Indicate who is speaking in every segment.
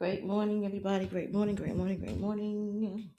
Speaker 1: Great morning, everybody. Great morning, great morning, great morning.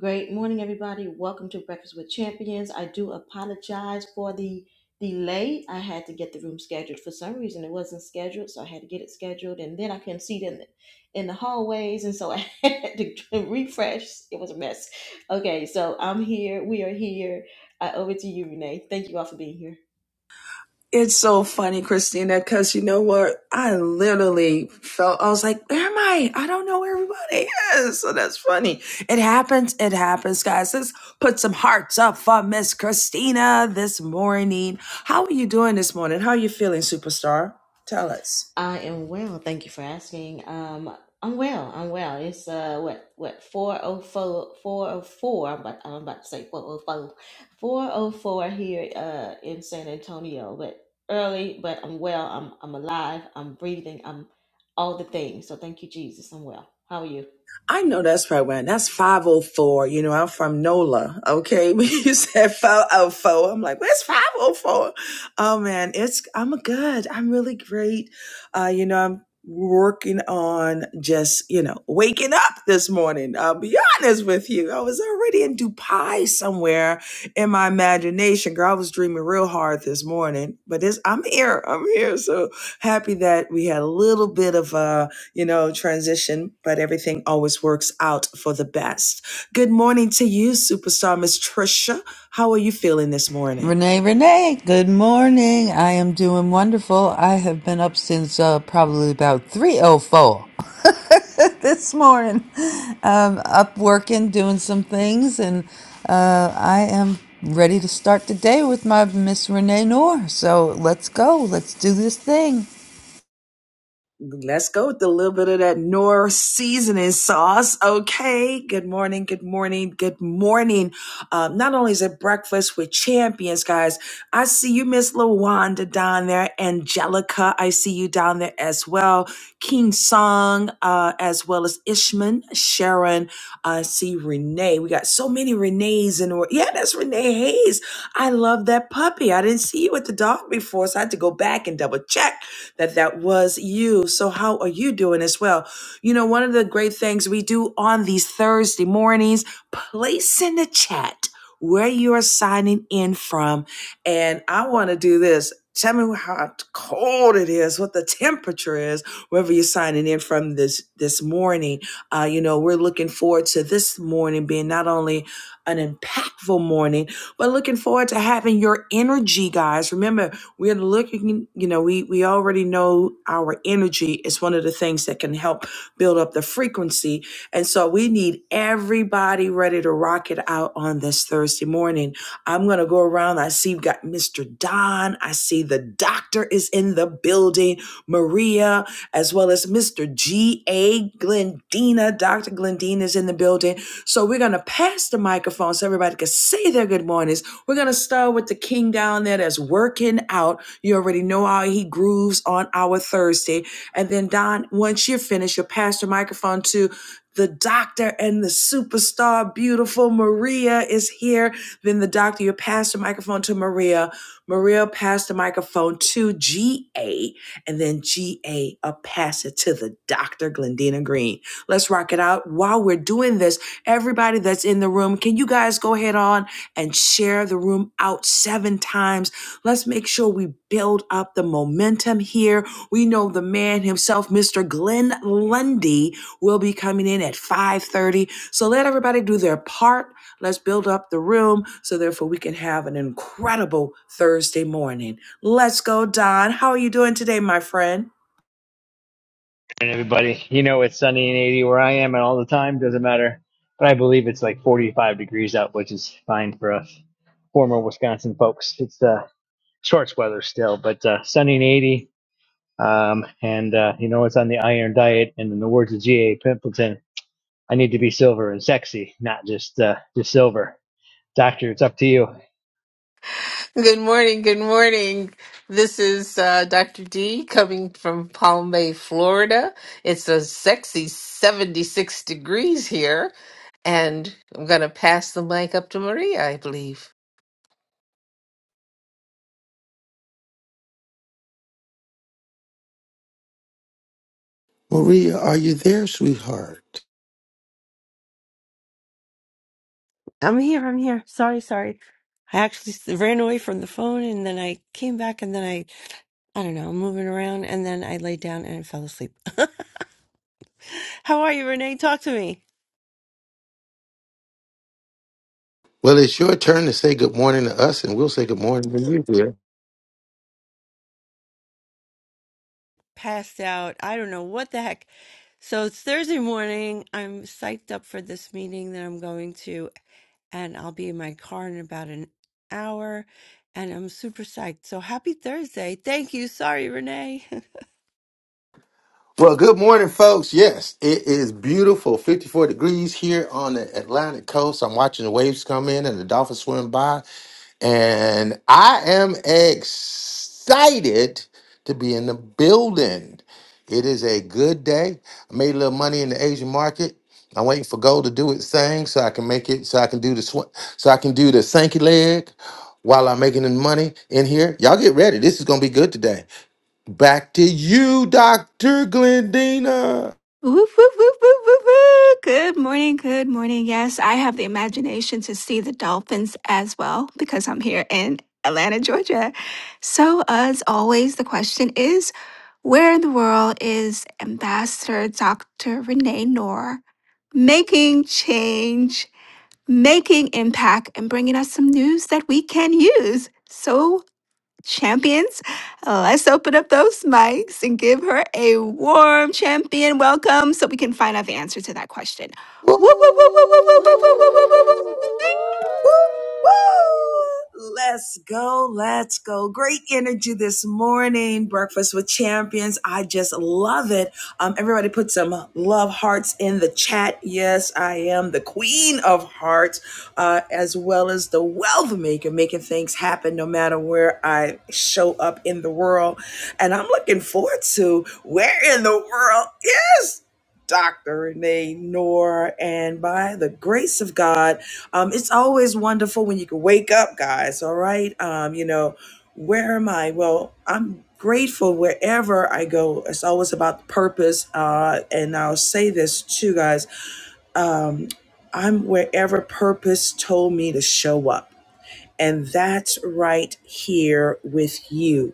Speaker 1: Great morning, everybody. Welcome to Breakfast with Champions. I do apologize for the delay. I had to get the room scheduled. For some reason, it wasn't scheduled, so I had to get it scheduled, and then I couldn't see it in the, in the hallways, and so I had to refresh. It was a mess. Okay, so I'm here. We are here. Uh, over to you, Renee. Thank you all for being here.
Speaker 2: It's so funny, Christina, because you know what? I literally felt, I was like, where am I? I don't know where everybody is. So that's funny. It happens. It happens, guys. Let's put some hearts up for Miss Christina this morning. How are you doing this morning? How are you feeling, superstar? Tell us.
Speaker 1: I am well. Thank you for asking. Um, I'm well. I'm well. It's uh, what what four oh four four oh four. I'm about I'm about to say four oh four four oh four here uh in San Antonio, but early. But I'm well. I'm I'm alive. I'm breathing. I'm all the things. So thank you, Jesus. I'm well. How are you?
Speaker 2: I know that's right, When That's 504. You know, I'm from NOLA. Okay. you said 504, I'm like, where's 504? Oh, four? Oh man. It's, I'm good. I'm really great. Uh, you know, I'm working on just, you know, waking up this morning. I'll be honest with you. I was already in Dubai somewhere in my imagination. Girl, I was dreaming real hard this morning, but it's, I'm here. I'm here. So happy that we had a little bit of, a you know, transition, but everything always works out for the best. Good morning to you, superstar Miss Trisha. How are you feeling this morning?
Speaker 3: Renee, Renee, good morning. I am doing wonderful. I have been up since uh, probably about 3.04 this morning. Um, up working, doing some things, and uh, I am ready to start the day with my Miss Renee Noor. So let's go. Let's do this thing.
Speaker 2: Let's go with a little bit of that Noor seasoning sauce. Okay. Good morning. Good morning. Good morning. Um, not only is it breakfast with champions, guys, I see you, Miss LaWanda down there, Angelica. I see you down there as well. King Song, uh, as well as Ishman, Sharon. I see Renee. We got so many Renees in the world. Yeah, that's Renee Hayes. I love that puppy. I didn't see you with the dog before, so I had to go back and double check that that was you. So how are you doing as well? You know, one of the great things we do on these Thursday mornings, place in the chat where you are signing in from. And I want to do this. Tell me how cold it is, what the temperature is, wherever you're signing in from this this morning. Uh, you know, we're looking forward to this morning being not only an impactful morning, but looking forward to having your energy, guys. Remember, we're looking you know we we already know our energy is one of the things that can help build up the frequency and so we need everybody ready to rock it out on this thursday morning i'm gonna go around i see we got mr don i see the doctor is in the building maria as well as mr ga glendina dr glendina is in the building so we're gonna pass the microphone so everybody can say their good mornings we're going to start with the king down there that's working out. You already know how he grooves on our Thursday. And then, Don, once you're finished, you'll pass the microphone to the doctor and the superstar, beautiful Maria is here. Then the doctor, you pass the microphone to Maria. Maria passed the microphone to GA, and then GA will pass it to the doctor, Glendina Green. Let's rock it out. While we're doing this, everybody that's in the room, can you guys go ahead on? and share the room out seven times. Let's make sure we build up the momentum here. We know the man himself, Mr. Glenn Lundy, will be coming in at 5:30. So let everybody do their part. Let's build up the room so therefore we can have an incredible Thursday morning. Let's go, Don. How are you doing today, my friend?
Speaker 4: And everybody, you know it's sunny and 80 where I am, and all the time doesn't matter. But I believe it's like 45 degrees out, which is fine for us former Wisconsin folks. It's uh, shorts weather still, but uh, sunny and 80. Um, and uh, you know it's on the iron diet. And in the words of G.A. Pimpleton, I need to be silver and sexy, not just uh, just silver. Doctor, it's up to you.
Speaker 5: Good morning. Good morning. This is uh, Dr. D coming from Palm Bay, Florida. It's a sexy 76 degrees here, and I'm going to pass the mic up to Maria, I believe.
Speaker 6: Maria, are you there, sweetheart?
Speaker 7: I'm here. I'm here. Sorry, sorry. I actually s- ran away from the phone and then I came back and then I, I don't know, I'm moving around and then I laid down and fell asleep. How are you, Renee? Talk to me.
Speaker 6: Well, it's your turn to say good morning to us, and we'll say good morning to you, dear.
Speaker 7: Passed out. I don't know what the heck. So it's Thursday morning. I'm psyched up for this meeting that I'm going to and I'll be in my car in about an hour and I'm super psyched. So happy Thursday. Thank you. Sorry, Renee.
Speaker 6: Well, good morning, folks. Yes, it is beautiful, 54 degrees here on the Atlantic coast. I'm watching the waves come in and the dolphins swim by. And I am excited to be in the building. It is a good day. I made a little money in the Asian market. I'm waiting for gold to do its thing so I can make it, so I can do the sw- so I can do the Sankey leg while I'm making the money in here. Y'all get ready. This is gonna be good today. Back to you, Dr. Glendina.
Speaker 8: Woof, woof, woof, woof, woof, woof. Good morning, good morning. Yes, I have the imagination to see the dolphins as well because I'm here in Atlanta, Georgia. So, as always, the question is where in the world is Ambassador Dr. Renee Noor making change, making impact, and bringing us some news that we can use? So, champions. Uh, Let's open up those mics and give her a warm champion welcome so we can find out the answer to that question. Woo, woo, woo, woo, woo, woo,
Speaker 1: Woo, woo,
Speaker 8: woo,
Speaker 1: woo,
Speaker 8: woo,
Speaker 9: Boop,
Speaker 8: woo,
Speaker 1: woo,
Speaker 9: boop,
Speaker 8: woo,
Speaker 1: woo,
Speaker 8: woo,
Speaker 9: boop,
Speaker 8: woo,
Speaker 1: woo, woo,
Speaker 9: boop,
Speaker 6: Woo!
Speaker 9: boop,
Speaker 8: woo,
Speaker 1: woo,
Speaker 8: woo.
Speaker 9: boop.
Speaker 2: Woo, woo. Let's go. Let's go. Great energy this morning. Breakfast with champions. I just love it. Um, everybody put some love hearts in the chat. Yes, I am the queen of hearts, uh, as well as the wealth maker, making things happen no matter where I show up in the world. And I'm looking forward to where in the world is Dr. Renee Noor. And by the grace of God, um, it's always wonderful when you can wake up, guys. All right. Um, you know, where am I? Well, I'm grateful wherever I go. It's always about purpose. Uh, and I'll say this too, guys. Um, I'm wherever purpose told me to show up. And that's right here with you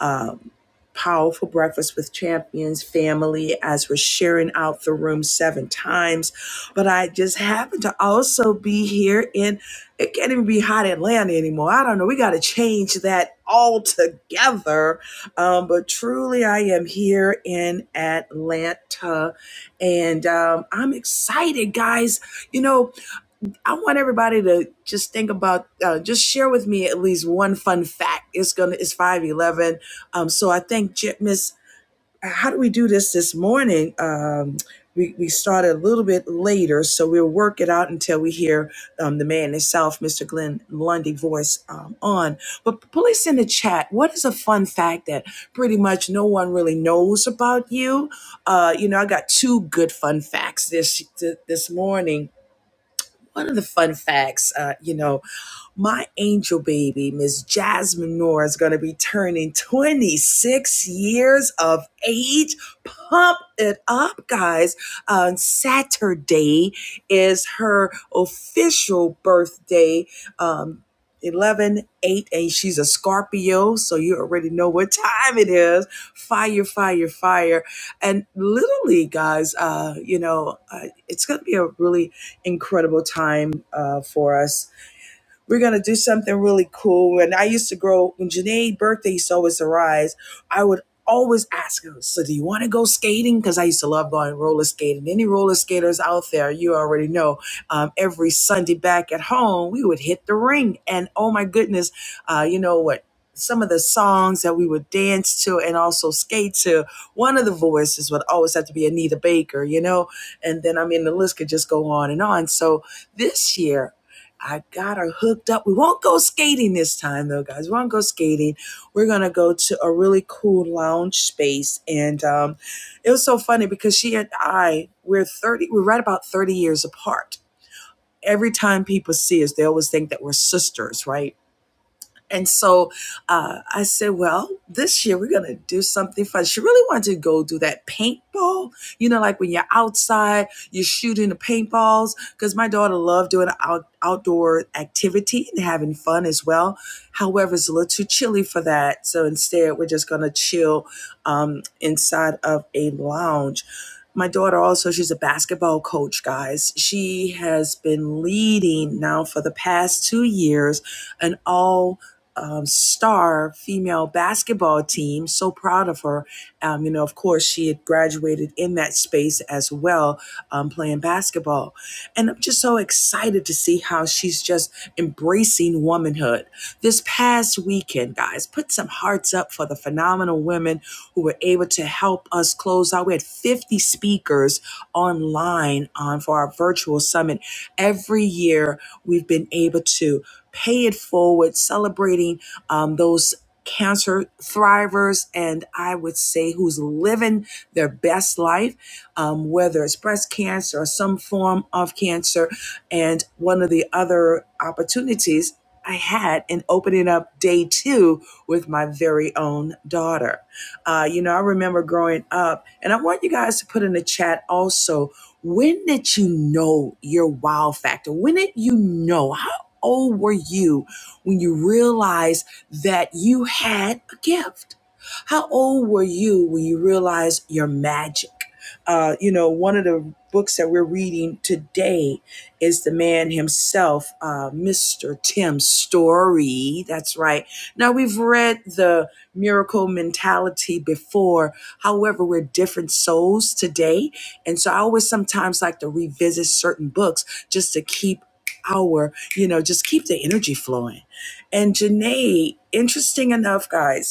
Speaker 2: um, powerful breakfast with champions family as we're sharing out the room seven times. But I just happen to also be here in, it can't even be hot Atlanta anymore. I don't know. We got to change that altogether. Um, but truly, I am here in Atlanta and um, I'm excited, guys. You know, I want everybody to just think about, uh, just share with me at least one fun fact. It's gonna, it's five eleven. Um, so I think Miss, how do we do this this morning? Um, we we started a little bit later, so we'll work it out until we hear um, the man himself, Mr. Glenn Lundy, voice um, on. But please in the chat, what is a fun fact that pretty much no one really knows about you? Uh, you know, I got two good fun facts this this morning one of the fun facts, uh, you know, my angel baby, Miss Jasmine Moore, is going to be turning 26 years of age. Pump it up, guys. On Saturday is her official birthday. Um, 11, eight, and she's a Scorpio, so you already know what time it is. Fire, fire, fire. And literally, guys, uh, you know, uh, it's going to be a really incredible time uh, for us we're gonna do something really cool. And I used to grow when Janae's birthday used to always arise, I would always ask her, so do you want to go skating? Because I used to love going roller skating. Any roller skaters out there, you already know. Um, every Sunday back at home, we would hit the ring. And oh my goodness, uh, you know what? Some of the songs that we would dance to and also skate to, one of the voices would always have to be Anita Baker, you know? And then, I mean, the list could just go on and on. So this year, I got her hooked up. We won't go skating this time, though, guys. We won't go skating. We're gonna go to a really cool lounge space, and um, it was so funny because she and I we're thirty. We're right about thirty years apart. Every time people see us, they always think that we're sisters, right? And so uh, I said, well, this year we're going to do something fun. She really wanted to go do that paintball, you know, like when you're outside, you're shooting the paintballs. Because my daughter loved doing out, outdoor activity and having fun as well. However, it's a little too chilly for that. So instead, we're just going to chill um, inside of a lounge. My daughter also, she's a basketball coach, guys. She has been leading now for the past two years an all um, star female basketball team. So proud of her. Um, you know, of course, she had graduated in that space as well, um, playing basketball. And I'm just so excited to see how she's just embracing womanhood. This past weekend, guys, put some hearts up for the phenomenal women who were able to help us close out. We had 50 speakers online on for our virtual summit. Every year, we've been able to pay it forward, celebrating um, those cancer thrivers and I would say who's living their best life, um, whether it's breast cancer or some form of cancer. And one of the other opportunities I had in opening up day two with my very own daughter. Uh, you know, I remember growing up, and I want you guys to put in the chat also when did you know your wow factor? When did you know? how? old were you when you realized that you had a gift? How old were you when you realized your magic? Uh, you know, one of the books that we're reading today is the man himself, uh, Mr. Tim Story. That's right. Now, we've read the miracle mentality before. However, we're different souls today. And so I always sometimes like to revisit certain books just to keep our you know, just keep the energy flowing. And Janae, interesting enough, guys,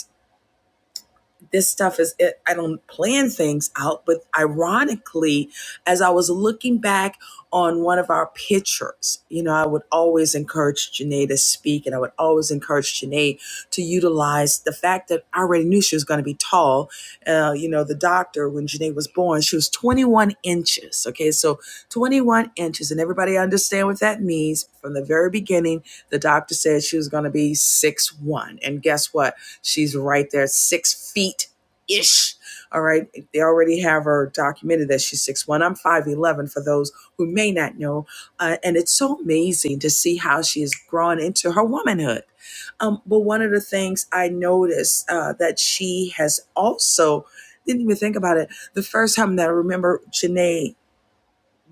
Speaker 2: this stuff is it, i don't plan things out but ironically as i was looking back on one of our pictures you know i would always encourage janae to speak and i would always encourage janae to utilize the fact that i already knew she was going to be tall uh, you know the doctor when janae was born she was 21 inches okay so 21 inches and everybody understand what that means from the very beginning the doctor said she was going to be six one, and guess what She's right there, six feet ish. All right. They already have her documented that she's six one. I'm 5'11 for those who may not know. Uh, and it's so amazing to see how she has grown into her womanhood. Um, but one of the things I noticed uh, that she has also didn't even think about it. The first time that I remember Janae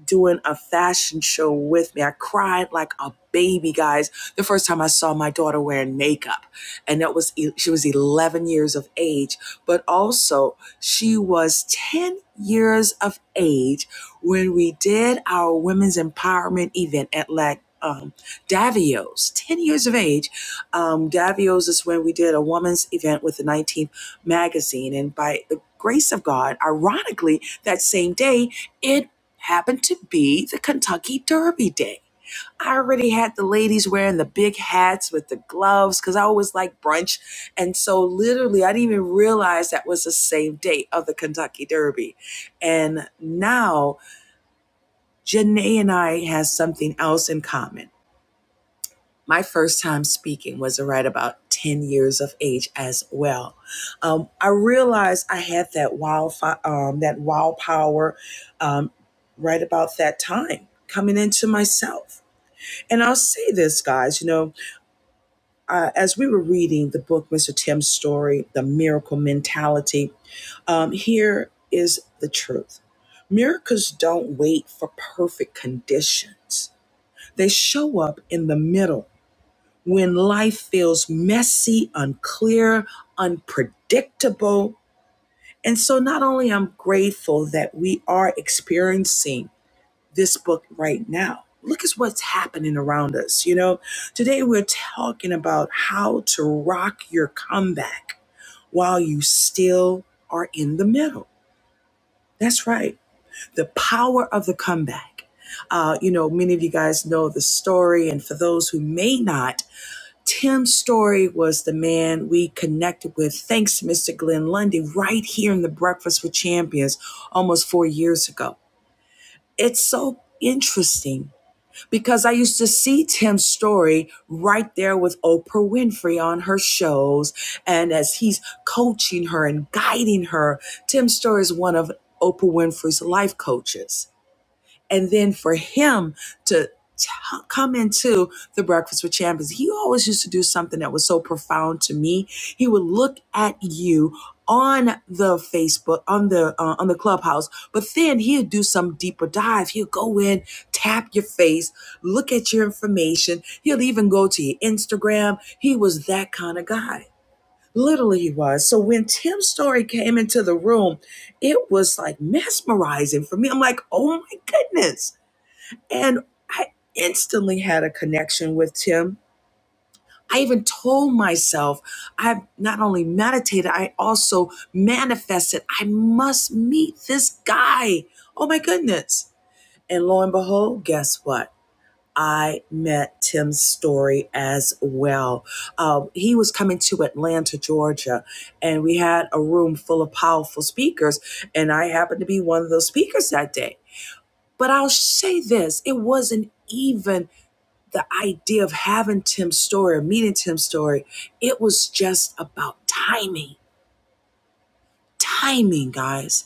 Speaker 2: doing a fashion show with me. I cried like a baby, guys, the first time I saw my daughter wearing makeup. And that was, e, she was 11 years of age, but also she was 10 years of age when we did our women's empowerment event at like, um, Davio's, 10 years of age. Um, Davio's is when we did a woman's event with the 19th magazine. And by the grace of God, ironically, that same day, it happened to be the Kentucky Derby Day. I already had the ladies wearing the big hats with the gloves because I always like brunch. And so, literally, I didn't even realize that was the same date of the Kentucky Derby. And now, Janae and I have something else in common my first time speaking was right about 10 years of age as well. Um, I realized I had that wild, um, that wild power um, right about that time coming into myself. And I'll say this, guys, you know, uh, as we were reading the book, Mr. Tim's story, The Miracle Mentality, um, here is the truth. Miracles don't wait for perfect conditions. They show up in the middle when life feels messy, unclear, unpredictable. And so, not only I'm grateful that we are experiencing this book right now, look at what's happening around us. You know, today we're talking about how to rock your comeback while you still are in the middle. That's right, the power of the comeback. Uh, you know, many of you guys know the story, and for those who may not, Tim Story was the man we connected with, thanks to Mr. Glenn Lundy, right here in the Breakfast with Champions almost four years ago. It's so interesting because I used to see Tim's story right there with Oprah Winfrey on her shows. And as he's coaching her and guiding her, Tim's story is one of Oprah Winfrey's life coaches and then for him to t- come into the breakfast with champions he always used to do something that was so profound to me he would look at you on the facebook on the uh, on the clubhouse but then he'd do some deeper dive he'll go in tap your face look at your information he'll even go to your instagram he was that kind of guy literally he was so when tim's story came into the room it was like mesmerizing for me i'm like oh my goodness and I instantly had a connection with Tim. I even told myself, I not only meditated, I also manifested, I must meet this guy. Oh my goodness. And lo and behold, guess what? I met Tim's story as well. Uh, he was coming to Atlanta, Georgia, and we had a room full of powerful speakers, and I happened to be one of those speakers that day. But I'll say this it wasn't even the idea of having Tim's story meeting Tim's story, it was just about timing. Timing, guys.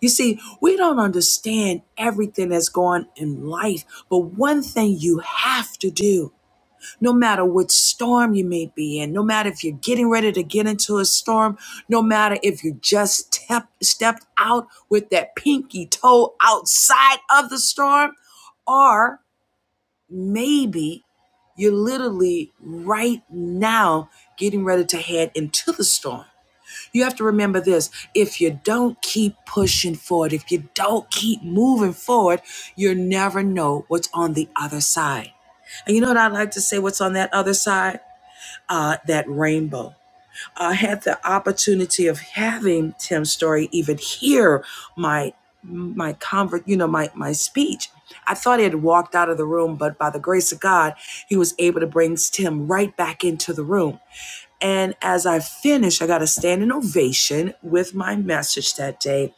Speaker 2: You see, we don't understand everything that's going on in life, but one thing you have to do, no matter what storm you may be in, no matter if you're getting ready to get into a storm, no matter if you just step, stepped out with that pinky toe outside of the storm, or maybe you're literally right now getting ready to head into the storm. You have to remember this if you don't keep pushing forward, if you don't keep moving forward, you'll never know what's on the other side. And you know what I'd like to say? What's on that other side? Uh, that rainbow. I had the opportunity of having Tim's Story even hear my my convert, you know, my my speech. I thought he had walked out of the room, but by the grace of God, he was able to bring Tim right back into the room. And as I finished, I got a standing ovation with my message that day.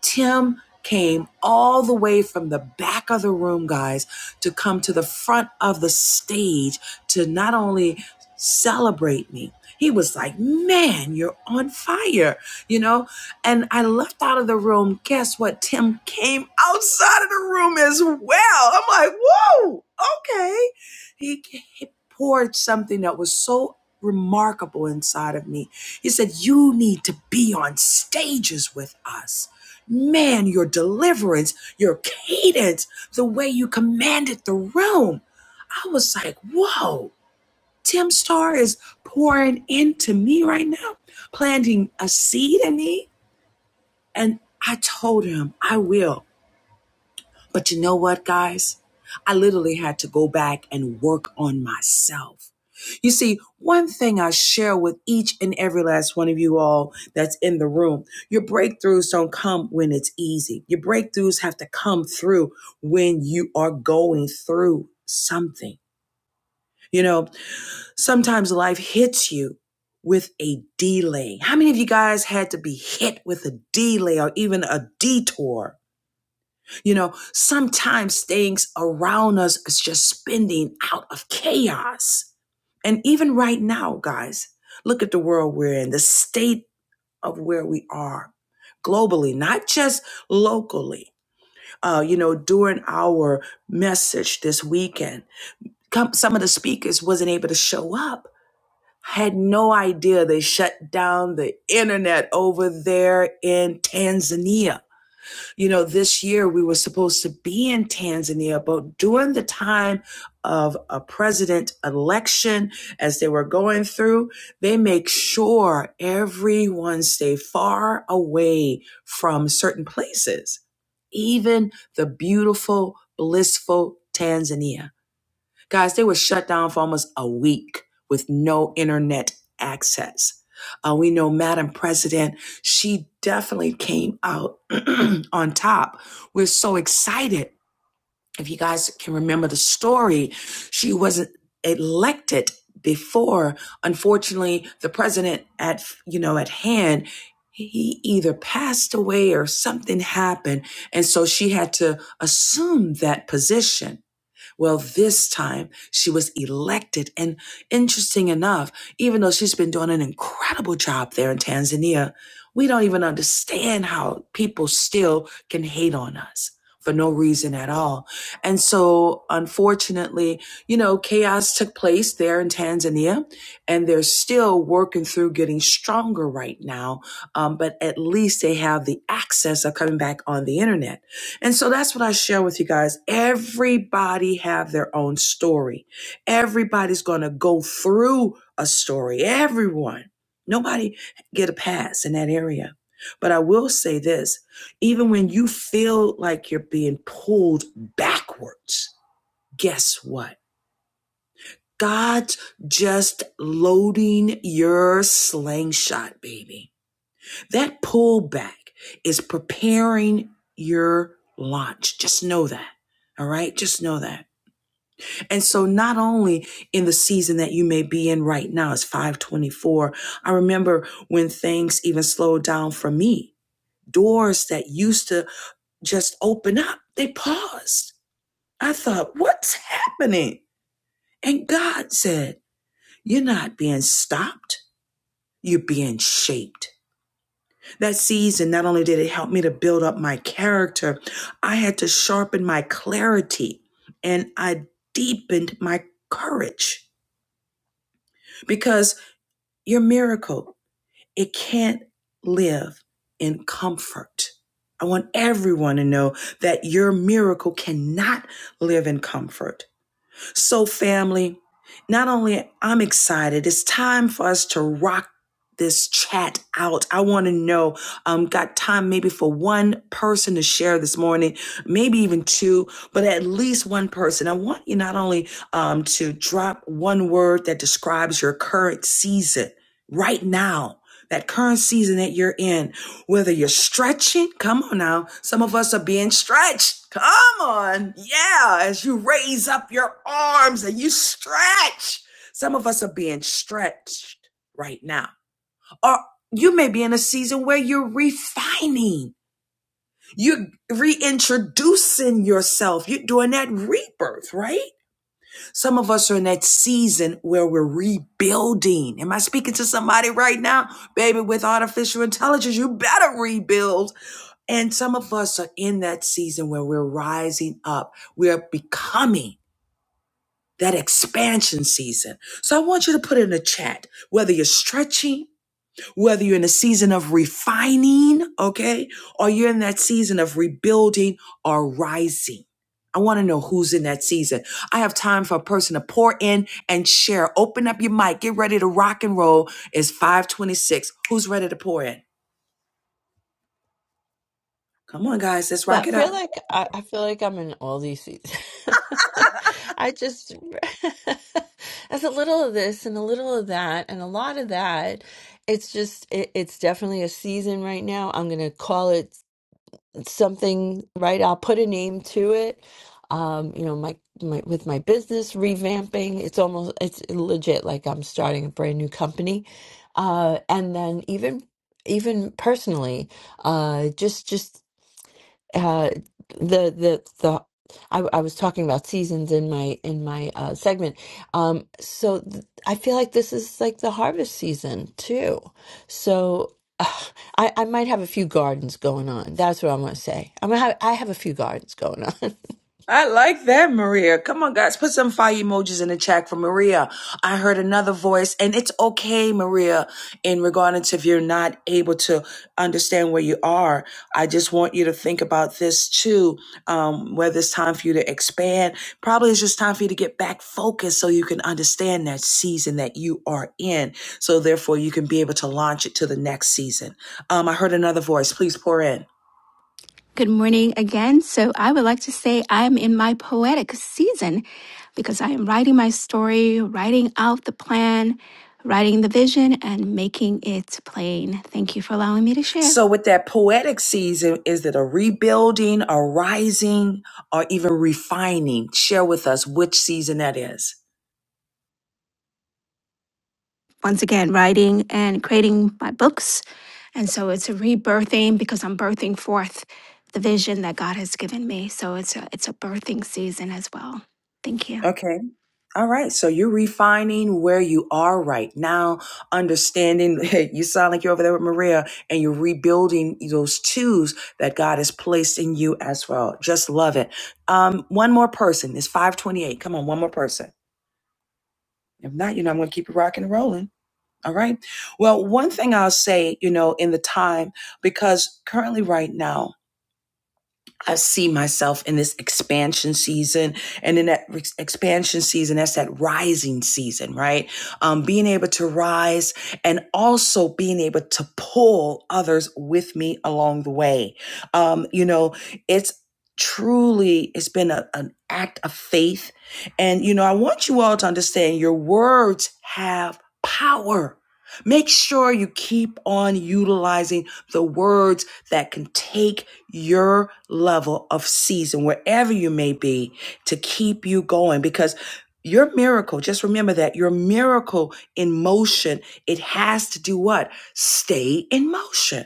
Speaker 2: Tim came all the way from the back of the room, guys, to come to the front of the stage to not only celebrate me, he was like, Man, you're on fire, you know? And I left out of the room. Guess what? Tim came outside of the room as well. I'm like, Whoa, okay. He, he poured something that was so remarkable inside of me. He said, You need to be on stages with us Man, your deliverance, your cadence, the way you commanded the room. I was like, whoa, Tim Starr is pouring into me right now, planting a seed in me. And I told him, I will. But you know what, guys? I literally had to go back and work on myself. You see, one thing I share with each and every last one of you all that's in the room your breakthroughs don't come when it's easy. Your breakthroughs have to come through when you are going through something. You know, sometimes life hits you with a delay. How many of you guys had to be hit with a delay or even a detour? You know, sometimes things around us is just spinning out of chaos. And even right now, guys, look at the world we're in, the state of where we are globally, not just locally. Uh, you know, during our message this weekend, come, some of the speakers wasn't able to show up. Had no idea they shut down the internet over there in Tanzania you know, this year we were supposed to be in Tanzania, but during the time of a president election, as they were going through, they make sure everyone stay far away from certain places, even the beautiful, blissful Tanzania. Guys, they were shut down for almost a week with no internet access. Uh, we know Madam President, she definitely came out on top. We're so excited. If you guys can remember the story, she wasn't elected before. Unfortunately, the president at you know at hand, he either passed away or something happened, and so she had to assume that position. Well, this time she was elected. And interesting enough, even though she's been doing an incredible job there in Tanzania, we don't even understand how people still can hate on us for no reason at all. And so, unfortunately, you know, chaos took place there in Tanzania, and they're still working through getting stronger right now. Um, but at least they have the access of coming back on the internet. And so that's what I share with you guys. Everybody have their own story. Everybody's going to go through a story. Everyone. Nobody get a pass in that area. But I will say this, even when you feel like you're being pulled backwards, guess what? God's just loading your slingshot, baby. That pullback is preparing your launch. Just know that. All right. Just know that. And so not only in the season that you may be in right now, it's 524. I remember when things even slowed down for me, doors that used to just open up, they paused. I thought, what's happening? And God said, you're not being stopped. You're being shaped. That season, not only did it help me to build up my character, I had to sharpen my clarity and I deepened my courage because your miracle, it can't live in comfort. I want everyone to know that your miracle cannot live in comfort. So, family, not only I'm excited, it's time for us to rock this chat out. I want to know, um, got time maybe for one person to share this morning, maybe even two, but at least one person. I want you not only um, to drop one word that describes your current season right now, that current season that you're in. Whether you're stretching, come on now. Some of us are being stretched. Come on. Yeah. As you raise up your arms and you stretch, some of us are being stretched right now. Or you may be in a season where you're refining, you're reintroducing yourself, you're doing that rebirth, right? Some of us are in that season where we're rebuilding. Am I speaking to somebody right now? Baby, with artificial intelligence, you better rebuild and some of us are in that season where we're rising up. We're becoming that expansion season. So I want you to put in the chat whether you're stretching, whether you're in a season of refining, okay, or you're in that season of rebuilding or rising. I want to know who's in that season. I have time for a person to pour in and share. Open up your mic. Get ready to rock and roll. It's 526. Who's ready to pour in? Come on, guys. Let's
Speaker 7: I
Speaker 8: Well,
Speaker 2: rock it out.
Speaker 7: feel like I, I feel like I'm in all these seasons. I just as a little of this and a little of that and a lot of that. It's just it, it's definitely a season right now. I'm gonna call it something, right? I'll put a name to it. Um, you know, my my with my business revamping, it's almost it's legit like I'm starting a brand new company. Uh, and then even even personally, uh, just just uh the the the I, I was talking about seasons in my in my uh segment um so th- I feel like this is like the harvest season too so uh, I I might have a few gardens going on that's what I'm gonna say I'm gonna have, I have a few gardens going on
Speaker 2: I like that, Maria. Come on, guys. Put some fire emojis in the chat for Maria. I heard another voice, and it's okay, Maria, in regards to if you're not able to understand where you are. I just want you to think about this too, um, whether it's time for you to expand. Probably it's just time for you to get back focused so you can understand that season that you are in. So, therefore, you can be able to launch it to the next season. Um, I heard another voice. Please pour in.
Speaker 8: good morning again. So I would like to say I am in my poetic season because I am writing my story, writing out the plan, writing the vision, and making it plain. Thank you for allowing me to share.
Speaker 2: So, with that poetic season, is it a rebuilding, a rising, or even refining? Share with us which season that is.
Speaker 8: once again, writing and creating my books. And so it's a rebirthing because I'm birthing forth the vision that God has given me. So it's a, it's a birthing season as well. Thank you.
Speaker 2: Okay. All right. So you're refining where you are right now, understanding you sound like you're over there with Maria and you're rebuilding those twos that God has placed in you as well. Just love it. Um, one more person It's 528. Come on, one more person. If not, you know, I'm going to keep it rocking and rolling. All right. Well, one thing I'll say, you know, in the time, because currently right now, I see myself in this expansion season. And in that re- expansion season, that's that rising season, right? Um, being able to rise and also being able to pull others with me along the way. Um, you know, it's truly, it's been a, an act of faith. And, you know, I want you all to understand your words have power. Make sure you keep on utilizing the words that can take your level of season, wherever you may be, to keep you going because your miracle, just remember that your miracle in motion, it has to do what? Stay in motion.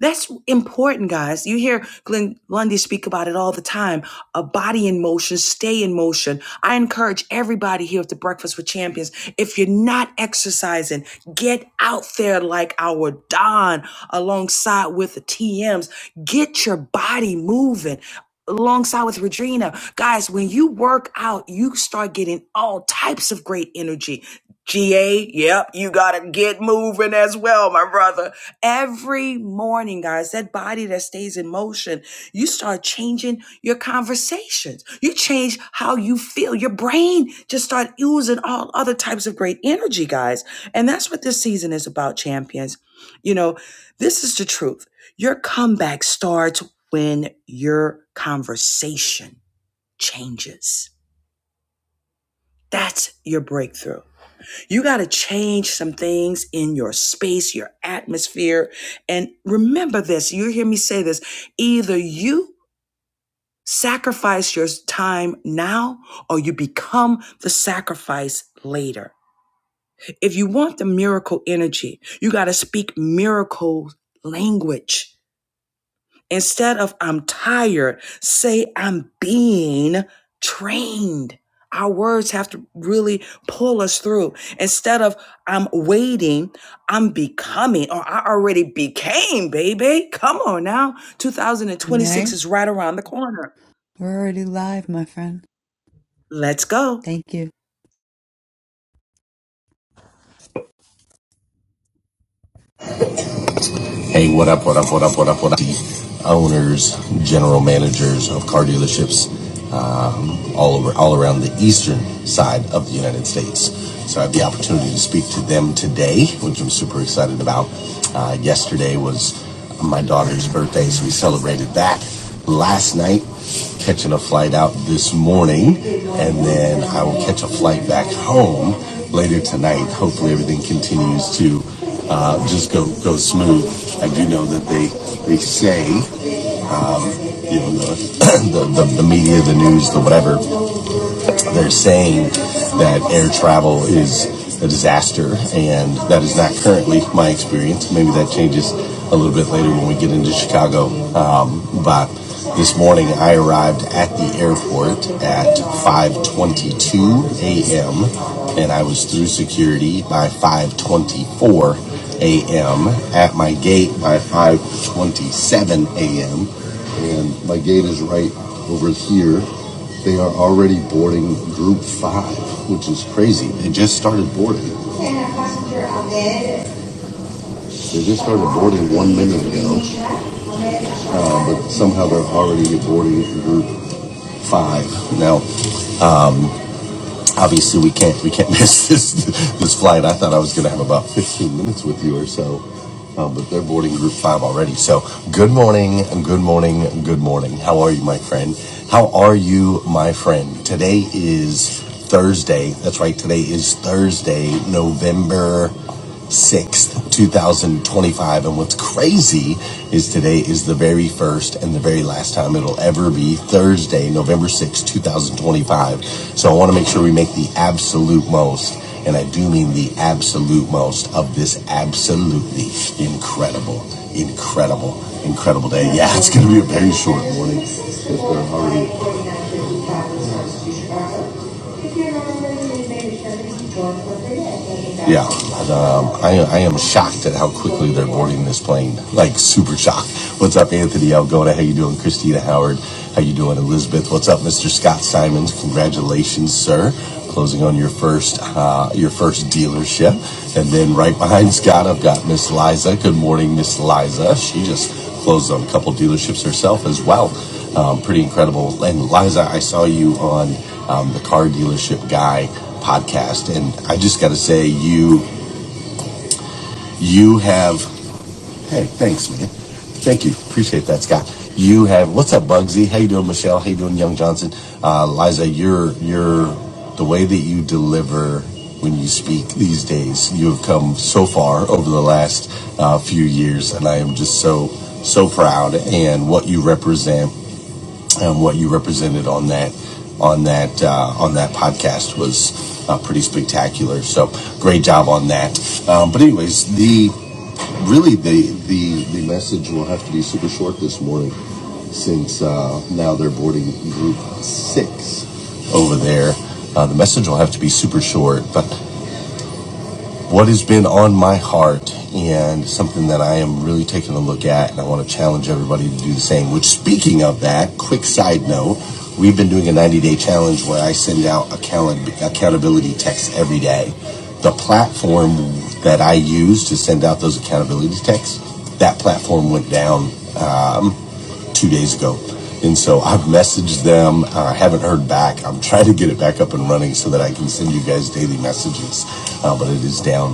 Speaker 2: That's important, guys. You hear Glenn Lundy speak about it all the time. A body in motion, stay in motion. I encourage everybody here at the Breakfast with Champions. If you're not exercising, get out there like our Don alongside with the TMs. Get your body moving. Alongside with Regina. Guys, when you work out, you start getting all types of great energy. GA, yep, you gotta get moving as well, my brother. Every morning, guys, that body that stays in motion, you start changing your conversations. You change how you feel. Your brain just start using all other types of great energy, guys. And that's what this season is about, champions. You know, this is the truth. Your comeback starts when your conversation changes. That's your breakthrough. You got to change some things in your space, your atmosphere. And remember this, you hear me say this either you sacrifice your time now or you become the sacrifice later. If you want the miracle energy, you got to speak miracle language. Instead of I'm tired, say I'm being trained. Our words have to really pull us through. Instead of I'm waiting, I'm becoming, or I already became, baby. Come on now.
Speaker 3: Renee,
Speaker 2: 2026 is right around the corner.
Speaker 3: we're already live, my friend.
Speaker 2: Let's go.
Speaker 3: Thank you. Hey, what up, what up, what up, what up, what up? The owners, general managers of car dealerships um, all over, all around the eastern side of the United States. So I have the opportunity to speak to them today, which I'm super excited about. Uh, yesterday was my daughter's birthday, so we celebrated that last night. Catching a flight out this morning, and then I will catch a flight back home later tonight. Hopefully, everything continues to uh, just go go smooth. I do know that they they say you know the the, the, the media, the news, the whatever they're saying that air travel is a disaster, and that is not currently my experience. Maybe that changes a little bit later when we get into Chicago. Um, but this morning, I arrived at the airport at 5:22 a.m., and I was through security by 5:24 a.m. At my gate by 5:27 a.m., and my gate is right over here they are already boarding group five, which is crazy. They just started boarding. They just started boarding one minute ago, uh, but somehow they're already boarding group five. Now, obviously, we can't we can't miss this this flight. I thought I was going to have about 15 minutes with you or so, uh, but they're boarding group five already. So, good morning, good morning, good morning. How are you, my friend? How are you, my friend? Today is Thursday. That's right. Today is Thursday, November 6th, 2025. And what's crazy is today is the very first and the very last time it'll ever be Thursday, November 6th, 2025. So I want to make sure we make the absolute most, and I do mean the absolute most of this absolutely incredible, incredible, incredible day. Yeah, it's going to be a very short morning. It's been already really sure, Yeah, um, I, I am shocked at how quickly they're boarding this plane. Like super shocked. What's up, Anthony Algona? How you doing, Christina Howard? How you doing, Elizabeth? What's up, Mr. Scott Simons? Congratulations, sir, closing on your first uh, your first dealership. And then right behind Scott, I've got Miss Liza. Good morning, Miss Liza. She just Closed on a couple dealerships herself as well. Um, pretty incredible. And Liza, I saw you on um, the Car Dealership Guy podcast, and I just got to say, you you have. Hey, thanks, man. Thank you. Appreciate that, Scott. You have. What's up, Bugsy? How you doing, Michelle? How you doing, Young Johnson? Uh, Liza, you're you're the way that you deliver when you speak these days. You have come so far over the last uh, few years, and I am just so so proud. And what you represent and what you represented on that on that uh, on that podcast was uh, pretty spectacular. So great job on that. Um, but anyways, the really the the the message will have to be super short this morning since uh, now they're boarding group six over there. Uh, the message will have to be super short, but what has been on my heart and something that I am really taking a look at, and I want to challenge everybody to do the same. Which, speaking of that, quick side note, we've been doing a 90 day challenge where I send out account- accountability texts every day. The platform that I use to send out those accountability texts, that platform went down um, two days ago. And so I've messaged them. I uh, haven't heard back. I'm trying to get it back up and running so that I can send you guys daily messages, uh, but it is down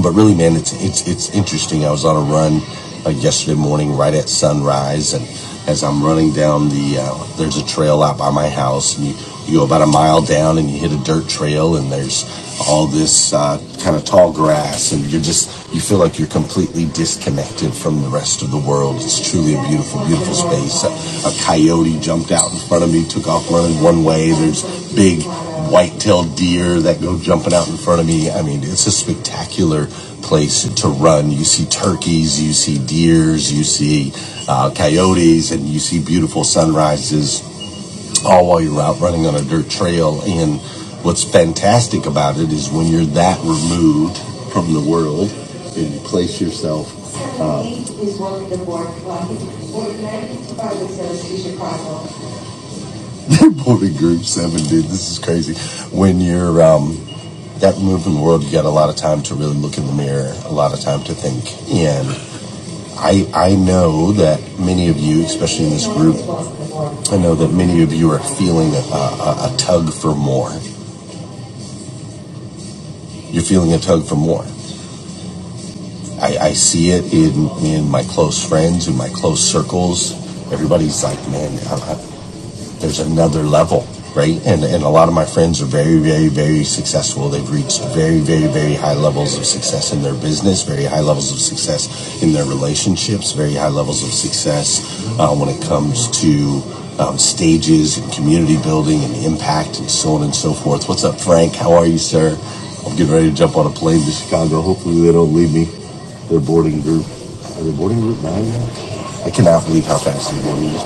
Speaker 3: but really, man, it's it's it's interesting. I was on a run uh, yesterday morning, right at sunrise, and as I'm running down the, uh, there's a trail out by my house, and you you go about a mile down, and you hit a dirt trail, and there's all this uh, kind of tall grass and you're just you feel like you're completely disconnected from the rest of the world it's truly a beautiful beautiful space a, a coyote jumped out in front of me took off running one way there's big white-tailed deer that go jumping out in front of me i mean it's a spectacular place to run you see turkeys you see deers you see uh, coyotes and you see beautiful sunrises all while you're out running on a dirt trail. And what's fantastic about it is when you're that removed from the world and you place yourself Please welcome the board, for the American Department of Association Cardinal. Boy, group seven, dude, this is crazy. When you're um, that removed from the world, you got a lot of time to really look in the mirror, a lot of time to think. And I, I know that many of you, especially in this group, I know that many of you are feeling a, a, a tug for more. You're feeling a tug for more. I, I see it in, in my close friends, in my close circles. Everybody's like, man, I, there's another level, right? And and a lot of my friends are very, very, very successful. They've reached very, very, very high levels of success in their business, very high levels of success in their relationships, very high levels of success uh, when it comes to um, stages and community building and impact and so on and so forth. What's up, Frank? How are you, sir? I'm getting ready to jump on a plane to Chicago. Hopefully, they don't leave me. Their boarding group. Are they boarding group nine I cannot believe how fast they boarded.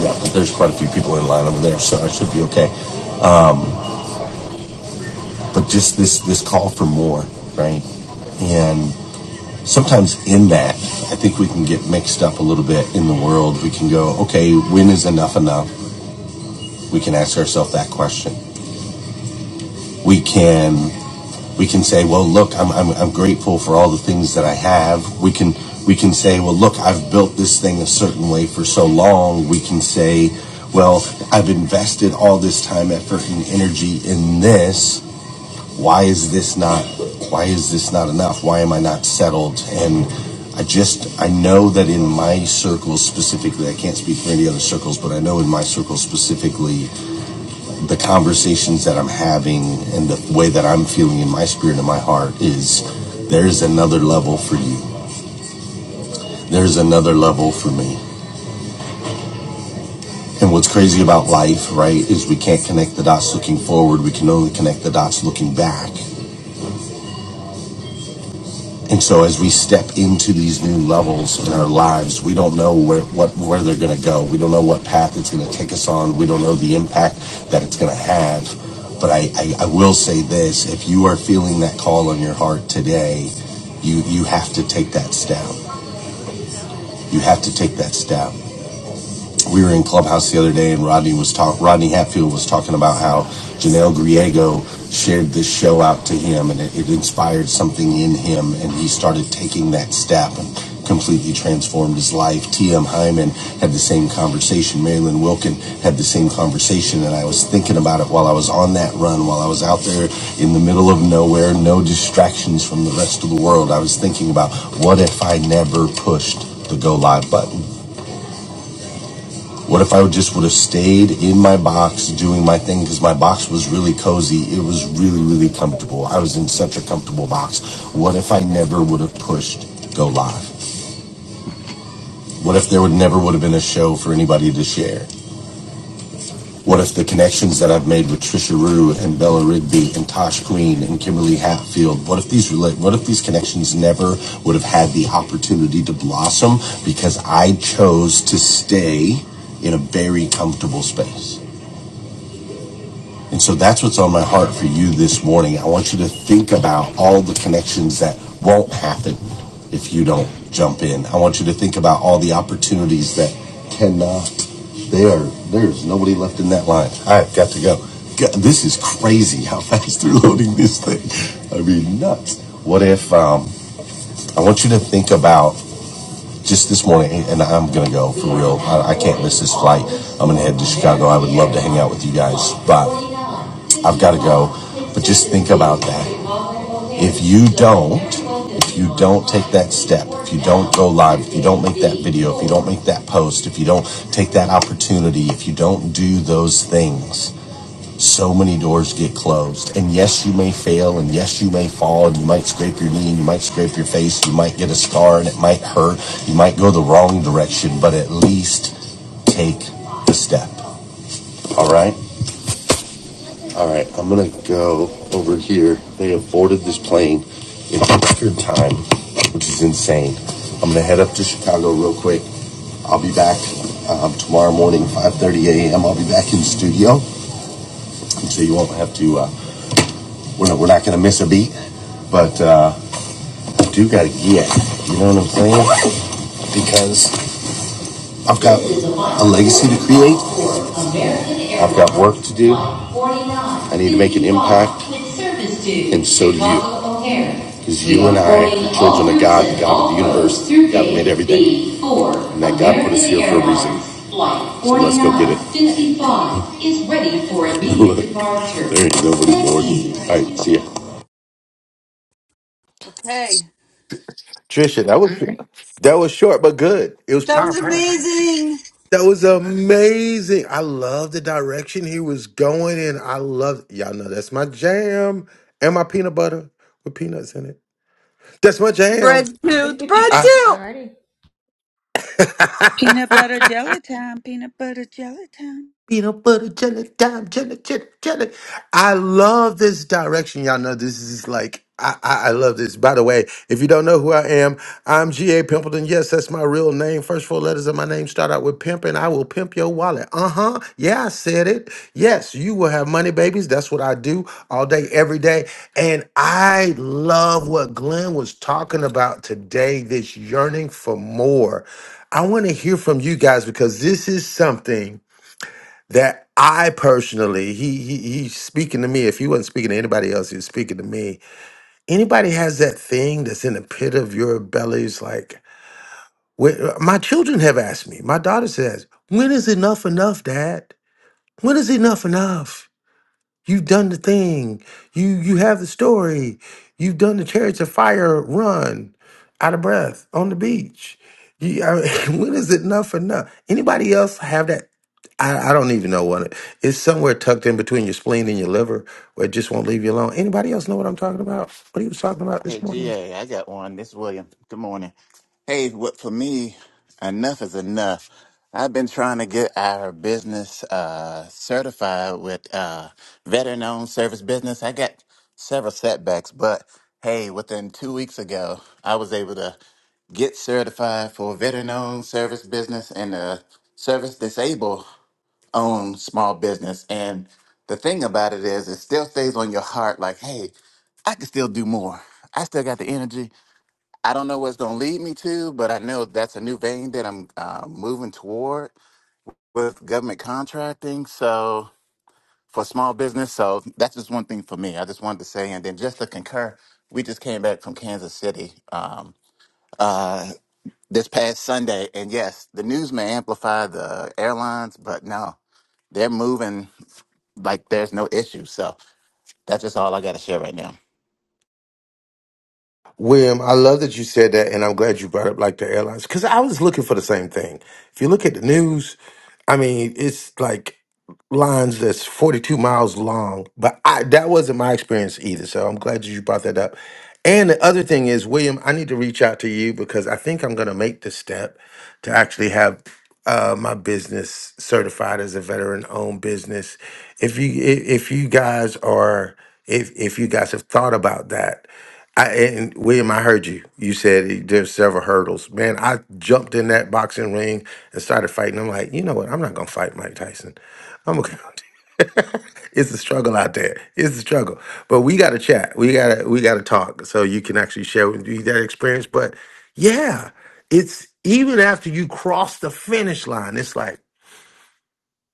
Speaker 3: Yeah, there's quite a few people in line over there, so I should be okay. Um, but just this this call for more, right? And sometimes in that, I think we can get mixed up a little bit in the world. We can go, okay, when is enough enough? We can ask ourselves that question. We can we can say, well, look, I'm, I'm I'm grateful for all the things that I have. We can we can say, well, look, I've built this thing a certain way for so long. We can say. Well, I've invested all this time, effort, and energy in this why is this not why is this not enough why am i not settled and i just i know that in my circles specifically i can't speak for any other circles but i know in my circles specifically the conversations that i'm having and the way that i'm feeling in my spirit and my heart is there's another level for you there's another level for me and what's crazy about life right is we can't connect the dots looking forward we can only connect the dots looking back And so as we step into these new levels in our lives, we don't know where, what, where they're going to go. We don't know what path it's going to take us on. We don't know the impact that it's going to have. But I, I, I will say this, if you are feeling that call on your heart today, you, you have to take that step. You have to take that step we were in clubhouse the other day and rodney was talk rodney hatfield was talking about how janelle griego shared this show out to him and it, it inspired something in him and he started taking that step and completely transformed his life tm hyman had the same conversation marilyn wilkin had the same conversation and i was thinking about it while i was on that run while i was out there in the middle of nowhere no distractions from the rest of the world i was thinking about what if i never pushed the go live button what if I just would have stayed in my box doing my thing? Because my box was really cozy. It was really, really comfortable. I was in such a comfortable box. What if I never would have pushed go live? What if there would never would have been a show for anybody to share? What if the connections that I've made with Trisha Rue and Bella Rigby and Tosh Queen and Kimberly Hatfield? What if these relate? What if these connections never would have had the opportunity to blossom because I chose to stay in a very comfortable space? And so that's what's on my heart for you this morning. I want you to think about all the connections that won't happen if you don't jump in. I want you to think about all the opportunities that cannot. They are, there's nobody left in that line. I've got to go. This is crazy how fast they're loading this thing. I mean, nuts. What if, um, I want you to think about just this morning, and I'm going to go for real. I, I can't miss this flight. I'm going to head to Chicago. I would love to hang out with you guys, but I've got to go. But just think about that. If you don't, if you don't take that step, if you don't go live, if you don't make that video, if you don't make that post, if you don't take that opportunity, if you don't do those things, so many doors get closed. And yes, you may fail, and yes, you may fall, and you might scrape your knee, and you might scrape your face, you might get a scar, and it might hurt, you might go the wrong direction, but at least take the step. All right? All right, I'm gonna go over here. They have boarded this plane in record time, which is insane. I'm gonna head up to Chicago real quick. I'll be back um, tomorrow morning, 5:30 a.m. I'll be back in the studio, so you won't have to. Uh, we're not, we're not gonna miss a beat, but uh, I do gotta get. You know what I'm saying? Because I've got a legacy to create. I've got work to do. I need to make an impact, and so do you. because you and I are children of God, the God of the universe. God made everything. And that God put us here for a reason. So let's go get it. Is ready for Look, immediate There departure. ain't nobody bored. All right, see ya. Okay.
Speaker 6: Trisha, that was that was short but good. It was
Speaker 3: That was
Speaker 6: powerful.
Speaker 3: amazing.
Speaker 6: That was amazing. I love the direction he was going in. I love y'all know that's my jam and my peanut butter with peanuts in it. That's my
Speaker 3: Bread
Speaker 6: jam.
Speaker 3: tooth,
Speaker 1: woo, woo, woo.
Speaker 3: bread
Speaker 6: I-
Speaker 3: tooth.
Speaker 1: Alrighty.
Speaker 10: Peanut butter jelly time, peanut butter jelly time.
Speaker 6: peanut butter jelly time jelly jelly jelly i love this direction y'all know this is like I, I i love this by the way if you don't know who i am i'm ga pimpleton yes that's my real name first four letters of my name start out with pimp and i will pimp your wallet uh-huh yeah i said it yes you will have money babies that's what i do all day every day and i love what glenn was talking about today this yearning for more i want to hear from you guys because this is something that I personally, he, he he's speaking to me. If he wasn't speaking to anybody else, he's speaking to me. Anybody has that thing that's in the pit of your bellies, like where, my children have asked me, my daughters has, when is enough enough, Dad? When is enough enough? You've done the thing. You you have the story. You've done the chariots of fire run out of breath on the beach. You, I mean, when is it enough enough? Anybody else have that? I, I don't even know what it, it's somewhere tucked in between your spleen and your liver where it just won't leave you alone. Anybody else know what I'm talking about? What he was talking about
Speaker 11: Hey,
Speaker 6: this morning?
Speaker 11: GA, I got one. This is William. Good morning. Hey, what for me, enough is enough. I've been trying to get our business uh, certified with uh, veteran owned service business. I got several setbacks, but hey, within two weeks ago, I was able to get certified for veteran owned service business and uh, service disabled own small business. And the thing about it is, it still stays on your heart like, hey, I can still do more. I still got the energy. I don't know what's going to lead me to, but I know that's a new vein that I'm uh, moving toward with government contracting. So for small business, so that's just one thing for me. I just wanted to say, and then just to concur, we just came back from Kansas City um, uh, this past Sunday, and yes, the news may amplify the airlines, but no, they're moving. like there's no issue. So that's just all I got to share right now.
Speaker 6: William, I love that you said that, and I'm glad you brought up like the airlines because I was looking for the same thing. If you look at the news, I mean, it's like lines that's 42 miles long, but I, that wasn't my experience either. So I'm glad you brought that up. And the other thing is, William, I need to reach out to you because I think I'm going to make the step to actually have uh, my business certified as a veteran-owned business. If you i- if you guys are if if you guys have thought about that, I, and William, I heard you. You said there's several hurdles. Man, I jumped in that boxing ring and started fighting. I'm like, you know what? I'm not gonna fight Mike Tyson. I'm a, it's a struggle out there. It's a struggle, but we got to chat. We got to we got to talk so you can actually share with me that experience. But yeah, it's even after you cross the finish line, it's like,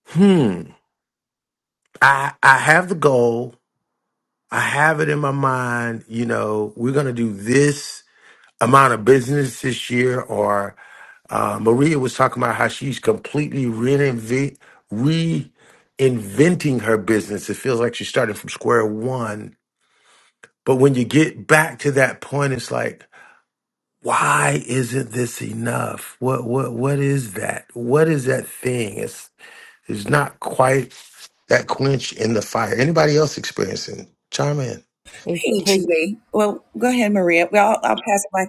Speaker 6: hmm, I I have the goal. I have it in my mind. You know, we're gonna do this amount of business this year. Or uh, Maria was talking about how she's completely reinvent reinventing her business, it feels like she's starting from square one But when you get back to that point, it's like, why isn't this enough? What what what is that? What is that thing? It's it's not quite that quench in the fire. Anybody else experiencing? Chime in.
Speaker 7: hey
Speaker 2: Hey,
Speaker 7: hey
Speaker 2: Julie. Well, go ahead, Maria. Well, I'll, I'll pass it back.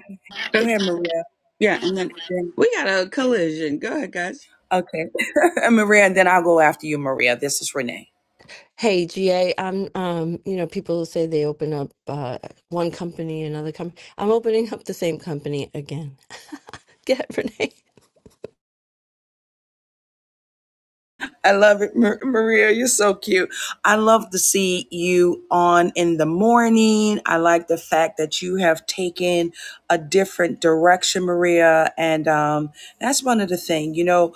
Speaker 2: Go
Speaker 10: Uh,
Speaker 2: ahead, Maria.
Speaker 10: Yeah, and then
Speaker 2: Then,
Speaker 10: we got a collision. Go ahead, guys.
Speaker 2: okay. Maria, and then I'll go after you, Maria. This is Renee.
Speaker 7: Hey, GA, I'm um, you know, people say they open up uh one company, another company. I'm opening up the same company again. Get it, Renee.
Speaker 2: I love it, Mar- Maria. You're so cute. I love to see you on in the morning. I like the fact that you have taken a different direction, Maria, and um, that's one of the things. You know,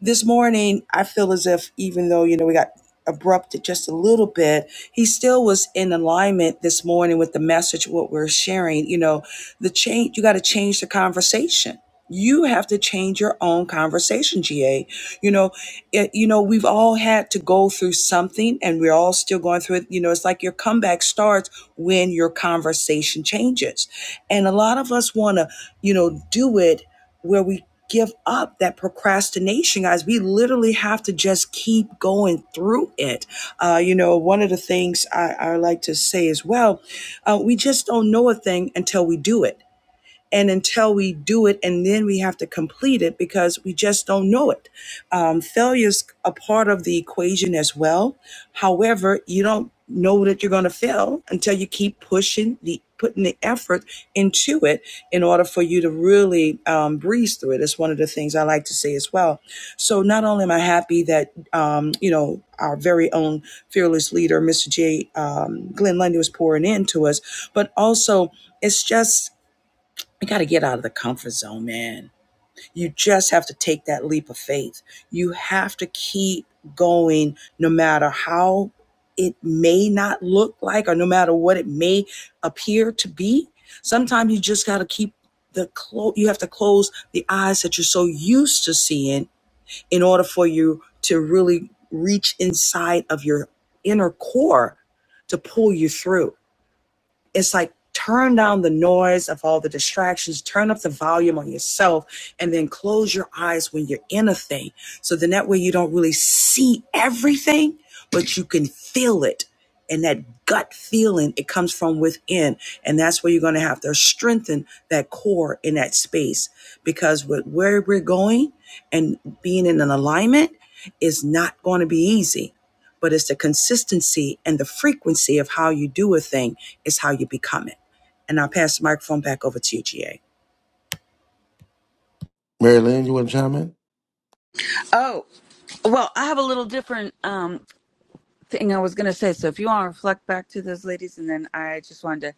Speaker 2: this morning I feel as if even though you know we got abrupted just a little bit, he still was in alignment this morning with the message what we're sharing. You know, the change. You got to change the conversation. You have to change your own conversation, GA. You know, it, you know, we've all had to go through something and we're all still going through it. You know, it's like your comeback starts when your conversation changes. And a lot of us want to, you know, do it where we give up that procrastination, guys. We literally have to just keep going through it. Uh, you know, one of the things I, I like to say as well, uh, we just don't know a thing until we do it. And until we do it, and then we have to complete it because we just don't know it. Um, failure is a part of the equation as well. However, you don't know that you're going to fail until you keep pushing the putting the effort into it in order for you to really um, breeze through it. It's one of the things I like to say as well. So not only am I happy that um, you know our very own fearless leader, Mr. J. Um, Glenn Lundy, was pouring into us, but also it's just you got to get out of the comfort zone, man. You just have to take that leap of faith. You have to keep going no matter how it may not look like or no matter what it may appear to be. Sometimes you just got to keep the clo- you have to close the eyes that you're so used to seeing in order for you to really reach inside of your inner core to pull you through it's like turn down the noise of all the distractions, turn up the volume on yourself, and then close your eyes when you're in a thing. So then that way you don't really see everything, but you can feel it. And that gut feeling, it comes from within. And that's where you're going to have to strengthen that core in that space because with where we're going and being in an alignment is not going to be easy but it's the consistency and the frequency of how you do a thing is how you become it. And I'll pass the microphone back over to you, GA.
Speaker 6: Mary Lynn, you want to chime in?
Speaker 10: Oh, well, I have a little different um thing I was going to say. So if you want to reflect back to those ladies, and then I just wanted to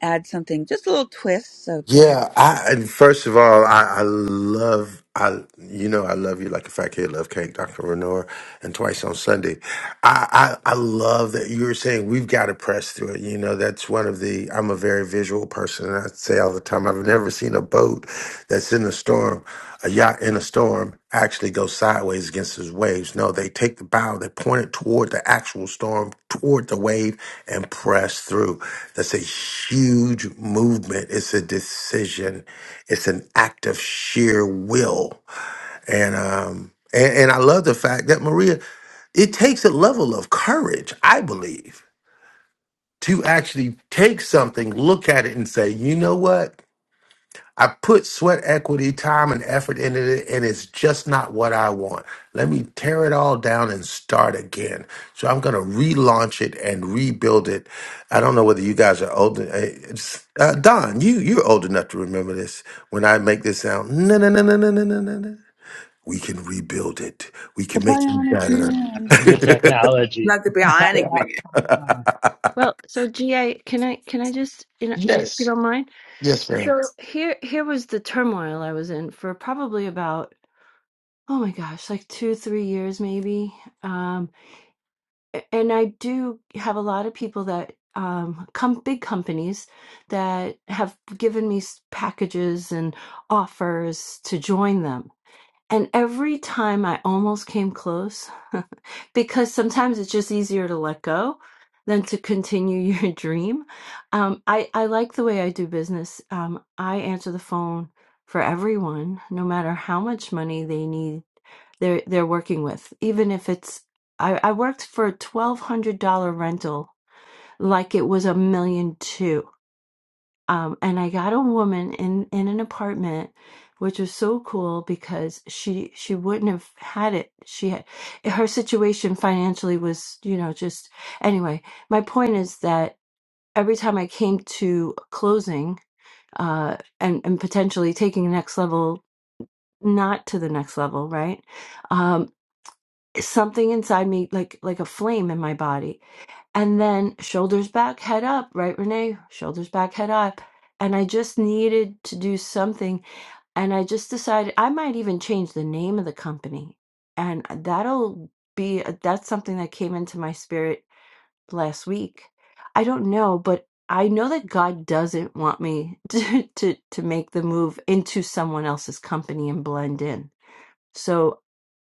Speaker 10: add something, just a little twist. So go ahead.
Speaker 6: Yeah, I and first of all, I, I love I you know I love you like a fat kid love cake, Dr. Renor, and twice on Sunday. I, I I love that you were saying we've got to press through it. You know, that's one of the I'm a very visual person and I say all the time I've never ever seen a boat that's in a storm, a yacht in a storm, actually go sideways against those waves. No, they take the bow, they point it toward the actual storm, toward the wave, and press through. That's a huge movement. It's a decision. It's an act of sheer will. And um and, and I love the fact that Maria, it takes a level of courage, I believe, to actually take something, look at it, and say, you know what? I put sweat equity, time, and effort into it, and it's just not what I want. Let me tear it all down and start again. So I'm going to relaunch it and rebuild it. I don't know whether you guys are old. Uh, it's- uh, Don, you you're old enough to remember this. When I make this sound, no, no, no, no, no, no, no, no, no. We can rebuild it. We
Speaker 10: The
Speaker 6: can make it
Speaker 10: Bionic Man.
Speaker 4: The
Speaker 6: better.
Speaker 4: technology.
Speaker 2: Like the bionic man.
Speaker 7: Well, so GA, can I can I just you know if you
Speaker 6: yes.
Speaker 7: don't mind? So here here was the turmoil I was in for probably about oh my gosh, like two, three years maybe. Um a- and I do have a lot of people that um come big companies that have given me s- packages and offers to join them And every time I almost came close, because sometimes it's just easier to let go than to continue your dream. Um, I, I like the way I do business. Um, I answer the phone for everyone, no matter how much money they need, they're, they're working with. Even if it's, I, I worked for a $1,200 rental like it was a million two um, and I got a woman in in an apartment, which was so cool because she she wouldn't have had it. She had her situation financially was you know just anyway. My point is that every time I came to closing uh, and and potentially taking the next level, not to the next level, right? Um, something inside me like like a flame in my body and then shoulders back, head up, right, Renee? Shoulders back, head up. And I just needed to do something. And I just decided I might even change the name of the company. And that'll be that's something that came into my spirit last week. I don't know, but I know that God doesn't want me to, to, to make the move into someone else's company and blend in. So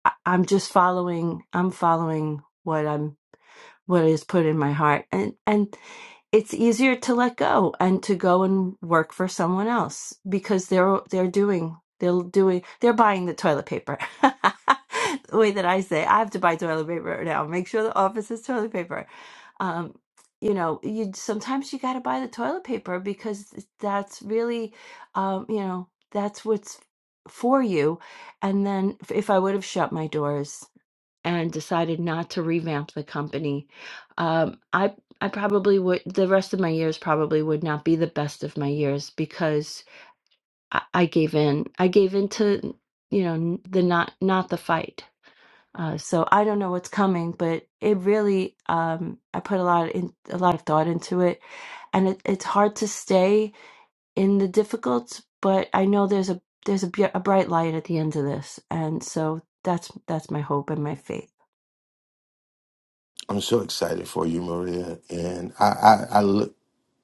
Speaker 7: I, I'm just following, I'm following what I'm, what is put in my heart. And, and it's easier to let go and to go and work for someone else because they're they're doing they're doing they're buying the toilet paper the way that i say i have to buy toilet paper now make sure the office is toilet paper um you know you sometimes you got to buy the toilet paper because that's really um you know that's what's for you and then if i would have shut my doors and decided not to revamp the company. Um, I I probably would the rest of my years probably would not be the best of my years because I, I gave in. I gave in to you know n- the not not the fight. Uh, so I don't know what's coming, but it really um, I put a lot in a lot of thought into it, and it, it's hard to stay in the difficult. But I know there's a there's a, bu- a bright light at the end of this, and so that's that's my hope and my faith.
Speaker 6: I'm so excited for you, Maria, and I, I, I look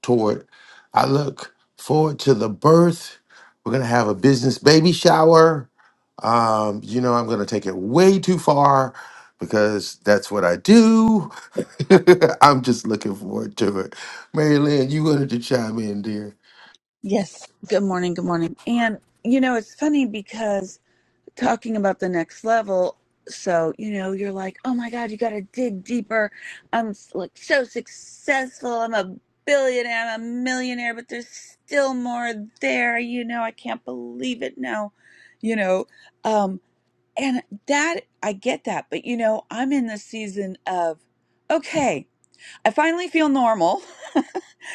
Speaker 6: toward. I look forward to the birth. We're gonna have a business baby shower. Um, you know, I'm gonna take it way too far because that's what I do. I'm just looking forward to it. Mary Lynn, you wanted to chime in, dear.
Speaker 10: Yes. Good morning. Good morning. And, you know, it's funny because talking about the next level so you know you're like oh my god you got to dig deeper i'm like so successful i'm a billionaire i'm a millionaire but there's still more there you know i can't believe it now you know um and that i get that but you know i'm in the season of okay i finally feel normal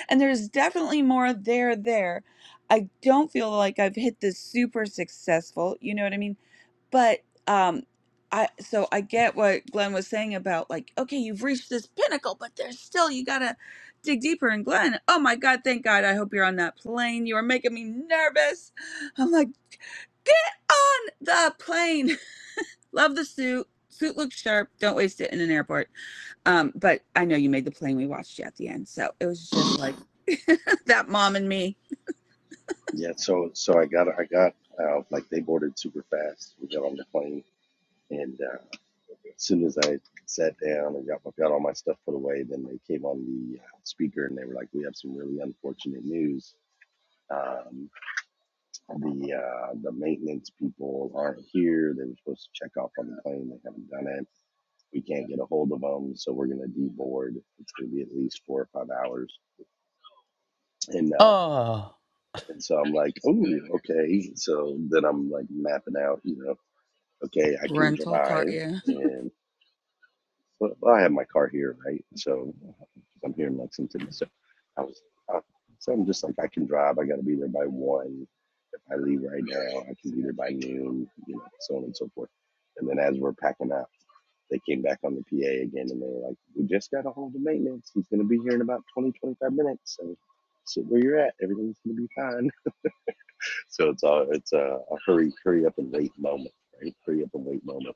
Speaker 10: and there's definitely more there there i don't feel like i've hit this super successful you know what i mean but um I so I get what Glenn was saying about like, okay, you've reached this pinnacle, but there's still you gotta dig deeper. And Glenn, oh my god, thank God, I hope you're on that plane. You are making me nervous. I'm like, get on the plane. Love the suit. Suit looks sharp. Don't waste it in an airport. Um, but I know you made the plane. We watched you at the end, so it was just like that mom and me
Speaker 12: Yeah, so so I got I got uh, like they boarded super fast. We got on the plane, and uh, as soon as I sat down and got got all my stuff put away, then they came on the uh, speaker and they were like, "We have some really unfortunate news. Um, the uh, the maintenance people aren't here. They were supposed to check off on the plane. They haven't done it. We can't get a hold of them, so we're gonna deboard. It's gonna be at least four or five hours." And uh,
Speaker 3: Oh,
Speaker 12: and so I'm like, oh, okay. So then I'm like mapping out, you know. Okay, I can
Speaker 10: rental car.
Speaker 12: drive,
Speaker 10: Yeah.
Speaker 12: and well, well, I have my car here, right? So I'm here in Lexington, so I was, I, so I'm just like I can drive. I got to be there by one. If I leave right now, I can be there by noon. You know, so on and so forth. And then as we're packing up, they came back on the PA again, and they were like, "We just got a hold of maintenance. He's going to be here in about 20, 25 minutes. So sit where you're at. Everything's going to be fine." So it's all it's a, a hurry, hurry up and wait moment, right? Hurry up and wait moment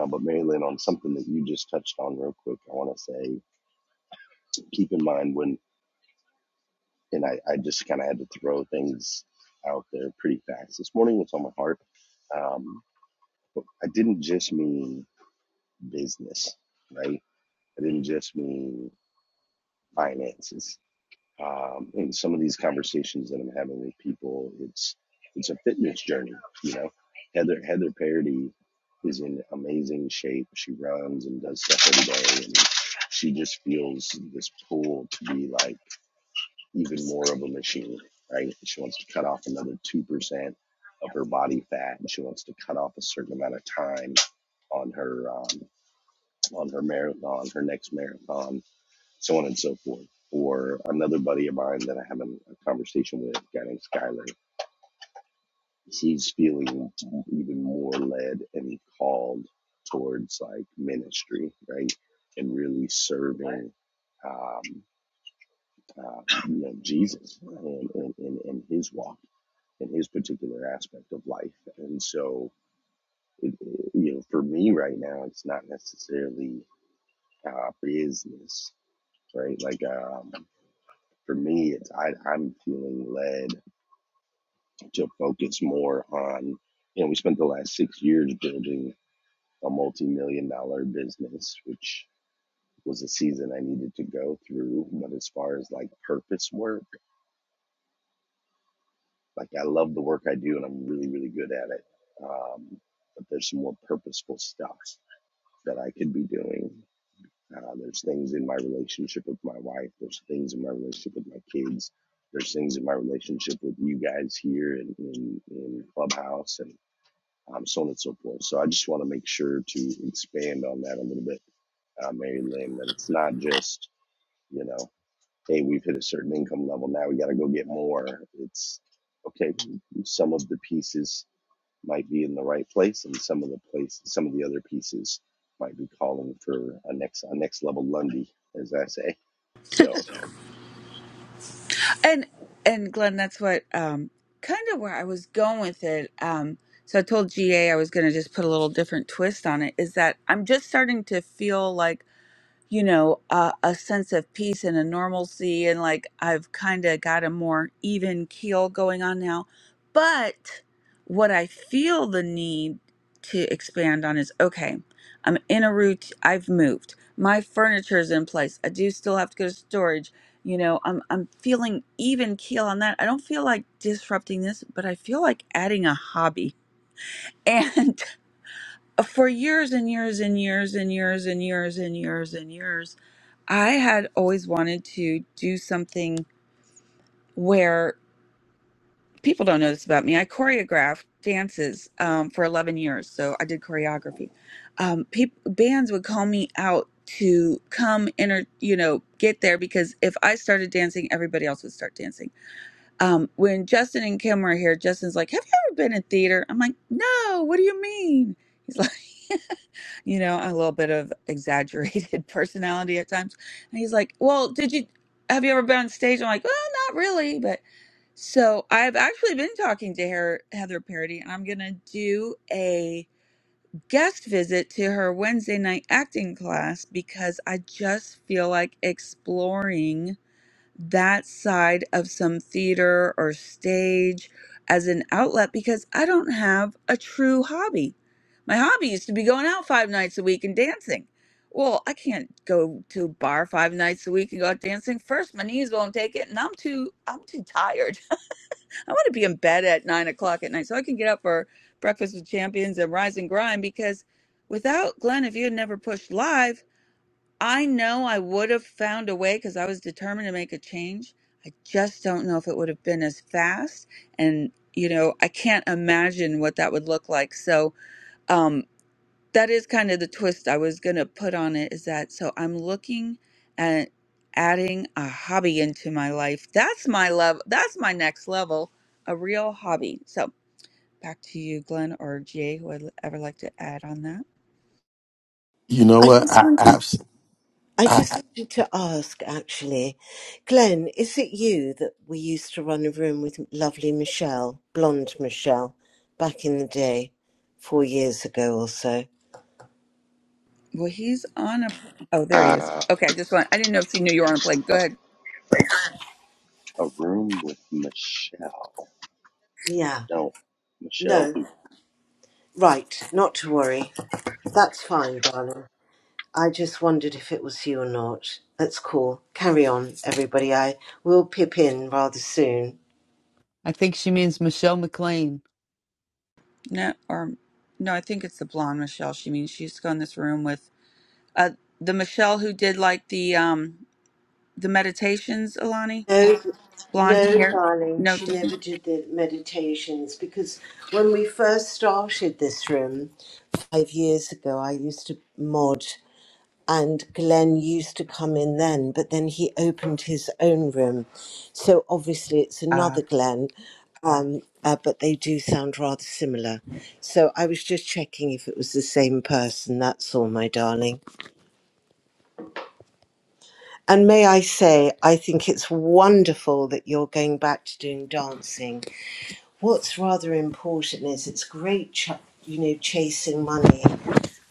Speaker 12: uh, but Mary Lynn, on something that you just touched on real quick, I want to say keep in mind when, and I, I just kind of had to throw things out there pretty fast. This morning, what's on my heart? Um, but I didn't just mean business, right? I didn't just mean finances. um, in some of these conversations that I'm having with people, it's it's a fitness journey, you know. Heather Heather Parody is in amazing shape. She runs and does stuff every day, and she just feels this pull to be like even more of a machine, right? She wants to cut off another two percent of her body fat, and she wants to cut off a certain amount of time on her um, on her marathon, her next marathon so on and so forth. Or another buddy of mine that I have a a conversation with, a guy named Skyler, he's feeling even more led and called towards like ministry, right? And really serving, um, uh, you know, Jesus and, and, and, and his walk and his particular aspect of life. And so, it, it- you know, for me right now, it's not necessarily uh, business, right? Like, um, for me, it's I, I'm feeling led to focus more on. You know, we spent the last six years building a multi-million dollar business, which was a season I needed to go through. But as far as like purpose work, like I love the work I do, and I'm really, really good at it. Um, but there's some more purposeful stuff that I could be doing. Uh, there's things in my relationship with my wife. There's things in my relationship with my kids. There's things in my relationship with you guys here in, in, in Clubhouse and um, so on and so forth. So I just want to make sure to expand on that a little bit, uh, Mary Lynn, that it's not just, you know, hey, we've hit a certain income level. Now we got to go get more. It's okay. Some of the pieces might be in the right place, and some of the place, some of the other pieces might be calling for a next a next level Lundy, as I say. So
Speaker 10: And and Glenn, that's what um kind of where I was going with it. Um so I told GA I was going to just put a little different twist on it is that I'm just starting to feel like you know, a, a sense of peace and a normalcy. And like I've kind of got a more even keel going on now. But what I feel the need to expand on is okay, I'm in a route, I've moved, my furniture is in place. I do still have to go to storage. You know, I'm, I'm feeling even keel on that. I don't feel like disrupting this, but I feel like adding a hobby. And for years and years and years and years and years and years and years and years I had always wanted to do something where people don't know this about me. I choreographed dances um, for 11 years, so I did choreography. Um, peop bands would call me out to come enter, you know, get there because if I started dancing, everybody else would start dancing um, when Justin and Kim were here, Justin's like, Have you ever been in theater? I'm like, No, what do you mean? He's like, You know, a little bit of exaggerated personality at times. And he's like, Well, did you have you ever been on stage? I'm like, Well, not really. But so I've actually been talking to her, Heather Parody, and I'm going to do a guest visit to her Wednesday night acting class because I just feel like exploring that side of some theater or stage as an outlet because I don't have a true hobby. My hobby used to be going out five nights a week and dancing. Well, I can't go to a bar five nights a week and go out dancing. First, my knees won't take it, and I'm too I'm too tired. I want to be in bed at nine o'clock at night so I can get up for breakfast with champions and rise and grind. Because without Glenn, if you had never pushed live, I know I would have found a way because I was determined to make a change. I just don't know if it would have been as fast. And, you know, I can't imagine what that would look like. So, um, that is kind of the twist I was going to put on it is that so I'm looking at adding a hobby into my life. That's my love. That's my next level, a real hobby. So, back to you, Glenn or Jay, who would ever like to add on that.
Speaker 6: You know
Speaker 13: I
Speaker 6: what?
Speaker 13: just
Speaker 6: I,
Speaker 13: wanted
Speaker 6: I,
Speaker 13: I
Speaker 6: I
Speaker 13: just wanted to ask actually, Glenn, is it you that we used to run a room with lovely Michelle, blonde Michelle, back in the day, four years ago or so?
Speaker 10: Well, he's on a. Oh, there he is.
Speaker 12: uh,
Speaker 10: Okay, I just want. I didn't know if she knew you were on a plane. Go
Speaker 12: a,
Speaker 10: ahead.
Speaker 12: a room with Michelle. I
Speaker 13: Yeah.
Speaker 12: don't Michelle
Speaker 13: No.
Speaker 12: who
Speaker 13: Right, not to worry. That's fine, darling. I just wondered if it was you or not. That's cool. Carry on, everybody. I will pip in rather soon.
Speaker 3: I think she means Michelle McLean.
Speaker 10: No, or no, I think it's the blonde Michelle. She means she used to go in this room with uh the Michelle who did like the um the meditations. Alani,
Speaker 13: No,
Speaker 10: blonde
Speaker 13: no,
Speaker 10: hair.
Speaker 13: darling,
Speaker 10: No
Speaker 13: she never
Speaker 10: different.
Speaker 13: did the meditations because when we first started this room five years ago, I used to mod and Glenn used to come in then, but then he opened his own room. So obviously it's another Glenn, um, uh, but they do sound rather similar. So I was just checking if it was the same person. That's all, my darling. And may I say, I think it's wonderful that you're going back to doing dancing what's rather important is it's great, ch- you know, chasing money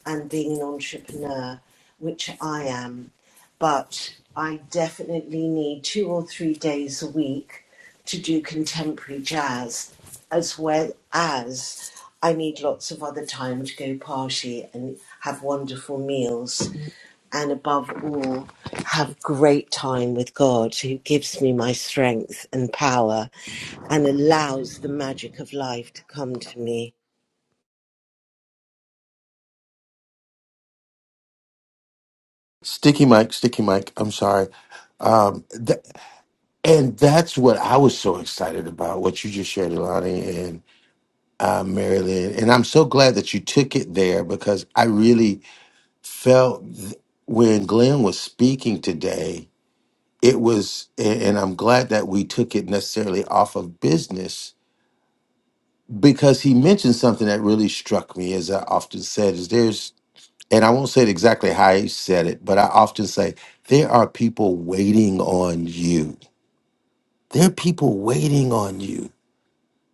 Speaker 13: and being an entrepreneur, which I am. But I definitely need two or three days a week to do contemporary jazz, as well as I need lots of other time to go party and have wonderful meals, and above all, have great time with God, who gives me my strength and power and allows the magic of life to come to me.
Speaker 6: sticky mic, sticky mic. I'm sorry. Um, th- and that's what I was so excited about. What you just shared, Ilani, uh, Maryland. And I'm so glad that you took it there because I really felt th- when Glenn was speaking today, it was, a- and I'm glad that we took it necessarily off of business because he mentioned something that really struck me, as I often said, is there's, and I won't say it exactly how he said it, but I often say, there are people waiting on you. There are people waiting on you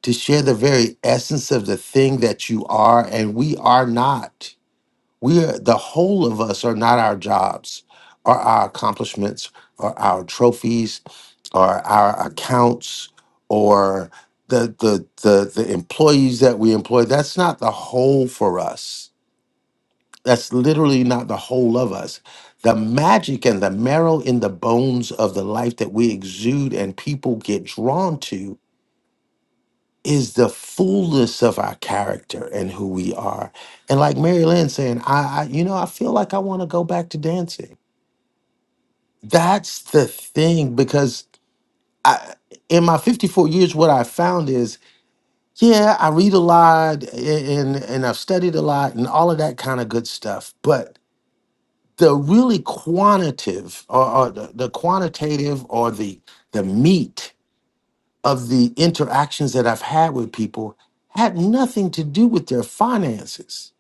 Speaker 6: to share the very essence of the thing that you are and we are not we are the whole of us are not our jobs or our accomplishments or our trophies or our accounts or the the the, the employees that we employ that's not the whole for us that's literally not the whole of us the magic and the marrow in the bones of the life that we exude and people get drawn to is the fullness of our character and who we are. And like Mary Lynn saying, I, I you know, I feel like I want to go back to dancing. That's the thing because I in my 54 years what I found is yeah, I read a lot and and I've studied a lot and all of that kind of good stuff, but the really quantitative or, or the, the quantitative or the the meat of the interactions that I've had with people had nothing to do with their finances.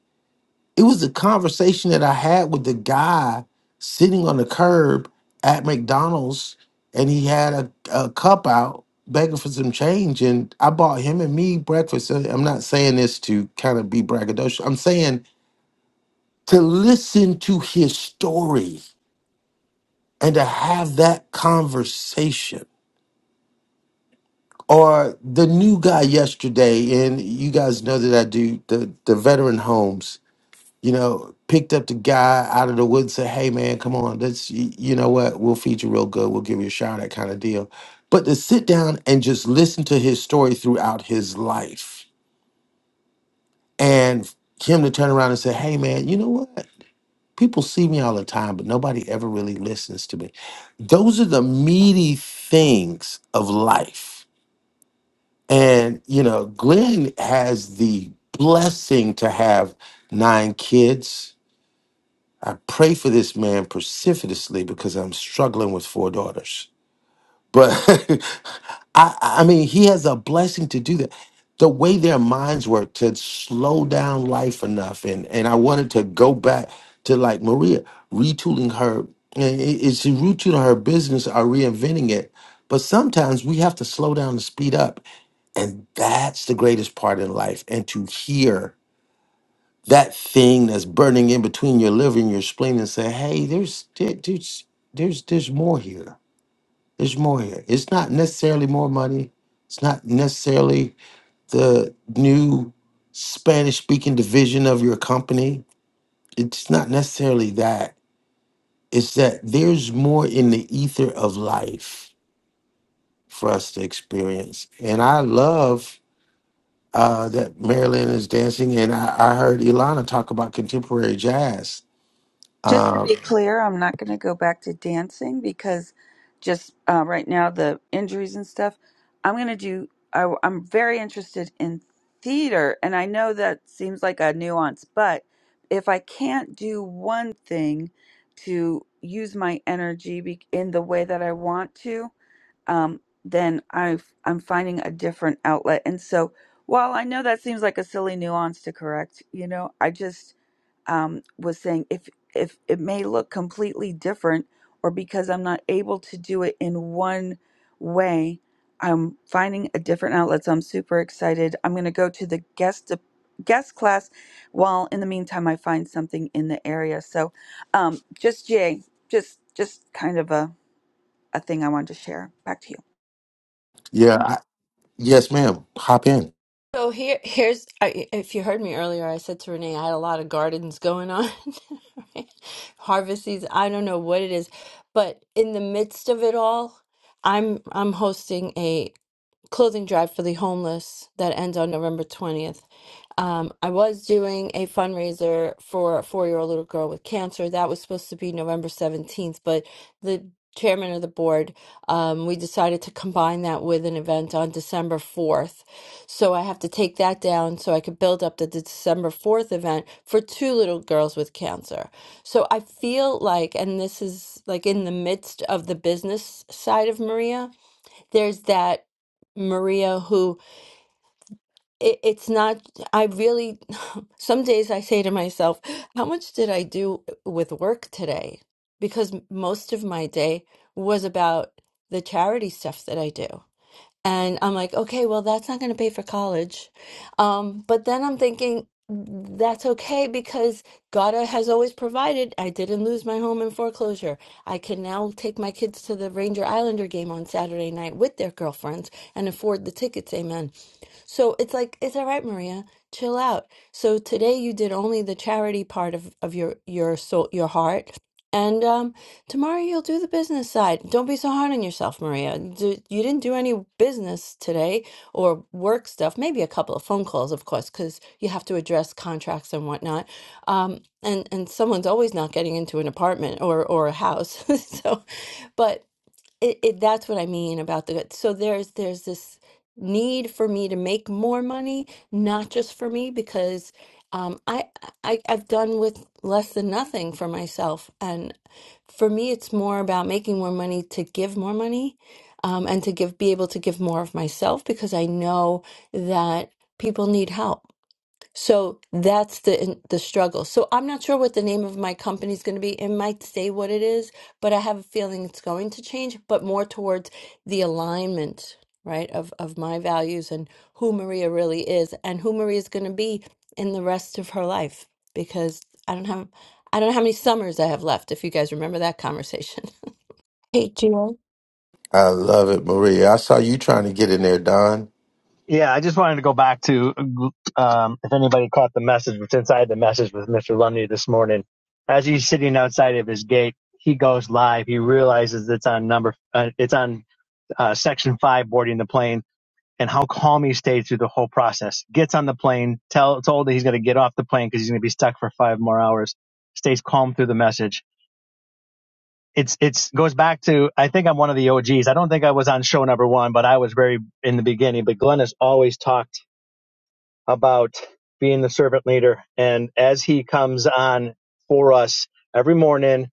Speaker 6: It was a conversation that I had with the guy sitting on the curb at McDonald's and he had a, a cup out begging for some change. And I bought him and me breakfast. Uh, I'm not saying this to kind of be braggadocious, I'm saying to listen to his story and to have that conversation or the new guy yesterday, and you guys know that I do the the veteran homes. You know, picked up the guy out of the woods, said, "Hey man, come on, let's y- you know what? We'll feed you real good. We'll give you a shout, that kind of deal." But to sit down and just listen to his story throughout his life, and him to turn around and say, "Hey man, you know what? People see me all the time, but nobody ever really listens to me." Those are the meaty things of life And, you know, Glenn has the blessing to have nine kids. I pray for this man precipitously because I'm struggling with four daughters. But I, I mean, he has a blessing to do that. The way their minds work to slow down life enough. And, and I wanted to go back to like Maria, retooling her. and it- It's retooling her business or reinventing it. But sometimes we have to slow down to speed up and that's the greatest part in life. And to hear that thing that's burning in between your liver and your spleen and say, hey, there's there- there's there's there's more here. There's more here. It's not necessarily more money. It's not necessarily the new Spanish speaking division of your company. It's not necessarily that. It's that there's more in the ether of life for us to experience. And I love uh, that Marilyn is dancing, and I, I heard Ilana talk about contemporary jazz.
Speaker 10: Just to
Speaker 6: Uh,
Speaker 10: be clear, I'm not going to go back to dancing because just uh, right now the injuries and stuff. I'm going to do. I, I'm very interested in theater, and I know that seems like a nuance, but if I can't do one thing to use my energy be, in the way that I want to, um, then I've, I'm finding a different outlet. And so, while I know that seems like a silly nuance to correct, you know, I just um, was saying if if it may look completely different or because I'm not able to do it in one way, I'm finding a different outlet. So I'm super excited. I'm going to go to the guest de- guest class while in the meantime I find something in the area. So um, just Jay, just just kind of a a thing I wanted to share. Back to you.
Speaker 6: yeah, I, yes, ma'am. Hop in.
Speaker 7: So here, here's I, if you heard me earlier, I said to Renee, I had a lot of gardens going on, right? harvest season. I don't know what it is, but in the midst of it all, I'm I'm hosting a clothing drive for the homeless that ends on November 20th. Um, I was doing a fundraiser for a four year old little girl with cancer. That was supposed to be November 17th, but the chairman of the board, um, we decided to combine that with an event on December 4th. So I have to take that down so I could build up the December 4th event for two little girls with cancer. So I feel like, and this is like in the midst of the business side of Maria there's that Maria who it, it's not, I really, some days I say to myself, how much did I do with work today? Because m- most of my day was about the charity stuff that I do. And I'm like, okay, well, that's not going to pay for college. Um, but then I'm thinking, that's okay because God uh, has always provided. I didn't lose my home in foreclosure. I can now take my kids to the Ranger Islander game on Saturday night with their girlfriends and afford the tickets. Amen. So it's like, it's all right, Maria, chill out. So today you did only the charity part of, of your, your soul, your heart. And um, tomorrow you'll do the business side. Don't be so hard on yourself, Maria. D you didn't do any business today or work stuff, maybe a couple of phone calls, of course, because you have to address contracts and whatnot. Um, and, and someone's always not getting into an apartment or, or a house. So, but it, it that's what I mean about the good. so there's there's this need for me to make more money, not just for me, because um, I, I I've done with less than nothing for myself, and for me, it's more about making more money to give more money, um, and to give be able to give more of myself because I know that people need help so that's the the struggle. So I'm not sure what the name of my company is going to be. It might stay what it is, but I have a feeling it's going to change, but more towards the alignment, right, of of my values and who Maria really is and who Maria is going to be in the rest of her life because I don't have I don't know how many summers I have left if you guys remember that conversation. Hey, Gio.
Speaker 6: I love it, Maria. I saw you trying to get in there, Don.
Speaker 4: Yeah, I just wanted to go back to um, if anybody caught the message, but since I had the message with Mr. Lumley this morning, as he's sitting outside of his gate, he goes live. He realizes it's on number, uh, it's on uh, section five boarding the plane, and how calm he stayed through the whole process. Gets on the plane, tell told that he's going to get off the plane because he's going to be stuck for five more hours. Stays calm through the message. It's it's goes back to I think I'm one of the OGs. I don't think I was on show number one, but I was very in the beginning. But Glenn has always talked about being the servant leader. And as he comes on for us every morning,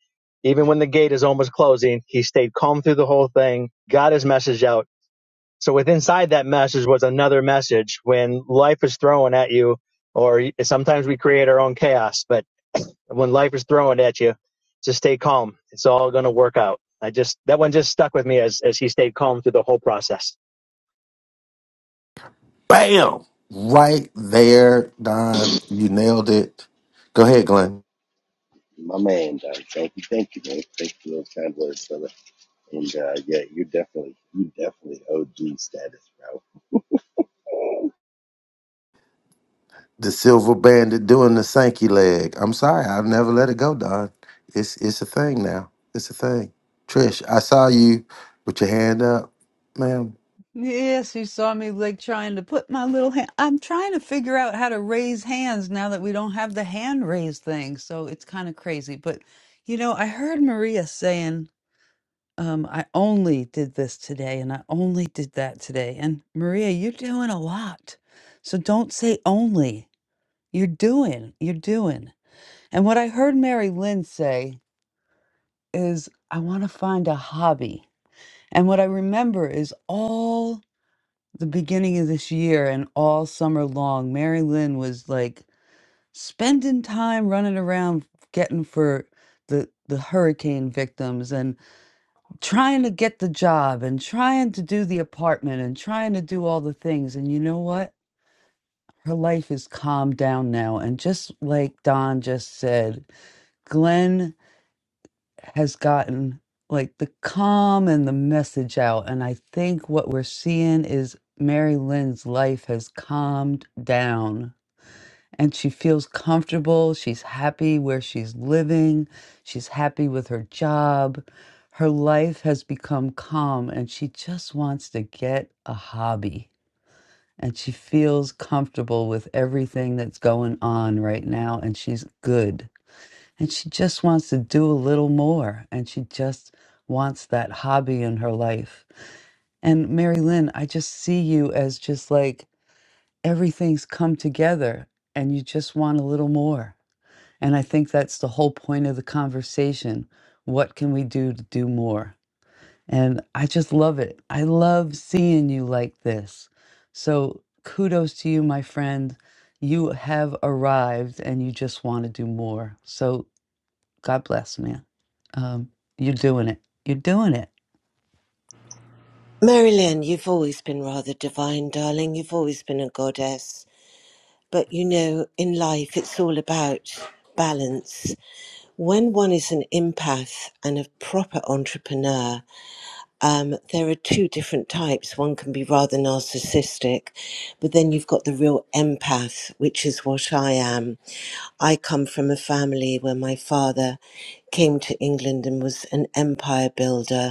Speaker 4: even when the gate is almost closing, he stayed calm through the whole thing, got his message out. So with inside that message was another message when life is thrown at you, or sometimes we create our own chaos, but when life is thrown at you, just stay calm. It's all going to work out. I just, that one just stuck with me as, as he stayed calm through the whole process.
Speaker 6: Bam! Right there, Don. You nailed it. Go ahead, Glenn.
Speaker 12: my man Don. Thank you, thank you, man. Thank you for those kind words, brother. And uh, yeah, you're definitely you definitely OG status, bro.
Speaker 6: The silver bandit doing the Sankey leg. I'm sorry, I've never let it go, Don. It's it's a thing now. It's a thing. Trish, I saw you with your hand up, ma'am.
Speaker 3: Yes, you saw me like trying to put my little hand. I'm trying to figure out how to raise hands now that we don't have the hand raise thing. So it's kind of crazy. But, you know, I heard Maria saying, um, I only did this today and I only did that today. And Maria, you're doing a lot. So don't say only. You're doing, you're doing. And what I heard Mary Lynn say is, I want to find a hobby. And what I remember is all the beginning of this year and all summer long, Mary Lynn was like spending time running around getting for the the hurricane victims and trying to get the job and trying to do the apartment and trying to do all the things. And you know what? Her life is calmed down now. And just like Don just said, Glenn has gotten like the calm and the message out. And I think what we're seeing is Mary Lynn's life has calmed down and she feels comfortable. She's happy where she's living, she's happy with her job. Her life has become calm and she just wants to get a hobby. And she feels comfortable with everything that's going on right now, and she's good and she just wants to do a little more and she just wants that hobby in her life and mary lynn i just see you as just like everything's come together and you just want a little more and i think that's the whole point of the conversation what can we do to do more and i just love it i love seeing you like this so kudos to you my friend you have arrived and you just want to do more so God bless, man. Um, you're doing it. You're doing it.
Speaker 13: Marilyn, you've always been rather divine, darling. You've always been a goddess. But you know, in life, it's all about balance. When one is an empath and a proper entrepreneur, um, there are two different types. One can be rather narcissistic, but then you've got the real empath, which is what I am. I come from a family where my father came to England and was an empire builder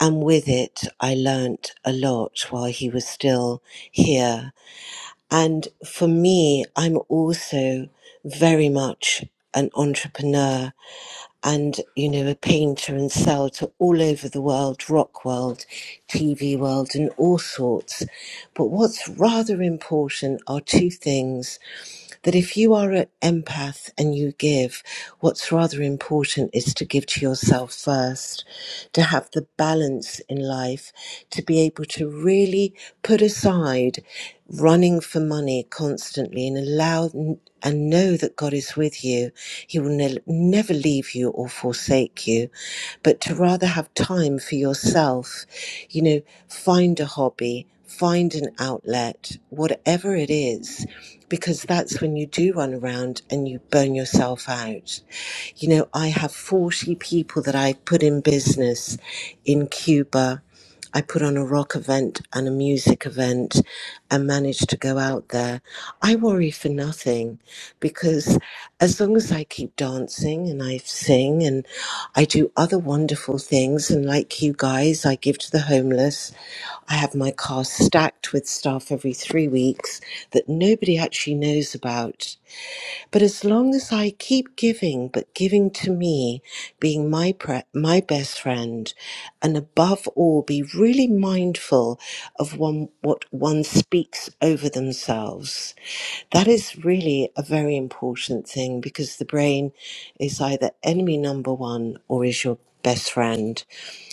Speaker 13: and with it, I learnt a lot while he was still here. And for me, I'm also very much an entrepreneur and you know a painter and sell to all over the world rock world tv world and all sorts but what's rather important are two things that if you are an empath and you give what's rather important is to give to yourself first to have the balance in life to be able to really put aside running for money constantly and allow and know that God is with you. He will ne- never leave you or forsake you, but to rather have time for yourself, you know, find a hobby, find an outlet, whatever it is, because that's when you do run around and you burn yourself out. You know, I have 40 people that I put in business in Cuba I put on a rock event and a music event and managed to go out there. I worry for nothing because as long as I keep dancing and I sing and I do other wonderful things, and like you guys, I give to the homeless. I have my car stacked with stuff every three weeks that nobody actually knows about. But as long as I keep giving, but giving to me, being my pre- my best friend, and above all, be really mindful of one what one speaks over themselves. That is really a very important thing because the brain is either enemy number one or is your best friend.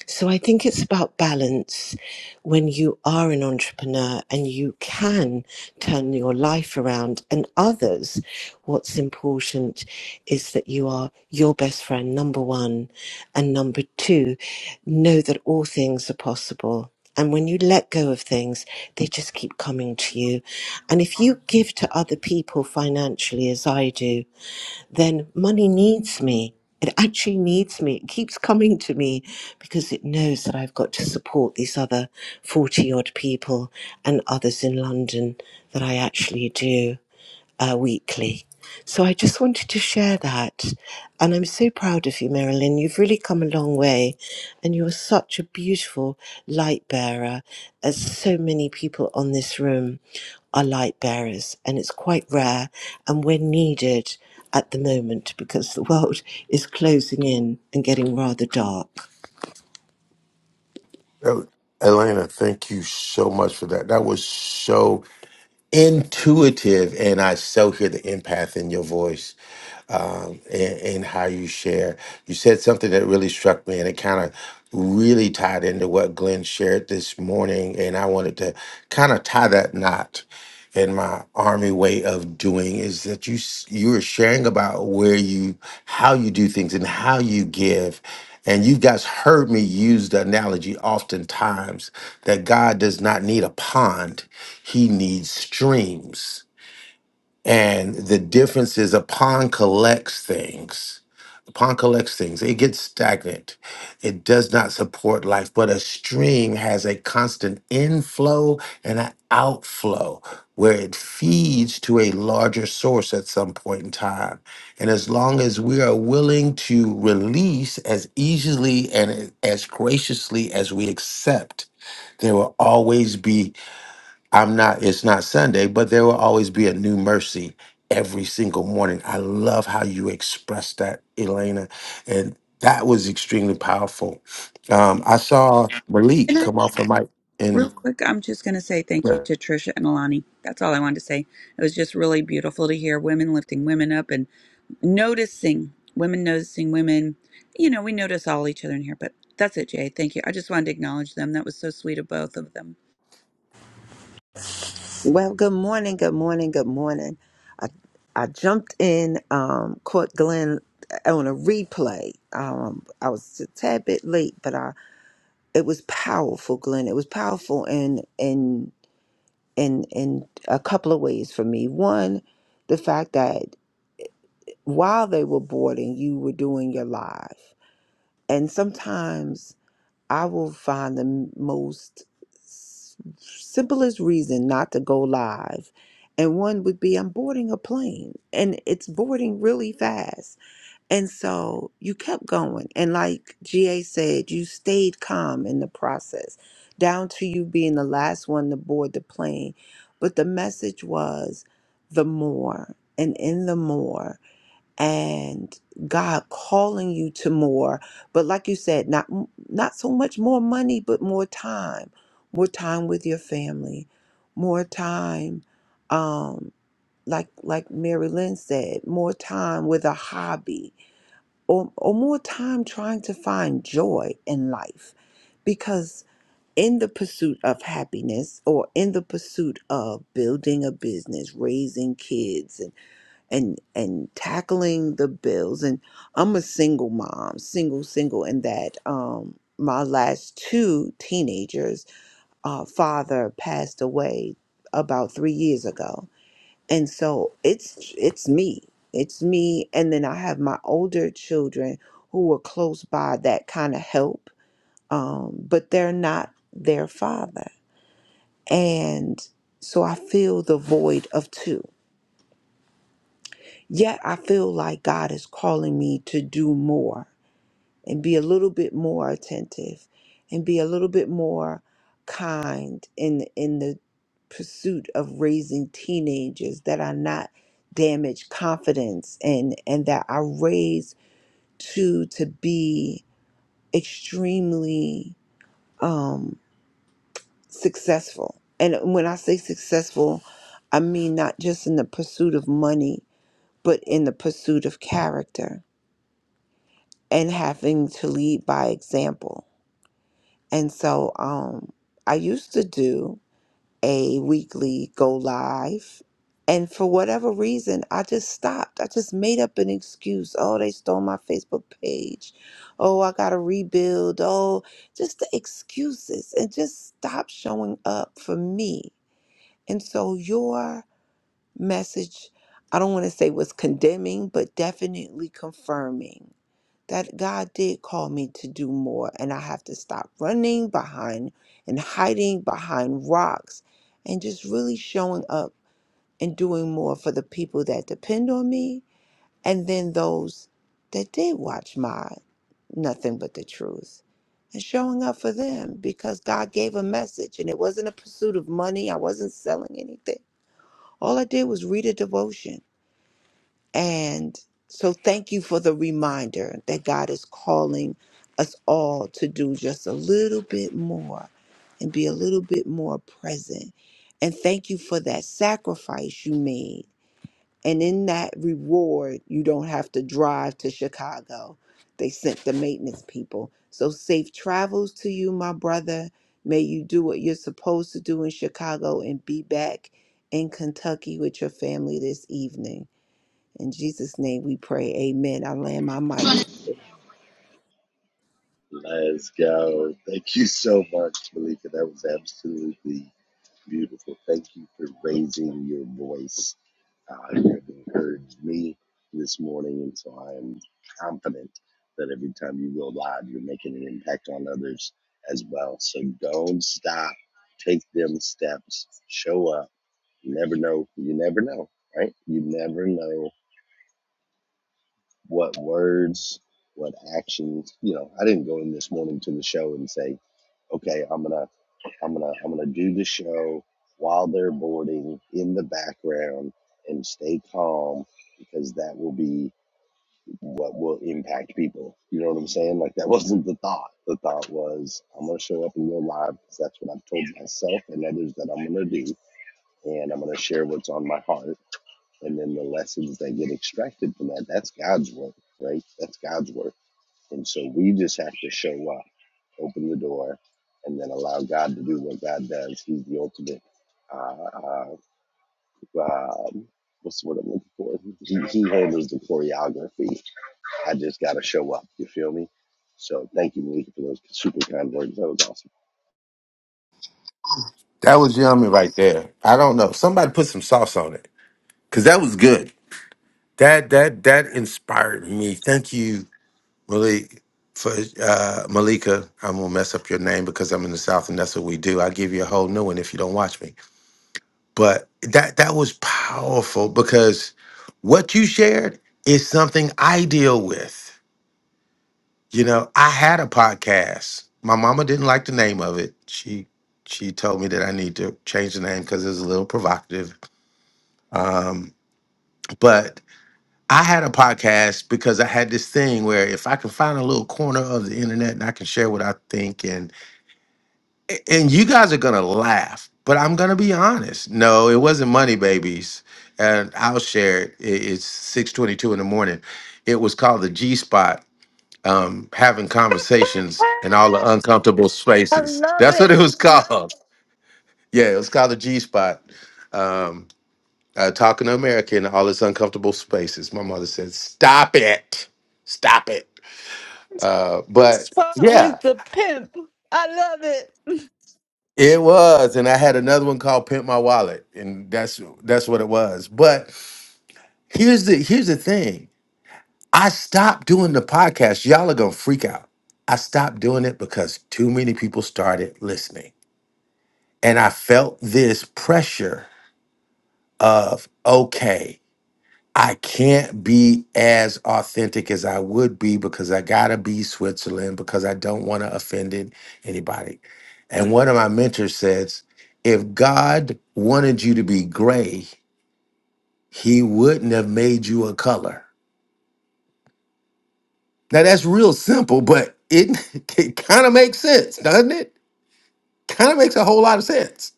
Speaker 13: So I think it's about balance when you are an entrepreneur and you can turn your life around and others. What's important is that you are your best friend, number one. And number two, know that all things are possible. And when you let go of things, they just keep coming to you. And if you give to other people financially, as I do, then money needs me. It actually needs me. It keeps coming to me because it knows that I've got to support these other 40 odd people and others in London that I actually do uh, weekly. So I just wanted to share that. And I'm so proud of you, Marilyn. You've really come a long way. And you're such a beautiful light bearer, as so many people on this room are light bearers. And it's quite rare. And we're needed at the moment because the world is closing in and getting rather dark.
Speaker 6: Oh, Elena, thank you so much for that. That was so intuitive, and I so hear the empath in your voice um, and, and how you share. You said something that really struck me, and it kind of really tied into what Glenn shared this morning. And I wanted to kind of tie that knot and my army way of doing is that you s- you were sharing about where you how you do things and how you give and you guys heard me use the analogy oftentimes that god does not need a pond he needs streams and the difference is a pond collects things Pond collects things. It gets stagnant. It does not support life, but a stream has a constant inflow and an outflow where it feeds to a larger source at some point in time. And as long as we are willing to release as easily and as graciously as we accept, there will always be I'm not, it's not Sunday, but there will always be a new mercy every single morning. I love how you express that, Elena. And that was extremely powerful. Um, I saw Malik
Speaker 10: And I,
Speaker 6: come off a mic
Speaker 10: real
Speaker 6: and
Speaker 10: quick, I'm just going to say thank you to
Speaker 6: that
Speaker 10: Trisha and Alani. That's all I wanted to say. It was just really beautiful to hear women lifting women up and noticing women noticing women you know we notice all each other in here but that's it jay thank you i just wanted to acknowledge them that was so sweet of both of them
Speaker 14: Well, good morning, good morning, good morning. I I jumped in, um, caught Glenn uh, on a replay. Um, I was a tad bit late, but I it was powerful, Glenn. It was powerful in in in in a couple of ways for me. One, the fact that while they were boarding, you were doing your live, and sometimes I will find the most s- simplest reason not to go live. And one would be I'm boarding a plane and it's boarding really fast. And so you kept going. And like GA said, you stayed calm in the process, down to you being the last one to board the plane. But the message was the more, and in the more and God calling you to more. But like you said, not not so much more money, but more time, more time with your family, more time, um, like like Mary Lynn said, more time with a hobby, or or more time trying to find joy in life, because. In the pursuit of happiness or in the pursuit of building a business, raising kids, and and tackling the bills and I'm a single mom, single single In that um my last two teenagers uh father passed away about 3 years ago. And so it's it's me. It's me and then I have my older children who are close by that kind of help um but they're not their father. And so I feel the void of two Yet I feel like God is calling me to do more and be a little bit more attentive and be a little bit more kind in in the pursuit of raising teenagers that are not damage confidence and and that I raise to to be extremely um successful. And when I say successful, I mean not just in the pursuit of money, but in the pursuit of character and having to lead by example. And so um, I used to do a weekly go live. And for whatever reason, I just stopped. I just made up an excuse. Oh, they stole my Facebook page. Oh, I got to rebuild. Oh, just the excuses and just stop showing up for me. And so your message, I don't want to say was condemning, but definitely confirming that God did call me to do more, and I have to stop running behind and hiding behind rocks and just really showing up and doing more for the people that depend on me and then those that did watch my nothing but the truth and showing up for them because God gave a message and it wasn't a pursuit of money. I wasn't selling anything. All I did was read a devotion and so, thank you for the reminder that God is calling us all to do just a little bit more and be a little bit more present. And thank you for that sacrifice you made. And in that reward, you don't have to drive to Chicago. They sent the maintenance people. So, safe travels to you, my brother. May you do what you're supposed to do in Chicago and be back in Kentucky with your family this evening. In Jesus' name we pray. Amen. I land my mic.
Speaker 12: Let's go. Thank you so much, Malika. That was absolutely Beautiful. Thank you for raising your voice. Uh, you have encouraged me this morning, and so I am confident that every time you go live, you're making an impact on others as well. So don't stop. Take them steps. Show up. You never know. You never know, right? You never know what words, what actions. You know, I didn't go in this morning to the show and say, okay, I'm gonna, I'm gonna, I'm gonna do the show while they're boarding in the background and stay calm because that will be what will impact people. You know what I'm saying? Like that wasn't the thought. The thought was I'm gonna show up and go live because that's what I've told myself and others that I'm gonna do, and I'm gonna share what's on my heart and then the lessons that get extracted from that that's god's work right that's god's work and so we just have to show up open the door and then allow god to do what god does he's the ultimate uh, uh, um, what's the word i'm looking for he, he handles the choreography i just gotta show up you feel me so thank you malika for those super kind words that was awesome
Speaker 6: was yummy right there. I don't know. Somebody put some sauce on it. Cause that was good. That that that inspired me. Thank you, Malik, for uh Malika. I'm gonna mess up your name because I'm in the South and that's what we do. I give you a whole new one if you don't watch me. But that that was powerful because what you shared is something I deal with. You know, I had a podcast. My mama didn't like the name of it. She she told me that I need to change the name because it's a little provocative. Um, but I had a podcast because I had this thing where if I can find a little corner of the internet and I can share what I think A- and you guys are gonna laugh, but I'm gonna be honest. No, it wasn't Money Babies, and I'll share it. I- It's six twenty-two in the morning. It was called the G Spot. Um, having conversations in all the uncomfortable
Speaker 3: Ah, I
Speaker 6: spaces.
Speaker 3: love
Speaker 6: That's what
Speaker 3: it.
Speaker 6: it was called. Yeah, it was called the G Spot. Um, uh, talking to America in all its uncomfortable spaces. My mother said, "Stop it, stop it." Uh, but
Speaker 3: Spot
Speaker 6: yeah.
Speaker 3: with the pimp. I love it.
Speaker 6: It was, and I had another one called "Pimp My Wallet," and that's that's what it was. But here's the here's the thing: I stopped doing the podcast. Y'all are gonna freak out. I stopped doing it because too many people started listening, and I felt this pressure of okay. I can't be as authentic as I would be because I gotta be Switzerland because I don't want to offend it- anybody. And one of my mentors says, if God wanted you to be gray, he wouldn't have made you a color. Now that's real simple, but it, it kind of makes sense, doesn't it? Kind of makes a whole lot of sense.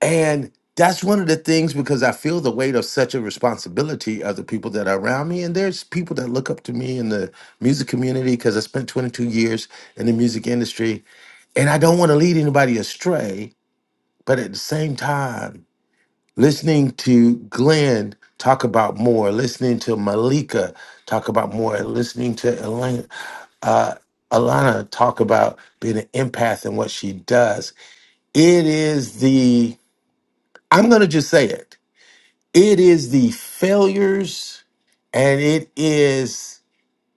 Speaker 6: And that's one of the things because I feel the weight of such a responsibility of the people that are around me. And there's people that look up to me in the music community because I spent 22 years in the music industry. And I don't want to lead anybody astray. But at the same time, listening to Glenn talk about more, listening to Malika talk about more, and listening to Elena, uh, Alana talk about being an empath and what she does, it is the, I'm going to just say it It is the failures and it is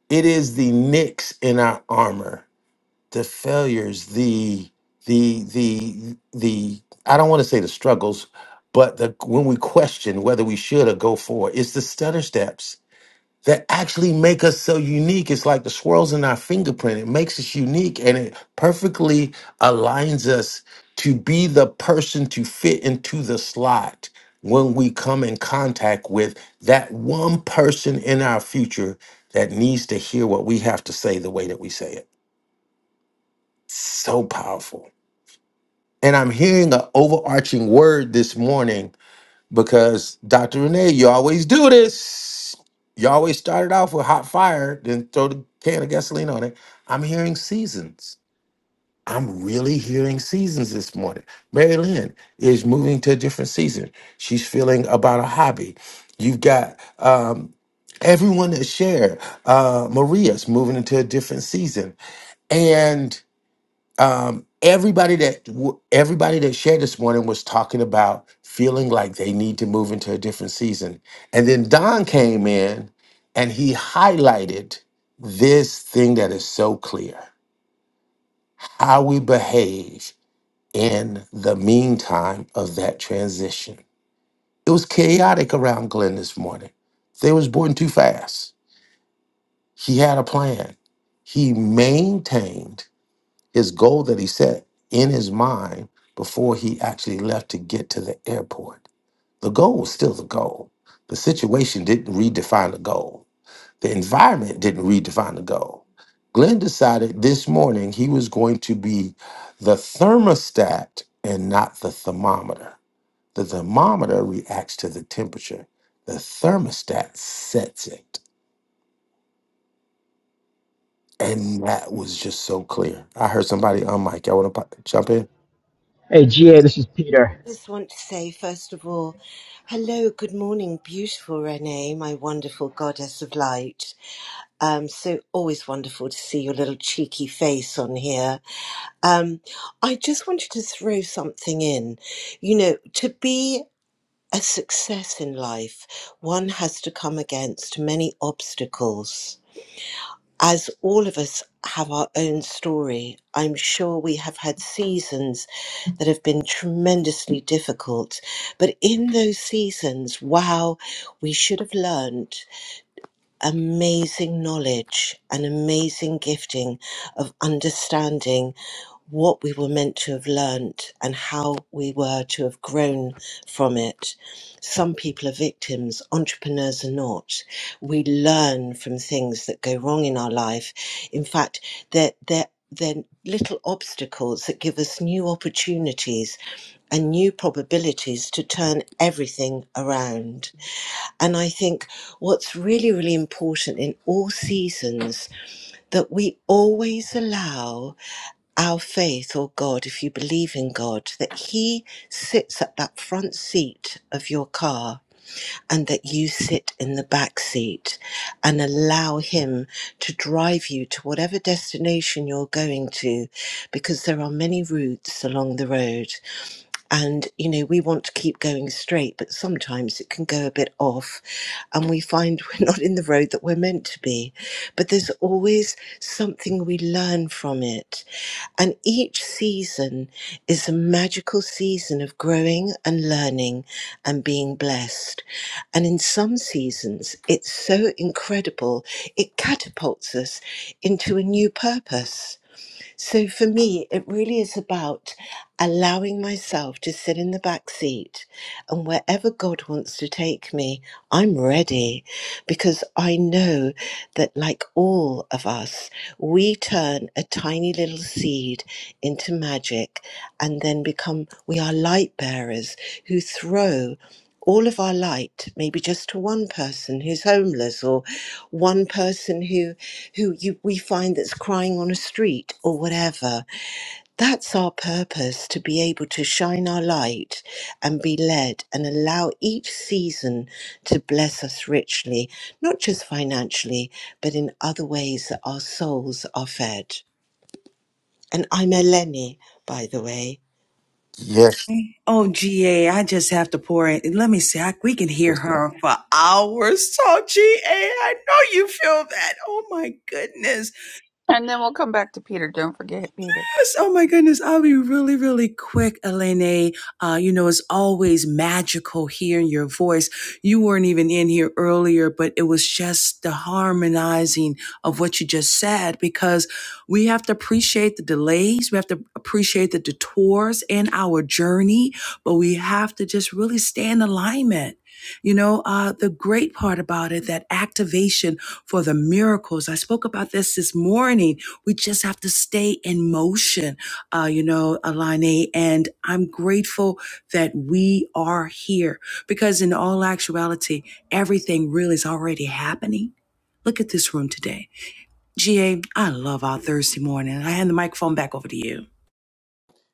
Speaker 6: it is the nicks in our armor. The failures, the the the the I don't want to say the struggles, but the when we question whether we should or go for it, it's the stutter steps that actually make us so unique. It's like the swirls in our fingerprint. It makes us unique and it perfectly aligns us to be the person to fit into the slot when we come in contact with that one person in our future that needs to hear what we have to say the way that we say it. So powerful. And I'm hearing an overarching word this morning because Dr. Renee, you always do this. You always started off with hot fire, then throw the can of gasoline on it. I'm hearing seasons. I'm really hearing seasons this morning. Mary Lynn is moving to a different season. She's feeling about a hobby. You've got um, everyone that shared. Uh, Maria's moving into a different season um, everybody that w- everybody that shared this morning was talking about feeling like they need to move into a different season and then don came in and he highlighted this thing that is so clear how we behave in the meantime of that transition it was chaotic around glenn this morning they was born too fast he had a plan he maintained His goal that he set in his mind before he actually left to get to the airport. The goal was still the goal. The situation didn't redefine the goal. The environment didn't redefine the goal. Glenn decided this morning he was going to be the thermostat and not the thermometer. The thermometer reacts to the temperature. The thermostat sets it. And that was just so clear. I heard somebody on mic. Y'all want to jump in?
Speaker 15: Hey, GA, this is Peter.
Speaker 13: I just want to say, first of all, hello, good morning, beautiful Renee, my wonderful goddess of light. Um, so always wonderful to see your little cheeky face on here. Um, I just wanted to throw something in. You know, to be a success in life, one has to come against many obstacles. As all of us have our own story, I'm sure we have had seasons that have been tremendously difficult. But in those seasons, wow, we should have learned amazing knowledge and amazing gifting of understanding what we were meant to have learnt and how we were to have grown from it some people are victims, entrepreneurs are not. We learn from things that go wrong in our life. In fact, they're, they're, they're little obstacles that give us new opportunities and new probabilities to turn everything around. And I think what's really, really important in all seasons that we always allow our faith or God, if you believe in God, that He sits at that front seat of your car and that you sit in the back seat and allow Him to drive you to whatever destination you're going to, because there are many routes along the road. And, you know, we want to keep going straight, but sometimes it can go a bit off and we find we're not in the road that we're meant to be. But there's always something we learn from it. And each season is a magical season of growing and learning and being blessed. And in some seasons, it's so incredible, it catapults us into a new purpose. So for me, it really is about allowing myself to sit in the back seat and wherever God wants to take me, I'm ready because I know that, like all of us, we turn a tiny little seed into magic and then become, we are light bearers who throw all of our light maybe just to one person who's homeless or one person who who you we find that's crying on a street or whatever that's our purpose to be able to shine our light and be led and allow each season to bless us richly, not just financially, but in other ways that our souls are fed. And I'm a Lenny, by the way.
Speaker 6: Yes.
Speaker 2: Oh, GA, just have to pour it. Let me see. I, we can hear
Speaker 6: Yes, ma'am.
Speaker 2: her for hours. So, G A. I know you feel that. Oh, my goodness.
Speaker 10: And then we'll come back to Peter. Don't forget Peter.
Speaker 2: Yes. Oh my goodness. I'll be really, really quick, Elena. Uh, you know, it's always magical hearing your voice. You weren't even in here earlier, but it was just the harmonizing of what you just said because we have to appreciate the delays. We have to appreciate the detours in our journey, but we have to just really stay in alignment. You know, uh, the great part about it, that activation for the miracles. I spoke about this this morning we just have to stay in motion, uh, you know, Alani. And I'm grateful that we are here because, in all actuality, everything really is already happening. Look at this room today. GA, I love our Thursday morning. I hand the microphone back over to you.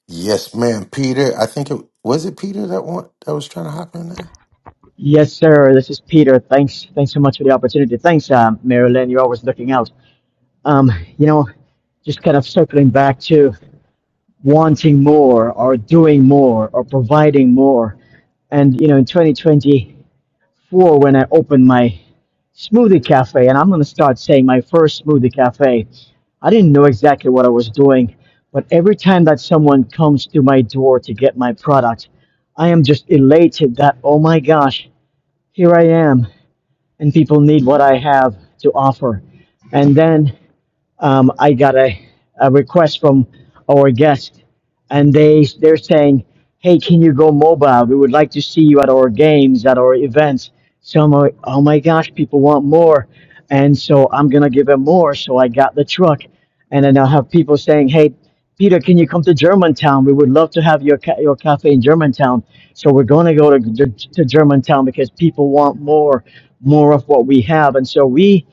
Speaker 6: Yes, ma'am. Peter, I think it was it Peter that one that was trying to hop in there.
Speaker 15: Yes, sir, this is Peter. Thanks, thanks so much for the opportunity. Thanks, um, Marilyn. You're always looking out. Um, you know, just kind of circling back to wanting more or doing more or providing more. And, you know, in 2020, for when I opened my smoothie cafe, and I'm going to start saying my first smoothie cafe. I didn't know exactly what I was doing, but every time that someone comes to my door to get my product, I am just elated that, oh my gosh, here I am, and people need what I have to offer. And then um, I got a, a request from our guest, and they they're saying, "Hey, can you go mobile? We would like to see you at our games, at our events." So I'm like, "Oh my gosh, people want more," and so I'm gonna give them more. So I got the truck, and then I'll have people saying, "Hey, Peter, can you come to Germantown? We would love to have your ca- your cafe in Germantown." So we're gonna go to, to to Germantown because people want more, more of what we have, and so we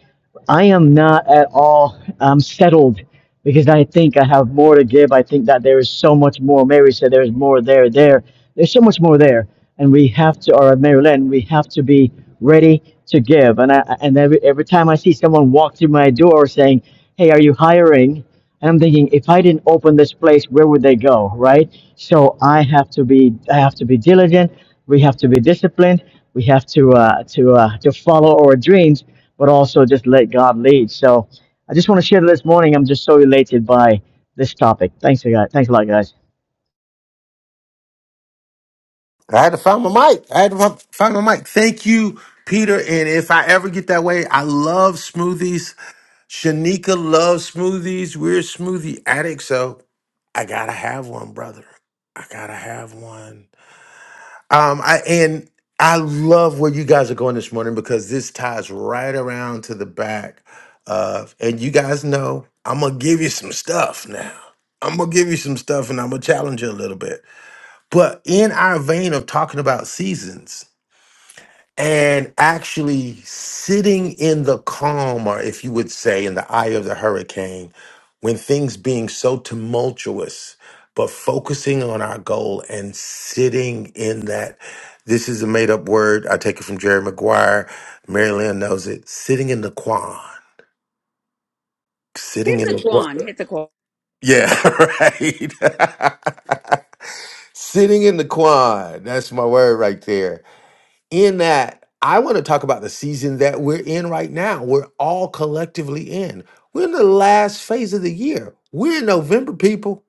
Speaker 15: I am not at all um, settled because I think I have more to give. I think that there is so much more. Mary said there's more there, there. There's so much more there. And we have to, or Mary Lynn, we have to be ready to give. And I, and every, every time I see someone walk through my door saying, Hey, are you hiring? And I'm thinking, if I didn't open this place, where would they go? Right? So I have to be, I have to be diligent. We have to be disciplined. We have to, uh, to, uh, to follow our dreams but also just let God lead. So I just want to share this morning. I'm just so elated by this topic. Thanks, guys. Thanks a lot, guys.
Speaker 6: I had to find my mic. I had to fi- find my mic. Thank you, Peter. And if I ever get that way, I love smoothies. Shanika loves smoothies. We're smoothie addicts, so I gotta have one, brother. I gotta have one. Um, I and I love where you guys are going this morning because this ties right around to the back of, and you guys know I'm gonna give you some stuff now. I'm gonna give you some stuff and I'm gonna challenge you a little bit. But in our vein of talking about seasons, and actually sitting in the calm, or if you would say, in the eye of the hurricane, when things being so tumultuous, but focusing on our goal and sitting in that. This is a made up word. I take it from Jerry Maguire. Mary Lynn knows it. Sitting in the quan. Sitting
Speaker 10: hit
Speaker 6: in
Speaker 10: the
Speaker 6: the quan.
Speaker 10: guan hit the guan
Speaker 6: Yeah, right. sitting in the quan. That's my word right there in that I want to talk about the season that we're in right now. We're all collectively in. We're in the last phase of the year. We're in November, people.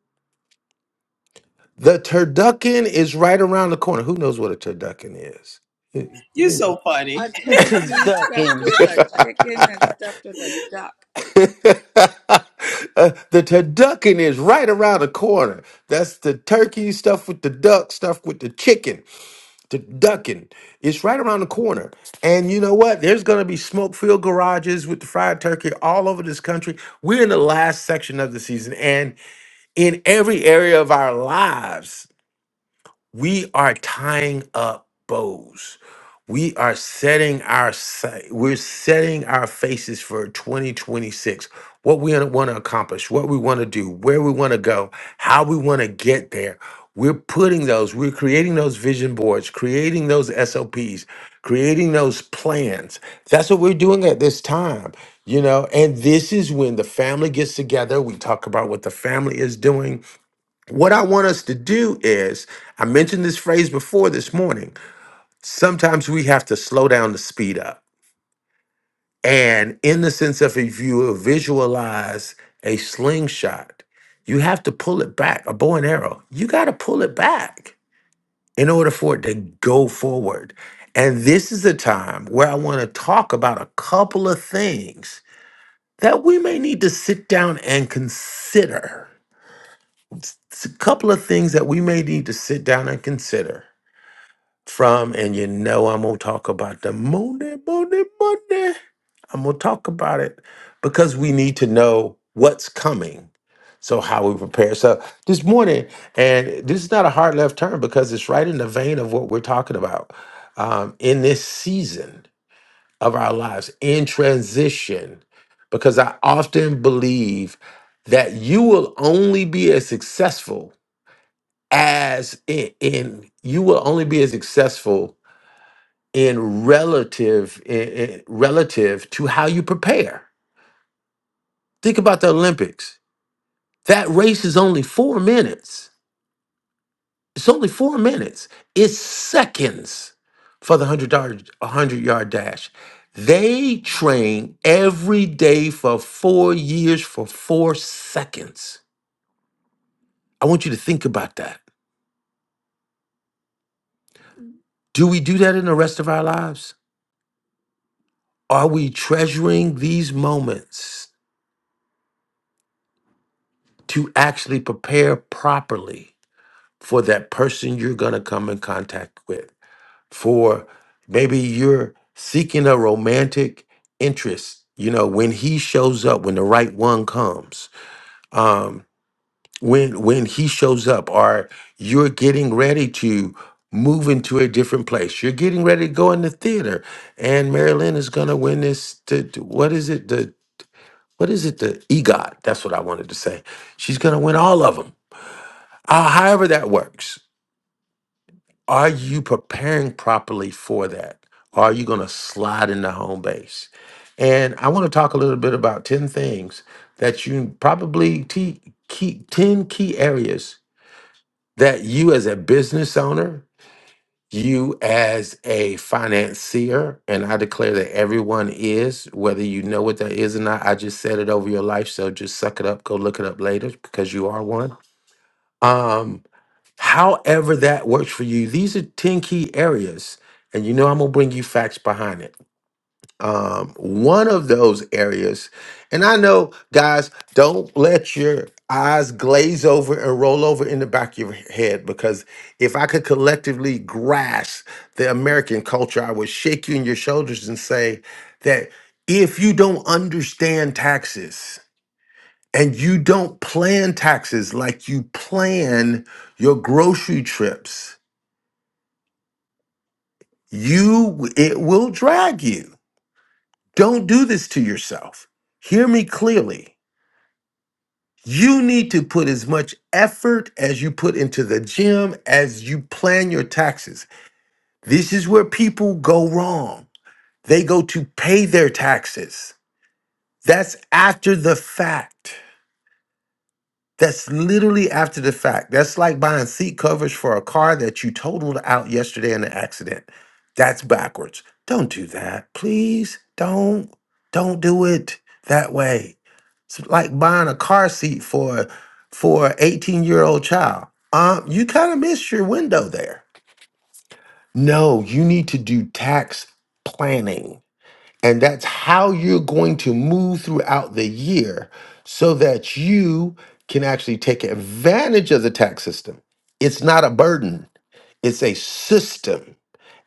Speaker 6: The turducken is right around the corner. Who knows what a turducken is?
Speaker 10: a
Speaker 3: The
Speaker 10: turkey stuffed
Speaker 3: turducken.
Speaker 10: with a chicken and stuffed with a duck
Speaker 6: Uh, the turducken is right around the corner. That's the turkey stuff with the duck, stuff with the chicken. to Duckin. It's right around the corner. And you know what? There's going to be smoke filled garages with the fried turkey all over this country. We're in the last section of the season, and in every area of our lives, we are tying up bows. We are setting our sight. We're setting our faces for 2026. What we want to accomplish, what we want to do, where we want to go, how we want to get there. We're putting those, we're creating those vision boards, creating those SOPs, creating those plans. That's what we're doing at this time, you know. And this is when the family gets together. We talk about what the family is doing what I want us to do is, I mentioned this phrase before this morning. Sometimes we have to slow down to speed up. And in the sense of if you visualize a slingshot, you have to pull it back, a bow and arrow, you got to pull it back in order for it to go forward. And this is a time where I want to talk about a couple of things that we may need to sit down and consider. It's a couple of things that we may need to sit down and consider from, and you know I'm gonna talk about the money, money, money. I'm gonna talk about it because we need to know what's coming. So how we prepare. So this morning, and this is not a hard left turn because it's right in the vein of what we're talking about um, in this season of our lives in transition. Because I often believe that you will only be as successful as in, in you will only be as successful in relative i- i- relative to how you prepare. Think about the Olympics. That race is only 4 minutes. It's only 4 minutes. It's seconds for the 100 yard 100 yard dash. They train every day for 4 years for 4 seconds. I want you to think about that. Do we do that in the rest of our lives? Are we treasuring these moments to actually prepare properly? for that person you're going to come in contact with. For maybe you're seeking a romantic interest. You know, when he shows up, when the right one comes, um, when when he shows up, or you're getting ready to move into a different place. You're getting ready to go in the theater, and Marilyn is going to win this. To, to- what is it? The what is it? The EGOT. That's what I wanted to say. She's going to win all of them. Uh, however that works Are you preparing properly for that? Or are you going to slide into home base? And I want to talk a little bit about 10 things that you probably te- key, 10 key areas that you as a business owner, you as a financier, and I declare that everyone is, whether you know what that is or not, I just said it over your life. So just suck it up, go look it up later because you are one. Um. However, that works for you. These are 10 key areas, and you know I'm gonna bring you facts behind it. Um, one of those areas, and I know, guys, don't let your eyes glaze over and roll over in the back of your head because if I could collectively grasp the American culture, I would shake you in your shoulders and say that if you don't understand taxes, and you don't plan taxes like you plan your grocery trips, you it will drag you. Don't do this to yourself. Hear me clearly. You need to put as much effort as you put into the gym as you plan your taxes. This is where people go wrong. They go to pay their taxes. That's after the fact. That's literally after the fact. That's like buying seat covers for a car that you totaled out yesterday in an accident. That's backwards. Don't do that. Please don't. Don't do it that way. It's like buying a car seat for for an 18-year-old child. Um, you kind of missed your window there. No, you need to do tax planning and that's how you're going to move throughout the year so that you can actually take advantage of the tax system. It's not a burden, it's a system.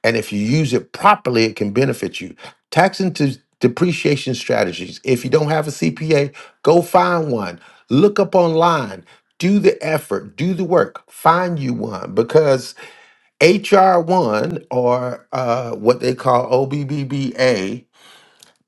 Speaker 6: And if you use it properly, it can benefit you. Tax and de- depreciation strategies. If you don't have a CPA, go find one. Look up online. Do the effort, do the work, find you one because HR1 or uh, what they call OBBBA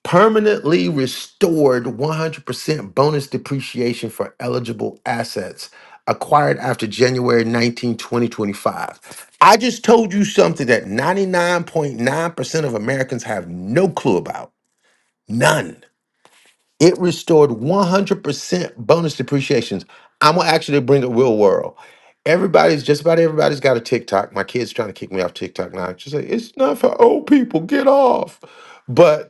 Speaker 6: Permanently restored 100% bonus depreciation for eligible assets acquired after January 19, 2025. I just told you something that 99.9% of Americans have no clue about. None. It restored 100% bonus depreciations. I'm going to actually bring it real world. Everybody's just about everybody's got a TikTok. My kids trying to kick me off TikTok now. She's like, "It's not for old people. Get off." But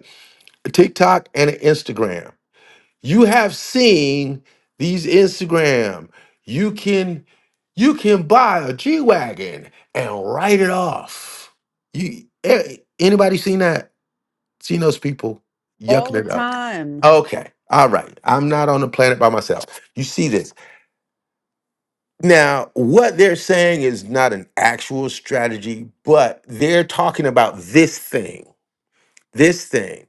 Speaker 6: a TikTok and an Instagram. You have seen these Instagram. You can you can buy a G wagon and write it off. You a- anybody seen that? Seen those people yucking it up? Okay, all right. I'm not on the planet by myself. You see this now? What they're saying is not an actual strategy, but they're talking about this thing. This thing.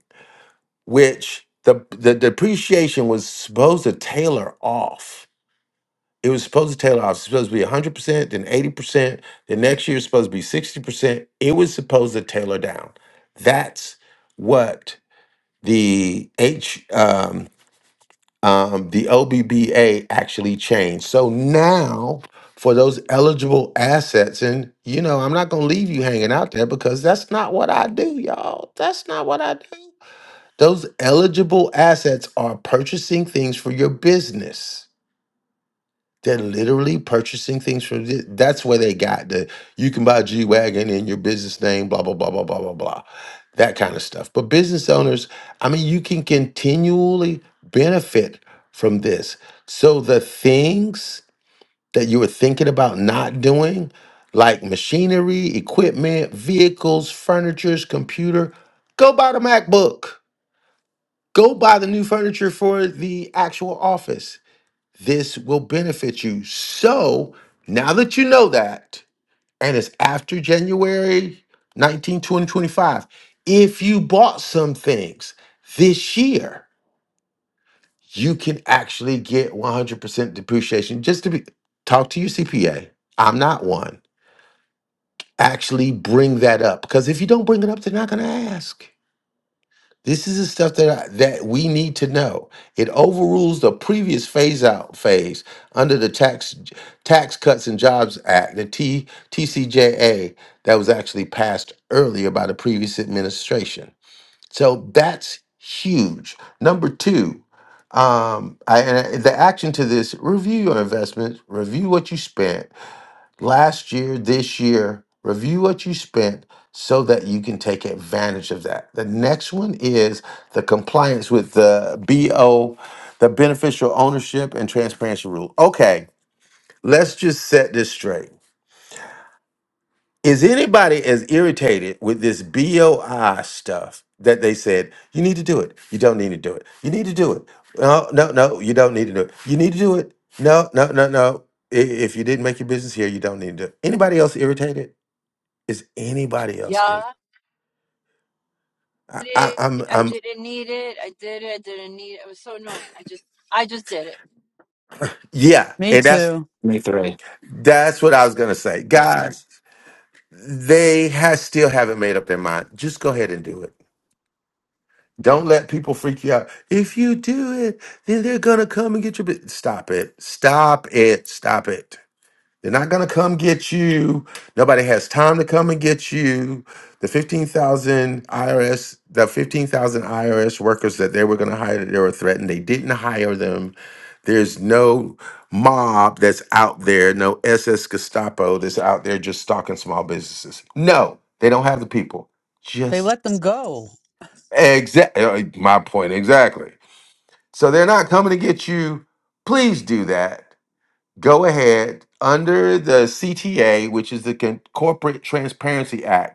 Speaker 6: which the the depreciation was supposed to tailor off. It was supposed to tailor off. It's supposed to be 100%, then 80%, The next year it's supposed to be 60%. It was supposed to tailor down. That's what the H um, um, the OBBA actually changed. So now for those eligible assets, and you know, I'm not gonna leave you hanging out there because that's not what I do, y'all. That's not what I do. Those eligible assets are purchasing things for your business. They're literally purchasing things for thi- that's where they got the you can buy a G Wagon in your business name, blah, blah, blah, blah, blah, blah, blah. That kind of stuff. But business owners, I mean, you can continually benefit from this. So the things that you were thinking about not doing, like machinery, equipment, vehicles, furniture, computer, go buy the MacBook Go buy the new furniture for the actual office. This will benefit you. So now that you know that, and it's after January 19, 2025, if you bought some things this year, you can actually get 100% depreciation. Just to be, talk to your CPA. I'm not one. Actually bring that up because if you don't bring it up, they're not going to ask. This is the stuff that I, that we need to know. It overrules the previous phase out phase under the tax Tax Cuts and Jobs Act, the T, TCJA, that was actually passed earlier by the previous administration. So that's huge. Number two, um, I, and I- the action to this: review your investments, review what you spent, last year, this year, review what you spent so that you can take advantage of that. The next one is the compliance with the BO, the beneficial ownership and transparency rule. Okay, let's just set this straight. Is anybody as irritated with this BOI stuff that they said, you need to do it, you don't need to do it, you need to do it? No, no, no, you don't need to do it. You need to do it. No, no, no, no. I- If you didn't make your business here, you don't need to do it. Anybody else irritated? Is anybody
Speaker 7: Yeah,
Speaker 6: else here?
Speaker 7: I
Speaker 6: I,
Speaker 7: did
Speaker 6: I,
Speaker 7: it.
Speaker 6: I'm,
Speaker 7: I
Speaker 6: I'm,
Speaker 7: didn't need it. I did it. I didn't need it. It was so annoying. I just, I just did it.
Speaker 6: yeah,
Speaker 3: Me
Speaker 6: and that's
Speaker 3: too.
Speaker 11: Me three.
Speaker 6: that's what I was gonna say, guys. They has still haven't made up their mind. Just go ahead and do it. Don't let people freak you out. If you do it, then they're gonna come and get your. bi- Stop it! Stop it! Stop it! They're not going to come get you. Nobody has time to come and get you. The 15,000 IRS, the 15,000 IRS workers that they were going to hire, they were threatened. They didn't hire them. There's no mob that's out there, no SS Gestapo that's out there just stalking small businesses. No, they don't have the people.
Speaker 3: They
Speaker 6: Just
Speaker 3: let them go.
Speaker 6: exactly my point exactly. So they're not coming to get you. Please do that go ahead under the CTA, which is the Con- Corporate Transparency Act.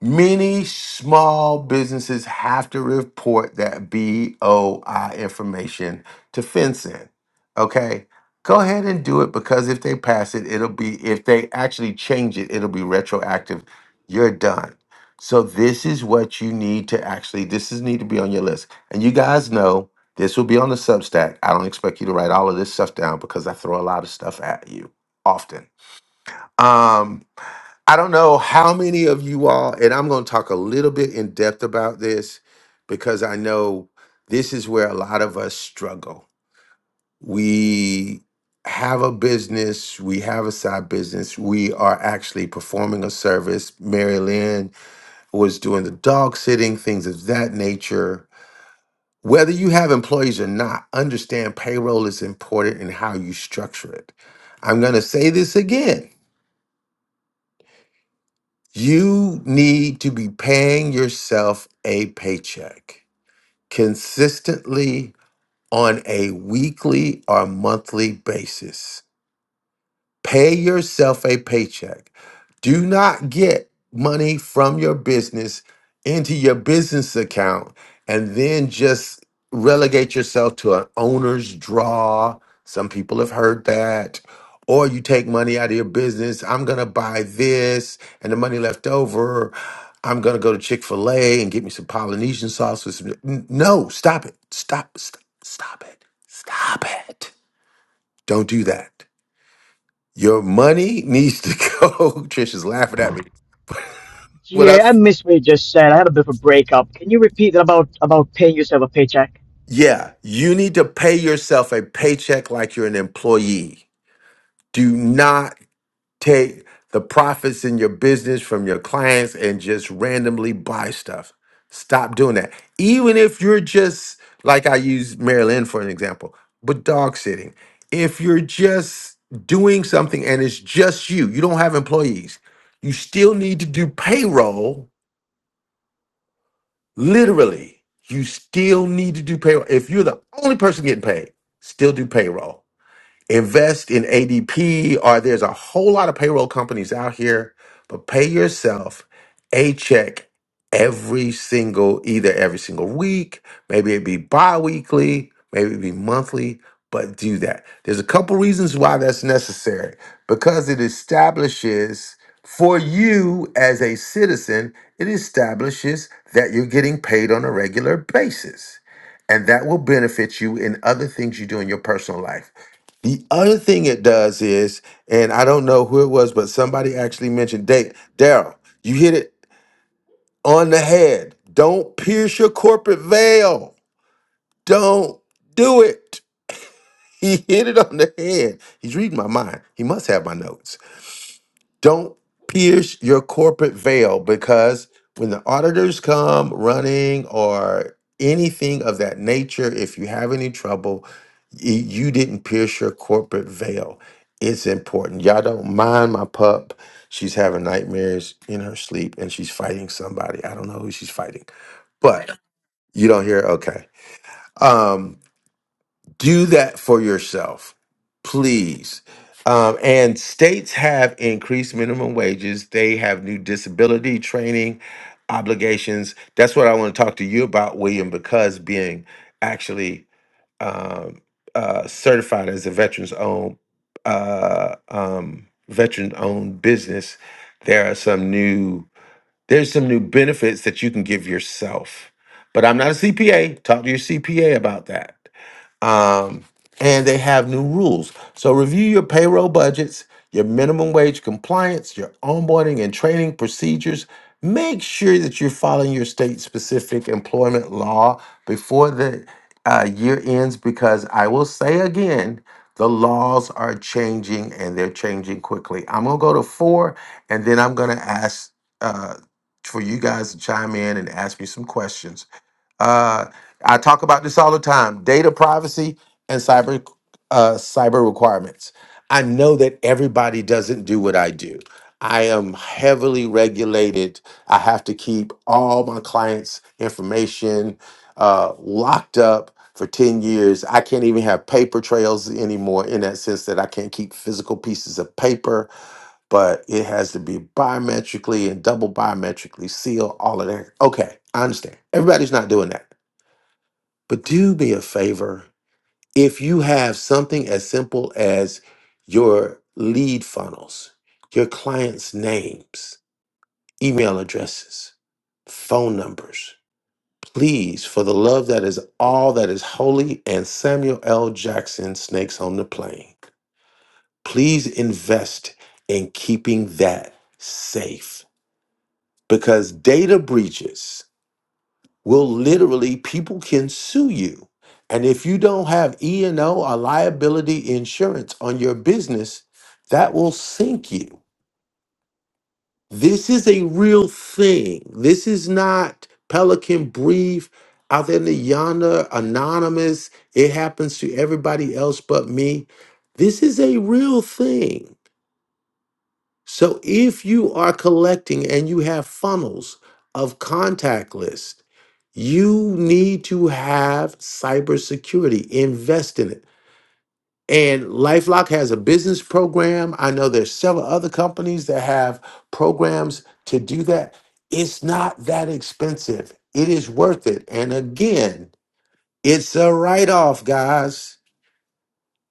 Speaker 6: Many small businesses have to report that BOI information to FinCEN. Okay, go ahead and do it because if they pass it, it'll be, if they actually change it, it'll be retroactive. You're done. So, this is what you need to actually, this is need to be on your list. And you guys know this will be on the Substack. I don't expect you to write all of this stuff down because I throw a lot of stuff at you often um, I don't know how many of you all, and I'm going to talk a little bit in depth about this because I know this is where a lot of us struggle. We have a business, we have a side business, we are actually performing a service. Mary Lynn was doing the dog sitting, things of that nature. Whether you have employees or not, understand payroll is important in how you structure it. I'm going to say this again You need to be paying yourself a paycheck consistently on a weekly or monthly basis. Pay yourself a paycheck. Do not get money from your business into your business account and then just relegate yourself to an owner's draw. Some people have heard that. Or you take money out of your business. I'm going to buy this and the money left over. I'm going to go to Chick fil A and get me some Polynesian sauce. With some... N- No, stop it. Stop, stop, stop it. Stop it. Don't do that. Your money needs to go. Trish is laughing at me. What
Speaker 15: GA,
Speaker 6: up?
Speaker 15: I missed what you just said. I had a bit of a breakup. Can you repeat that about about paying yourself a paycheck?
Speaker 6: Yeah, you need to pay yourself a paycheck like you're an employee. Do not take the profits in your business from your clients and just randomly buy stuff. Stop doing that. Even if you're just, like I use Marilyn for an example, but dog sitting. If you're just doing something and it's just you, you don't have employees, you still need to do payroll Literally, you still need to do payroll. If you're the only person getting paid, still do payroll invest in ADP, or there's a whole lot of payroll companies out here, but pay yourself a check every single, either every single week, maybe it be bi weekly, maybe it be monthly, but do that. There's a couple reasons why that's necessary because it establishes for you as a citizen, it establishes that you're getting paid on a regular basis. And that will benefit you in other things you do in your personal life. The other thing it does is, and I don't know who it was, but somebody actually mentioned date. Daryl, you hit it on the head. Don't pierce your corporate veil. Don't do it. He hit it on the head. He's reading my mind. He must have my notes. Don't pierce your corporate veil because when the auditors come running or anything of that nature, if you have any trouble, y- you didn't pierce your corporate veil. It's important. Y'all don't mind my pup. She's having nightmares in her sleep and she's fighting somebody. I don't know who she's fighting, but you don't hear. Okay. Um, do that for yourself, please. Um, and states have increased minimum wages. They have new disability training obligations. That's what I want to talk to you about, William, because being actually um, uh, certified as a veterans owned uh, um, veteran owned business, there are some new there's some new benefits that you can give yourself. But I'm not a CPA. Talk to your CPA about that um, and they have new rules. So review your payroll budgets, your minimum wage compliance, your onboarding and training procedures. Make sure that you're following your state-specific employment law before the uh, year ends, because I will say again, the laws are changing and they're changing quickly. I'm gonna go to four, and then I'm gonna ask uh, for you guys to chime in and ask me some questions. Uh, I talk about this all the time: data privacy and cyber uh, cyber requirements. I know that everybody doesn't do what I do. I am heavily regulated. I have to keep all my clients' information uh, locked up for 10 years. I can't even have paper trails anymore in that sense that I can't keep physical pieces of paper but it has to be biometrically and double biometrically sealed, all of that. Okay, I understand. Everybody's not doing that. But do me a favor. If you have something as simple as your lead funnels, your clients' names, email addresses, phone numbers, please, for the love that is all that is holy and Samuel L. Jackson snakes on the plane, please invest in keeping that safe because data breaches will literally people can sue you and if you don't have e&o or liability insurance on your business that will sink you this is a real thing this is not pelican brief out there in the yonder anonymous it happens to everybody else but me this is a real thing So if you are collecting and you have funnels of contact list, you need to have cybersecurity. Invest in it. And LifeLock has a business program. I know there's several other companies that have programs to do that. It's not that expensive. It is worth it. And again, it's a write-off, guys.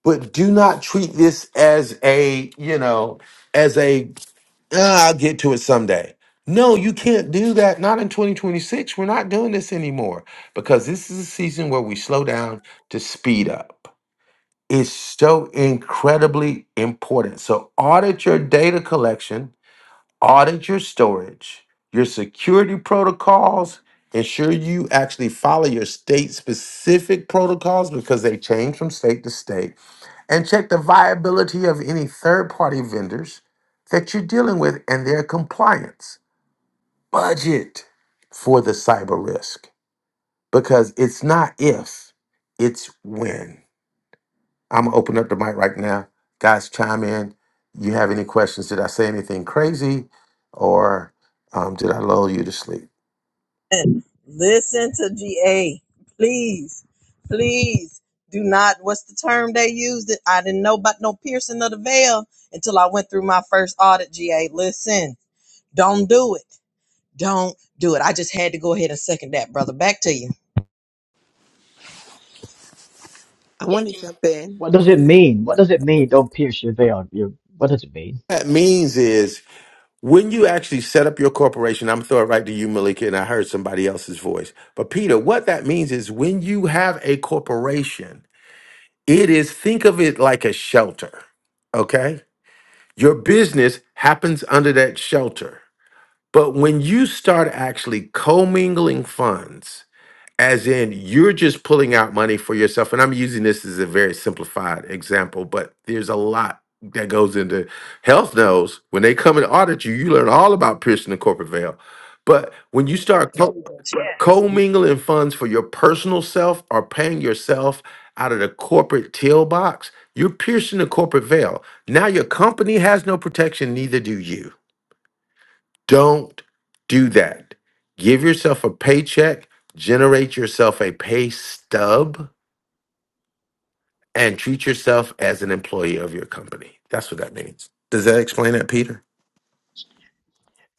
Speaker 6: But do not treat this as a, you know, as a "Ah, I'll get to it someday. No, you can't do that. Not in 2026. We're not doing this anymore because this is a season where we slow down to speed up. It's so incredibly important. So, audit your data collection, audit your storage, your security protocols. Ensure you actually follow your state specific protocols because they change from state to state and check the viability of any third party vendors that you're dealing with and their compliance. Budget for the cyber risk because it's not if, it's when. I'm gonna open up the mic right now. Guys, chime in. You have any questions? Did I say anything crazy or um, did I lull you to sleep?
Speaker 16: Listen listen to GA. Please, please do not. What's the term they used? It I didn't know about no piercing of the veil until I went through my first audit. GA, listen, don't do it. Don't do it. I just had to go ahead and second that, brother. Back to
Speaker 14: I want to jump in.
Speaker 15: What does it mean? What does it mean? Don't pierce your veil. You, what does it mean?
Speaker 6: That means is When you actually set up your corporation, I'm gonna throw it right to you, Malika, and I heard somebody else's voice. But Peter, what that means is when you have a corporation, it is think of it like a shelter. Okay? Your business happens under that shelter. But when you start actually commingling funds, as in you're just pulling out money for yourself and i'm using this as a very simplified example but there's a lot that goes into health knows when they come and audit you you learn all about piercing the corporate veil but when you start co-
Speaker 16: you.
Speaker 6: co funds for your personal self or paying yourself out of the corporate tail box you're piercing the corporate veil now your company has no protection neither do you don't do that. Give yourself a paycheck, generate yourself a pay stub, and treat yourself as an employee of your company. That's what that means. Does that explain that, Peter?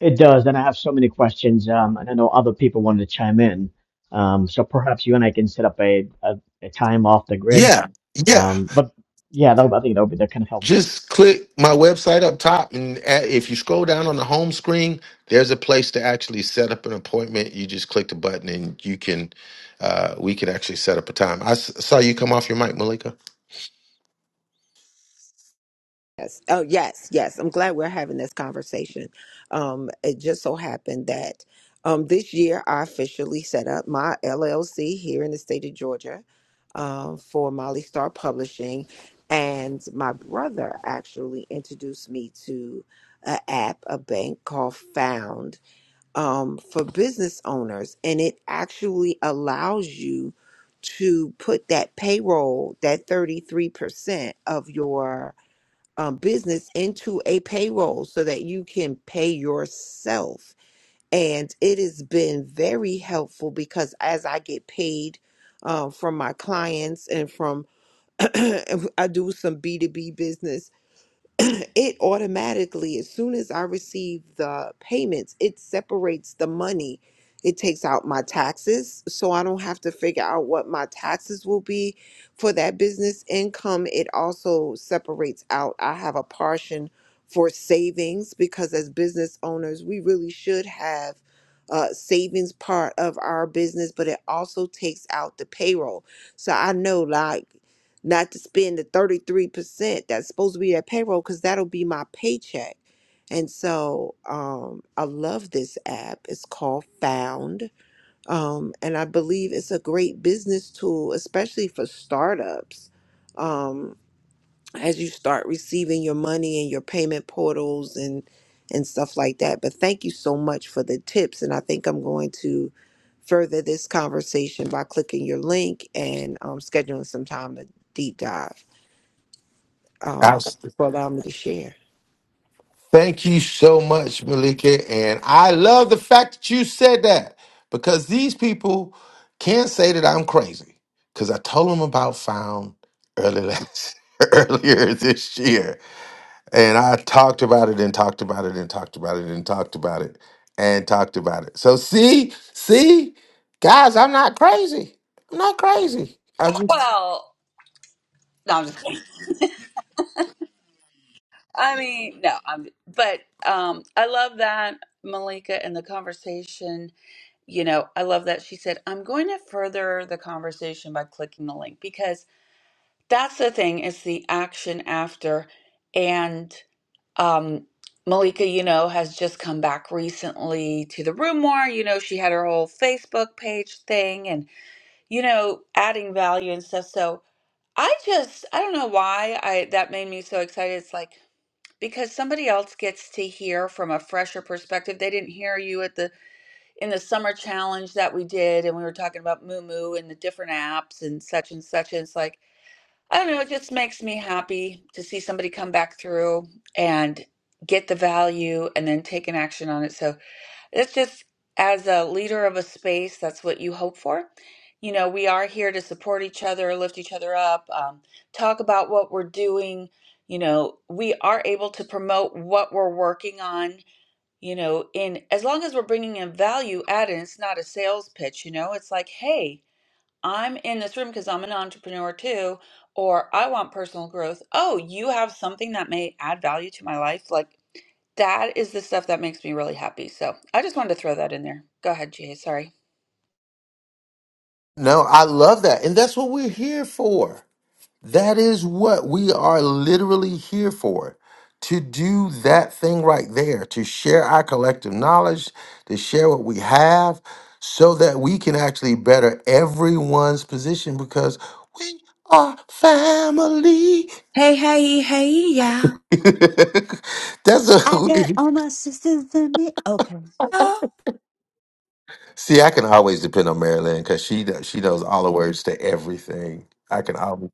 Speaker 15: It does, and I have so many questions, um, and I know other people wanted to chime in. Um, so perhaps you and I can set up a, a, a time off the grid.
Speaker 6: Yeah, yeah.
Speaker 15: Um, but yeah, that, I think that would be that kind of helpful.
Speaker 6: Just click my website up top, and a- if you scroll down on the home screen, there's a place to actually set up an appointment. You just click the button, and you can, uh, we can actually set up a time. I s- saw you come off your mic, Malika.
Speaker 14: Yes. Oh, yes, yes. I'm glad we're having this conversation. Um, it just so happened that um, this year I officially set up my LLC here in the state of Georgia um, for Molly Star Publishing. And my brother actually introduced me to an app, a bank called Found um, for business owners, and it actually allows you to put that payroll, that 33% of your um, business into a payroll so that you can pay yourself. And it has been very helpful because as I get paid uh, from my clients and from I do some B2B business it automatically, as soon as I receive the payments, it separates the money. It takes out my taxes, so I don't have to figure out what my taxes will be for that business income. It also separates out, I have a portion for savings because as business owners, we really should have a savings part of our business, but it also takes out the payroll. So I know, like, not to spend the 33% that's supposed to be that payroll because that'll be my paycheck. And so um, I love this app. It's called Found. Um, and I believe it's a great business tool, especially for startups. Um, as you start receiving your money and your payment portals and and stuff like that. But thank you so much for the tips. And I think I'm going to further this conversation by clicking your link and um, scheduling some time to deep dive um, for allowing me to share.
Speaker 6: Thank you so much, Malika. And I love the fact that you said that because these people can't say that I'm crazy because I told them about Found early last, earlier this year. And I talked about it and talked about it and talked about it and talked about it and talked about it. So, see, see, guys, I'm not crazy. I'm not crazy. I just,
Speaker 10: Well, no, I'm just kidding. I mean, no, I'm, but um, I love that Malika and the conversation. You know, I love that she said, I'm going to further the conversation by clicking the link because That's the thing, it's the action after. And um, Malika, you know, has just come back recently to the room more. You know, she had her whole Facebook page thing and, you know, adding value and stuff. So I just, I don't know why I that made me so excited. It's like because somebody else gets to hear from a fresher perspective. They didn't hear you at the in the summer challenge that we did and we were talking about Moo Moo and the different apps and such and such. And it's like I don't know, it just makes me happy to see somebody come back through and get the value and then take an action on it. So it's just as a leader of a space, that's what you hope for. You know, we are here to support each other, lift each other up, um, talk about what we're doing. You know, we are able to promote what we're working on. You know, in as long as we're bringing in value added, it's not a sales pitch. You know, it's like, hey, I'm in this room because I'm an entrepreneur too, or I want personal growth. Oh, you have something that may add value to my life. Like that is the stuff that makes me really happy. So I just wanted to throw that in there. Go ahead, Jay. Sorry.
Speaker 6: no, I love that. And that's what we're here for. That is what we are literally here for to do that thing right there, to share our collective knowledge, to share what we have, so that we can actually better everyone's position because we are family.
Speaker 2: Hey, hey, hey, yeah.
Speaker 6: That's a
Speaker 3: Then it-
Speaker 6: see. I can always depend on Marilyn because she kn- she knows all the words to everything. I can always.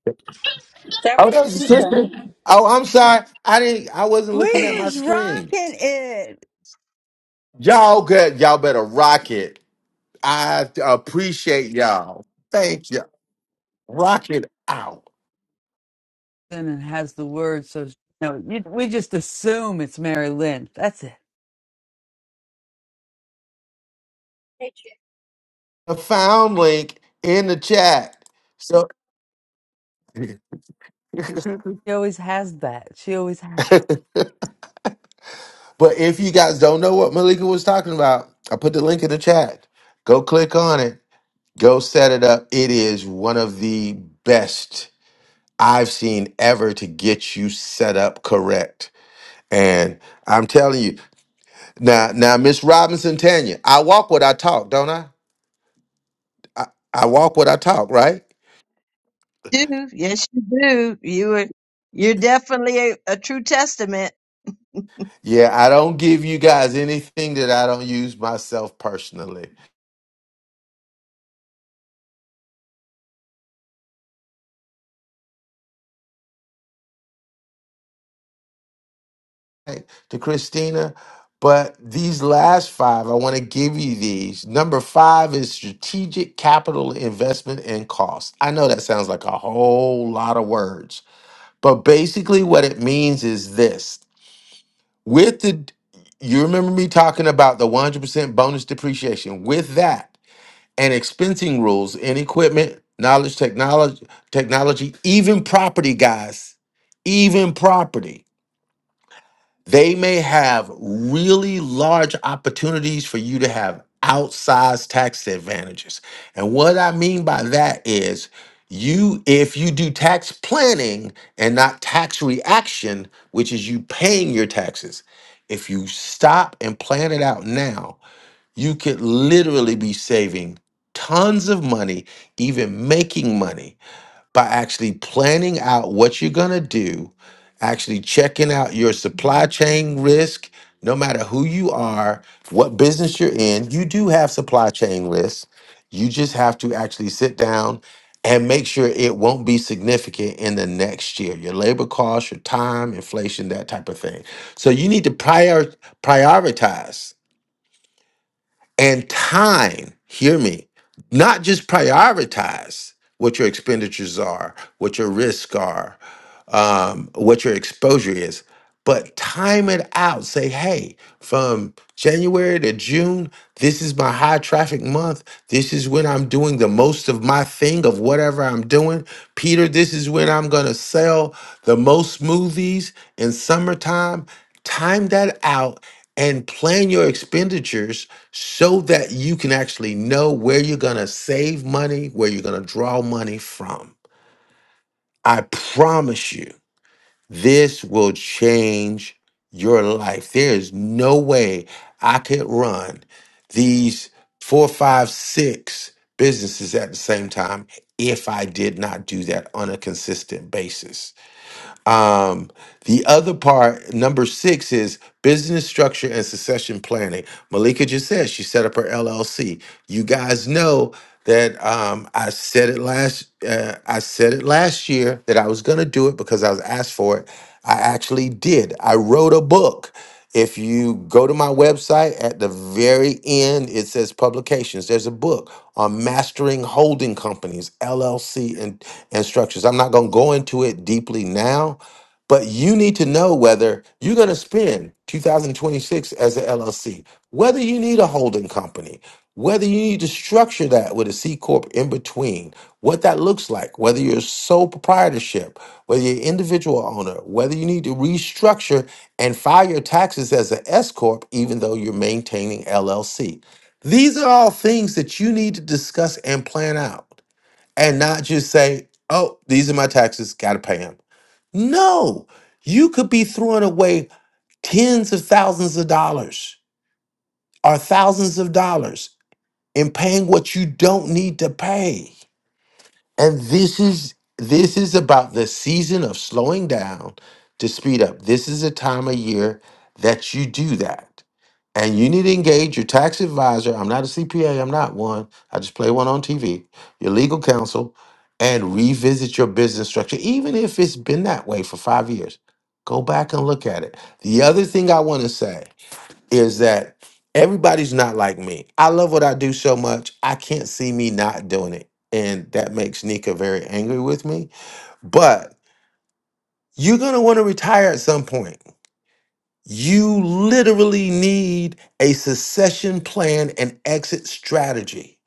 Speaker 10: That
Speaker 6: Oh, that's your sister.
Speaker 10: was
Speaker 6: Oh, I'm sorry. I didn't. I wasn't
Speaker 3: We
Speaker 6: looking at my
Speaker 3: was
Speaker 6: screen.
Speaker 3: rocking it.
Speaker 6: Y'all good. Y'all better rock it. I appreciate y'all. Thank you. Rock it out.
Speaker 3: And it has the word. So no, you, we just assume it's Mary Lynn. That's it.
Speaker 6: I found link in the chat. So, but
Speaker 3: She always has that. She always has that.
Speaker 6: if you guys don't know what Malika was talking about, I put the link in the chat. Go click on it. Go set it up. It is one of the best I've seen ever to get you set up correct. And I'm telling you. Now, now, Miss Robinson Tanya, I walk what I talk, don't I? I? I walk what I talk, right?
Speaker 17: do. Yes, you do. You are, you're definitely a, a true testament.
Speaker 6: Yeah, I don't give you guys anything that I don't use myself personally. Hey, to Christina, but these last five, I want to give you these. Number five is strategic capital investment and cost. I know that sounds like a whole lot of words, but basically, what it means is this with the you remember me talking about the 100% bonus depreciation. With that, and expensing rules in equipment, knowledge, technology, technology, even property, guys, even property. They may have really large opportunities for you to have outsized tax advantages. And what I mean by that is you if you do tax planning and not tax reaction, which is you paying your taxes, if you stop and plan it out now, you could literally be saving tons of money, even making money by actually planning out what you're going to do, actually checking out your supply chain risk. No matter who you are, what business you're in, you do have supply chain risks. You just have to actually sit down and make sure it won't be significant in the next year. Your labor costs, your time, inflation, that type of thing. So you need to prior prioritize and time, hear me, not just prioritize what your expenditures are, what your risks are, um, what your exposure is, but time it out. Say, hey, from January to June, this is my high traffic month. This is when I'm doing the most of my thing of whatever I'm doing. Peter, this is when I'm going to sell the most smoothies in summertime. Time that out and plan your expenditures so that you can actually know where you're going to save money, where you're going to draw money from. I promise you, this will change your life. There is no way I could run these four, five, six businesses at the same time if I did not do that on a consistent basis. Um, the other part, number six, is business structure and succession planning. Malika just said she set up her LLC. You guys know that um, I said it last. Uh, I said it last year that I was going to do it because I was asked for it. I actually did. I wrote a book. If you go to my website at the very end, it says publications. There's a book on mastering holding companies, LLC, and, and structures. I'm not going to go into it deeply now but you need to know whether you're going to spend 2026 as an LLC, whether you need a holding company, whether you need to structure that with a C corp in between, what that looks like, whether you're sole proprietorship, whether you're individual owner, whether you need to restructure and file your taxes as an S corp even though you're maintaining LLC. These are all things that you need to discuss and plan out and not just say, "Oh, these are my taxes, got to pay them." No, you could be throwing away tens of thousands of dollars or thousands of dollars and paying what you don't need to pay. And this is this is about the season of slowing down to speed up. This is a time of year that you do that. And you need to engage your tax advisor. I'm not a CPA, I'm not one. I just play one on TV. Your legal counsel and revisit your business structure even if it's been that way for 5 years. Go back and look at it. The other thing I want to say is that everybody's not like me. I love what I do so much, I can't see me not doing it. And that makes Nika very angry with me. But you're going to want to retire at some point. You literally need a succession plan and exit strategy.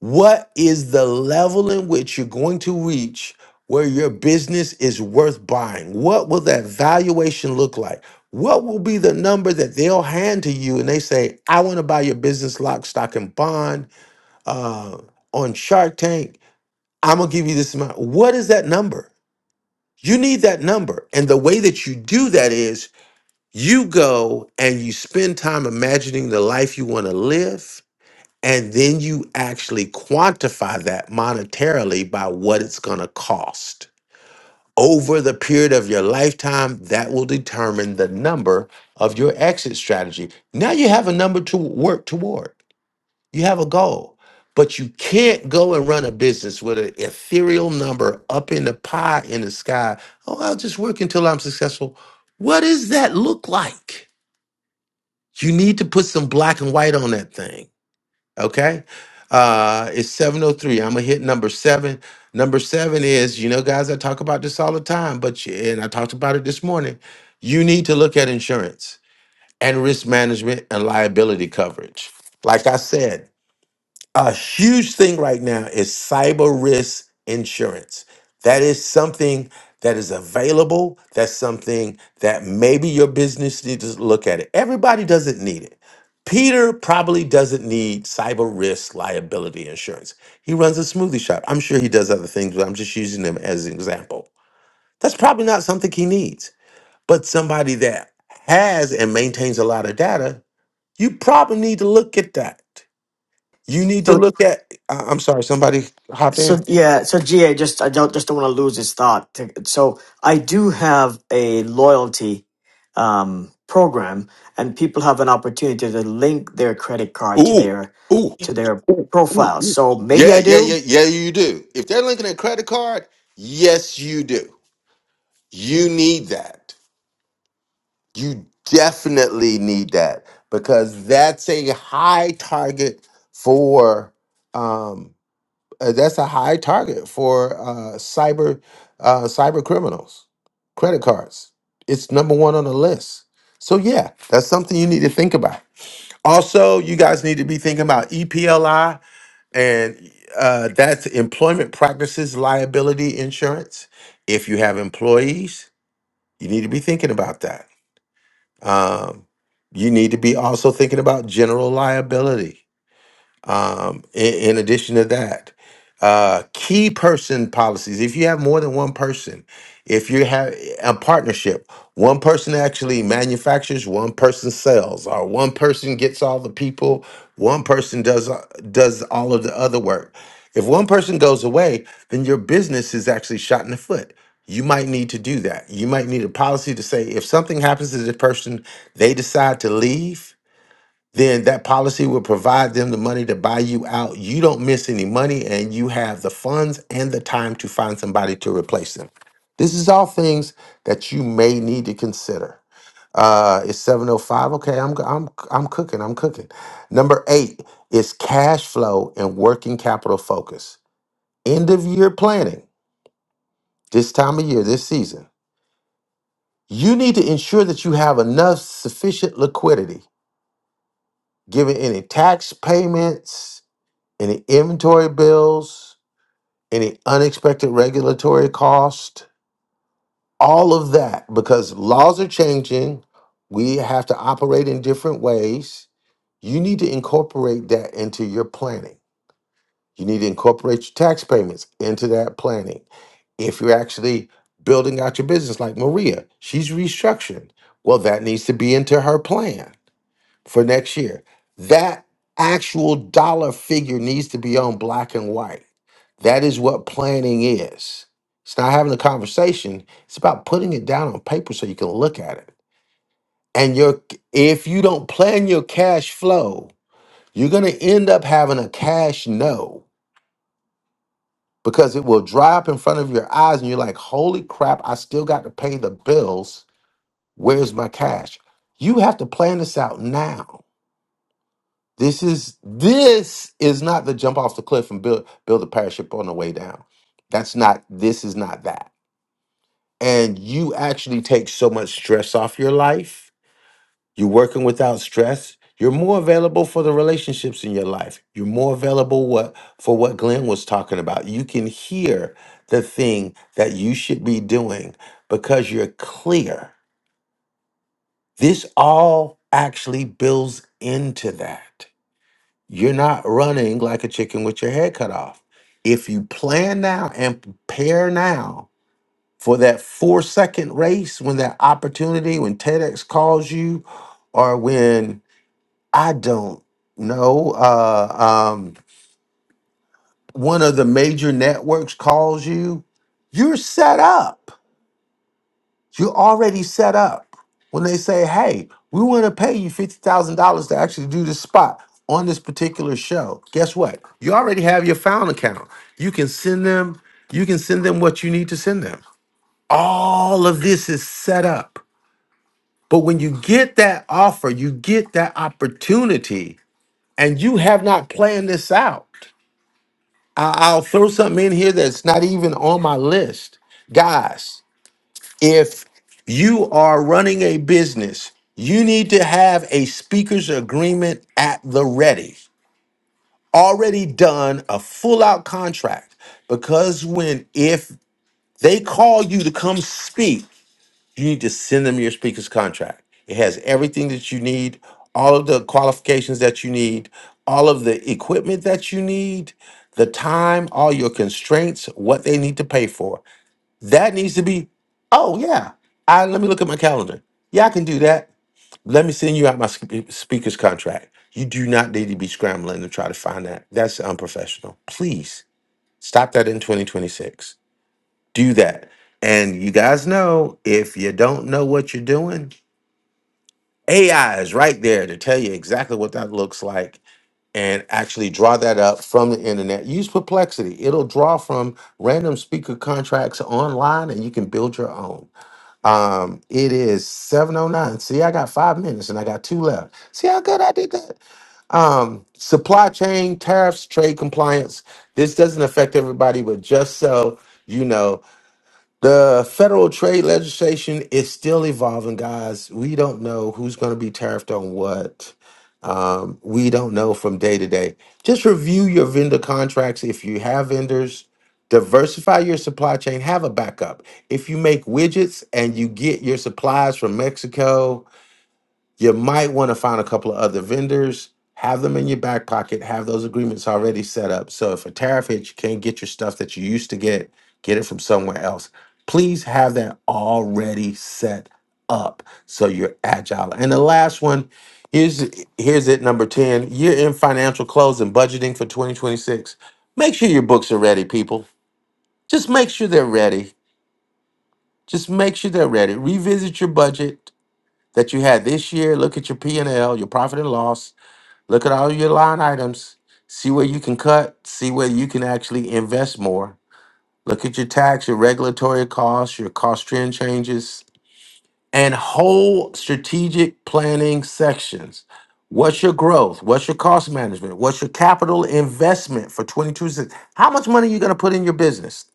Speaker 6: What is the level in which you're going to reach where your business is worth buying? What will that valuation look like? What will be the number that they'll hand to you and they say, I want to buy your business lock, stock, and bond uh, on Shark Tank? I'm going to give you this amount. What is that number? You need that number. And the way that you do that is you go and you spend time imagining the life you want to live and then you actually quantify that monetarily by what it's going to cost. Over the period of your lifetime, that will determine the number of your exit strategy. Now you have a number to work toward, you have a goal, but you can't go and run a business with an ethereal number up in the pie in the sky. Oh, I'll just work until I'm successful. What does that look like? You need to put some black and white on that thing. Okay. Uh it's 703. I'm gonna hit number seven. Number seven is, you know, guys, I talk about this all the time, but you- and I talked about it this morning. You need to look at insurance and risk management and liability coverage. Like I said, a huge thing right now is cyber risk insurance. That is something that is available. That's something that maybe your business needs to look at it. Everybody doesn't need it. Peter probably doesn't need cyber risk liability insurance. He runs a smoothie shop. I'm sure he does other things, but I'm just using him as an example. That's probably not something he needs. But somebody that has and maintains a lot of data, you probably need to look at that. You need to look at. I- I'm sorry, somebody hopped in.
Speaker 15: So yeah, so GA just I don't just don't want to lose this thought. To- So I do have a loyalty um, program, and people have an opportunity to link their credit card to
Speaker 6: Ooh,
Speaker 15: their
Speaker 6: ooh,
Speaker 15: to their
Speaker 6: ooh.
Speaker 15: profile. So maybe
Speaker 6: Yeah,
Speaker 15: I
Speaker 6: yeah,
Speaker 15: do.
Speaker 6: yeah, yeah, you do. If they're linking a credit card, yes, you do. You need that. You definitely need that because that's a high target for um uh, that's a high target for uh cyber uh cyber criminals. Credit cards. It's number 1 on the list. So yeah, that's something you need to think about. Also, you guys need to be thinking about EPLI, and uh, that's Employment Practices Liability Insurance. If you have employees, you need to be thinking about that. Um, you need to be also thinking about general liability. Um, in, in addition to that, uh, key person policies. If you have more than one person, if you have a partnership, one person actually manufactures, one person sells, or one person gets all the people, one person does uh, does all of the other work. If one person goes away, then your business is actually shot in the foot. You might need to do that. You might need a policy to say if something happens to the person, they decide to leave then that policy will provide them the money to buy you out. You don't miss any money and you have the funds and the time to find somebody to replace them. This is all things that you may need to consider. Uh, it's 705. Okay, I'm I'm I'm cooking. I'm cooking. Number 8 is cash flow and working capital focus. End of year planning. This time of year, this season. You need to ensure that you have enough sufficient liquidity given any tax payments any inventory bills, any unexpected regulatory cost, all of that, because laws are changing. We have to operate in different ways. You need to incorporate that into your planning. You need to incorporate your tax payments into that planning. If you're actually building out your business, like Maria, she's restructuring. Well, that needs to be into her plan for next year. That actual dollar figure needs to be on black and white. That is what planning is. It's not having a conversation. It's about putting it down on paper so you can look at it. And your if you don't plan your cash flow, you're gonna end up having a cash no because it will dry up in front of your eyes and you're like, holy crap, I still got to pay the bills. Where's my cash? You have to plan this out now This is this is not the jump off the cliff and build build a parachute on the way down. That's not this is not that. And you actually take so much stress off your life. You're working without stress. You're more available for the relationships in your life. You're more available what for what Glenn was talking about. You can hear the thing that you should be doing because you're clear. This all actually builds into that. You're not running like a chicken with your head cut off. If you plan now and prepare now for that four second race, when that opportunity, when TEDx calls you, or when I don't know, uh, um, one of the major networks calls you, you're set up. You're already set up. When they say, hey, we want to pay you $50,000 to actually do this spot on this particular show, guess what? You already have your found account. You can send them, you can send them what you need to send them. All of this is set up. But when you get that offer, you get that opportunity, and you have not planned this out. I- I'll throw something in here that's not even on my list. Guys, If you are running a business, you need to have a speaker's agreement at the ready, already done, a full out contract. Because when, if they call you to come speak, you need to send them your speaker's contract. It has everything that you need, all of the qualifications that you need, all of the equipment that you need, the time, all your constraints, what they need to pay for. That needs to be, oh yeah. I let me look at my calendar. Yeah, I can do that. Let me send you out my sp- speaker's contract. You do not need to be scrambling to try to find that. That's unprofessional. Please stop that in 2026. Do that. And you guys know if you don't know what you're doing, AI is right there to tell you exactly what that looks like and actually draw that up from the internet. Use Perplexity. It'll draw from random speaker contracts online and you can build your own. Um, it is 709. See, I got five minutes and I got two left. See how good I did that? Um, supply chain, tariffs, trade compliance. This doesn't affect everybody, but just so you know, the federal trade legislation is still evolving, guys. We don't know who's going to be tariffed on what. Um, we don't know from day to day. Just review your vendor contracts if you have vendors. Diversify your supply chain. Have a backup. If you make widgets and you get your supplies from Mexico, you might want to find a couple of other vendors, have them in your back pocket, have those agreements already set up. So if a tariff hits, you can't get your stuff that you used to get, get it from somewhere else. Please have that already set up so you're agile. And the last one, here's here's it number 10. You're in financial close and budgeting for 2026. Make sure your books are ready, people. Just make sure they're ready. Just make sure they're ready. Revisit your budget that you had this year. Look at your P and L, your profit and loss. Look at all your line items. See where you can cut. See where you can actually invest more. Look at your tax, your regulatory costs, your cost trend changes, and whole strategic planning sections. What's your growth? What's your cost management? What's your capital investment for 22? How much money are you going to put in your business?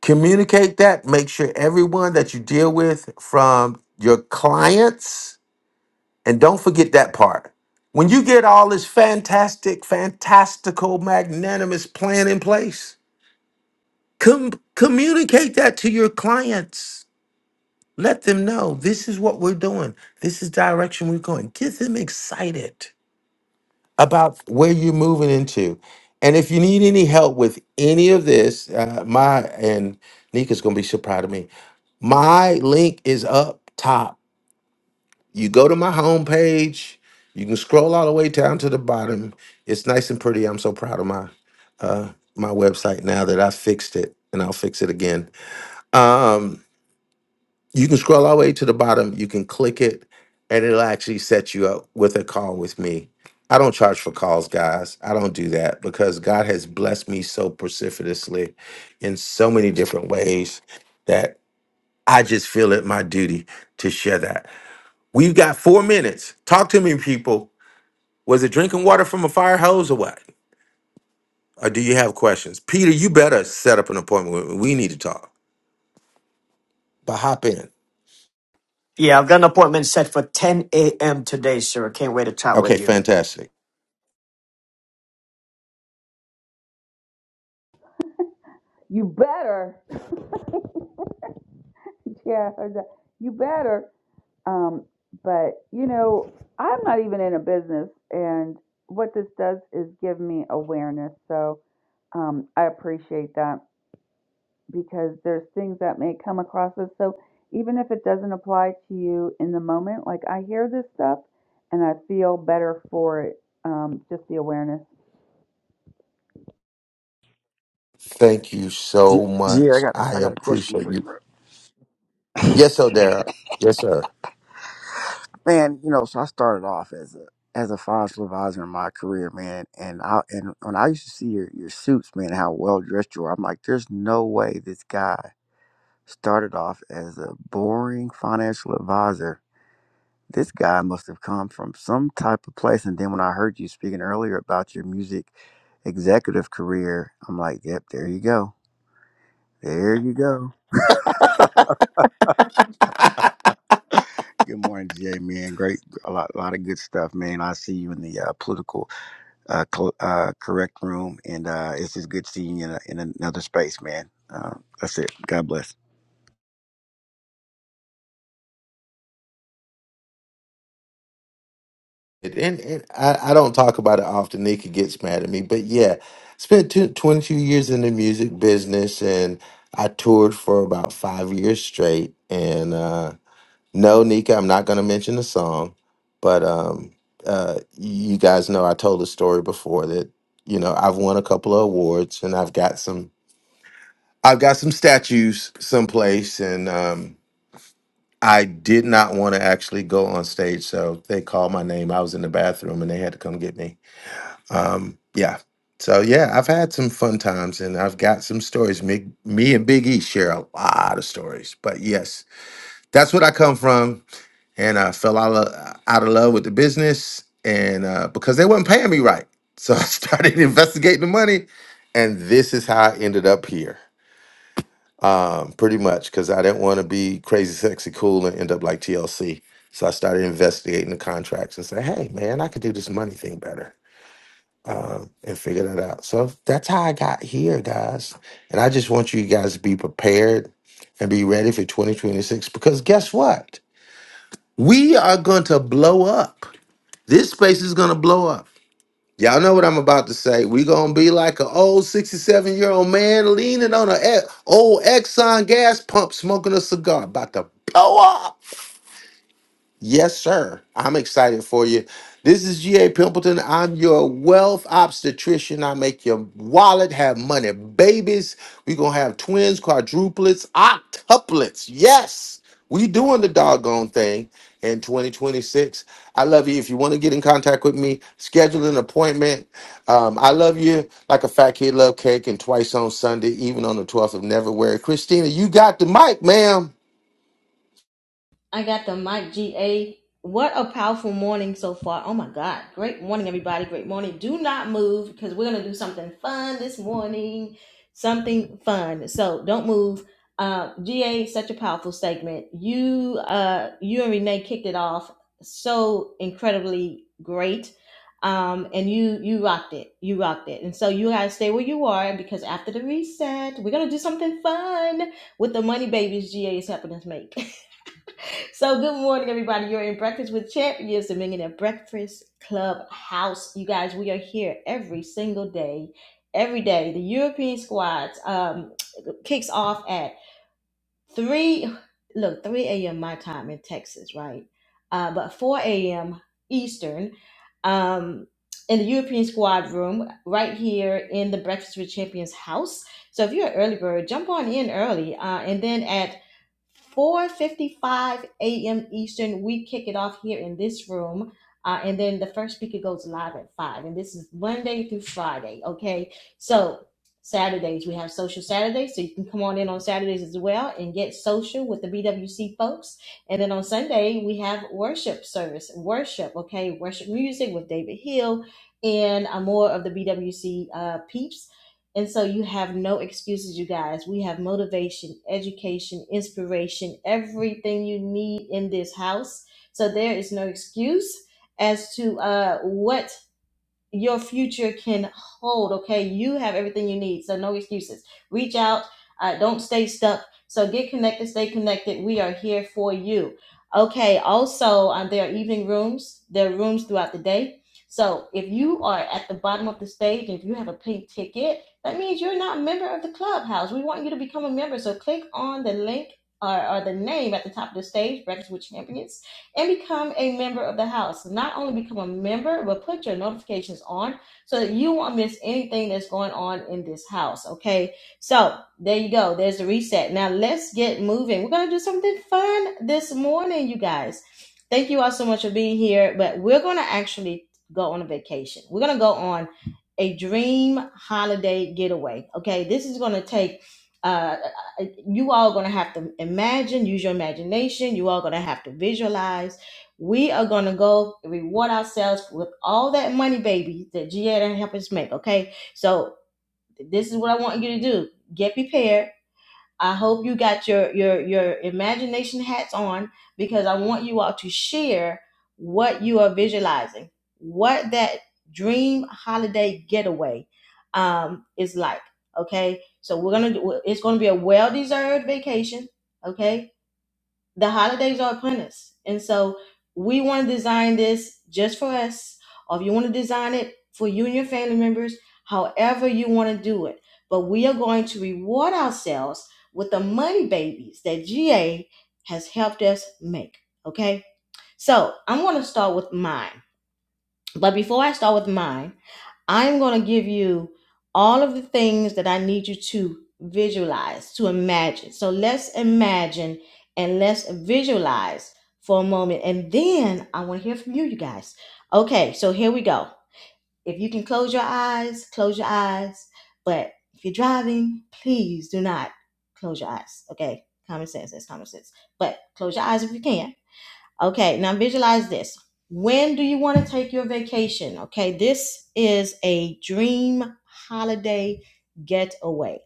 Speaker 6: Communicate that. Make sure everyone that you deal with, from your clients And don't forget that part. When you get all this fantastic, fantastical, magnanimous plan in place, com- communicate that to your clients. Let them know this is what we're doing. This is direction we're going. Get them excited about where you're moving into. And if you need any help with any of this, uh, my and Nika's gonna be so proud of me. My link is up top You go to my homepage. You can scroll all the way down to the bottom. It's nice and pretty. I'm so proud of my uh, my website now that I fixed it, and I'll fix it again. Um, you can scroll all the way to the bottom. You can click it, and it'll actually set you up with a call with me. I don't charge for calls, guys. I don't do that because God has blessed me so precipitously in so many different ways that I just feel it my duty to share that. We've got four minutes. Talk to me, people. Was it drinking water from a fire hose or what? Or do you have questions? Peter, you better set up an appointment. We need to talk. But hop in.
Speaker 15: Yeah, I've got an appointment set for 10 a.m. today, sir. Can't wait to chat
Speaker 6: Okay,
Speaker 15: with you.
Speaker 6: fantastic.
Speaker 10: You better. yeah, I heard that. You better. Um, but you know, I'm not even in a business, and what this does is give me awareness. So um, I appreciate that. because there's things that may come across us. So even if it doesn't apply to you in the moment, like I hear this stuff and I feel better for it, um, just the awareness.
Speaker 6: Thank you so
Speaker 18: Gee, I
Speaker 6: much.
Speaker 18: got a,
Speaker 6: I
Speaker 18: I got a question
Speaker 6: appreciate
Speaker 18: for you,
Speaker 6: you.
Speaker 18: bro.
Speaker 6: Yes, Odara. Yes, sir.
Speaker 18: Man, you know, so I started off as a as a financial advisor in my career, man, and I and when I used to see your your suits, man, how well dressed you were, I'm like, there's no way this guy started off as a boring financial advisor. This guy must have come from some type of place. And then when I heard you speaking earlier about your music executive career, I'm like, yep, there you go, there you go. Good morning, GA man. Great, a lot, a lot of good stuff, man. I see you in the uh, political uh, cl- uh, correct room, and uh, it's just good seeing you in, a, in another space, man. Uh, that's it. God bless.
Speaker 6: And, and I, I don't talk about it often. Nika gets mad at me. But yeah, spent two, 22 years in the music business and I toured for about five years straight. And, uh, No, Nika, I'm not going to mention the song, but um, uh, you guys know I told a story before that you know I've won a couple of awards and I've got some I've got some statues someplace, and um, I did not want to actually go on stage, so they called my name. I was in the bathroom, and they had to come get me. Um, yeah, so yeah, I've had some fun times, and I've got some stories. Me, me and Big E share a lot of stories, but yes, that's what I come from and I fell out of, out of love with the business, and uh, because they weren't paying me right, so I started investigating the money, and this is how I ended up here, um, pretty much because I didn't want to be crazy, sexy, cool, and end up like TLC. So I started investigating the contracts and say, "Hey, man, I could do this money thing better." Um, and figure that out. So that's how I got here, guys. And I just want you guys to be prepared and be ready for 2026 because guess what? We are going to blow up this space is gonna blow up. Y'all know what I'm about to say. We gonna be like an old 67 year old man leaning on an old Exxon gas pump, smoking a cigar, about to blow up. Yes, sir. I'm excited for you. This is G.A. Pimpleton. I'm your wealth obstetrician. I make your wallet have money. Babies, we going to have twins, quadruplets, octuplets. Yes, we doing the doggone thing in 2026. I love you. If you want to get in contact with me, schedule an appointment. Um, I love you like a fat kid love cake and twice on Sunday, even on the 12th of February. Christina, you got the mic, ma'am.
Speaker 1: I got the Mike GA. What a powerful morning so far. Oh my God. Great morning, everybody. Great morning. Do not move because we're going to do something fun this morning. Something fun. So don't move. Uh, GA, such a powerful segment. You, uh, you and Renee kicked it off so incredibly great. Um, and you, you rocked it. You rocked it. And so you guys stay where you are because after the reset, we're going to do something fun with the money babies GA is helping us make. So good morning, everybody. You're in Breakfast with Champions, the Millionaire Breakfast Club House. You guys, we are here every single day, every day. The European squads um, kicks off at three. Look, three a.m. my time in Texas, right? Uh, but four a.m. Eastern. Um, in the European squad room, right here in the Breakfast with Champions house. So if you're an early bird, jump on in early. Uh, and then at 4:55 a.m. Eastern. We kick it off here in this room, uh, and then the first speaker goes live at five. And this is Monday through Friday. Okay, so Saturdays we have social Saturdays, so you can come on in on Saturdays as well and get social with the BWC folks. And then on Sunday we have worship service, worship. Okay, worship music with David Hill and uh, more of the BWC uh, peeps. And so you have no excuses, you guys. We have motivation, education, inspiration, everything you need in this house. So there is no excuse as to uh, what your future can hold. Okay, you have everything you need, so no excuses. Reach out. Uh, don't stay stuck. So get connected. Stay connected. We are here for you. Okay. Also, uh, there are evening rooms. There are rooms throughout the day. So if you are at the bottom of the stage and if you have a pink ticket, that means you're not a member of the clubhouse. We want you to become a member. So click on the link or, or the name at the top of the stage, Breakfast with Champions and become a member of the house. Not only become a member, but put your notifications on so that you won't miss anything that's going on in this house. Okay. So there you go. There's the reset. Now let's get moving. We're going to do something fun this morning, you guys. Thank you all so much for being here, but we're going to actually go on a vacation. We're going to go on a dream holiday getaway. Okay. This is going to take, uh, uh, you all going to have to imagine, use your imagination. You all going to have to visualize. We are going to go reward ourselves with all that money, baby, that GA done help us make. Okay. So this is what I want you to do. Get prepared I hope you got your your your imagination hats on because I want you all to share what you are visualizing, what that dream holiday getaway um, is like. Okay, so we're gonna do, it's gonna be a well deserved vacation. Okay, the holidays are upon us. And so we want to design this just for us, or if you want to design it for you and your family members, however you want to do it. But we are going to reward ourselves with the money babies that GA has helped us make. Okay. So I'm going to start with mine. But before I start with mine, I'm going to give you all of the things that I need you to visualize, to imagine. So let's imagine and let's visualize for a moment. And then I want to hear from you, you guys. Okay, so here we go. If you can close your eyes, close your eyes. But if you're driving, please do not close your eyes. Okay, common sense, that's common sense. But close your eyes if you can Okay, now visualize this. When do you want to take your vacation? Okay, this is a dream holiday getaway.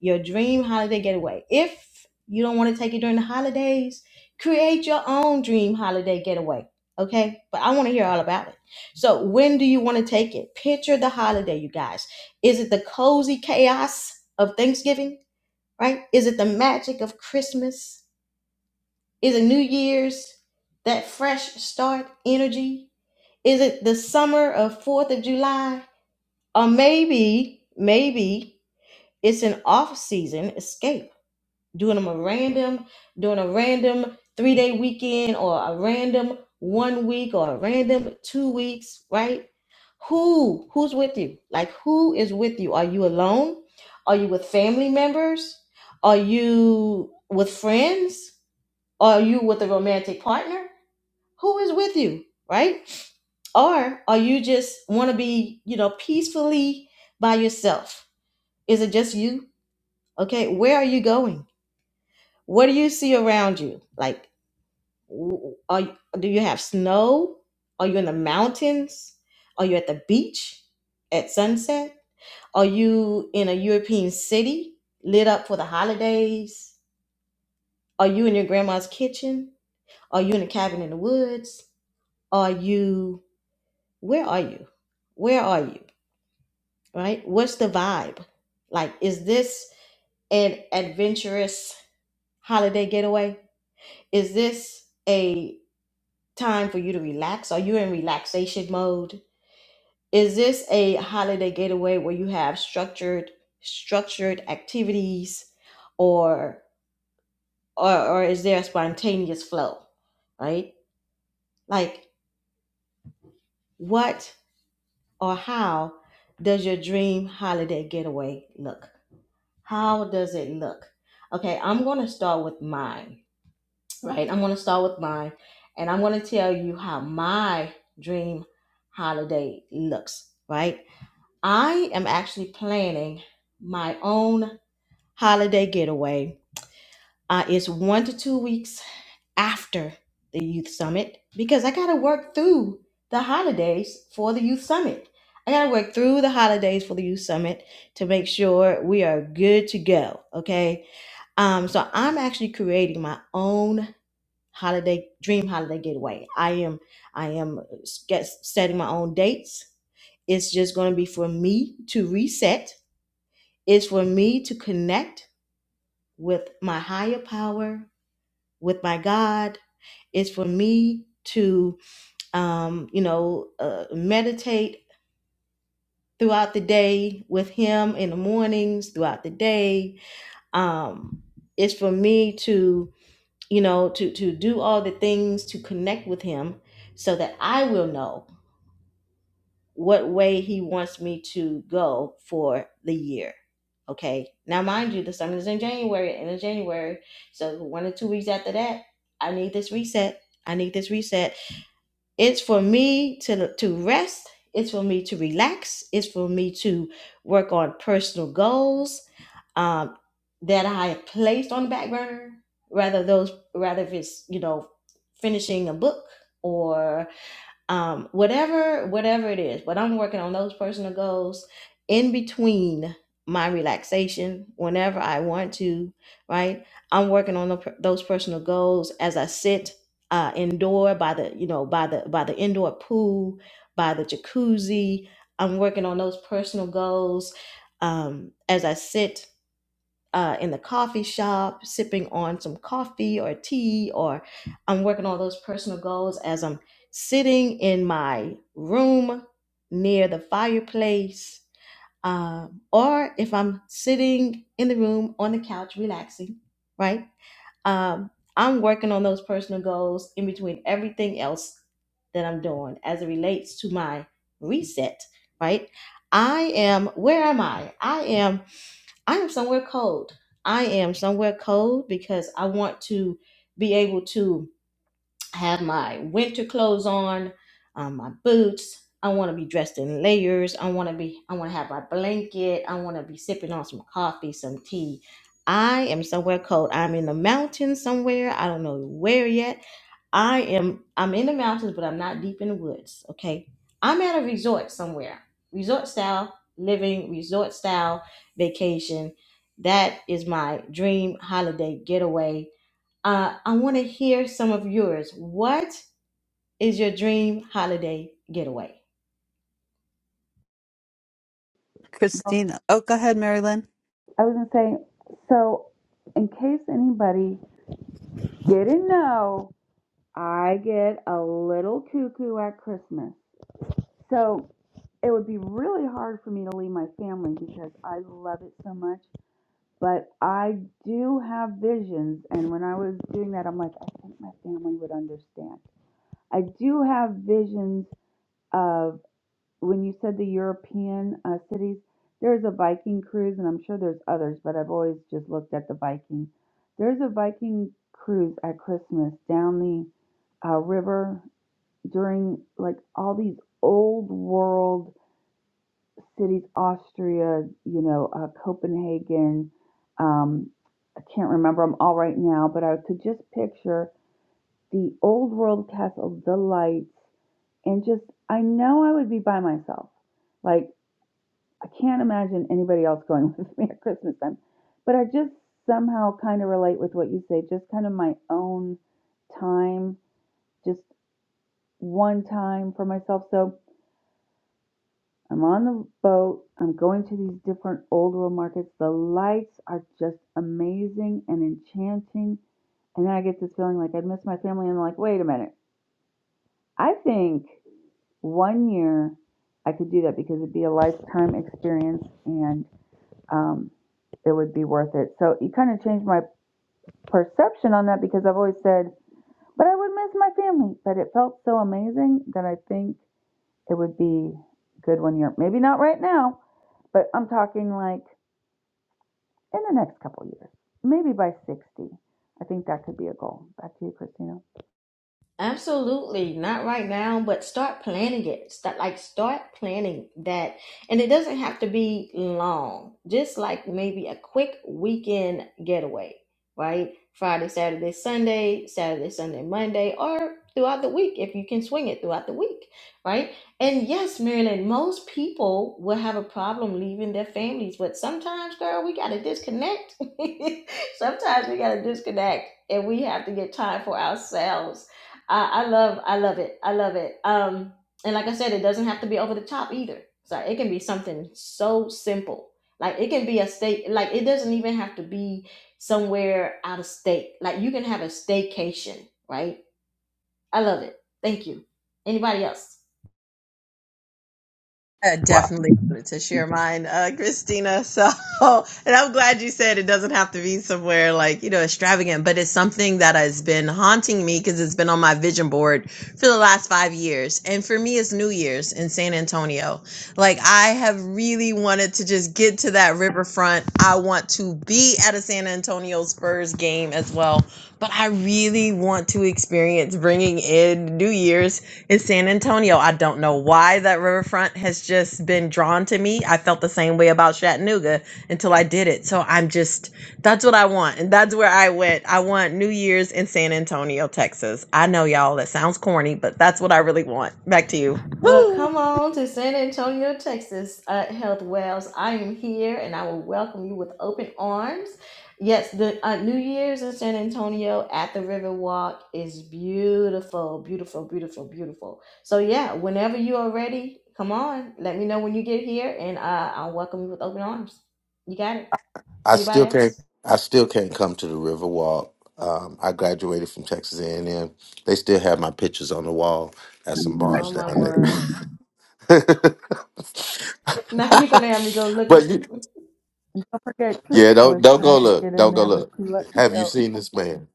Speaker 1: Your dream holiday getaway. If you don't want to take it during the holidays, create your own dream holiday getaway. Okay, but I want to hear all about it. So, when do you want to take it? Picture the holiday, you guys. Is it the cozy chaos of Thanksgiving, right? Is it the magic of Christmas? Is it New Year's, that fresh start energy? Is it the summer of 4th of July? Or maybe, maybe it's an off season escape, doing them a random, doing a random three day weekend or a random one week or a random two weeks, right? Who, who's with you? Like, who is with you? Are you alone? Are you with family members? Are you with friends? Are you with a romantic partner? who is with you, right? Or are you just want to be, you know, peacefully by yourself? Is it just you? Okay, where are you going? What do you see around you? Like, w- are you, do you have snow? Are you in the mountains? Are you at the beach at sunset? Are you in a European city lit up for the holidays? Are you in your grandma's kitchen? Are you in a cabin in the woods? Are you where are you? Where are you? Right? What's the vibe? Like, is this an adventurous holiday getaway? Is this a time for you to relax? Are you in relaxation mode? Is this a holiday getaway where you have structured structured activities or or, or is there a spontaneous flow? Right? Like what or how does your dream holiday getaway look? How does it look? Okay, I'm going to start with mine, right? I'm going to start with mine and I'm going to tell you how my dream holiday looks, right? I am actually planning my own holiday getaway uh, it's one to two weeks after the youth summit because I got to work through the holidays for the youth summit. I got to work through the holidays for the youth summit to make sure we are good to go. Okay. Um, so I'm actually creating my own holiday dream holiday getaway. I am, I am get, setting my own dates. It's just going to be for me to reset. It's for me to connect with my higher power with my God is for me to, um, you know, uh, meditate throughout the day with Him in the mornings, throughout the day. Um, it's for me to, you know, to to do all the things to connect with Him, so that I will know what way He wants me to go for the year. Okay. Now, mind you, the summit is in January, end of January, so one or two weeks after that, I need this reset. I need this reset It's for me to to rest. It's for me to relax. It's for me to work on personal goals um, that I have placed on the back burner. Rather those, rather if it's you know finishing a book or um, whatever whatever it is but i'm working on those personal goals in between my relaxation whenever i want to right i'm working on the, those personal goals as i sit uh, indoor by the you know by the by the indoor pool by the jacuzzi i'm working on those personal goals um, as i sit uh, in the coffee shop, sipping on some coffee or tea, or I'm working on those personal goals as I'm sitting in my room near the fireplace, um, or if I'm sitting in the room on the couch relaxing, right? Um, I'm working on those personal goals in between everything else that I'm doing as it relates to my reset, right? I am, where am I? I am I am somewhere cold. I am somewhere cold because I want to be able to I have my winter clothes on, um, my boots. I want to be dressed in layers. I want to be. I want to have my blanket. I want to be sipping on some coffee, some tea. I am somewhere cold. I'm in the mountains somewhere. I don't know where yet. I am. I'm in the mountains, but I'm not deep in the woods. Okay. I'm at a resort somewhere. Resort style living. Resort style vacation. That is my dream holiday getaway uh, I want to hear some of yours. What is your dream holiday getaway?
Speaker 3: Christina. Oh, go ahead, Mary Lynn.
Speaker 10: I was gonna say, so in case anybody didn't know, I get a little cuckoo at Christmas. So it would be really hard for me to leave my family because I love it so much. But I do have visions. And when I was doing that, I'm like, I think my family would understand. I do have visions of when you said the European uh, cities, there's a Viking cruise, and I'm sure there's others, but I've always just looked at the Viking. There's a Viking cruise at Christmas down the uh, river during like all these old world cities, Austria, you know, uh, Copenhagen. Um, I can't remember them all right now, but I could just picture the old world castle, the lights, and just I know I would be by myself. Like I can't imagine anybody else going with me at Christmas time, but I just somehow kind of relate with what you say, just kind of my own time, just one time for myself. So I'm on the boat. I'm going to these different old world markets. The lights are just amazing and enchanting. And then I get this feeling like I would miss my family. And I'm like, wait a minute. I think one year I could do that because it'd be a lifetime experience and um, it would be worth it. So it kind of changed my perception on that because I've always said, but I would miss my family. But it felt so amazing that I think it would be good one year. Maybe not right now, but I'm talking like in the next couple years, maybe by 60. I think that could be a goal. Back to you, Christina.
Speaker 1: Absolutely, not right now, but start planning it. Start like start planning that, and it doesn't have to be long. Just like maybe a quick weekend getaway, right? Friday, Saturday, Sunday, Saturday, Sunday, Monday, or throughout the week if you can swing it throughout the week, right? And yes, Marilyn, most people will have a problem leaving their families, but sometimes, girl, we gotta disconnect. sometimes we gotta disconnect, and we have to get time for ourselves I, I love I love it. I love it. Um and like I said, it doesn't have to be over the top either. So it can be something so simple. Like it can be a state like it doesn't even have to be somewhere out of state. Like you can have a staycation, right? I love it. Thank you. Anybody else?
Speaker 16: I
Speaker 6: Wow.
Speaker 16: definitely wanted to share mine, uh, Christina. So, and I'm glad you said it doesn't have to be somewhere like, you know, extravagant, but it's something that has been haunting me because it's been on my vision board for the last five years. And for me, it's New Year's in San Antonio. Like, I have really wanted to just get to that riverfront. I want to be at a San Antonio Spurs game as well. But I really want to experience bringing in New Year's in San Antonio. I don't know why that riverfront has just been drawn to me. I felt the same way about Chattanooga until I did it. So I'm just, that's what I want. And that's where I went. I want New Year's in San Antonio, Texas. I know y'all, that sounds corny, but that's what I really want. Back to you.
Speaker 1: Well,
Speaker 16: Woo!
Speaker 1: come on to San Antonio, Texas, at Health Wells. I am here and I will welcome you with open arms. Yes, the uh, New Year's in San Antonio at the Riverwalk is beautiful, beautiful, beautiful, beautiful. So, yeah, whenever you are ready, come on. Let me know when you get here and uh, I'll welcome you with open arms. You got it?
Speaker 6: I still
Speaker 1: Anybody
Speaker 6: can't.
Speaker 1: else?
Speaker 6: I still can't come to the Riverwalk. Um, I graduated from Texas A and M. They still have my pictures on the wall at some bars
Speaker 1: Oh, my
Speaker 6: down
Speaker 1: word.
Speaker 6: there.
Speaker 1: Now you're going to have me go look
Speaker 6: but you,
Speaker 10: Okay,
Speaker 6: yeah,
Speaker 10: Trisha
Speaker 6: don't
Speaker 10: was
Speaker 6: don't
Speaker 10: trying
Speaker 6: go
Speaker 10: to
Speaker 6: look.
Speaker 10: get in
Speaker 6: Don't go
Speaker 10: there, but
Speaker 6: look.
Speaker 10: she let me
Speaker 6: Have you
Speaker 10: go.
Speaker 6: seen this man?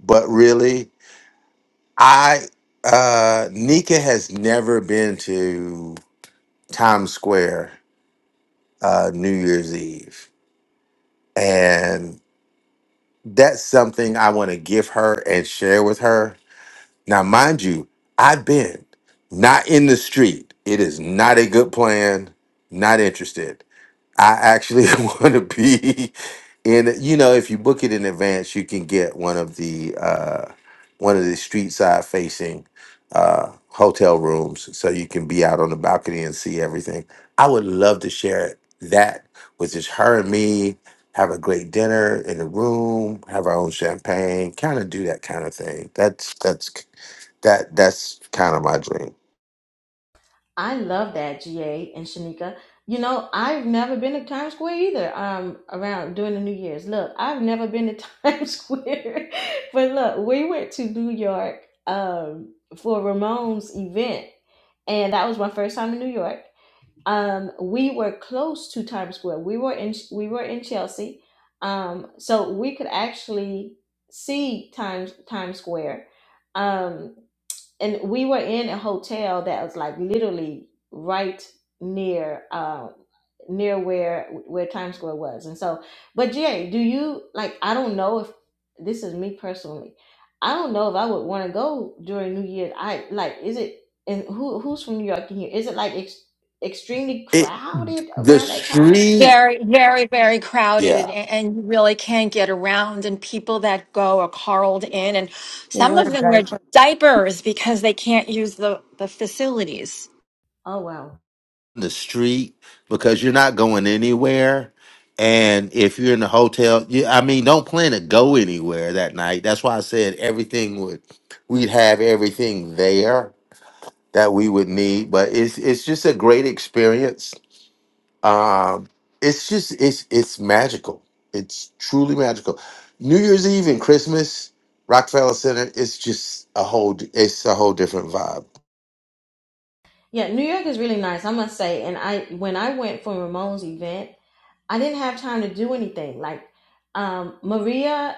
Speaker 6: But really, I uh, Nika has never been to Times Square uh, New Year's Eve, and that's something I want to give her and share with her Now, mind you, I've been not in the street. It is not a good plan. Not interested. I actually want to be in. You know, if you book it in advance, you can get one of the uh, one of the street side facing uh, hotel rooms, so you can be out on the balcony and see everything. I would love to share that with just her and me. Have a great dinner in the room. Have our own champagne. Kind of do that kind of thing. That's that's that that's kind of my dream.
Speaker 1: I love that, GA and Shanika. You know, I've never been to Times Square either. Um, around during the New Year's. Look, I've never been to Times Square, but look, we went to New York um for Ramon's event, and that was my first time in New York. Um, we were close to Times Square. We were in we were in Chelsea, um, so we could actually see Times Times Square. um and we were in a hotel that was like literally right near um near where where Times Square was. And so but Jay, do you like I don't know if this is me personally. I don't know if I would want to go during New Year. I like is it and who who's from New York in here? Is it like ex- extremely
Speaker 6: It
Speaker 1: crowded
Speaker 6: the
Speaker 1: around that time?
Speaker 6: street.
Speaker 19: very very very
Speaker 6: yeah.
Speaker 19: crowded a- and you really can't get around and people that go are carled in and
Speaker 10: They
Speaker 19: some of
Speaker 10: wear
Speaker 19: them wear
Speaker 10: diapers.
Speaker 19: diapers because they can't use the the facilities
Speaker 1: Oh wow.
Speaker 6: the street because you're not going anywhere. And if you're in the hotel, you, I mean, don't plan to go anywhere that night. That's why I said everything would, we'd have everything there that we would need. But it's it's just a great experience. Um, it's just it's it's magical. It's truly magical. New Year's Eve and Christmas, Rockefeller Center. It's just a whole. It's a whole different vibe.
Speaker 1: Yeah, New York is really nice, I must say. And I when I went for Ramon's event I didn't have time to do anything. Like um, Maria,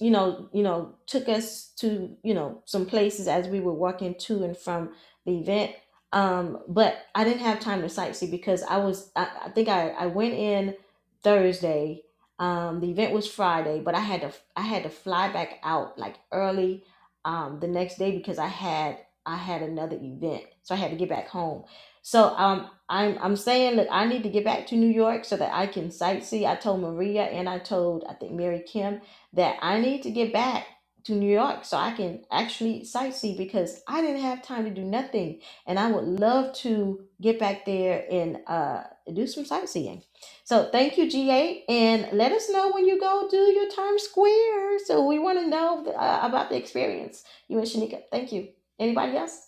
Speaker 1: you know, you know, took us to you know some places as we were walking to and from the event. Um, but I didn't have time to sightsee because I was. I, I think I, I went in Thursday. Um, the event was Friday, but I had to I had to fly back out like early um, the next day because I had I had another event, so I had to get back home. So um, I'm I'm saying that I need to get back to New York so that I can sightsee. I told Maria and I told I think Mary Kim that I need to get back to New York so I can actually sightsee because I didn't have time to do nothing and I would love to get back there and uh, do some sightseeing. So thank you, GA, and let us know when you go do your Times Square. So we want to know uh, about the experience. You and Shanika, thank you. Anybody else?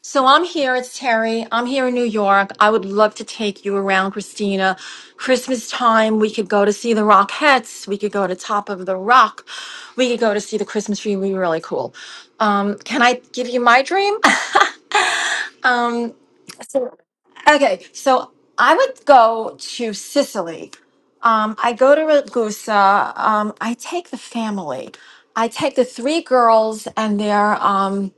Speaker 19: so i'm here it's terry i'm here in new york i would love to take you around christina christmas time we could go to see the rockettes we could go to top of the rock we could go to see the christmas tree it would be really cool um, can i give you my dream Okay, so I would go to Sicily. Um, I go to Ragusa. Um, I take the family. I take the three girls and their um,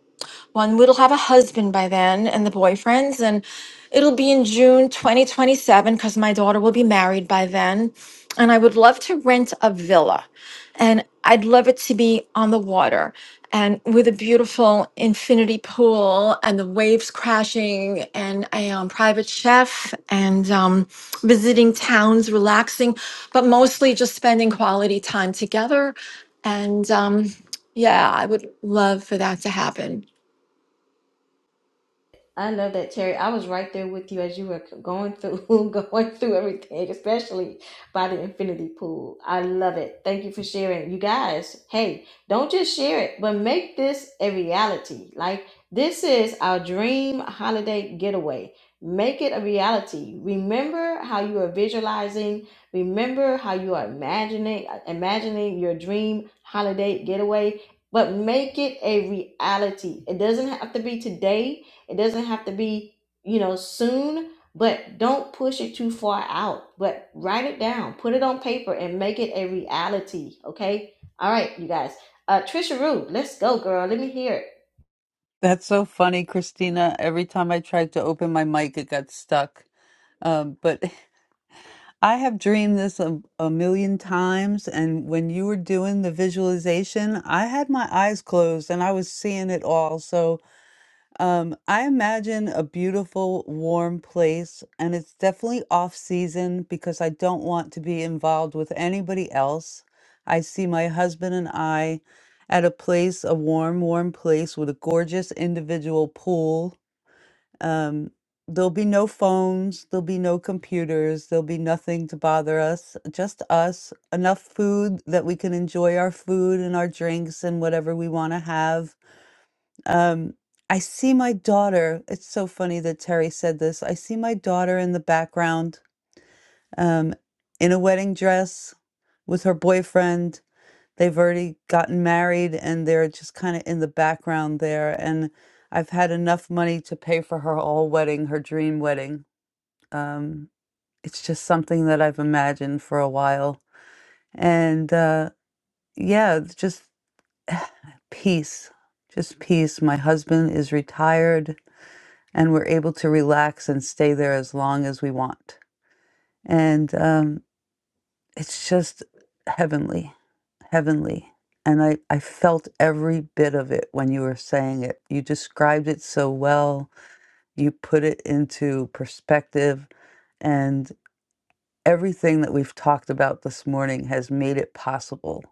Speaker 19: one will have a husband by then and the boyfriends, and it'll be in June 2027 because my daughter will be married by then. And I would love to rent a villa, and I'd love it to be on the water and with a beautiful infinity pool and the waves crashing and a um, private chef and um, visiting towns, relaxing, but mostly just spending quality time together. And um, yeah, I would love for that to happen.
Speaker 1: I love that, Terry. I was right there with you as you were going through going through everything, especially by the infinity pool. I love it. Thank you for sharing. You guys, hey, don't just share it, but make this a reality. Like this is our dream holiday getaway. Make it a reality. Remember how you are visualizing. Remember how you are imagining imagining your dream holiday getaway. But make it a reality. It doesn't have to be today it doesn't have to be, you know, soon, but don't push it too far out. But write it down, put it on paper, and make it a reality. Okay. All right, you guys. Uh, Trisha Rue, let's go, girl. Let me hear it.
Speaker 3: That's so funny, Christina. Every time I tried to open my mic, it got stuck. Um, but I have dreamed this a, a million times, and when you were doing the visualization, I had my eyes closed and I was seeing it all. So um, I imagine a beautiful, warm place, and it's definitely off season because I don't want to be involved with anybody else. I see my husband and I at a place, a warm, warm place with a gorgeous individual pool um, there'll be no phones, there'll be no computers, there'll be nothing to bother us, just us, enough food that we can enjoy our food and our drinks and whatever we want to have. Um, I see my daughter. It's so funny that Terry said this. I see my daughter in the background, um, in a wedding dress with her boyfriend They've already gotten married and they're just kind of in the background there. And I've had enough money to pay for her whole wedding, her dream wedding. Um, it's just something that I've imagined for a while. And uh, yeah, it's just peace, just peace. My husband is retired and we're able to relax and stay there as long as we want. And um, it's just heavenly, heavenly. And I, I felt every bit of it when you were saying it. You described it so well. You put it into perspective. And everything that we've talked about this morning has made it possible.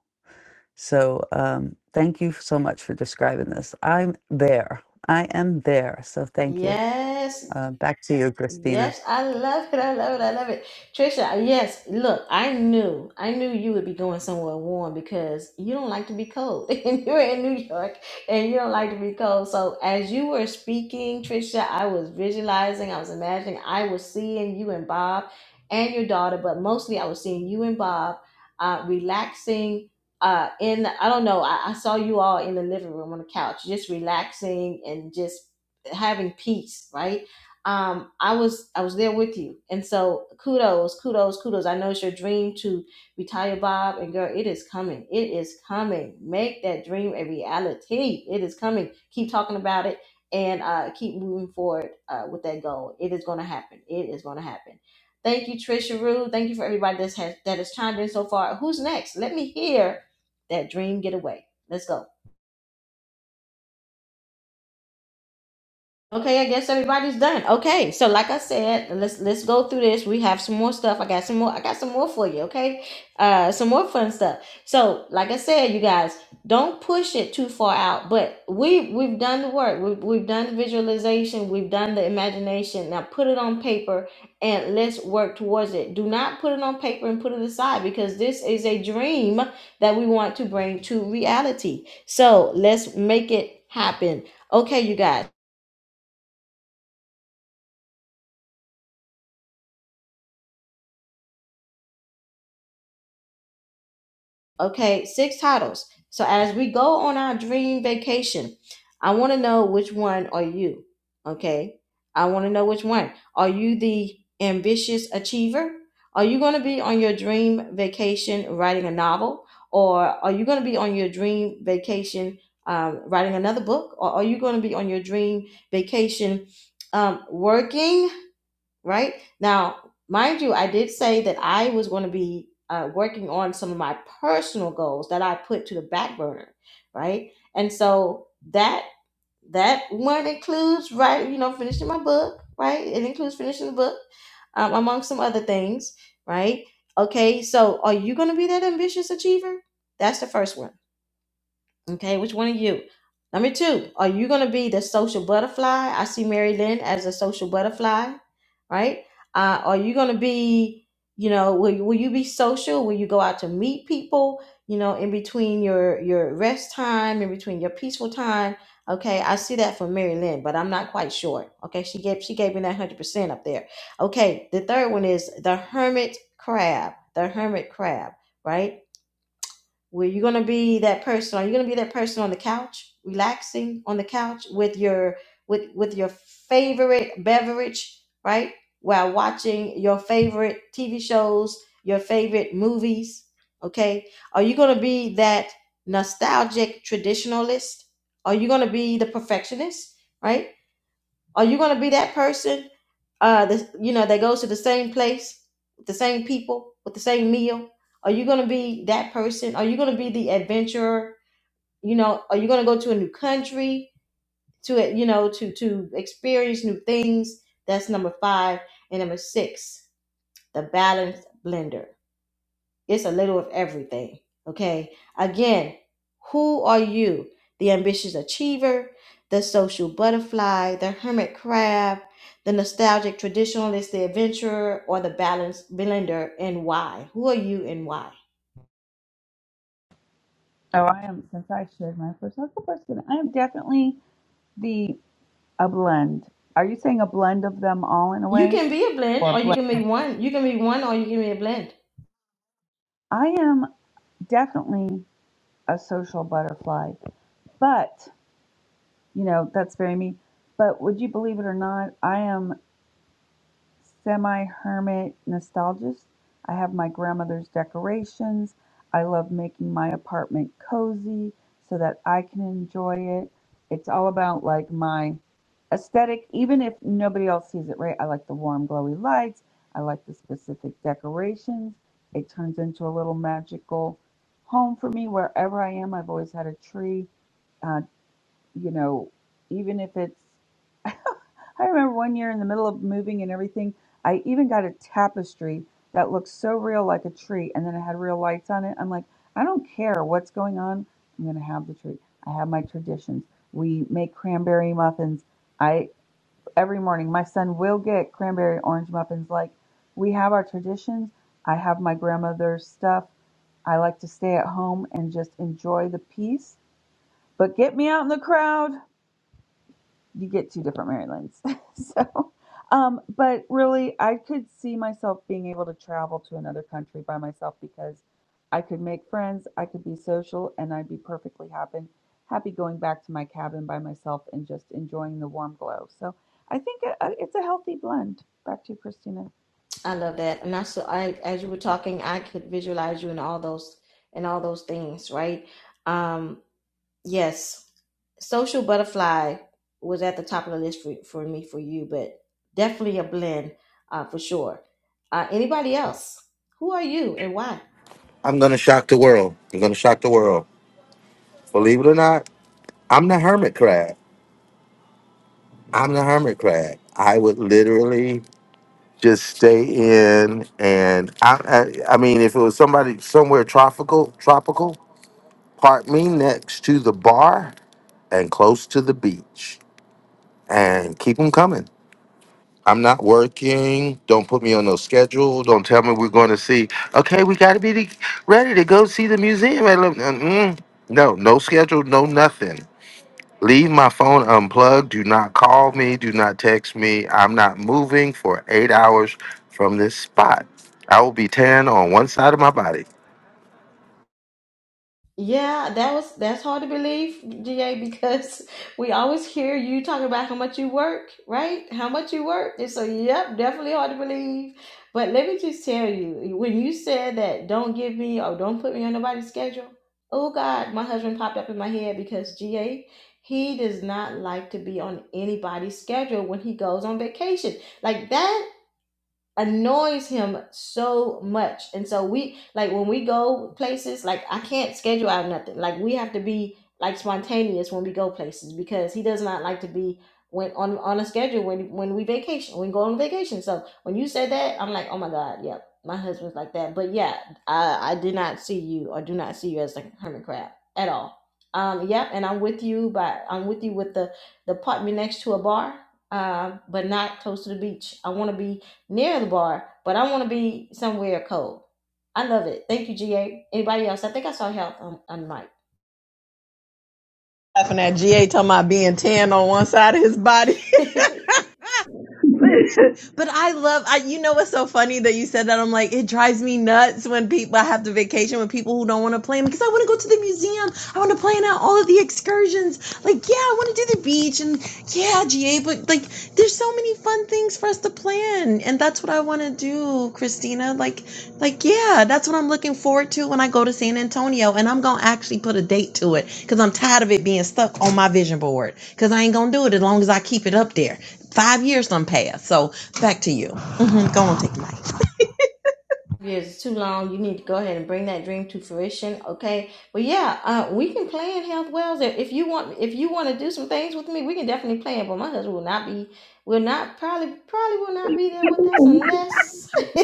Speaker 3: So um, thank you so much for describing this. I'm there. I am there. So thank you.
Speaker 1: Yes,
Speaker 3: Uh, back to you, Christina.
Speaker 1: Yes, I love it. I love it. I love it. Trisha, uh, yes, look, I knew. I knew you would be going somewhere warm because you don't like to be cold. And you're in New York and you don't like to be cold. So as you were speaking, Trisha, I was visualizing, I was imagining, I was seeing you and Bob and your daughter, but mostly I was seeing you and Bob uh, relaxing uh in I don't know, I, I saw you all in the living room on the couch, just relaxing and just having peace, right? um, I was I was there with you, and so kudos, kudos, kudos. I know it's your dream to retire, Bob, and girl, it is coming. It is coming. Make that dream a reality. It is coming. Keep talking about it and uh, keep moving forward uh, with that goal. It is going to happen. It is going to happen. Thank you, Trisha Rue. Thank you for everybody that's has, that has chimed in so far. Who's next? Let me hear that dream getaway. Let's go. Okay, I guess everybody's done. Okay, so like I said, let's let's go through this. We have some more stuff. I got some more. I got some more for you. Okay, uh, some more fun stuff. So like I said, you guys don't push it too far out. But we we've done the work. We've we've done the visualization. We've done the imagination. Now put it on paper and let's work towards it. Do not put it on paper and put it aside because this is a dream that we want to bring to reality. So let's make it happen. Okay, you guys. Okay, six titles. So as we go on our dream vacation, I want to know which one are you? Okay, I want to know which one. Are you the ambitious achiever? Are you going to be on your dream vacation writing a novel? Or are you going to be on your dream vacation um, writing another book? Or are you going to be on your dream vacation um, working? right? Now, mind you, I did say that I was going to be uh, working on some of my personal goals that I put to the back burner, right? And so that that one includes right, you know, finishing my book, right? It includes finishing the book, um, among some other things, right? Okay, so are you going to be that ambitious achiever? That's the first one Okay, which one of you? Number two, are you going to be the social butterfly? I see Mary Lynn as a social butterfly, right? Uh, are you going to be, you know, will, will you be social? Will you go out to meet people, you know, in between your, your rest time, in between your peaceful time? Okay, I see that from Mary Lynn, but I'm not quite sure. Okay, she gave she gave me that hundred percent up there. Okay, the third one is the hermit crab. The hermit crab, right? Were you going to be that person? Are you going to be that person on the couch, relaxing on the couch with your with with your favorite beverage, right? While watching your favorite TV shows, your favorite movies, okay? Are you going to be that nostalgic traditionalist? Are you going to be the perfectionist, right? Are you going to be that person uh the, you know that goes to the same place the same people with the same meal are you going to be that person are you going to be the adventurer you know are you going to go to a new country to you know to to experience new things that's number five and number six the balanced blender it's a little of everything. Okay. Again, who are you? The ambitious achiever, the social butterfly, the hermit crab, the nostalgic traditionalist, the adventurer, or the balanced blender, and why? Who are you and why?
Speaker 10: Oh, I am, since I shared my personal question, I am definitely the, a blend. Are you saying a blend of them all in a
Speaker 1: You
Speaker 10: way?
Speaker 1: can be a blend
Speaker 10: Or a
Speaker 1: or you
Speaker 10: blend?
Speaker 1: can be one. You can be one or you can be a blend.
Speaker 10: I am definitely a social butterfly, but, you know, that's very me. But would you believe it or not, I am semi-hermit nostalgist. I have my grandmother's decorations. I love making my apartment cozy so that I can enjoy it. It's all about like my aesthetic, even if nobody else sees it, right? I like the warm, glowy lights. I like the specific decorations. It turns into a little magical home for me wherever I am. I've always had a tree, uh, you know, even if it's I remember one year in the middle of moving and everything, I even got a tapestry that looked so real like a tree and then it had real lights on it. I'm like, I don't care what's going on. I'm going to have the tree. I have my traditions. We make cranberry muffins. I every morning my son will get cranberry orange muffins like we have our traditions. I have my grandmother's stuff. I like to stay at home and just enjoy the peace. But get me out in the crowd you get two different Marylands. so, um, but really, I could see myself being able to travel to another country by myself because I could make friends, I could be social, and I'd be perfectly happy, happy going back to my cabin by myself and just enjoying the warm glow. So, I think it, uh, it's a healthy blend. Back to you, Christina.
Speaker 1: I love that. And I so I as you were talking, I could visualize you in all those in all those things, right? Um. Yes, Social Butterfly was at the top of the list for, for me for you, but definitely a blend uh, for sure. Uh, anybody else? Who are you and why?
Speaker 6: I'm gonna shock the world. I'm gonna shock the world. Believe it or not. I'm the hermit crab. I'm the hermit crab. I would literally just stay in, and I, I, I mean, if it was somebody somewhere tropical, tropical, park me next to the bar and close to the beach, and keep them coming. I'm not working. Don't put me on no schedule. Don't tell me we're going to see. Okay, we got to be the- ready to go see the museum. Mm-mm. No, no schedule, no nothing. Leave my phone unplugged. Do not call me. Do not text me. I'm not moving for eight hours from this spot. I will be tan on one side of my body.
Speaker 1: Yeah, that was that's hard to believe, GA, because we always hear you talking about how much you work, right? How much you work. And so, yep, definitely hard to believe. But let me just tell you, when you said that don't give me or don't put me on nobody's schedule, oh God, my husband popped up in my head because GA, he does not like to be on anybody's schedule when he goes on vacation. Like that annoys him so much. And so we like when we go places, like I can't schedule out nothing. Like we have to be like spontaneous when we go places because he does not like to be when on on a schedule when when we vacation when we go on vacation. So when you said that, I'm like, oh my god, yep. My husband's like that. But yeah, I I did not see you or do not see you as like, a hermit crab at all. Um, yep, and I'm with you but I'm with you with the the apartment next to a bar, um, but not close to the beach. I want to be near the bar, but I want to be somewhere cold. I love it. Thank you, GA. Anybody else? I think I saw health on, on
Speaker 16: Laughing at GA talking about being tan on one side of his body.
Speaker 1: mic.
Speaker 16: but, but I love I you know what's so funny that you said that I'm like it drives me nuts when people I have to vacation with people who don't want to plan because I want to go to the museum I want to plan out all of the excursions like yeah I want to do the beach and yeah GA but like there's so many fun things for us to plan and that's what I want to do Christina like like yeah that's what I'm looking forward to when I go to San Antonio and I'm gonna actually put a date to it because I'm tired of it being stuck on my vision board because I ain't gonna do it as long as I keep it up there Five years done passed. So back to you. hmm Go on, take the mic.
Speaker 1: years is too long. You need to go ahead and bring that dream to fruition. Okay. But yeah, uh, we can plan health wells. If you want, if you want to do some things with me, we can definitely plan. But my husband will not be, will not probably, probably will not be there with us unless,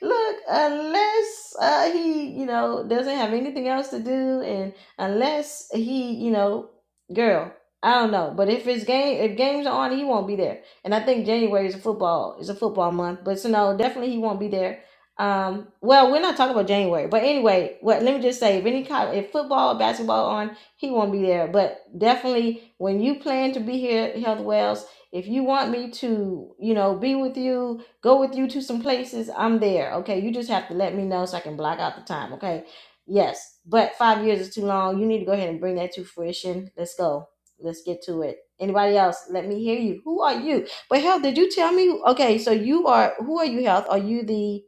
Speaker 1: look, unless uh, he, you know, doesn't have anything else to do, and unless he, you know, girl, I don't know. But if it's game, if games are on, he won't be there. And I think January is a football is a football month, but so no, definitely he won't be there. Um, well, we're not talking about January, but anyway, what let me just say, if any kind, if football or basketball on, he won't be there. But definitely, when you plan to be here, at Health Wells, if you want me to, you know, be with you, go with you to some places, I'm there. Okay, you just have to let me know so I can block out the time. Okay, yes, but five years is too long. You need to go ahead and bring that to fruition. Let's go. Let's get to it. Anybody else? Let me hear you. Who are you? But health, did you tell me? Okay, so you are, who are you, health? Are you the,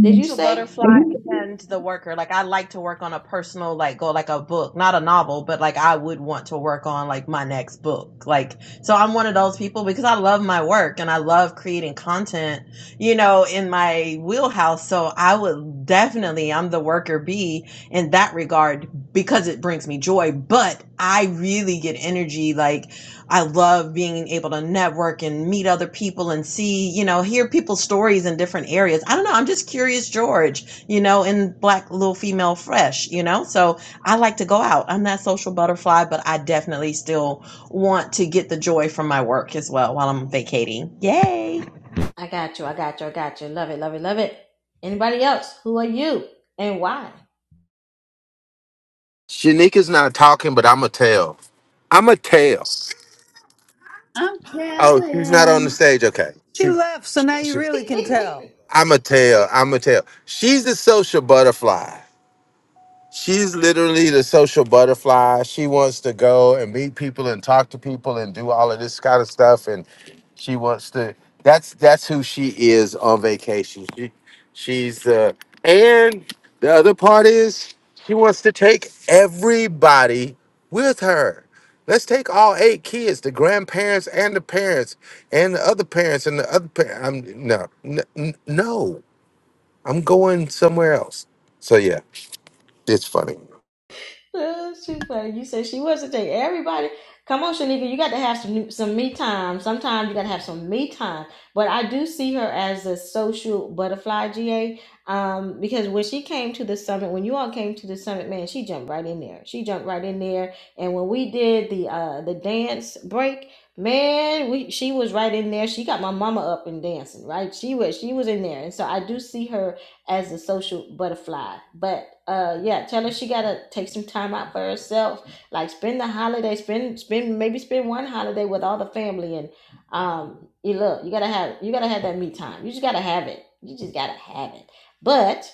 Speaker 1: did you
Speaker 16: Social
Speaker 1: say?
Speaker 16: butterfly and the worker. Like I like to work on a personal, like go like a book, not a novel, but like I would want to work on like my next book. Like so, I'm one of those people because I love my work and I love creating content. You know, in my wheelhouse. So I would definitely, I'm the worker bee in that regard because it brings me joy. But I really get energy like I love being able to network and meet other people and see, you know, hear people's stories in different areas. I don't know. I'm just curious, George, you know, in Black Little Female Fresh, you know? So I like to go out. I'm that social butterfly, but I definitely still want to get the joy from my work as well while I'm vacating. Yay.
Speaker 1: I got you, I got you, I got you. Love it, love it, love it. Anybody else? Who are you and why?
Speaker 6: Shanika's not talking, but I'm a tell. I'm a tell.
Speaker 10: I'm
Speaker 6: Oh, she's not on the
Speaker 10: telling.
Speaker 6: stage. Okay.
Speaker 3: She left, so now you really can tell.
Speaker 6: I'm a tell. I'm a tell. She's the social butterfly. She's literally the social butterfly. She wants to go and meet people and talk to people and do all of this kind of stuff. And she wants to. That's that's who she is on vacation. She, she's uh, and the other part is she wants to take everybody with her. Let's take all eight kids, the grandparents and the parents and the other parents and the other parents. I'm no, n- n- no. I'm going somewhere else. So yeah, it's funny.
Speaker 1: Uh, She's like, you said she was a date. Everybody, come on, Shanika, you got to have some some me time. Sometimes you got to have some me time. But I do see her as a social butterfly, GA, um, because when she came to the summit, when you all came to the summit, man, she jumped right in there. She jumped right in there. And when we did the uh the dance break, man, we she was right in there. She got my mama up and dancing, right? She was she was in there, and so I do see her as a social butterfly. But uh yeah, tell her she gotta take some time out for herself. Like spend the holiday, spend spend maybe spend one holiday with all the family and um you look, you gotta have you gotta have that me time. You just gotta have it. You just gotta have it. But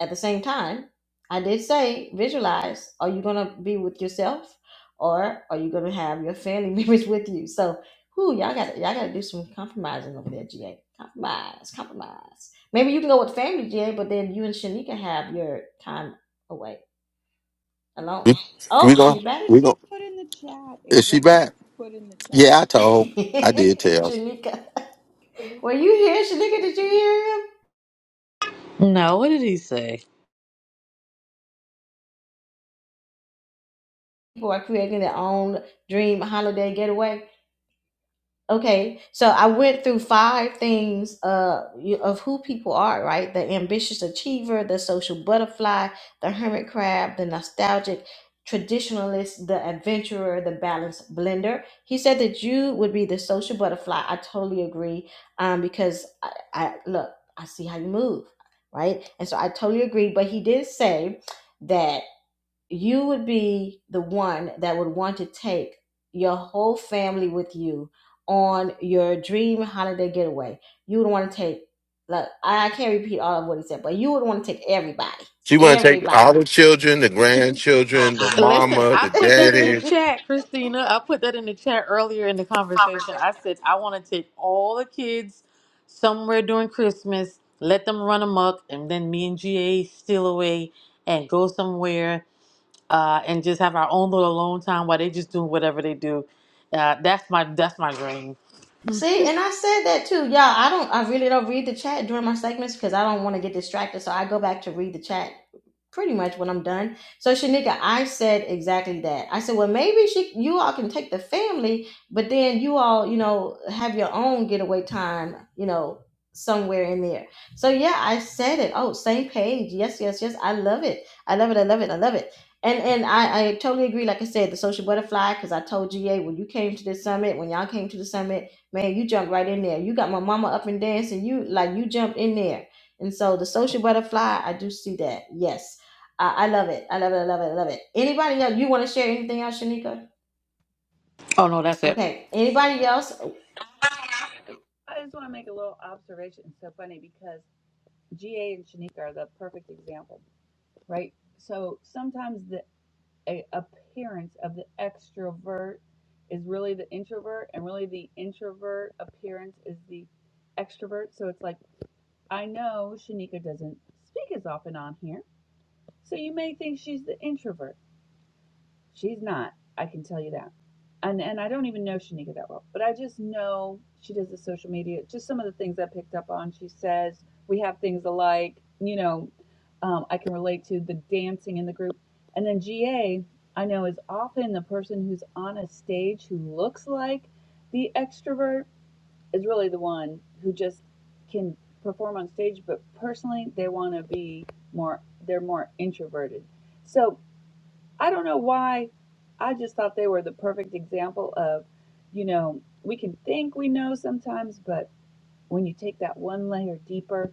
Speaker 1: at the same time, I did say visualize. Are you gonna be with yourself, or are you gonna have your family members with you? So, who y'all got? Y'all got to do some compromising over there, GA. Compromise, compromise. Maybe you can go with family, GA, but then you and Shanika have your time away alone.
Speaker 6: We we
Speaker 1: Oh,
Speaker 6: gon'
Speaker 1: she's back,
Speaker 10: Did
Speaker 6: we
Speaker 10: she
Speaker 6: gon'
Speaker 10: put in the chat?
Speaker 6: Is she
Speaker 10: Exactly.
Speaker 6: back?
Speaker 10: Put in the chat.
Speaker 6: Yeah, I told. I
Speaker 10: Just,
Speaker 6: did tell.
Speaker 1: Shanika. Were you here, Shanika? Did you hear him?
Speaker 20: No, what did he say?
Speaker 1: People are creating their own dream holiday getaway. Okay, so I went through five things uh, you- of who people are, right? The ambitious achiever, the social butterfly, the hermit crab, the nostalgic traditionalist, the adventurer, the balanced blender. He said that you would be the social butterfly. I totally agree um, because I, I look, I see how you move, right? And so I totally agree. But he did say that you would be the one that would want to take your whole family with you on your dream holiday getaway. You would want to take, like, I I can't repeat all of what he said, but you would want to take everybody,
Speaker 6: She want to take
Speaker 1: everybody.
Speaker 6: all the children, the grandchildren, the
Speaker 20: Listen,
Speaker 6: mama,
Speaker 20: I
Speaker 6: the
Speaker 20: put that in the
Speaker 6: daddy.
Speaker 20: chat, Christina. I put that in the chat earlier in the conversation. I said I want to take all the kids somewhere during Christmas, let them run amok, and then me and GA steal away and go somewhere uh, and just have our own little alone time while they just do whatever they do. Uh, that's my that's my dream.
Speaker 1: See, and I said that too, y'all. I don't. I really don't read the chat during my segments because I don't want to get distracted. So I go back to read the chat pretty much when I'm done. So Shanika, I said exactly that. I said, well, maybe she, you all can take the family, but then you all, you know, have your own getaway time, you know, somewhere in there. So yeah, I said it. Oh, same page. Yes, yes, yes. I love it. I love it. I love it. I love it. And and I, I totally agree. Like I said, the social butterfly, because I told GA when you came to this summit, when y'all came to the summit. Man, you jumped right in there. You got my mama up and dancing. You like you jumped in there. And so the social butterfly, I do see that. Yes. I, I love it. I love it. I love it. I love it. Anybody else? You want to share anything else, Shanika?
Speaker 20: Oh no, that's it.
Speaker 1: Okay.
Speaker 10: I
Speaker 1: Anybody
Speaker 10: just,
Speaker 1: else?
Speaker 10: I just want to make a little observation. It's so funny because. GA and Shanika are the perfect example, right? So sometimes the a, appearance of the extrovert is really the introvert, and really the introvert appearance is the extrovert. So it's like, I know Shanika doesn't speak as often on here, so you may think she's the introvert. She's not. I can tell you that. And and I don't even know Shanika that well, but I just know she does the social media. Just some of the things I picked up on. She says we have things alike. You know, um, I can relate to the dancing in the group. And then GA, I know is often the person who's on a stage who looks like the extrovert is really the one who just can perform on stage. But personally, they want to be more. They're more introverted. So I don't know why. I just thought they were the perfect example of, you know, we can think we know sometimes, but when you take that one layer deeper,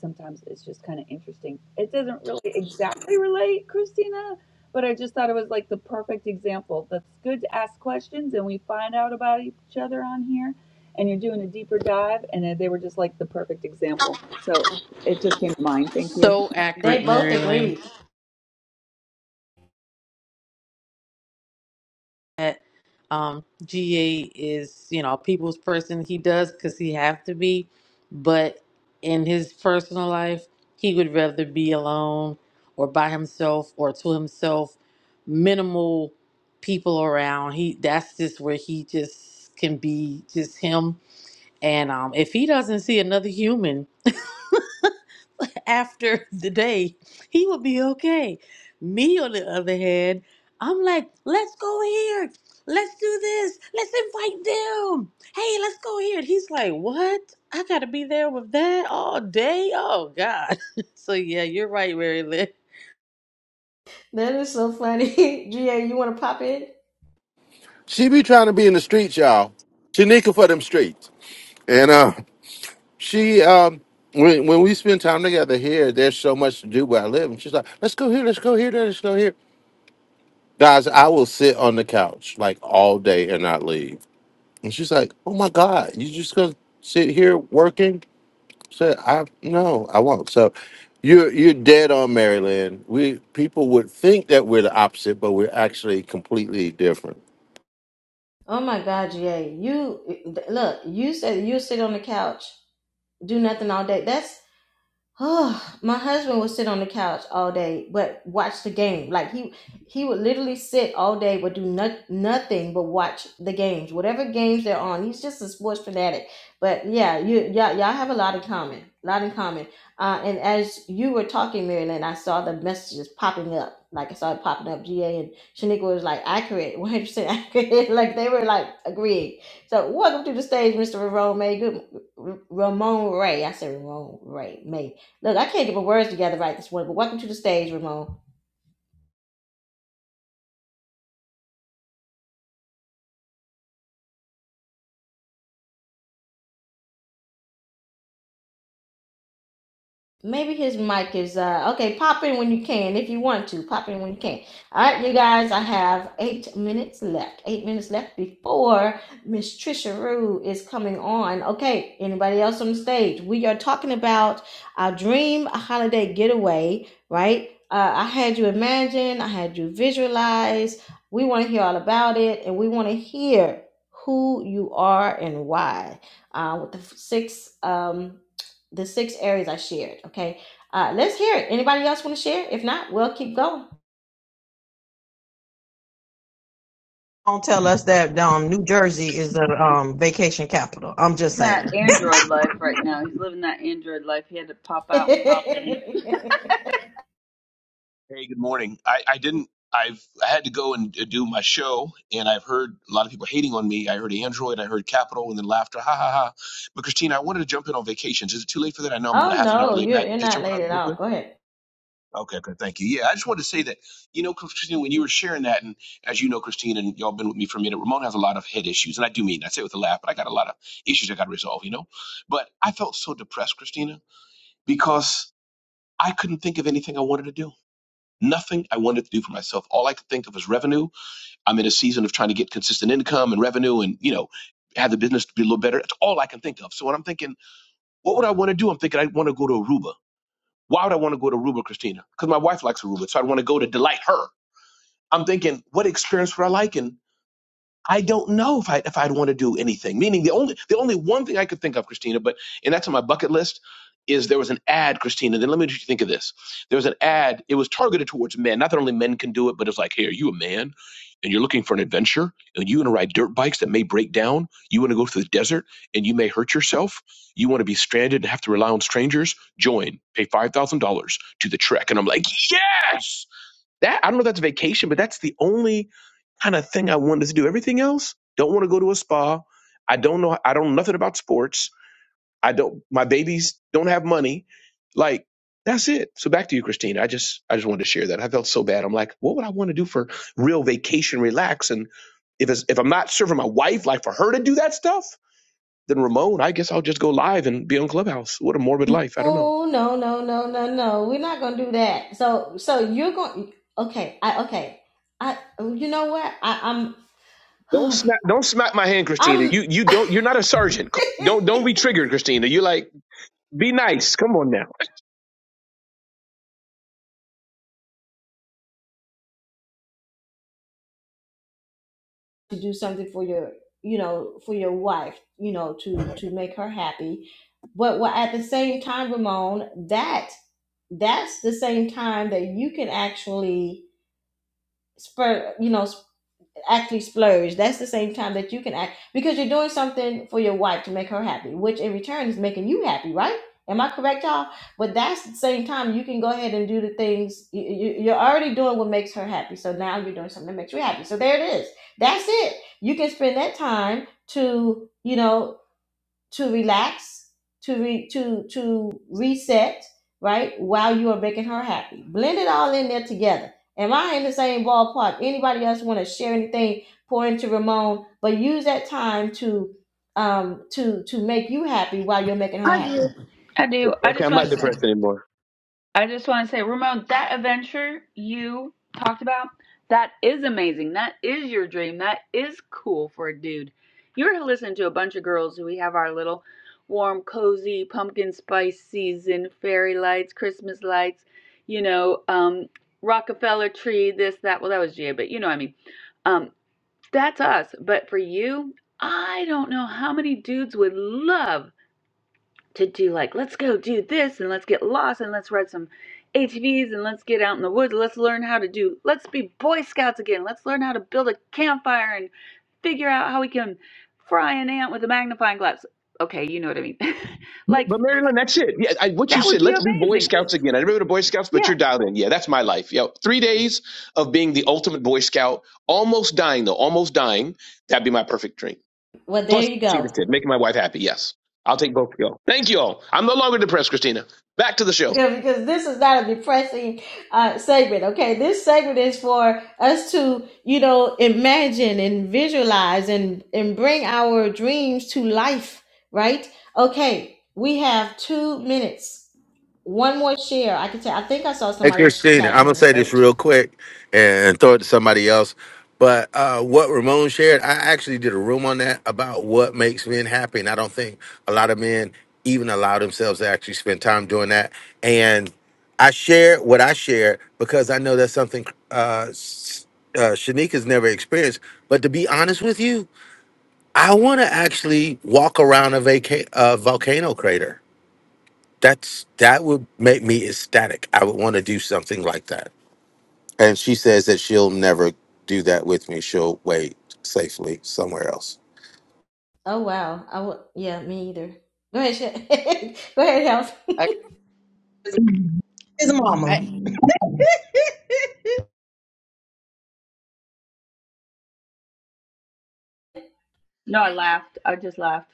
Speaker 10: sometimes it's just kind of interesting. It doesn't really exactly relate, Christina, but I just thought it was like the perfect example. That's good to ask questions and we find out about each other on here and you're doing a deeper dive and they were just like the perfect example. So it just came to mind. Thank you.
Speaker 20: So accurate,
Speaker 1: They both
Speaker 20: Marilyn.
Speaker 1: agreed.
Speaker 20: that um, GA is, you know, a people's person. He does because he have to be, but in his personal life, he would rather be alone or by himself or to himself, minimal people around. He that's just where he just can be just him. And um, if he doesn't see another human after the day, he would be okay. Me, on the other hand, I'm like, let's go here. Let's do this. Let's invite them. Hey, let's go here. And he's like, what? I got to be there with that all day? Oh, God. so, yeah, you're right, Mary Lynn.
Speaker 1: That is so funny. GA, you want to pop in?
Speaker 6: She be trying to be in the streets, y'all. She nicking for them streets. And uh, she um, when when we spend time together here, there's so much to do where I live. And she's like, let's go here, let's go here, let's go here. Guys, I will sit on the couch like all day and not leave. And she's like, oh my god, you just gonna sit here working? So I no, I won't. So you're you're dead on Maryland. We people would think that we're the opposite, but we're actually completely different.
Speaker 1: Oh my God, GA. You look, you said you sit on the couch, do nothing all day. That's Oh, my husband would sit on the couch all day, but watch the game. Like he, he would literally sit all day, but do not, nothing but watch the games, whatever games they're on. He's just a sports fanatic. But yeah, you, y'all, y'all have a lot in common, a lot in common. Uh, and as you were talking, Marilyn, I saw the messages popping up. Like I saw it popping up. GA and Shaniqua was like accurate, one hundred percent accurate. like they were like agreeing. So welcome to the stage, Mr. Ramon May. Good, Ramon Ray. I said Ramon Ray May. Look, I can't get my words together right this morning, but welcome to the stage, Ramon. Maybe his mic is uh okay. Pop in when you can, if you want to. Pop in when you can. All right, you guys. I have eight minutes left. Eight minutes left before Miss Trisha Rue is coming on. Okay. Anybody else on the stage? We are talking about our dream holiday getaway. Right. Uh, I had you imagine. I had you visualize. We want to hear all about it, and we want to hear who you are and why. Uh, with the f- six um the six areas I shared. Okay. Uh, let's hear it. Anybody else want to share? If not, we'll keep going.
Speaker 16: Don't tell us that um, New Jersey is the um, vacation capital. I'm just
Speaker 10: that
Speaker 16: saying.
Speaker 10: Android life right now. He's living that Android life. He had to pop out and pop in.
Speaker 21: Hey, good morning. I, I didn't. I've I had to go and do my show, and I've heard a lot of people hating on me. I heard Android, I heard Capital, and then laughter, ha ha ha. But Christina, I wanted to jump in on vacations. Is it too late for that? I know I'm about a
Speaker 1: oh
Speaker 21: half an hour
Speaker 1: no,
Speaker 21: late.
Speaker 1: you're
Speaker 21: Matt,
Speaker 1: you're
Speaker 21: just
Speaker 1: not
Speaker 21: jump in on
Speaker 1: late
Speaker 21: it
Speaker 1: at
Speaker 21: real
Speaker 1: all.
Speaker 21: quick.
Speaker 1: Go ahead.
Speaker 21: Okay, okay, thank you. Yeah, I just wanted to say that you know, Christina, when you were sharing that, and as you know, Christina, and y'all been with me for a minute. Ramon has a lot of head issues, and I do mean I say it with a laugh, but I got a lot of issues I got to resolve. You know, but I felt so depressed, Christina, because I couldn't think of anything I wanted to do nothing I wanted to do for myself. All I could think of was revenue. I'm in a season of trying to get consistent income and revenue and, you know, have the business be a little better. That's all I can think of. So when I'm thinking, what would I want to do? I'm thinking I'd want to go to Aruba. Why would I want to go to Aruba, Christina? Because my wife likes Aruba. So I'd want to go to delight her. I'm thinking, what experience would I like? And I don't know if I if I'd want to do anything. Meaning the only the only one thing I could think of, Christina, but and that's on my bucket list, is there was an ad, Christina. Then let me just think of this. There was an ad, it was targeted towards men. Not that only men can do it, but it's like, hey, are you a man? And you're looking for an adventure, and you want to ride dirt bikes that may break down. You want to go through the desert, and you may hurt yourself. You want to be stranded and have to rely on strangers. Join, pay five thousand dollars to the trek, and I'm like, yes that I don't know if that's vacation, but that's the only kind of thing I wanted to do. Everything else, don't want to go to a spa. I don't know. I don't know nothing about sports. I don't. My babies don't have money. Like that's it. So back to you, Christina. I just I just wanted to share that. I felt so bad. I'm like, what would I want to do for real vacation, relax, and if it's, if I'm not serving my wife, like for her to do that stuff, then Ramon, I guess I'll just go live and be on Clubhouse. What a morbid life. I don't know.
Speaker 1: Oh no no no no no. We're not gonna do that. So so you're going. Okay. I okay. I you know what? I, I'm
Speaker 21: Don't smack don't smack my hand, Christina.
Speaker 1: I'm.
Speaker 21: You you don't you're not a sergeant. Co- Don't don't be triggered, Christina. You like be nice. Come on now.
Speaker 1: to do something for your you know for your wife you know to to make her happy but wha- at the same time ramon that that's the same time that you can actually spur you know actually splurge. That's the same time that you can act because you're doing something for your wife to make her happy, which in return is making you happy, right? Am I correct, y'all? But that's the same time you can go ahead and do the things you, you, you're already doing what makes her happy. So now you're doing something that makes you happy. So there it is. That's it. You can spend that time to, you know, to relax, to re, to to reset, right? While you are making her happy, blend it all in there together. Am I in the same ballpark? Anybody else want to share anything? Pour into Ramon, but use that time to um to to make you happy while you're making her happy.
Speaker 10: I do. I
Speaker 21: Okay,
Speaker 10: just
Speaker 21: I'm
Speaker 10: want
Speaker 21: not
Speaker 10: to say,
Speaker 21: depressed anymore.
Speaker 10: I just want to say, Ramon, that adventure you talked about, that is amazing. That is your dream. That is cool for a dude. You're listening to a bunch of girls who we have our little warm, cozy pumpkin spice season, fairy lights, Christmas lights, you know, um, Rockefeller tree, this, that. Well, that was Jay, but you know what I mean. Um, That's us. But for you, I don't know how many dudes would love to do like, let's go do this and let's get lost and let's ride some ATVs and let's get out in the woods. Let's learn how to do, let's be Boy Scouts again. Let's learn how to build a campfire and figure out how we can fry an ant with a magnifying glass. Okay, you know what I mean.
Speaker 21: Yeah, But
Speaker 10: like,
Speaker 21: Marilyn, that's it. Yeah, I, what you
Speaker 10: that would
Speaker 21: said.
Speaker 10: be
Speaker 21: Let's be Boy
Speaker 10: amazing.
Speaker 21: Scouts again. I never been to Boy Scouts, but you're
Speaker 10: Yeah.
Speaker 21: dialed in. Yeah, that's my life. Yo, three days of being the ultimate Boy Scout, almost dying though, almost dying. That'd be my perfect dream.
Speaker 1: Well, there
Speaker 21: Plus,
Speaker 1: you go.
Speaker 21: Christina said, making my wife happy. Yes, I'll take both of y'all. Thank you all. I'm no longer depressed, Christina. Back to the show.
Speaker 1: Okay, because this is not a depressing uh, segment. Okay, this segment is for us to, you know, imagine and visualize and and bring our dreams to life. Right? Okay, we have two minutes. One more share. I can tell. I think I saw
Speaker 6: Hey,
Speaker 1: somebody
Speaker 6: Christina, I'm
Speaker 1: flashing
Speaker 6: gonna
Speaker 1: on the
Speaker 6: say this
Speaker 1: stage.
Speaker 6: real quick and throw it to somebody else. But uh, what Ramon shared, I actually did a room on that about what makes men happy, and I don't think a lot of men even allow themselves to actually spend time doing that. And I share what I share because I know that's something uh, s- uh, Shanika's never experienced. But to be honest with you, I want to actually walk around a vaca- uh, volcano crater. That's that would make me ecstatic. I would want to do something like that. And she says that she'll never do that with me. She'll wait safely somewhere else.
Speaker 1: Oh wow. I w- yeah, me either. Go ahead. Sha- Go ahead, help.
Speaker 22: Uh,
Speaker 16: His mama.
Speaker 22: I-
Speaker 10: No, I laughed. I just laughed.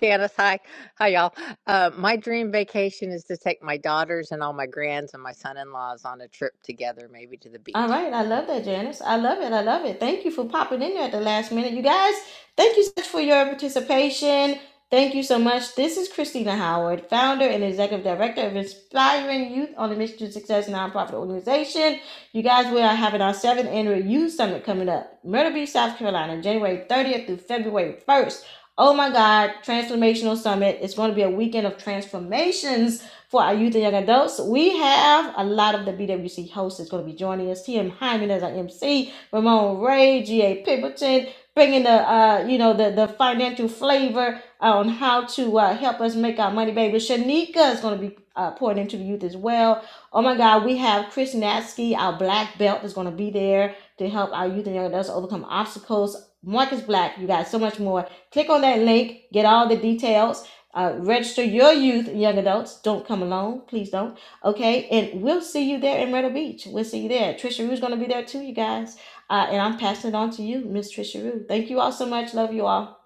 Speaker 22: Janice, hi. Hi, y'all. Uh, my dream vacation is to take my daughters and all my grands and my son in laws on a trip together, maybe to the
Speaker 1: All
Speaker 22: beach.
Speaker 1: right, I love that, Janice. I love it. I love it. Thank you for popping in there at the last minute. You guys, thank you so much for your participation. Thank you so much. This is Christina Howard, founder and executive director of Inspiring Youth on a Mission to Success nonprofit organization. You guys, we are having our seventh annual youth summit coming up, Myrtle Beach, South Carolina, January 30th through February 1st. Oh my God, transformational summit. It's going to be a weekend of transformations for our youth and young adults. We have a lot of the BWC hosts that's going to be joining us. TM Hyman as our MC, Ramon Ray, G.A. Pimpleton, bringing the, uh, you know, the, the financial flavor on how to uh, help us make our money, baby. Shanika is going to be uh, pouring into the youth as well. Oh my God, we have Chris Natsky, our black belt, is going to be there to help our youth and young adults overcome obstacles. Marcus Black, you guys, so much more. Click on that link, get all the details uh, register your youth and young adults. Don't come alone. Please don't. Okay. And we'll see you there in Myrtle Beach. We'll see you there. Trisha Rue's going to be there too, you guys. Uh, and I'm passing it on to you, Miss Trisha Rue. Thank you all so much. Love you all.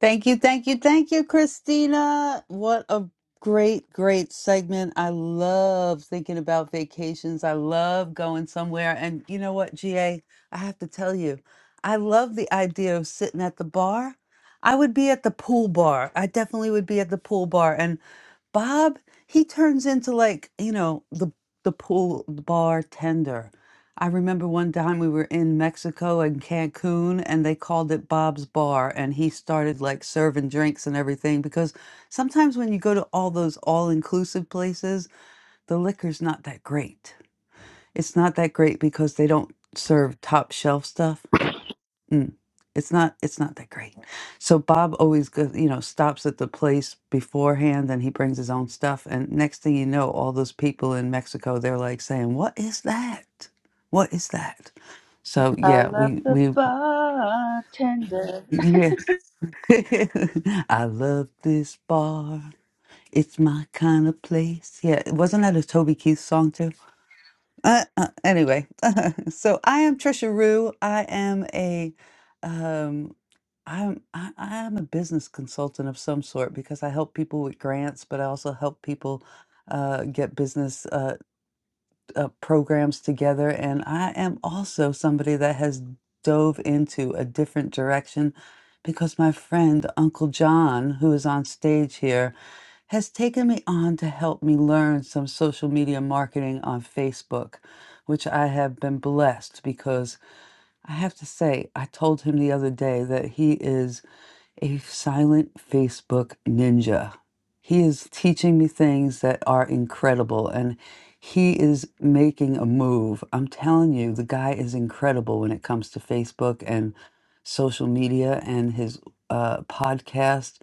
Speaker 3: Thank you, thank you, thank you, Christina. What a great, great segment. I love thinking about vacations. I love going somewhere. And you know what, GA? I have to tell you, I love the idea of sitting at the bar. I would be at the pool bar. I definitely would be at the pool bar. And Bob, he turns into like, you know, the the pool bartender I remember one time we were in Mexico and Cancun and they called it Bob's Bar and he started like serving drinks and everything because sometimes when you go to all those all-inclusive places, the liquor's not that great. It's not that great because they don't serve top shelf stuff. Mm. It's not it's not that great. So Bob always goes, you know, stops at the place beforehand and he brings his own stuff and next thing you know all those people in Mexico they're like saying, "What is that? What is that?" So
Speaker 10: I
Speaker 3: yeah,
Speaker 10: love
Speaker 3: we
Speaker 10: the
Speaker 3: we
Speaker 10: bartender.
Speaker 3: yeah. I love this bar. It's my kind of place. Yeah, wasn't that a Toby Keith song too? Uh, uh, anyway, so I am Trisha Rue. I am a, um, I'm I, I am a business consultant of some sort because I help people with grants, but I also help people uh, get business uh, uh, programs together. And I am also somebody that has dove into a different direction because my friend Uncle John, who is on stage here, has taken me on to help me learn some social media marketing on Facebook, which I have been blessed because I have to say, I told him the other day that he is a silent Facebook ninja. He is teaching me things that are incredible and he is making a move. I'm telling you, the guy is incredible when it comes to Facebook and social media and his uh, podcast.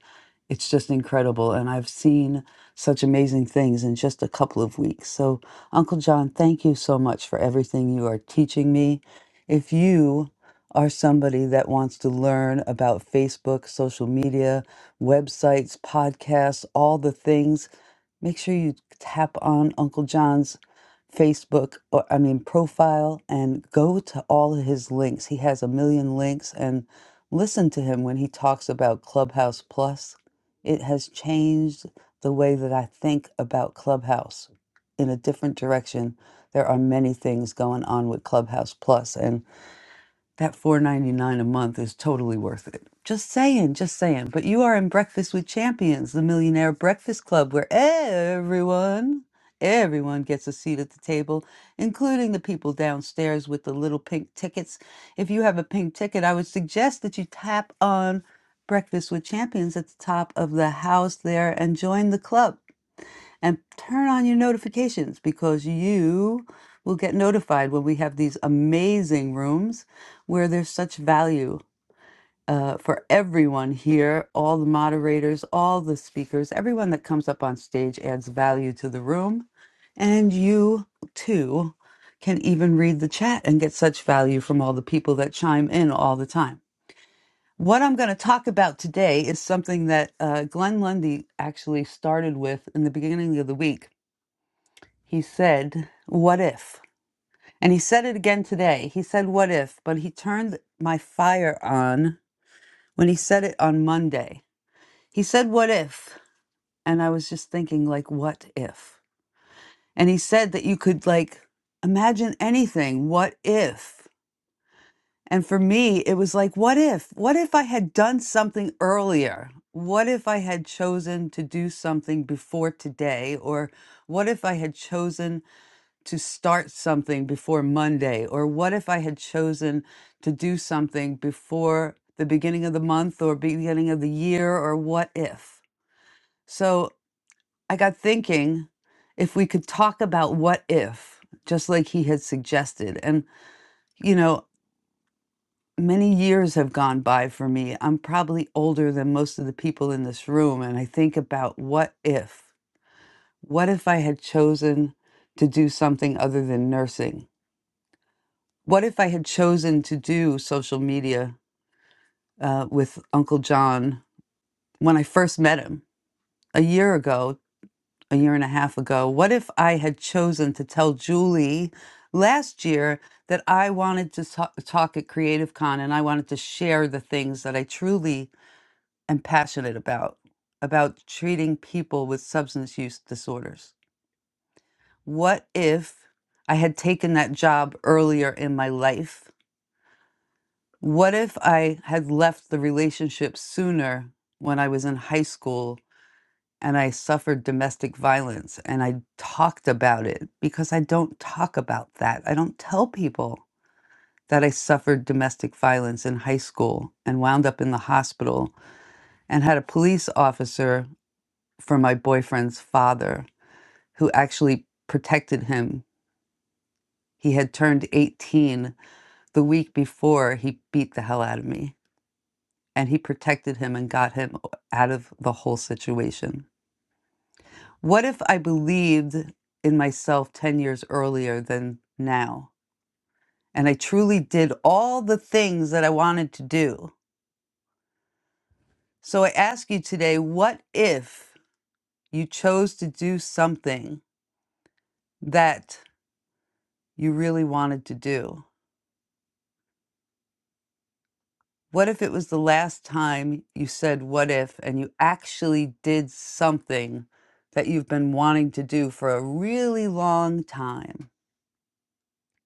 Speaker 3: It's just incredible. And I've seen such amazing things in just a couple of weeks. So, Uncle John, thank you so much for everything you are teaching me. If you or somebody that wants to learn about Facebook, social media, websites, podcasts, all the things, make sure you tap on Uncle John's Facebook, or, I mean, profile and go to all of his links. He has a million links and listen to him when he talks about Clubhouse Plus. It has changed the way that I think about Clubhouse in a different direction. There are many things going on with Clubhouse Plus, and that four ninety nine a month is totally worth it. Just saying, just saying. But you are in Breakfast with Champions, the Millionaire Breakfast Club, where everyone, everyone gets a seat at the table, including the people downstairs with the little pink tickets. If you have a pink ticket, I would suggest that you tap on Breakfast with Champions at the top of the house there and join the club and turn on your notifications because you will get notified when we have these amazing rooms where there's such value uh, for everyone here, all the moderators, all the speakers, everyone that comes up on stage adds value to the room. And you too can even read the chat and get such value from all the people that chime in all the time. What I'm going to talk about today is something that uh, Glenn Lundy actually started with in the beginning of the week he said, What if? And he said it again today. He said, What if? But he turned my fire on when he said it on Monday. He said, What if? And I was just thinking, like, what if? And he said that you could, like, imagine anything. What if? And for me, it was like, what if? What if I had done something earlier? What if I had chosen to do something before today? Or what if I had chosen to start something before Monday? Or what if I had chosen to do something before the beginning of the month or beginning of the year? Or what if? So I got thinking if we could talk about what if, just like he had suggested. And, you know, many years have gone by for me. I'm probably older than most of the people in this room. And I think about what if? What if I had chosen to do something other than nursing? what if I had chosen to do social media uh, with Uncle John when I first met him a year ago, a year and a half ago? What if I had chosen to tell Julie last year that I wanted to ta- talk at Creative Con and I wanted to share the things that I truly am passionate about, about treating people with substance use disorders? What if I had taken that job earlier in my life? What if I had left the relationship sooner when I was in high school and I suffered domestic violence and I talked about it? Because I don't talk about that. I don't tell people that I suffered domestic violence in high school and wound up in the hospital and had a police officer for my boyfriend's father who actually protected him. He had turned 18 the week before he beat the hell out of me. and he protected him and got him out of the whole situation. What if I believed in myself 10 years earlier than now? And I truly did all the things that I wanted to do. So I ask you today what if you chose to do something that you really wanted to do? What if it was the last time you said what if and you actually did something that you've been wanting to do for a really long time?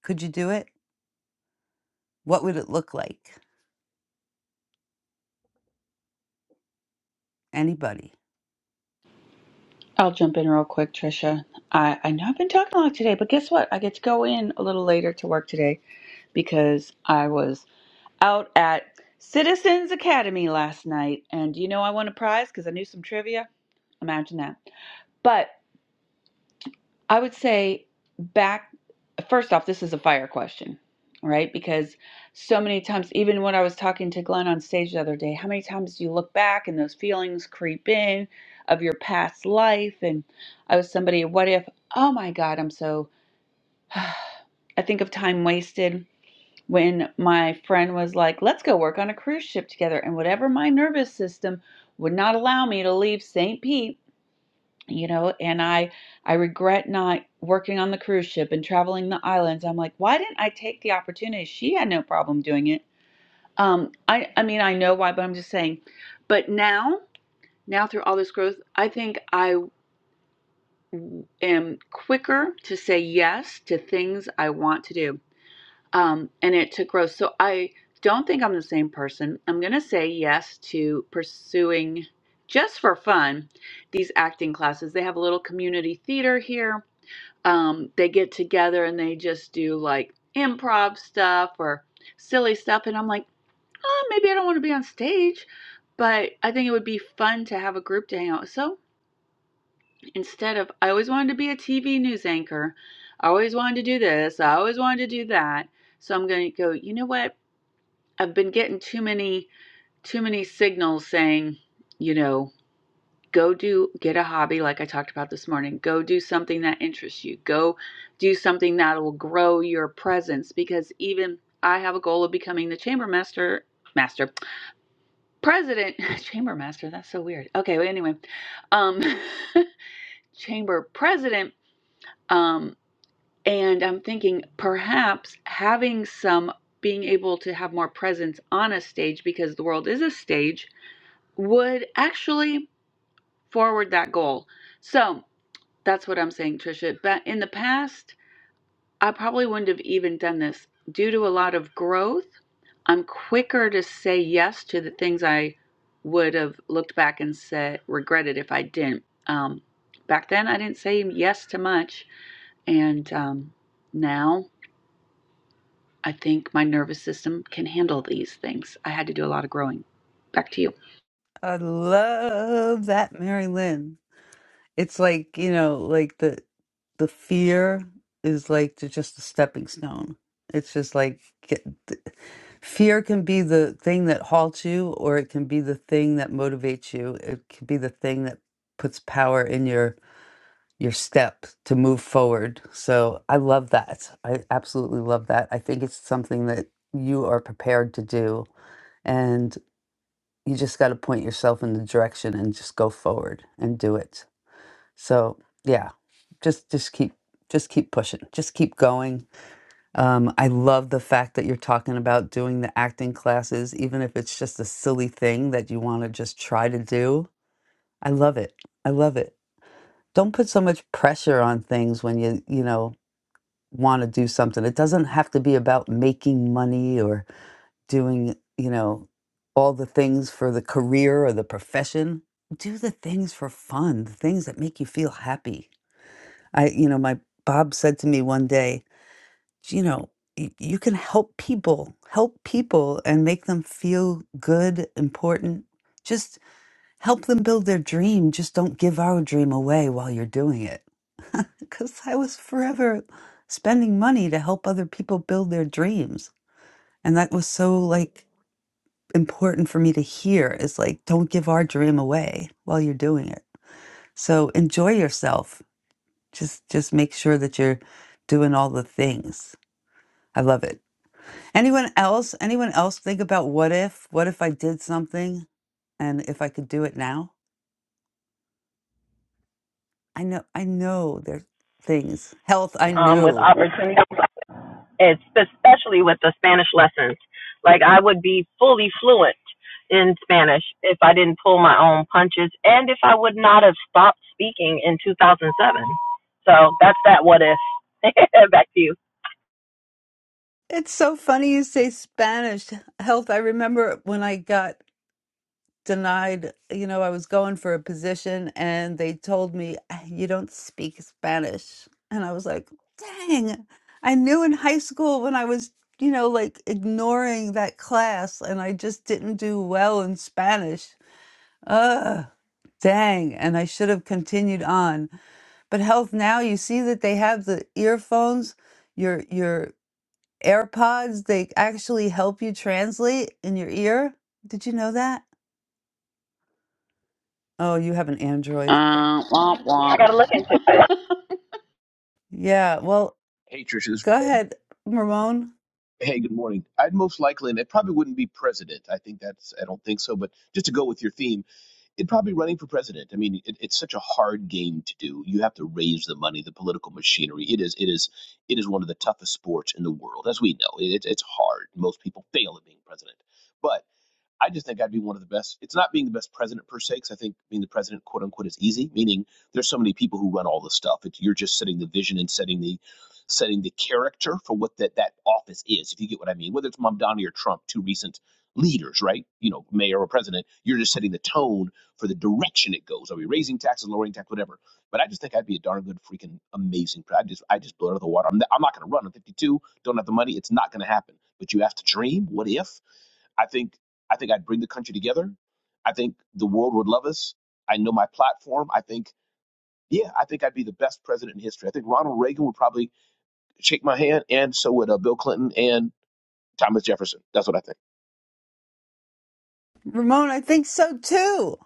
Speaker 3: Could you do it? What would it look like? Anybody?
Speaker 10: I'll jump in real quick, Trisha. I, I know I've been talking a lot today, but guess what? I get to go in a little later to work today because I was out at Citizens Academy last night. And do you know I won a prize because I knew some trivia? Imagine that. But I would say back first off, this is a fire question, right? Because so many times, even when I was talking to Glenn on stage the other day, how many times do you look back and those feelings creep in of your past life? And I was somebody, what if, oh my God, I'm so, I think of time wasted when my friend was like, let's go work on a cruise ship together. And whatever my nervous system would not allow me to leave St. Pete, you know and i i regret not working on the cruise ship and traveling the islands i'm like why didn't i take the opportunity she had no problem doing it um i i mean i know why but i'm just saying but now now through all this growth i think I am quicker to say yes to things i want to do um and it took growth so i don't think i'm the same person i'm going to say yes to pursuing just for fun these acting classes they have a little community theater here um, they get together and they just do like improv stuff or silly stuff. And I'm like, oh, maybe I don't want to be on stage, but I think it would be fun to have a group to hang out. with. So instead of, I always wanted to be a TV news anchor, I always wanted to do this, I always wanted to do that. So I'm going to go, you know what? I've been getting too many, too many signals saying, you know, go do get a hobby like i talked about this morning go do something that interests you go do something that will grow your presence because even i have a goal of becoming the chamber master master president chamber master that's so weird okay well, anyway um chamber president um and i'm thinking perhaps having some being able to have more presence on a stage because the world is a stage would actually forward that goal so That's what I'm saying, Trisha. But in the past, I probably wouldn't have even done this. Due to a lot of growth, I'm quicker to say yes to the things I would have looked back and said regretted if I didn't. Um, back then, I didn't say yes to much, and um, now I think my nervous system can handle these things. I had to do a lot of growing. Back to you.
Speaker 3: I love that, Mary Lynn. It's like, you know, like the the fear is like the, just a stepping stone. It's just like get, th- fear can be the thing that halts you, or it can be the thing that motivates you. It can be the thing that puts power in your your step to move forward. So I love that. I absolutely love that. I think it's something that you are prepared to do, and you just got to point yourself in the direction and just go forward and do it. So yeah, just just keep just keep pushing, just keep going. Um, I love the fact that you're talking about doing the acting classes, even if it's just a silly thing that you want to just try to do. I love it. I love it. Don't put so much pressure on things when you you know want to do something. It doesn't have to be about making money or doing you know all the things for the career or the profession. Do the things for fun, the things that make you feel happy I, you know, my Bob said to me one day, "Gee, you know, y- you can help people, help people and make them feel good, important. Just help them build their dream. Just don't give our dream away while you're doing it. Because I was forever spending money to help other people build their dreams. And that was so like important for me to hear is like, don't give our dream away while you're doing it. So enjoy yourself just just make sure that you're doing all the things. I love it. Anyone else? Anyone else think about what if? What if I did something and if I could do it now? I know I know there's things. Health, I
Speaker 16: um, with
Speaker 3: know.
Speaker 16: opportunity. It's especially with the Spanish lessons. Like I would be fully fluent in Spanish if I didn't pull my own punches and if I would not have stopped speaking in 2007. So that's that what if. Back to you.
Speaker 3: It's so funny you say Spanish. Health, I remember when I got denied, you know, I was going for a position and they told me, "Ah, you don't speak Spanish. And I was like, dang, I knew in high school when I was, you know, like ignoring that class and I just didn't do well in Spanish. Ugh, dang. And I should have continued on. But health now, you see that they have the earphones, your your AirPods, they actually help you translate in your ear. Did you know that? Oh, you have an Android.
Speaker 10: Uh, womp womp.
Speaker 3: Yeah, well,
Speaker 21: Hey, Trish.
Speaker 3: go ahead, Ramon.
Speaker 21: Hey, good morning. I'd most likely, and it probably wouldn't be president. I think that's, I don't think so. But just to go with your theme, it'd probably be running for president. I mean, it, it's such a hard game to do. You have to raise the money, the political machinery. It is, it is, it is one of the toughest sports in the world, as we know. It, it's hard. Most people fail at being president. but. I just think I'd be one of the best. It's not being the best president per se, because I think being the president, quote unquote, is easy. Meaning there's so many people who run all this stuff. It, you're just setting the vision and setting the setting the character for what that that office is. If you get what I mean, whether it's Mamdani or Trump, two recent leaders, right? You know, mayor or president, you're just setting the tone for the direction it goes. Are we raising taxes, lowering tax, whatever? But I just think I'd be a darn good, freaking amazing. pre- I just I just blow it out of the water. I'm not, I'm not going to run. I'm 52. Don't have the money. It's not going to happen. But you have to dream. What if? I think I think I'd bring the country together. I think the world would love us. I know my platform. I think yeah, I think I'd be the best president in history. I think Ronald Reagan would probably shake my hand, and so would uh, Bill Clinton and Thomas Jefferson. That's what I think.
Speaker 3: Ramon, I think so too.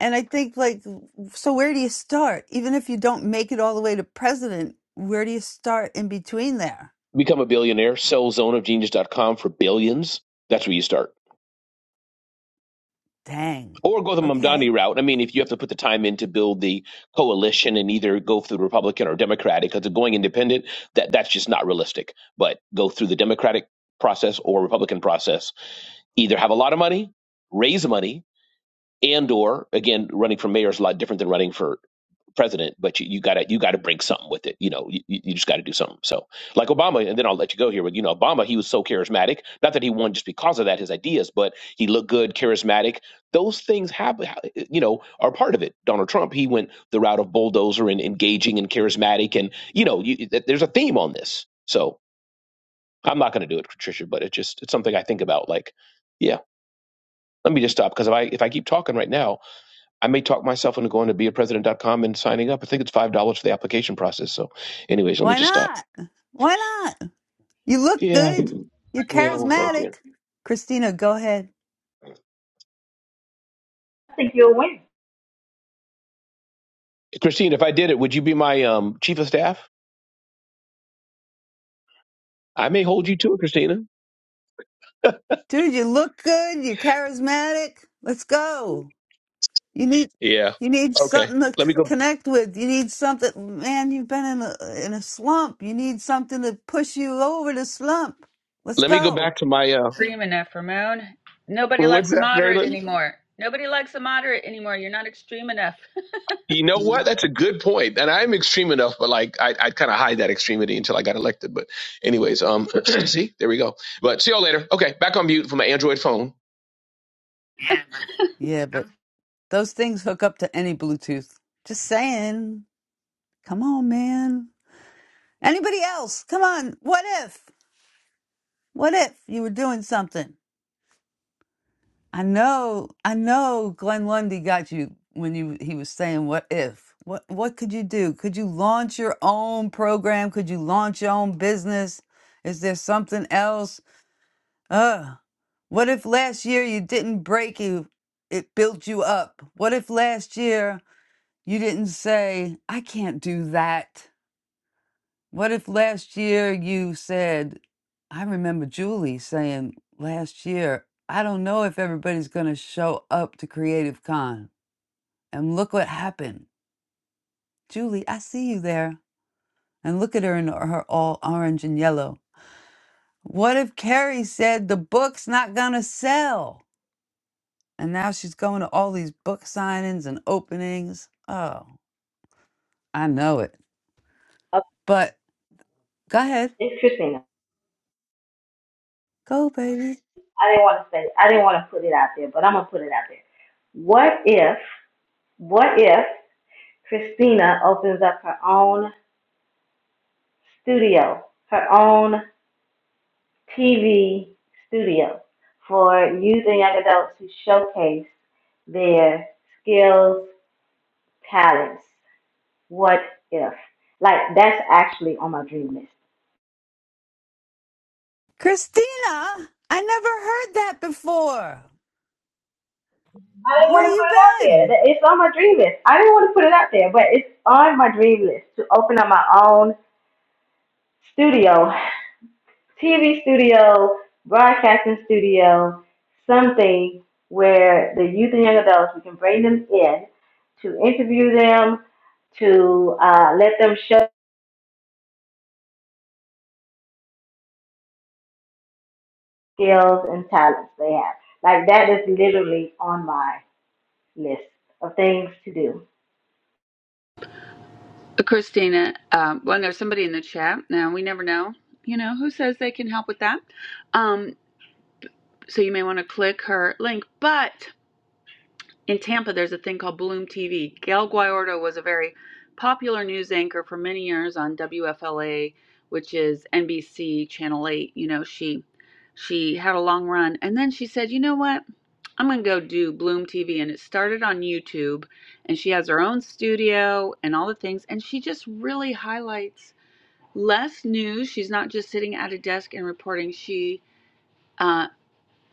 Speaker 3: And I think, like, so where do you start? Even if you don't make it all the way to president, where do you start in between there?
Speaker 21: Become a billionaire. Sell zoneofgenius.com for billions. That's where you start.
Speaker 3: Dang.
Speaker 21: Or go the Mamdani
Speaker 3: Okay.
Speaker 21: route. I mean, if you have to put the time in to build the coalition and either go through the Republican or Democratic, because going independent, that, that's just not realistic. But go through the Democratic process or Republican process either have a lot of money, raise money, and or again, running for mayor is a lot different than running for president. But you, you gotta you gotta bring something with it. You know, you, you just gotta do something. So like Obama, and then I'll let you go here. But you know, Obama, he was so charismatic. Not that he won just because of that, his ideas, but he looked good, charismatic. Those things have you know are part of it. Donald Trump, he went the route of bulldozer and engaging and charismatic, and you know, you, th- there's a theme on this. So I'm not gonna do it, Patricia, but it just it's something I think about. Like. Yeah, let me just stop because if I if I keep talking right now, I may talk myself into going to be a president dot com and signing up. I think it's five dollars for the application process. So, anyways, let me
Speaker 3: Why
Speaker 21: just stop.
Speaker 3: not? Why not? You look
Speaker 21: Yeah,
Speaker 3: good. You're
Speaker 21: yeah. Well, thank you,
Speaker 3: charismatic. Christina, go ahead.
Speaker 1: I think you'll win.
Speaker 21: Christine. If I did it, would you be my um, chief of staff? I may hold you to it, Christina.
Speaker 3: Dude, you look good. You're charismatic. Let's go. You need
Speaker 21: Yeah.
Speaker 3: you need
Speaker 21: Okay.
Speaker 3: something to
Speaker 21: Let
Speaker 3: c-
Speaker 21: me go.
Speaker 3: connect with. You need something, man. You've been in a in a slump. You need something to push you over the slump. Let's
Speaker 21: Let me go
Speaker 3: go.
Speaker 21: back to my. Uh,
Speaker 10: Screaming after Ramon. Nobody
Speaker 21: what's
Speaker 10: likes a
Speaker 21: that,
Speaker 10: moderate
Speaker 21: Marilyn?
Speaker 10: anymore. Nobody likes a moderate anymore. You're not extreme enough.
Speaker 21: You know what? That's a good point, and I'm extreme enough, but like I, I kind of hide that extremity until I got elected. But anyways, um, see, there we go. But see y'all later. Okay, back on mute for my Android phone.
Speaker 3: Yeah, but those things hook up to any Bluetooth. Just saying. Come on, man. Anybody else? Come on. What if? What if you were doing something? I know, I know Glenn Lundy got you when you he was saying what if? What what could you do? Could you launch your own program? Could you launch your own business? Is there something else? Uh what if last year you didn't break you it built you up? What if last year you didn't say, I can't do that? What if last year you said, I remember Julie saying last year, I don't know if everybody's going to show up to Creative Con. And look what happened. Julie, I see you there. And look at her in her all orange and yellow. What if Carrie said the book's not going to sell? And now she's going to all these book signings and openings. Oh, I know it.
Speaker 1: Uh,
Speaker 3: But go ahead.
Speaker 1: it's Christina.
Speaker 3: Go, baby.
Speaker 1: I didn't want to say. I didn't want to put it out there, but I'm gonna put it out there. What if? What if Christina opens up her own studio, her own TV studio for youth and young adults to showcase? their skills, talents. What if? Like that's actually on my dream list.
Speaker 3: Christina, I never heard that before.
Speaker 1: I didn't
Speaker 3: Where
Speaker 1: want to put
Speaker 3: you
Speaker 1: it out there.
Speaker 3: been?
Speaker 1: That- It's on my dream list. I didn't want to put it out there, but it's on my dream list to open up my own studio, TV studio, broadcasting studio, something where the youth and young adults we can bring them in to interview them, to uh, let them show skills and talents they have. Like that is literally on my list of things to do.
Speaker 10: Christina, um, well, there's somebody in the chat. Now, we never know, you know, who says they can help with that. Um, so you may want to click her link. But in Tampa, there's a thing called Bloom TV. Gail Guayordo was a very popular news anchor for many years on WFLA, which is NBC Channel 8. You know, she she had a long run. And then she said, you know what? I'm gonna go do Bloom TV, and it started on YouTube, and she has her own studio and all the things, and she just really highlights less news. She's not just sitting at a desk and reporting. She uh,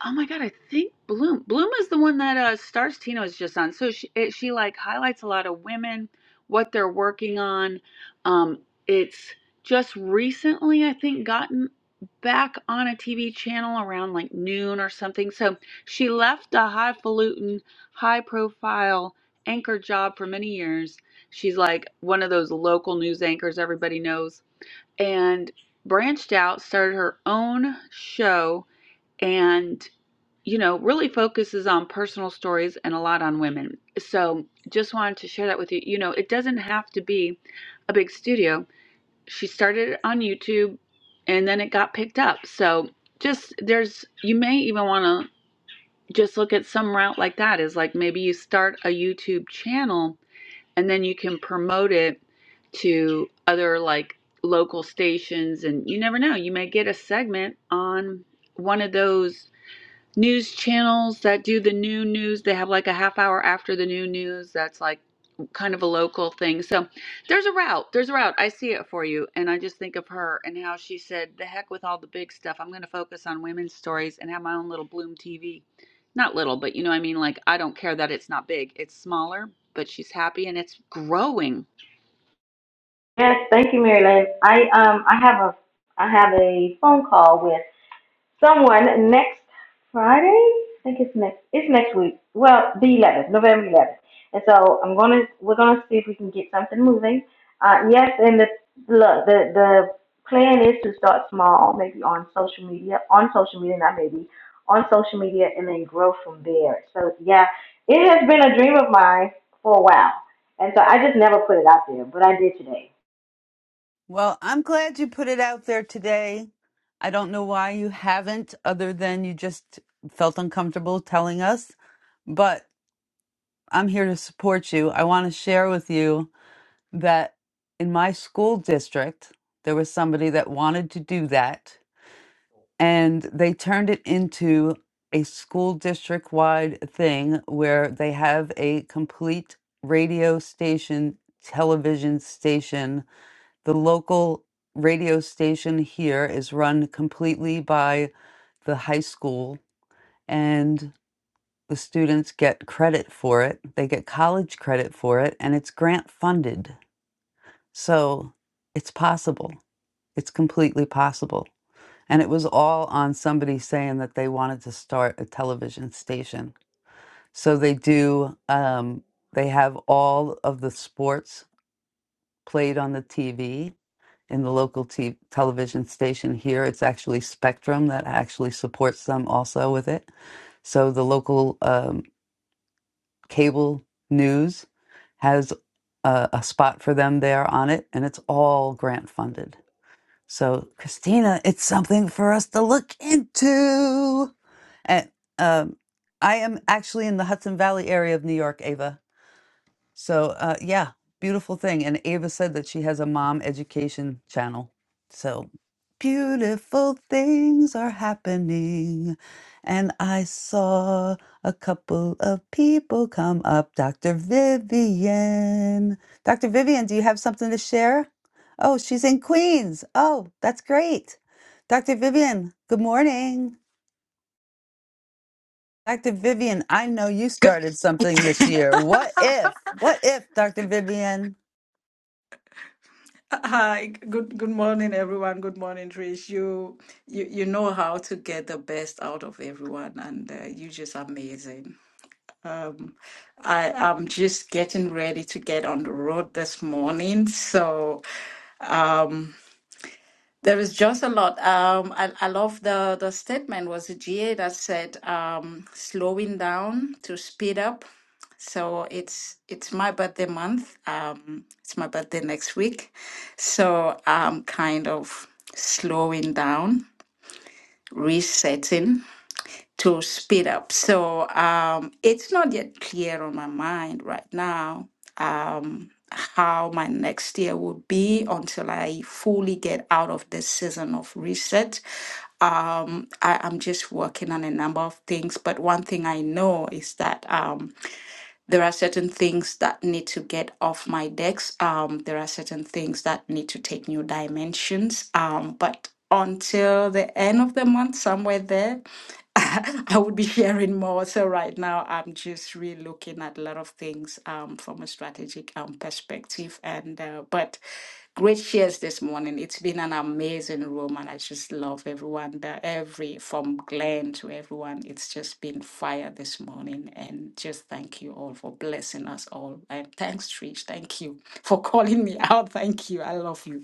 Speaker 10: Oh my God, I think Bloom. Bloom is the one that uh, Stars Tina was just on. So she it, she like highlights a lot of women, what they're working on. Um, it's just recently, I think, gotten back on a TV channel around like noon or something. So she left a highfalutin, high profile anchor job for many years. She's like one of those local news anchors everybody knows, and branched out, started her own show, and you know, really focuses on personal stories and a lot on women. So just wanted to share that with you. You know, it doesn't have to be a big studio. She started it on YouTube and then it got picked up. So just there's, you may even want to just look at some route like that is like maybe you start a YouTube channel and then you can promote it to other like local stations and you never know you may get a segment on one of those news channels that do the new news. They have like a half hour after the new news that's like kind of a local thing. So there's a route. There's a route. I see it for you. And I just think of her and how she said, the heck with all the big stuff. I'm going to focus on women's stories and have my own little Bloom TV. Not little, but you know what I mean? Like, I don't care that it's not big, it's smaller, but she's happy and it's growing.
Speaker 1: Yes, thank you, Mary Lynn. I um I have a I have a phone call with. someone next Friday. I think it's next. It's next week. Well, the 11th, November 11th. And so I'm gonna. We're gonna see if we can get something moving. Uh, yes, and the look, the the plan is to start small, maybe on social media, on social media, not maybe on social media, and then grow from there. So yeah, it has been a dream of mine for a while, and so I just never put it out there, but I did today.
Speaker 3: Well, I'm glad you put it out there today. I don't know why you haven't, other than you just felt uncomfortable telling us, but I'm here to support you. I want to share with you that in my school district, there was somebody that wanted to do that, and they turned it into a school district wide thing where they have a complete radio station, television station The local radio station here is run completely by the high school, and the students get credit for it. They get college credit for it, and it's grant funded. So it's possible. It's completely possible. And it was all on somebody saying that they wanted to start a television station. So they do, um, they have all of the sports played on the TV in the local t- television station here. It's actually Spectrum that actually supports them also with it. So the local um, cable news has a, a spot for them there on it, and it's all grant funded. So, Christina, it's something for us to look into. And um, I am actually in the Hudson Valley area of New York, Ava. So, uh, yeah, beautiful thing. And Ava said that she has a mom education channel. So, beautiful things are happening. And I saw a couple of people come up. Dr. Vivian. Dr. Vivian, do you have something to share? Oh, she's in Queens. Oh, that's great. Dr. Vivian, good morning. Dr. Vivian, I know you
Speaker 23: Good.
Speaker 3: started something this year. What if? What if, Dr. Vivian?
Speaker 23: Hi. Good good morning, everyone. Good morning, Trish. You you you know how to get the best out of everyone, and uh, you're just amazing. Um, I am just getting ready to get on the road this morning, so Um, There is just a lot. Um, I, I love the, the statement was a GA that said um, slowing down to speed up. So it's it's my birthday month. Um, it's my birthday next week. So I'm kind of slowing down, resetting to speed up. So um, it's not yet clear on my mind right now um, how my next year will be until I fully get out of this season of reset. Um, I, I'm just working on a number of things, but one thing I know is that um, there are certain things that need to get off my decks. Um, there are certain things that need to take new dimensions. Um, but until the end of the month, somewhere there, I would be sharing more. So right now, I'm just really looking at a lot of things um, from a strategic um, perspective. And uh, but great shares this morning. It's been an amazing room, and I just love everyone there. Every from Glenn to everyone, it's just been fire this morning. And just thank you all for blessing us all. And thanks, Trish. Thank you for calling me out. Thank you. I love you.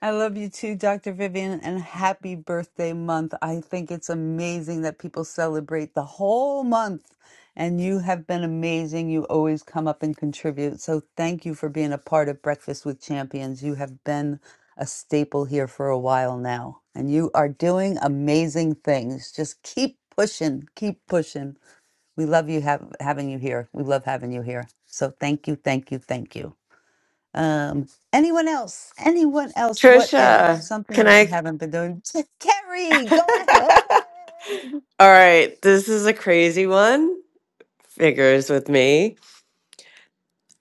Speaker 3: I love you too, Dr. Vivian, and happy birthday month. I think it's amazing that people celebrate the whole month, and you have been amazing. You always come up and contribute. So, thank you for being a part of Breakfast with Champions. You have been a staple here for a while now, and you are doing amazing things. Just keep pushing, keep pushing. We love you have, having you here. We love having you here. So, thank you, thank you, thank you. Um, anyone else? Anyone else? What if
Speaker 24: Trisha,
Speaker 3: something
Speaker 24: can
Speaker 3: that you
Speaker 24: I?
Speaker 3: haven't been doing? Carrie, go ahead.
Speaker 24: All right, this is a crazy one. Figures with me.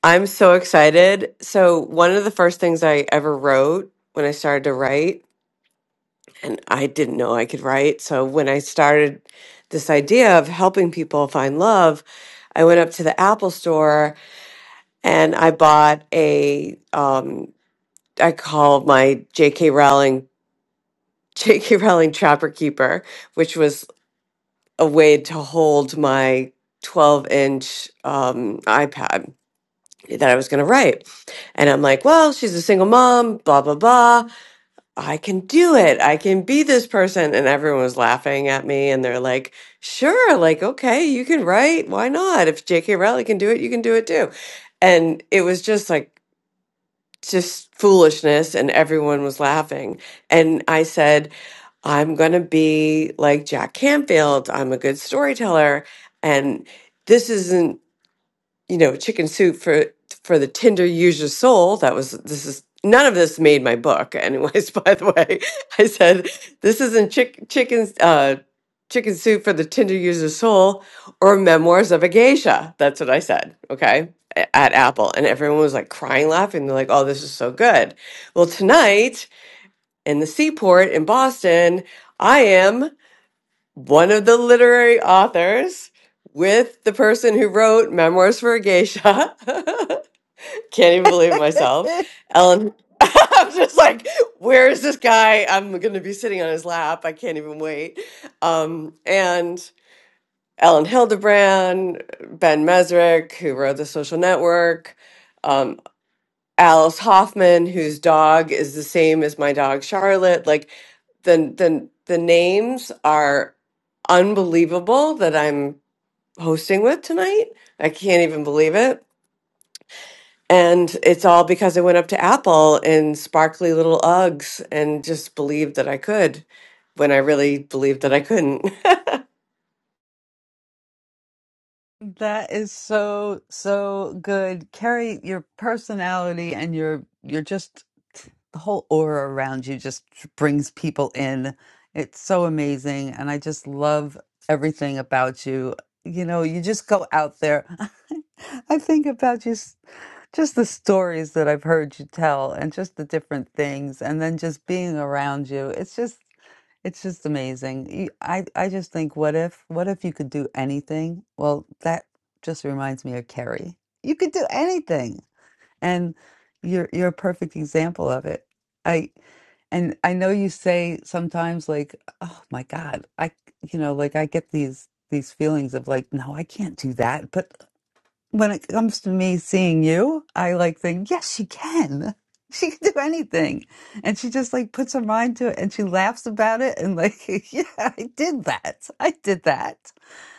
Speaker 24: I'm so excited. So, one of the first things I ever wrote when I started to write, and I didn't know I could write. So, when I started this idea of helping people find love, I went up to the Apple store and I bought a, um, I called my JK Rowling, JK Rowling Trapper Keeper, which was a way to hold my 12 inch um, iPad that I was going to write. And I'm like, well, she's a single mom, blah, blah, blah. I can do it. I can be this person. And everyone was laughing at me. And they're like, sure, like, okay, you can write. Why not? If J.K. Rowling can do it, you can do it too. And it was just like, just foolishness. And everyone was laughing. And I said, I'm going to be like Jack Canfield. I'm a good storyteller. And this isn't, you know, chicken soup for for the Tinder user soul. That was this is none of this made my book anyways, by the way. I said this isn't chick, chicken uh chicken soup for the Tinder user soul or memoirs of a geisha. That's what I said, okay? a- At Apple and everyone was like crying laughing. They're like, "Oh, this is so good." Well, tonight in the seaport in Boston, I am one of the literary authors with the person who wrote Memoirs for a Geisha. Can't even believe it myself. Ellen, I'm just like, where is this guy? I'm going to be sitting on his lap. I can't even wait. Um, and Ellen Hildebrand, Ben Mesrick, who wrote The Social Network. um, Alice Hoffman, whose dog is the same as my dog Charlotte. Like the the the names are unbelievable that I'm hosting with tonight. I can't even believe it. And it's all because I went up to Apple in sparkly little Uggs and just believed that I could when I really believed that I couldn't.
Speaker 3: that is so so good, Carrie. Your personality and your your just the whole aura around you just brings people in. It's so amazing, and I just love everything about you. You know, you just go out there. I think about just just the stories that I've heard you tell and just the different things and then just being around you. It's just it's just amazing. You- I I just think what if what if you could do anything? Well, that just reminds me of Carrie. You could do anything. And you're you're a perfect example of it. I and I know you say sometimes like, oh my God, I you know, like I get these these feelings of like, no, I can't do that. But when it comes to me seeing you, I like think, yes, she can. She can do anything. And she just like puts her mind to it and she laughs about it and like, yeah, I did that. I did that.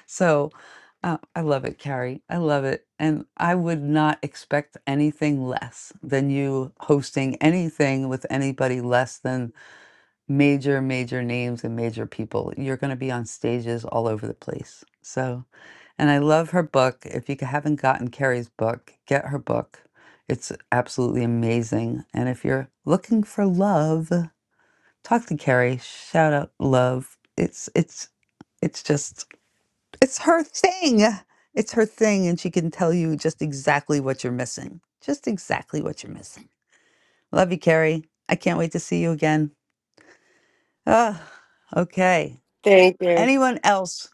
Speaker 3: So uh, I love it, Carrie. I love it. And I would not expect anything less than you hosting anything with anybody less than major, major names and major people. You're going to be on stages all over the place. So, and I love her book. If you haven't gotten Carrie's book, get her book. It's absolutely amazing. And if you're looking for love, talk to Carrie. Shout out love. It's it's it's just it's her thing. It's her thing, and she can tell you just exactly what you're missing. Just exactly what you're missing. Love you, Carrie. I can't wait to see you again. Ah, okay.
Speaker 24: Thank you.
Speaker 3: Anyone else?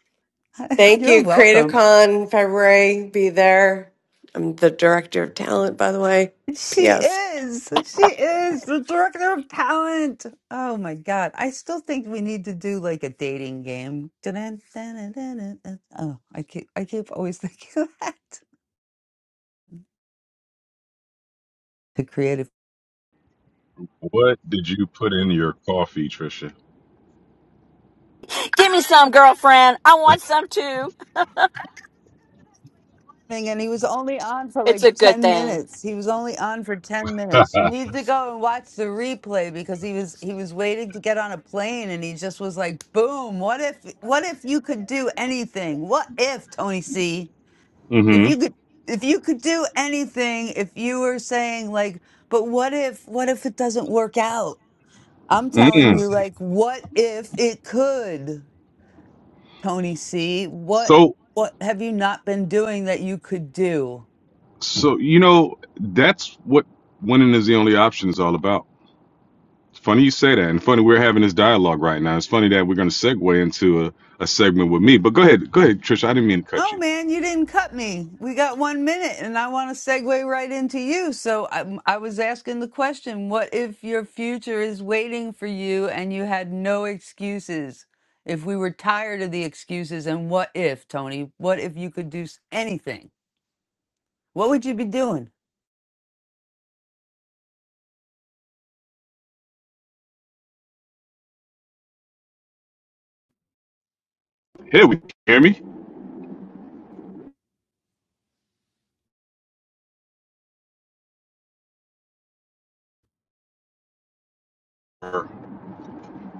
Speaker 24: Thank
Speaker 3: You're
Speaker 24: you.
Speaker 3: welcome.
Speaker 24: CreativeCon February, be there. I'm the director of talent, by the way.
Speaker 3: She
Speaker 24: P.S.
Speaker 3: is. She is the director of talent. Oh my God. I still think we need to do like a dating game. Dun, dun, dun, dun, dun, dun. Oh, I keep I keep always thinking of that. The creative
Speaker 25: What did you put in your coffee, Trisha?
Speaker 26: Give me some, girlfriend. I want some too.
Speaker 3: thing, and he was only on for
Speaker 26: It's a
Speaker 3: like
Speaker 26: good
Speaker 3: 10
Speaker 26: thing.
Speaker 3: minutes. He was only on for 10 minutes. You need to go and watch the replay because he was he was waiting to get on a plane and he just was like, boom, what if what if you could do anything? What if Tony C? If
Speaker 25: mm-hmm.
Speaker 3: you could if you could do anything, if you were saying like, but what if what if it doesn't work out? I'm telling
Speaker 25: Mm.
Speaker 3: you like what if it could? Tony C, what
Speaker 25: So,
Speaker 3: what have you not been doing that you could do?
Speaker 25: so you know that's what winning is the only option is all about. It's funny you say that, and funny we're having this dialogue right now. It's funny that we're going to segue into a, a segment with me. But go ahead, go ahead, Trisha. I didn't mean to cut
Speaker 3: Oh
Speaker 25: you.
Speaker 3: man, you didn't cut me. We got one minute, and I want to segue right into you. So I, I was asking the question: What if your future is waiting for you, and you had no excuses? If we were tired of the excuses, and what if, Tony? What if you could do s- anything? What would you be doing?
Speaker 25: Here we hear me. I,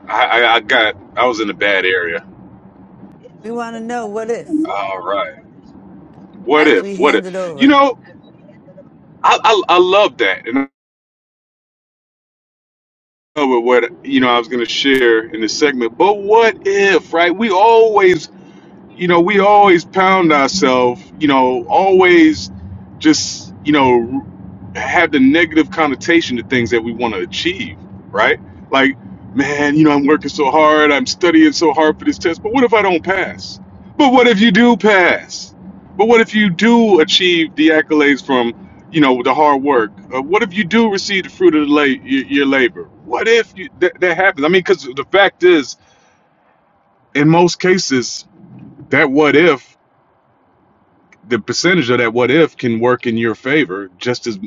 Speaker 25: I I got I was in a bad area.
Speaker 3: We want to know what if
Speaker 25: All right. What
Speaker 3: as we
Speaker 25: if? What
Speaker 3: hand
Speaker 25: if?
Speaker 3: it
Speaker 25: You
Speaker 3: over.
Speaker 25: know, I I, I love that, and But what you know, I was going to share in this segment. But what if, right? We always you know, we always pound ourselves, you know, always just, you know, have the negative connotation to things that we want to achieve, right? Like, man, you know, I'm working so hard, I'm studying so hard for this test, but what if I don't pass? But what if you do pass? But what if you do achieve the accolades from, you know, the hard work? Uh, what if you do receive the fruit of the la- your, your labor? What if you, that that happens? I mean, because the fact is, in most cases, that what if the percentage of that what if can work in your favor just as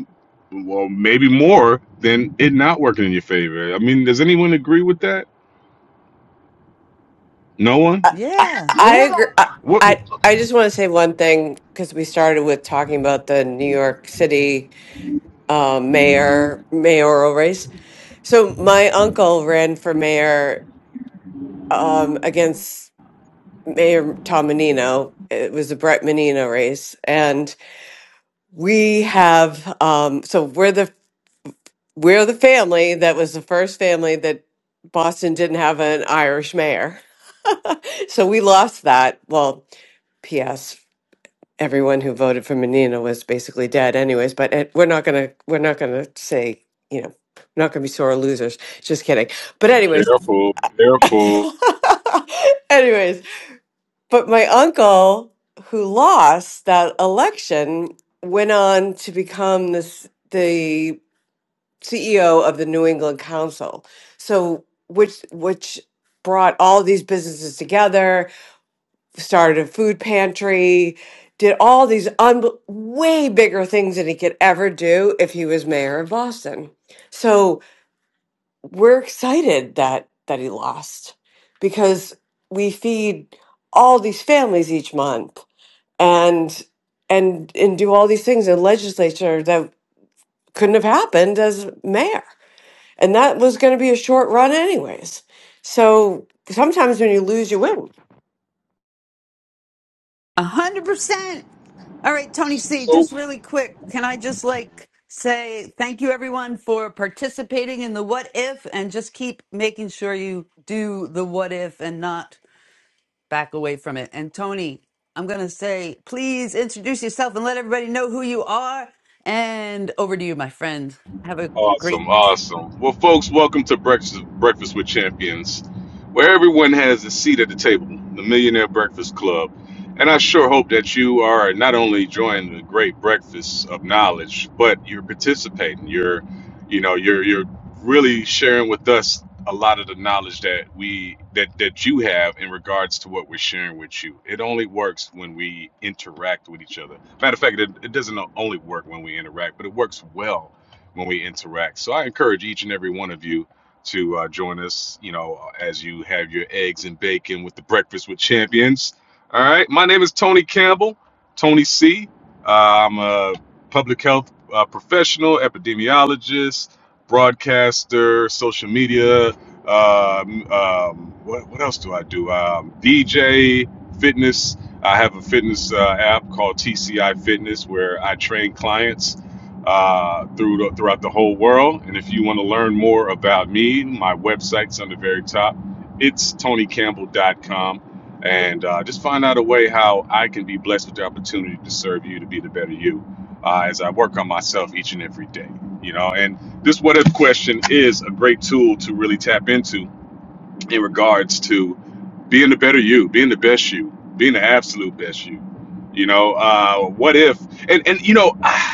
Speaker 25: well maybe more than it not working in your favor i mean does anyone agree with that no one
Speaker 24: I, I,
Speaker 3: Yeah,
Speaker 24: I agree. I,
Speaker 25: what
Speaker 24: I I just want to say one thing because we started with talking about the New York City uh, mayor mayoral race. So my uncle ran for mayor um, against Mayor Tom Menino. It was the Brett Menino race, and we have um, so we're the we're the family that was the first family that Boston didn't have an Irish mayor. so we lost that. Well, P.S. everyone who voted for Menino was basically dead, anyways. But it, we're not gonna we're not gonna say you know we're not gonna be sore losers. Just kidding. But anyways,
Speaker 25: Careful, careful.
Speaker 24: anyways. But my uncle who lost that election went on to become this the CEO of the New England Council. So which which brought all these businesses together started a food pantry, did all these un- way bigger things than he could ever do if he was mayor of Boston. So we're excited that that he lost because we feed all these families each month and and and do all these things in legislature that couldn't have happened as mayor. And that was going to be a short run anyways. So sometimes when you lose you win.
Speaker 3: a hundred percent. All right, Tony C,
Speaker 25: So.
Speaker 3: just really quick, can I just like say thank you everyone for participating in the what if and just keep making sure you do the what if and not back away from it. And Tony, I'm going to say please introduce yourself and let everybody know who you are. And over to you, my friend. Have a great
Speaker 25: Awesome, awesome. Well, folks, welcome to Breakfast Breakfast with Champions, where everyone has a seat at the table, the Millionaire Breakfast Club. And I sure hope that you are not only enjoying the great breakfast of knowledge, but you're participating. You're, you know, you're you're really sharing with us a lot of the knowledge that we that that you have in regards to what we're sharing with you. It only works when we interact with each other. Matter of fact, it, it doesn't only work when we interact, but it works well when we interact. So I encourage each and every one of you to uh, join us, you know, as you have your eggs and bacon with the Breakfast with Champions. All right. My name is Tony Campbell, Tony C. Uh, I'm a public health uh, professional, epidemiologist, broadcaster, social media. Um, um, what, what else do I do? Um, DJ, fitness. I have a fitness uh, app called TCI Fitness where I train clients uh, through the, throughout the whole world. And if you want to learn more about me, my website's on the very top. It's tonycampbell.com. And uh, just find out a way how I can be blessed with the opportunity to serve you to be the better you uh, as I work on myself each and every day. You know, and this what if question is a great tool to really tap into in regards to being the better you, being the best you, being the absolute best you. You know, uh, what if? And and you know, I,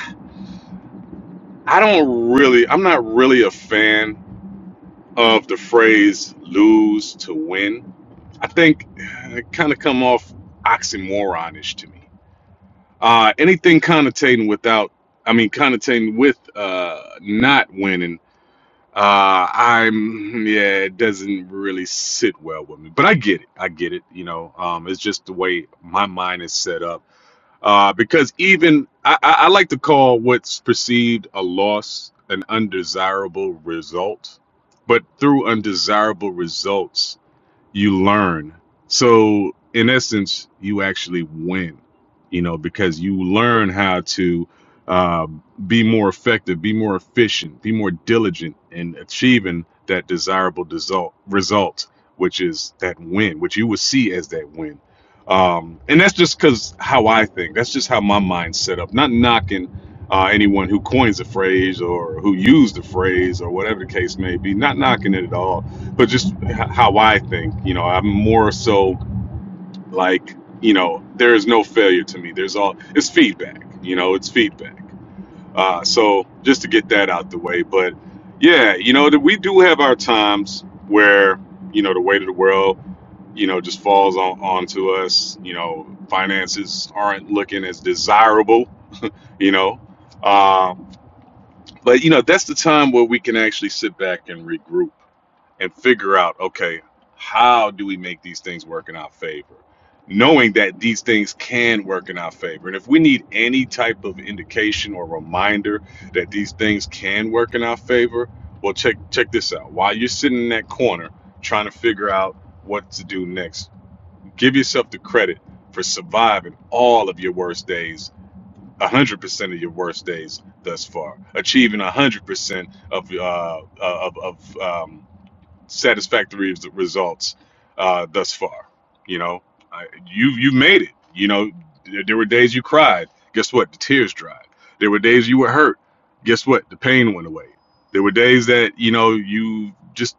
Speaker 25: I don't really, I'm not really a fan of the phrase lose to win. I think eh, it kind of come off oxymoronish to me. Uh, anything connotating without, I mean, connotating with uh, not winning, uh, I'm, yeah, it doesn't really sit well with me. But I get it. I get it. You know, um, it's just the way my mind is set up uh, because even I, I I like to call what's perceived a loss an undesirable result, but through undesirable results you learn. So in essence, you actually win, you know, because you learn how to uh, be more effective, be more efficient, be more diligent in achieving that desirable result, result which is that win, which you would see as that win. Um, and that's just because how I think. That's just how my mind's set up. Not knocking uh, anyone who coins the phrase or who used the phrase or whatever the case may be. Not knocking it at all but just h- how I think, you know, I'm more so like, you know, there is no failure to me. There's all it's feedback, you know, it's feedback. Uh, so just to get that out the way, but yeah, you know, that we do have our times where you know the weight of the world, you know, just falls on onto us. You know, finances aren't looking as desirable. You know, um, but you know that's the time where we can actually sit back and regroup and figure out okay how do we make these things work in our favor knowing that these things can work in our favor and if we need any type of indication or reminder that these things can work in our favor well check check this out while you're sitting in that corner trying to figure out what to do next give yourself the credit for surviving all of your worst days 100% of your worst days thus far achieving 100% of uh, uh, of of um, satisfactory results uh, thus far. You know, I, you you made it. You know, there were days you cried. Guess what? The tears dried. There were days you were hurt. Guess what? The pain went away. There were days that you know you just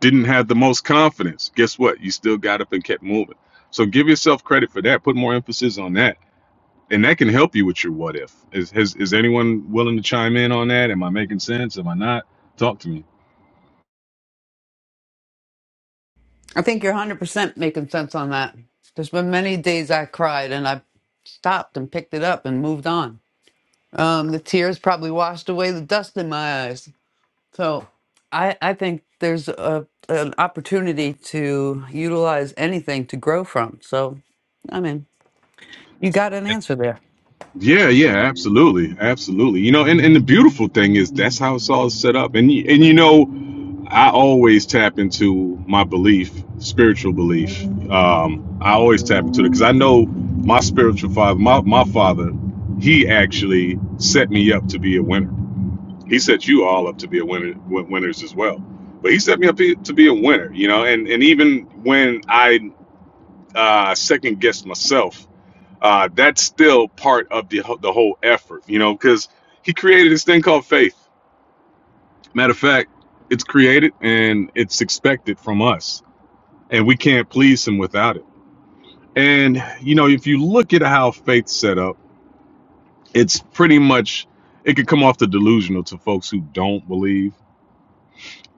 Speaker 25: didn't have the most confidence. Guess what? You still got up and kept moving. So give yourself credit for that. Put more emphasis on that, and that can help you with your what if. Is has, is anyone willing to chime in on that? Am I making sense? Am I not? Talk to me.
Speaker 3: I think you're 100% making sense on that. There's been many days I cried and I stopped and picked it up and moved on. Um, the tears probably washed away the dust in my eyes. So I, I think there's a, an opportunity to utilize anything to grow from. So, I mean, you got an answer there.
Speaker 25: Yeah, yeah, absolutely, absolutely. You know, and, and the beautiful thing is that's how it's all set up. And y- and you know, I always tap into my belief, spiritual belief. Um, I always tap into it because I know my spiritual father, my my father, he actually set me up to be a winner. He set you all up to be a winner, win- winners as well. But he set me up to be a winner. You know, and and even when I uh, second guessed myself uh, that's still part of the the whole effort, you know, because he created this thing called faith. Matter of fact, it's created and it's expected from us, and we can't please him without it. And you know, if you look at how faith's set up, it's pretty much it could come off the delusional to folks who don't believe.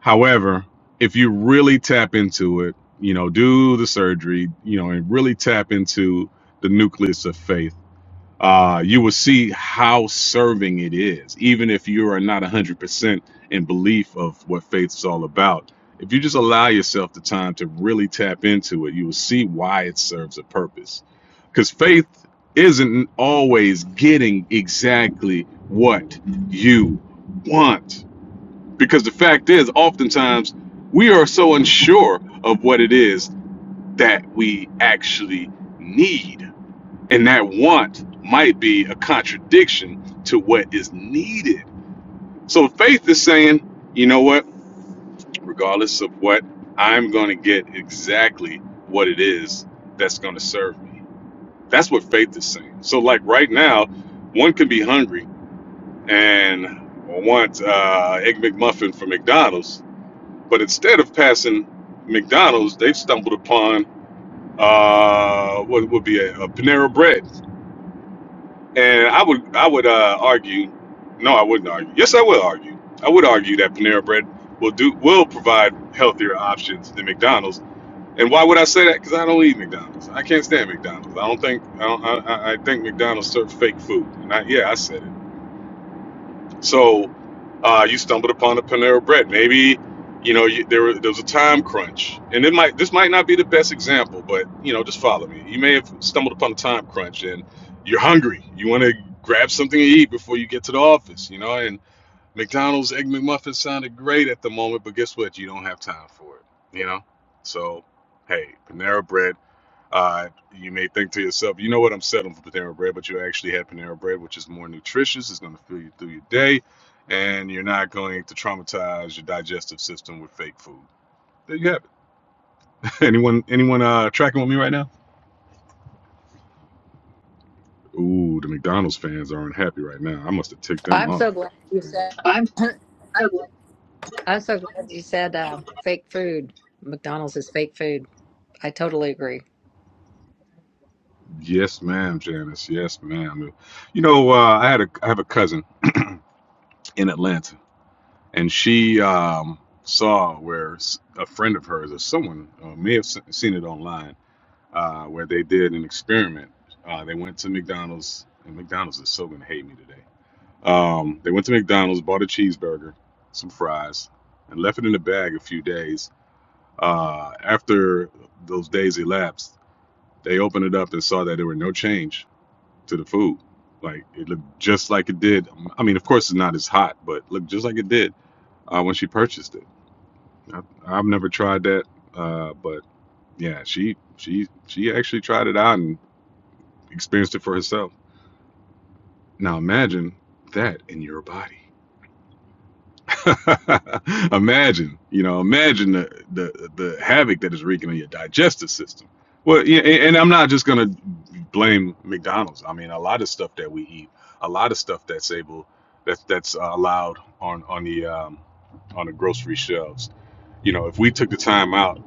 Speaker 25: However, if you really tap into it, you know, do the surgery, you know, and really tap into the nucleus of faith uh, you will see how serving it is, even if you are not 100% in belief of what faith is all about. If you just allow yourself the time to really tap into it, you will see why it serves a purpose. Because faith isn't always getting exactly what you want. Because the fact is, oftentimes we are so unsure of what it is that we actually need and that want might be a contradiction to what is needed. So faith is saying, you know what, regardless of what, I'm going to get exactly what it is that's going to serve me. That's what faith is saying. So, like right now, one can be hungry and want uh, Egg McMuffin from McDonald's, but instead of passing McDonald's, they've stumbled upon uh, what would be a, a Panera Bread And I would I would uh, argue, no, I wouldn't argue. Yes, I would argue. I would argue that Panera Bread will do will provide healthier options than McDonald's. And why would I say that? Because I don't eat McDonald's. I can't stand McDonald's. I don't think I don't, I, I I think McDonald's serve fake food. And I, yeah, I said it. So uh, you stumbled upon a Panera Bread. Maybe you know you, there, were- there was a time crunch, and it might this might not be the best example, but you know just follow me. You may have stumbled upon a time crunch, and you're hungry. You want to grab something to eat before you get to the office, you know. And McDonald's egg McMuffin sounded great at the moment, but guess what? You don't have time for it, you know. So hey, Panera Bread uh, you may think to yourself, you know what, I'm settling for Panera Bread, but you actually had Panera Bread, which is more nutritious. It's going to fill you through your day, and you're not going to traumatize your digestive system with fake food. There you have it. Anyone, anyone uh, tracking with me right now? Ooh, the McDonald's fans are unhappy right now. I must have ticked them
Speaker 22: I'm so
Speaker 25: off.
Speaker 22: glad you said, I'm so glad you said uh, fake food. McDonald's is fake food. I totally agree.
Speaker 25: Yes, ma'am, Janice. Yes, ma'am. You know, uh, I had a I have a cousin in Atlanta, and she um, saw where s- a friend of hers or someone uh, may have s- seen it online uh, where they did an experiment. Uh, they went to McDonald's, and McDonald's is so gonna hate me today. Um, they went to McDonald's, bought a cheeseburger, some fries, and left it in the bag a few days. Uh, after those days elapsed, they opened it up and saw that there were no change to the food. Like it looked just like it did. I mean, of course, it's not as hot, but looked just like it did uh, when she purchased it. I, I've never tried that, uh, but yeah, she she she actually tried it out and experienced it for herself. Now imagine that in your body. imagine, you know, imagine the, the the havoc that is wreaking on your digestive system. Well, yeah, and and I'm not just gonna blame McDonald's. I mean, a lot of stuff that we eat, a lot of stuff that's able that's that's uh, allowed on on the um, on the grocery shelves. You know, if we took the time out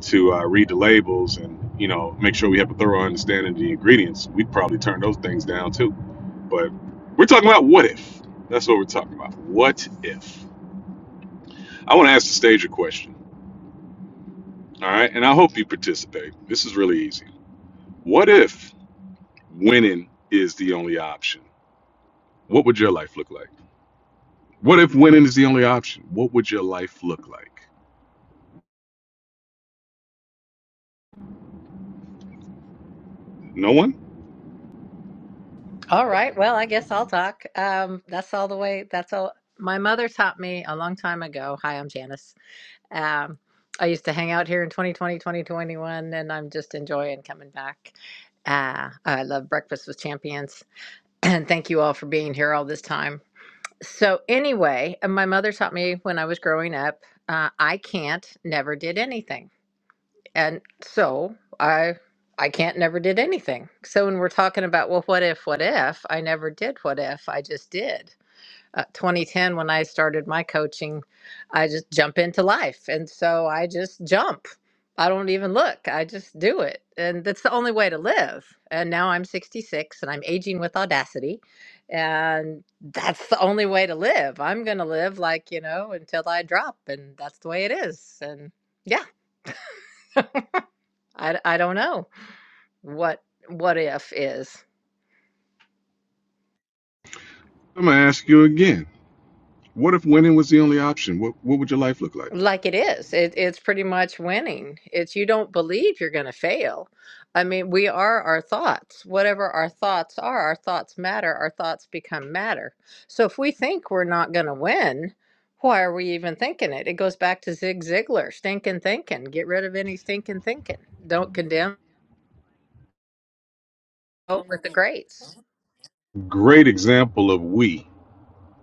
Speaker 25: to uh, read the labels and you know make sure we have a thorough understanding of the ingredients, we'd probably turn those things down too But we're talking about what if. That's what we're talking about. What if? I want to ask the stage a question. All right. And I hope you participate. This is really easy. What if winning is the only option? What would your life look like? What if winning is the only option? What would your life look like? No one?
Speaker 22: All right. Well, I guess I'll talk. Um, that's all the way. That's all. My mother taught me a long time ago. Hi, I'm Janice. Um, I used to hang out here in 2020, 2021, and I'm just enjoying coming back. Uh, I love Breakfast with Champions. And thank you all for being here all this time. So, anyway, uh, my mother taught me when I was growing up uh, I can't, never did anything. And so I. I can't never did anything. So when we're talking about well what if what if I never did what if I just did uh, 2010 when I started my coaching, I just jump into life. And so I just jump. I don't even look. I just do it. And that's the only way to live. And now I'm 66 and I'm aging with audacity. And that's the only way to live. I'm going to live like, you know, until I drop and that's the way it is. And yeah, I I don't know what what if is.
Speaker 25: I'm going to ask you again. What if winning was the only option? What, what would your life look like?
Speaker 22: like it is it, it's pretty much winning it's you don't believe you're going to fail i mean we are our thoughts whatever our thoughts are our thoughts matter our thoughts become matter so if we think we're not going to win why are we even thinking it it goes back to zig ziglar stinking thinking get rid of any stinking thinking don't condemn vote with the greats
Speaker 25: Great example of we.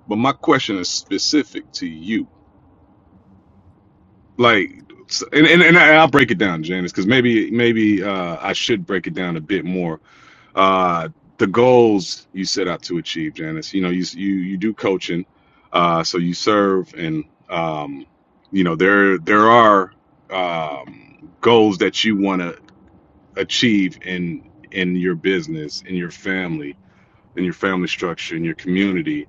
Speaker 25: But my question is specific to you like and, and, and I- will break it down, Janice, because maybe maybe uh, I should break it down a bit more. Uh, the goals you set out to achieve, Janice. You know, you you you do coaching, uh, so you serve, and um, you know there there are um, goals that you want to achieve in in your business, in your family, in your family structure, in your community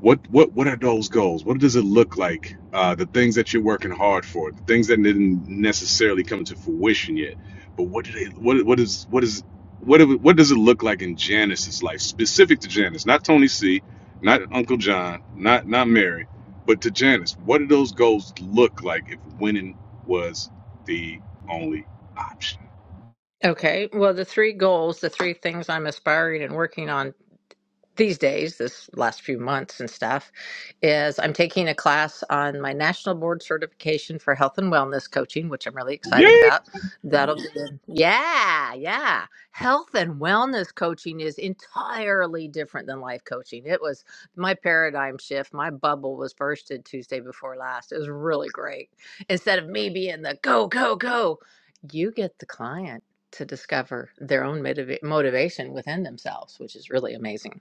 Speaker 25: what what what are those goals what does it look like uh, the things that you're working hard for the things that didn't necessarily come to fruition yet but what do they what what is what is what do- what does it look like in Janice's life specific to Janice not Tony C not Uncle John not not Mary but to Janice what do those goals look like if winning was the only option
Speaker 22: okay well the three goals the three things i'm aspiring and working on these days, this last few months and stuff, is I'm taking a class on my national board certification for health and wellness coaching, which I'm really excited
Speaker 25: yay
Speaker 22: about. That'll be, in- yeah, yeah. Health and wellness coaching is entirely different than life coaching. It was my paradigm shift. My bubble was bursted Tuesday before last. It was really great. Instead of me being the go, go, go, you get the client to discover their own motiva- motivation within themselves, which is really amazing.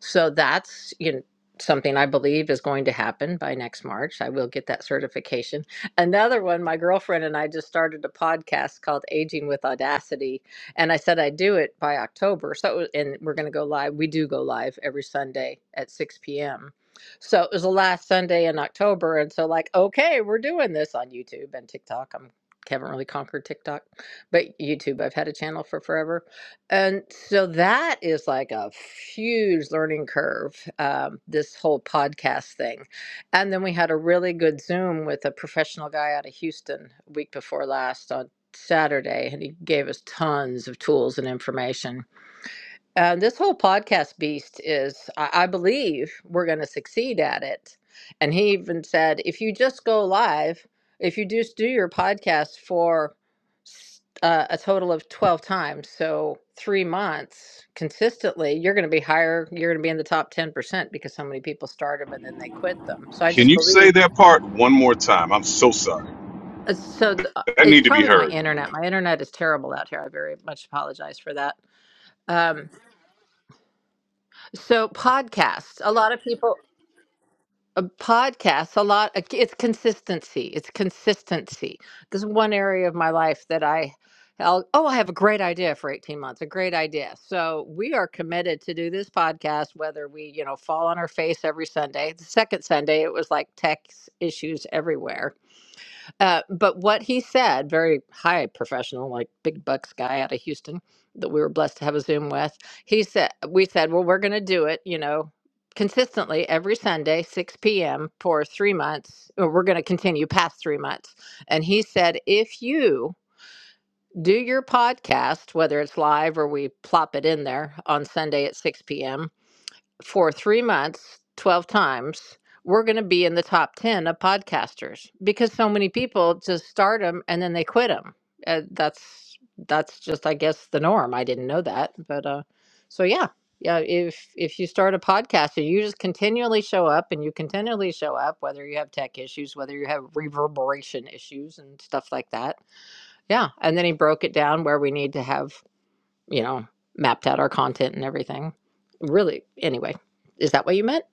Speaker 22: So that's, you know, something I believe is going to happen by next March. I will get that certification. Another one, my girlfriend and I just started a podcast called Aging with Audacity, and I said I'd do it by October. So and we're going to go live. We do go live every Sunday at 6 p.m. So it was the last Sunday in October, and so like, okay, we're doing this on YouTube and TikTok. I'm haven't really conquered TikTok, but YouTube I've had a channel for forever and so that is like a huge learning curve, um, this whole podcast thing. And then we had a really good Zoom with a professional guy out of Houston week before last on Saturday, and he gave us tons of tools and information uh, this whole podcast beast is, I, I believe, we're going to succeed at it. And he even said, if you just go live, if you just do your podcast for s- uh, a total of 12 times, so three months consistently, you're going to be higher. You're going to be in the top 10% because so many people start them and then they quit them. So I
Speaker 25: can
Speaker 22: just
Speaker 25: you say
Speaker 22: believe.
Speaker 25: that part one more time i'm so sorry
Speaker 22: uh, So th- uh,
Speaker 25: that
Speaker 22: it's
Speaker 25: need to be
Speaker 22: probably my
Speaker 25: heard
Speaker 22: internet. My internet is terrible out here. I very much apologize for that. Um, so podcasts. A lot of people a podcast a lot it's consistency it's consistency this is one area of my life that i I'll, oh i have a great idea for 18 months a great idea so we are committed to do this podcast whether we you know fall on our face every sunday the second sunday it was like tech issues everywhere uh, but what he said, very high professional, like big bucks guy out of Houston that we were blessed to have a Zoom with, he said, we said, well, we're going to do it, you know, consistently every Sunday, 6 p.m. for three months, or we're going to continue past three months. And he said, if you do your podcast, whether it's live or we plop it in there on Sunday at 6 p.m., for three months, 12 times, we're going to be in the top 10 of podcasters because so many people just start them and then they quit them. Uh, that's, that's just, I guess, the norm. I didn't know that. But, uh, so yeah. Yeah, if if you start a podcast and you just continually show up and you continually show up, whether you have tech issues, whether you have reverberation issues and stuff like that, yeah. And then he broke it down where we need to have you know, mapped out our content and everything. Really, anyway, is that what you meant?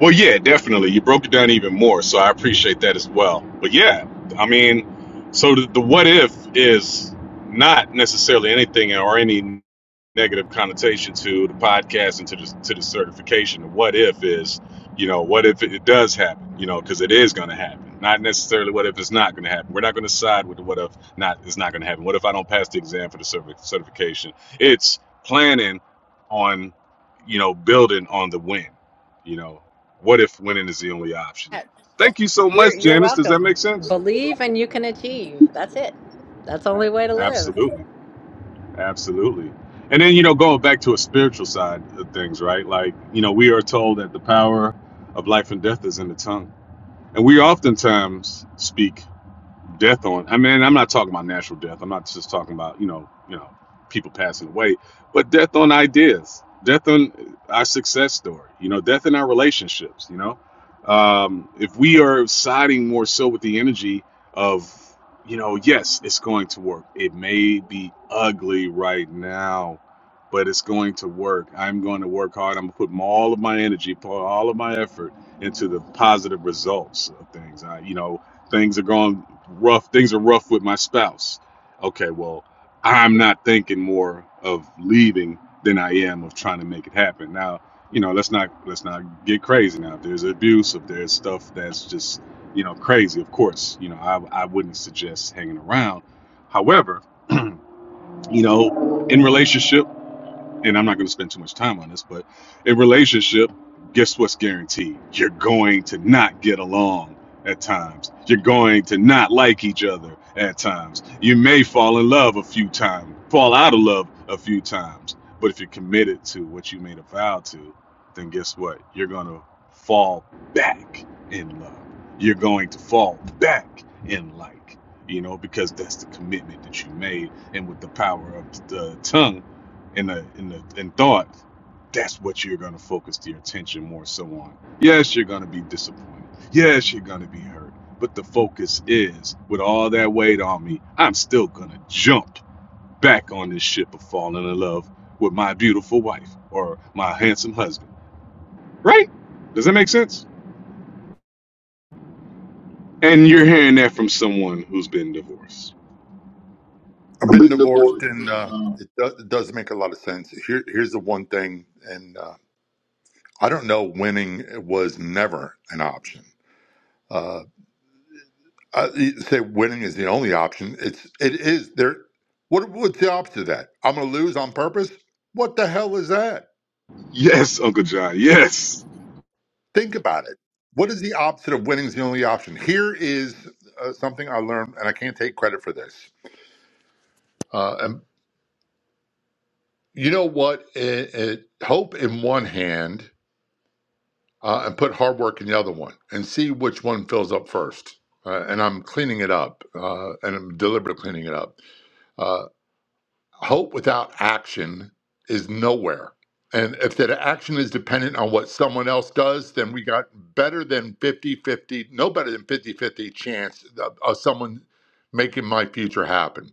Speaker 25: Well, yeah, definitely. You broke it down even more, so I appreciate that as well. But yeah, I mean, so the, the what if is not necessarily anything or any negative connotation to the podcast and to the to the certification. The what if is, you know, what if it does happen? You know, because it is going to happen. Not necessarily what if it's not going to happen. We're not going to side with the what if not it's not going to happen. What if I don't pass the exam for the certi- certification? It's planning on, you know, building on the win you know what if winning is the only option?
Speaker 22: Yeah. Yeah.
Speaker 25: Thank you so
Speaker 22: You're
Speaker 25: much,
Speaker 22: you're
Speaker 25: Janice. Does that
Speaker 22: welcome.
Speaker 25: make sense?
Speaker 22: Believe and you can achieve. That's it. That's the only way to live.
Speaker 25: Absolutely. Absolutely. And then, you know, going back to a spiritual side of things, right? Like, you know, we are told that the power of life and death is in the tongue. And we oftentimes speak death on. I mean, I'm not talking about natural death. I'm not just talking about you know, you know, people passing away, but death on ideas, death on our success story. You know, death in our relationships. You know, um, if we are siding more so with the energy of, you know, yes, it's going to work. It may be ugly right now. But it's going to work. I'm going to work hard. I'm going to put m- all of my energy, pour all of my effort into the positive results of things. I, you know, Things are going rough. Things are rough with my spouse. Okay, well, I'm not thinking more of leaving than I am of trying to make it happen. Now, you know, let's not let's not get crazy. Now, if there's abuse, if there's stuff that's just you know crazy, of course, you know, I I wouldn't suggest hanging around. However, you know, in relationship and I'm not going to spend too much time on this, but in relationship, guess what's guaranteed? You're going to not get along at times. You're going to not like each other at times. You may fall in love a few times, fall out of love a few times. But if you're committed to what you made a vow to, then guess what? You're going to fall back in love. You're going to fall back in like, you know, because that's the commitment that you made. And with the power of the tongue, in the in the in thought, that's what you're gonna focus your attention more so on. Yes, you're gonna be disappointed. Yes, you're gonna be hurt. But the focus is, with all that weight on me, I'm still gonna jump back on this ship of falling in love with my beautiful wife or my handsome husband. Right? Does that make sense? And you're hearing that from someone who's been divorced.
Speaker 27: I've been divorced, and uh, it, do, it does make a lot of sense. Here, here's the one thing, and uh, I don't know. Winning was never an option. Uh, I you say winning is the only option. It's it is there. What what's the opposite of that? I'm going to lose on purpose. What the hell is that?
Speaker 25: Yes, Uncle John. Yes.
Speaker 27: Think about it. What is the opposite of winning is the only option? Here is uh, something I learned, and I can't take credit for this. Uh, and you know what? It, it, hope in one hand uh, and put hard work in the other one and see which one fills up first. Uh, and I'm cleaning it up uh, and I'm deliberately cleaning it up. Uh, hope without action is nowhere. And if that action is dependent on what someone else does, then we got better than fifty-fifty, no better than fifty-fifty chance of, of someone making my future happen.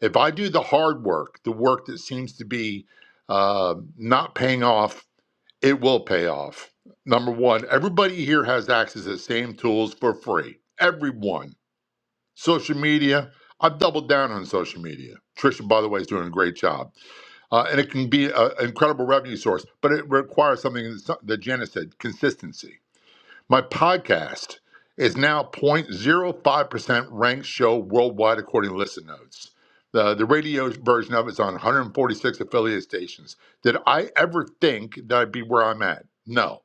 Speaker 27: If I do the hard work, the work that seems to be uh, not paying off it will pay off. Number one, everybody here has access to the same tools for free. Everyone. Social media, I've doubled down on social media. Trisha, by the way, is doing a great job. Uh, and it can be a- an incredible revenue source, but it requires something that's- that Janice said consistency. My podcast is now 0.05% ranked show worldwide according to Listen Notes. The, the radio version of it is on 146 affiliate stations. Did I ever think that I'd be where I'm at? No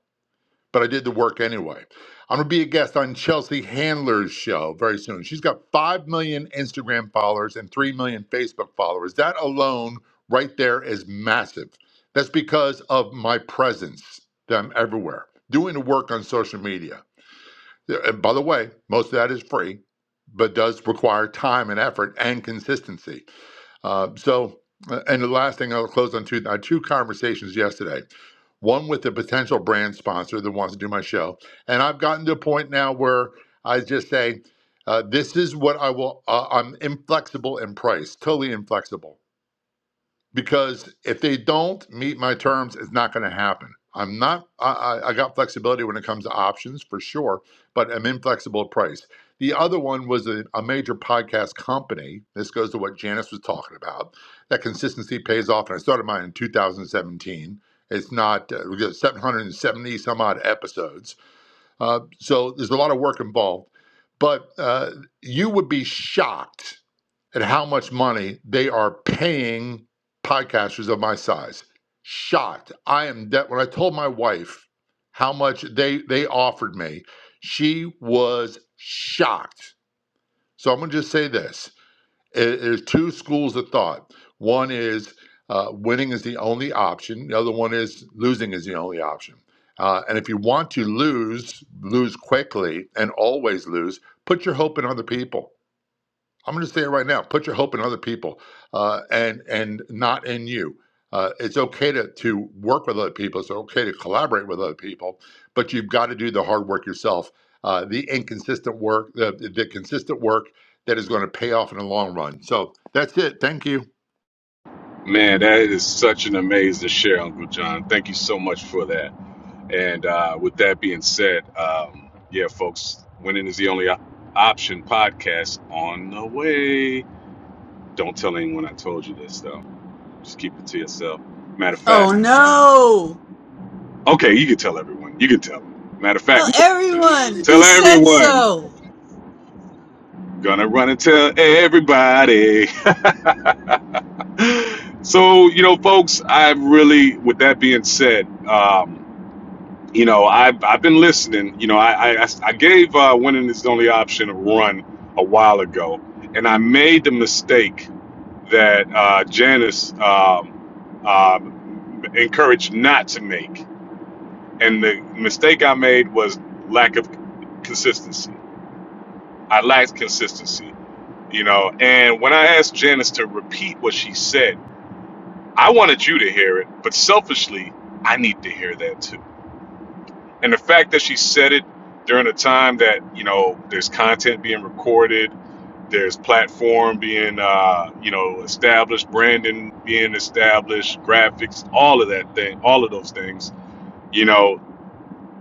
Speaker 27: but I did the work anyway. I'm gonna be a guest on Chelsea Handler's show very soon. She's got five million Instagram followers and three million Facebook followers. That alone, right there, is massive. That's because of my presence that I'm everywhere doing the work on social media. Yeah, And by the way, most of that is free, but does require time and effort and consistency. Uh, so, uh, and the last thing I'll close on two, uh, two conversations yesterday. One with a potential brand sponsor that wants to do my show. And I've gotten to a point now where I just say, uh, this is what I will, uh, I'm inflexible in price, totally inflexible because if they don't meet my terms, it's not going to happen. I'm not. I, I got flexibility when it comes to options for sure, but I'm inflexible at price. The other one was a, a major podcast company. This goes to what Janice was talking about. That consistency pays off, and I started mine in 2017. It's not uh, we got 770 some odd episodes, uh, so there's a lot of work involved. But uh, you would be shocked at how much money they are paying podcasters of my size. Shocked. I am dead. When I told my wife how much they they offered me, she was shocked. So I'm gonna just say this: there's two schools of thought. One is uh, winning is the only option. The other one is losing is the only option. Uh, and if you want to lose, lose quickly and always lose, put your hope in other people I'm going to say it right now. Put your hope in other people, uh, and and not in you. Uh, it's okay to to work with other people. It's okay to collaborate with other people, but you've got to do the hard work yourself. Uh, the inconsistent work, the the consistent work that is going to pay off in the long run. So that's it. Thank you.
Speaker 25: Man, that is such an amazing share, Uncle John. Thank you so much for that. And uh, with that being said, um, yeah, folks, winning is the only op- option podcast on the way. Don't tell anyone I told you this, though. Just keep it to yourself. Matter of
Speaker 3: Oh
Speaker 25: fact,
Speaker 3: no!
Speaker 25: okay, you can tell everyone. You can tell. 'em. Matter of
Speaker 3: Tell
Speaker 25: fact,
Speaker 3: everyone! He
Speaker 25: tell
Speaker 3: said
Speaker 25: everyone.
Speaker 3: so!
Speaker 25: Gonna run and tell everybody. so, you know, folks, I really, with that being said, um, you know, I've I've been listening. You know, I I, I gave uh, "Winning Is the Only Option" a run a while ago, and I made the mistake that uh, Janice um, um, encouraged not to make. And the mistake I made was lack of consistency. I lacked consistency, you know. And when I asked Janice to repeat what she said, I wanted you to hear it, but selfishly, I need to hear that too and the fact that she said it during a time that you know there's content being recorded there's platform being uh, you know established branding being established graphics all of that thing all of those things you know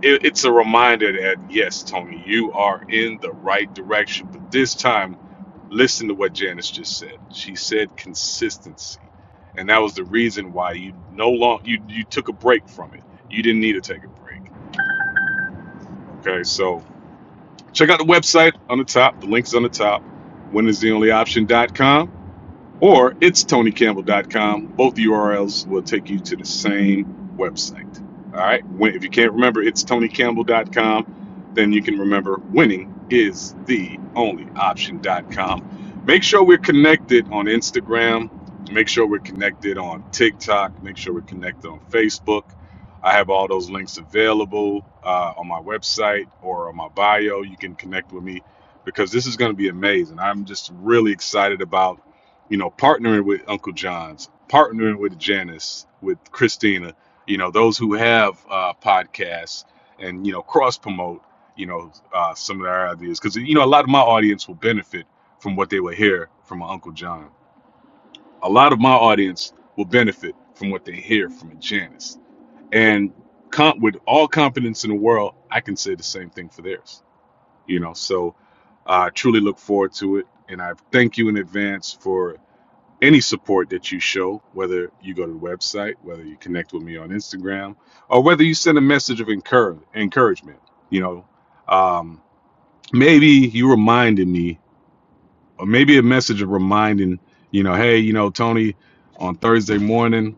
Speaker 25: it, it's a reminder that yes tony you are in the right direction but this time listen to what janice just said she said consistency and that was the reason why you no long you you took a break from it you didn't need to take a break okay so Check out the website on the top. The link's on the top. Winnerstheonlyoption.com or it's tonycampbell.com. Both URLs will take you to the same website. All right. if you can't remember it's tonycampbell.com, then you can remember winning is the only option.com. Make sure we're connected on Instagram. Make sure we're connected on TikTok. Make sure we're connected on Facebook. I have all those links available uh, on my website or on my bio. You can connect with me because this is going to be amazing. I'm just really excited about you know, partnering with Uncle John's, partnering with Janice, with Christina, you know, those who have uh, podcasts and, you know, cross promote, you know, uh, some of our ideas. Because, you know, a lot of my audience will benefit from what they will hear from my Uncle John. A lot of my audience will benefit from what they hear from Janice. And com- with all confidence in the world, I can say the same thing for theirs, you know. So I uh, truly look forward to it. And I thank you in advance for any support that you show, whether you go to the website, whether you connect with me on Instagram, or whether you send a message of encour- encouragement. You know, um, maybe you reminded me, or maybe a message of reminding, you know, hey, you know, Tony, on Thursday morning,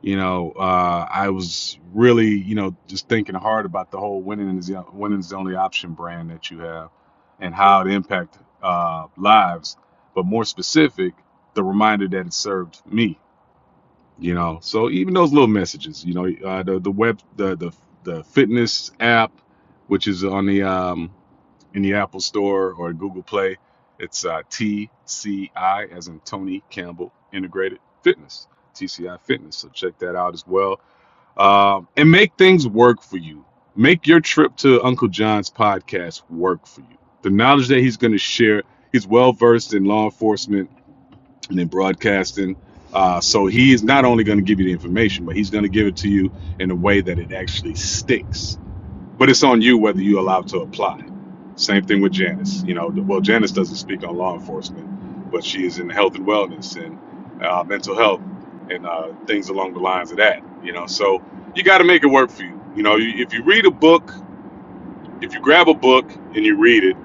Speaker 25: you know, uh, I was really, you know, just thinking hard about the whole winning is the, winning is the only option brand that you have, and how it impacts uh, lives, but more specific, the reminder that it served me you know so even those little messages you know uh, the the web the the the fitness app which is on the um in the apple store or google play it's uh tci as in tony campbell integrated fitness tci fitness so check that out as well um and make things work for you make your trip to uncle john's podcast work for you the knowledge that he's going to share he's well versed in law enforcement and in broadcasting. Uh, so he is not only going to give you the information, but he's going to give it to you in a way that it actually sticks. But it's on you whether you allow it to apply. Same thing with Janice. You know, well, Janice doesn't speak on law enforcement, but she is in health and wellness and uh, mental health and uh, things along the lines of that. You know, so you got to make it work for you. You know, if you read a book, if you grab a book and you read it,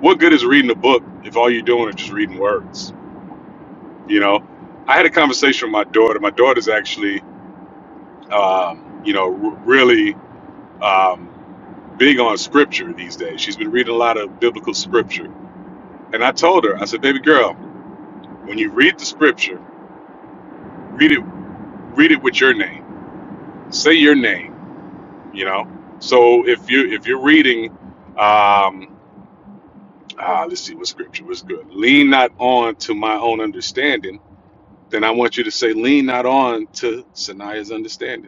Speaker 25: what good is reading a book if all you're doing is just reading words? you know i had a conversation with my daughter my daughter's actually um, you know r- really um, big on scripture these days she's been reading a lot of biblical scripture and i told her i said baby girl when you read the scripture read it read it with your name say your name you know so if you if you're reading um, uh, let's see what scripture was good lean not on to my own understanding then i want you to say lean not on to sanaya's understanding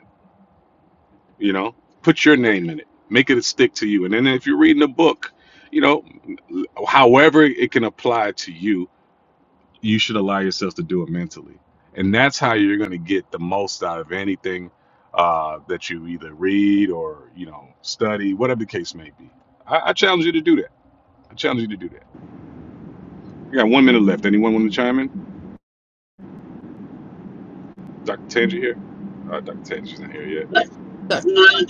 Speaker 25: you know put your name in it make it stick to you and then if you're reading a book you know however it can apply to you you should allow yourself to do it mentally and that's how you're going to get the most out of anything uh, that you either read or you know study whatever the case may be I, I challenge you to do that i challenge you to do that we got one minute left anyone want to chime in dr tangi here uh, dr tangi's not here yet
Speaker 3: So,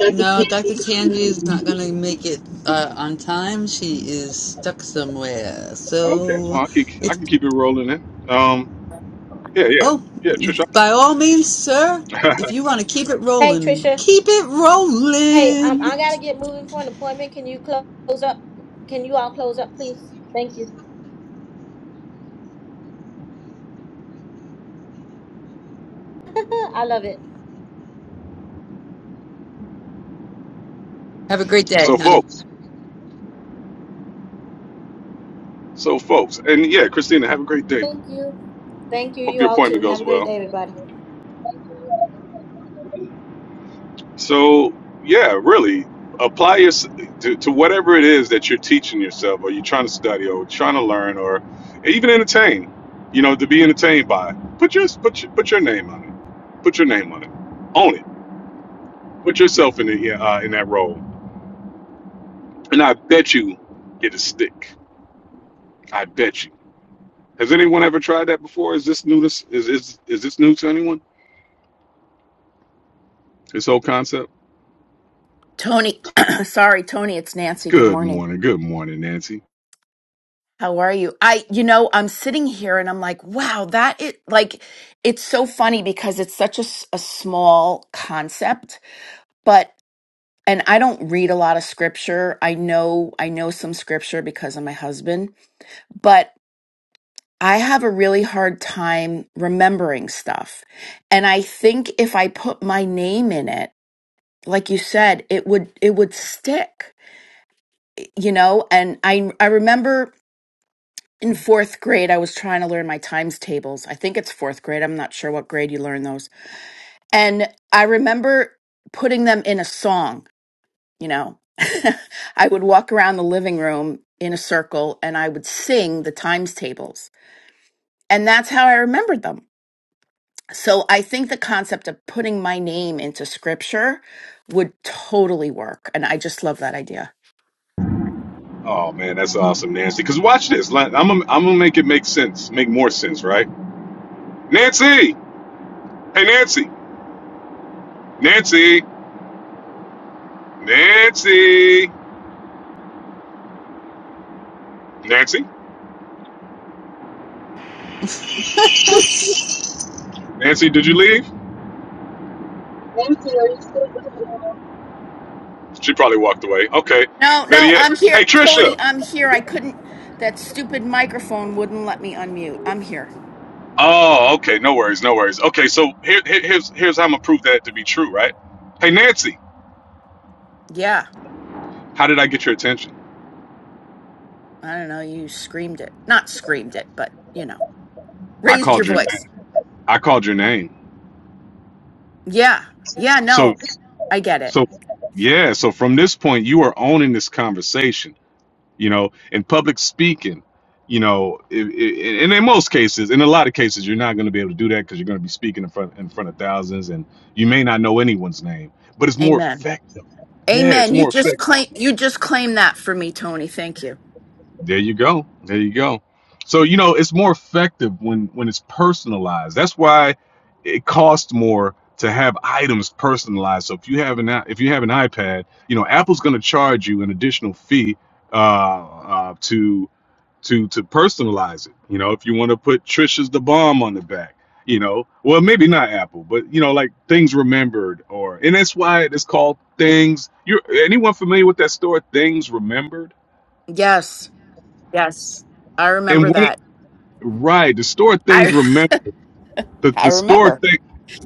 Speaker 3: no, Dr. Tanji is not going to make it uh, on time. She is stuck somewhere.
Speaker 25: okay
Speaker 3: So,
Speaker 25: well i can, I
Speaker 3: it,
Speaker 25: can keep it rolling then um, yeah yeah
Speaker 3: oh,
Speaker 25: yeah trisha
Speaker 3: by all means, sir, if you want to keep it
Speaker 1: Hey,
Speaker 3: rolling,
Speaker 1: Trisha.
Speaker 3: keep it
Speaker 1: Hey, um,
Speaker 3: rolling.
Speaker 1: I gotta get moving for an appointment. Can you close up? Can you all close up, please? Thank you. I love it.
Speaker 3: Have a great day,
Speaker 25: so
Speaker 3: honey.
Speaker 25: folks So, folks, and yeah, Christina, have a great day.
Speaker 1: Thank you. Thank you.
Speaker 25: Hope
Speaker 1: You
Speaker 25: your
Speaker 1: all
Speaker 25: appointment
Speaker 1: too. Have
Speaker 25: goes
Speaker 1: a great
Speaker 25: well.
Speaker 1: day, everybody.
Speaker 25: So, yeah, really apply your to, to whatever it is that you're teaching yourself, or you're trying to study, or trying to learn, or even entertain. You know, to be entertained by. Put your put your, put your name on it. Put your name on it. Own it. Put yourself in the uh, in that role, and I bet you it'll stick. I bet you. Has anyone ever tried that before? Is this new? To, is is is this new to anyone? This whole concept.
Speaker 28: Tony, sorry, Tony, it's Nancy. Good
Speaker 25: Good
Speaker 28: morning.
Speaker 25: morning. Good morning, Nancy.
Speaker 28: How are you? I, you know, I'm sitting here and I'm like, wow, that it like, it's so funny because it's such a, s- a small concept, but, and I don't read a lot of scripture. I know, I know some scripture because of my husband, but I have a really hard time remembering stuff. And I think if I put my name in it, like you said, it would, it would stick, you know? And I, I remember in fourth grade, I was trying to learn my times tables. I think it's fourth grade. I'm not sure what grade you learn those. And I remember putting them in a song, you know. I would walk around the living room in a circle and I would sing the times tables. And that's how I remembered them. So I think the concept of putting my name into scripture would totally work. And I just love that idea.
Speaker 25: Oh man, that's awesome, Nancy. Because watch this. Like, I'm gonna, I'm gonna make it make sense, make more sense, right? Nancy, hey Nancy, Nancy, Nancy, Nancy, Nancy. Did you leave? She probably walked away. Okay,
Speaker 28: No,
Speaker 25: better
Speaker 28: no,
Speaker 25: yet,
Speaker 28: I'm here.
Speaker 25: hey
Speaker 28: Tony,
Speaker 25: Trisha.
Speaker 28: I'm here. I couldn't, that stupid microphone wouldn't let me unmute. I'm here.
Speaker 25: Oh, okay, no worries, no worries. Okay, so here, here- here's here's how I'm gonna prove that to be true, right? Hey Nancy,
Speaker 28: Yeah.
Speaker 25: how did I get your attention?
Speaker 28: I don't know. You screamed it. Not screamed it, but, you know,
Speaker 25: I
Speaker 28: raised your
Speaker 25: called your
Speaker 28: voice.
Speaker 25: name. I called your name.
Speaker 28: Yeah. Yeah.
Speaker 25: So
Speaker 28: No, I get it.
Speaker 25: so yeah. So from this point, you are owning this conversation you know, in public speaking, you know, i i and in most cases, in a lot of cases, you're not going to be able to do that because you're going to be speaking in front in front of thousands, and you may not know anyone's name, but it's more
Speaker 28: Amen.
Speaker 25: effective. Yeah, it's
Speaker 28: Amen. You
Speaker 25: more
Speaker 28: just
Speaker 25: effective.
Speaker 28: claim, you just claim that for me, Tony. Thank you.
Speaker 25: There you go. There you go. So you know, it's more effective when when it's personalized. That's why it costs more to have items personalized. So if you have an i- if you have an iPad, you know, Apple's going to charge you an additional fee uh, uh, to to to personalize it. You know, if you want to put Trisha's the bomb on the back, you know, well maybe not Apple, but you know, like things remembered or and that's why it's called things. You are anyone familiar with that store, things remembered?
Speaker 28: Yes. Yes. I remember
Speaker 25: And when
Speaker 28: that.
Speaker 25: right, the store things
Speaker 28: I,
Speaker 25: remember the,
Speaker 28: I
Speaker 25: the store
Speaker 28: remember.
Speaker 25: thing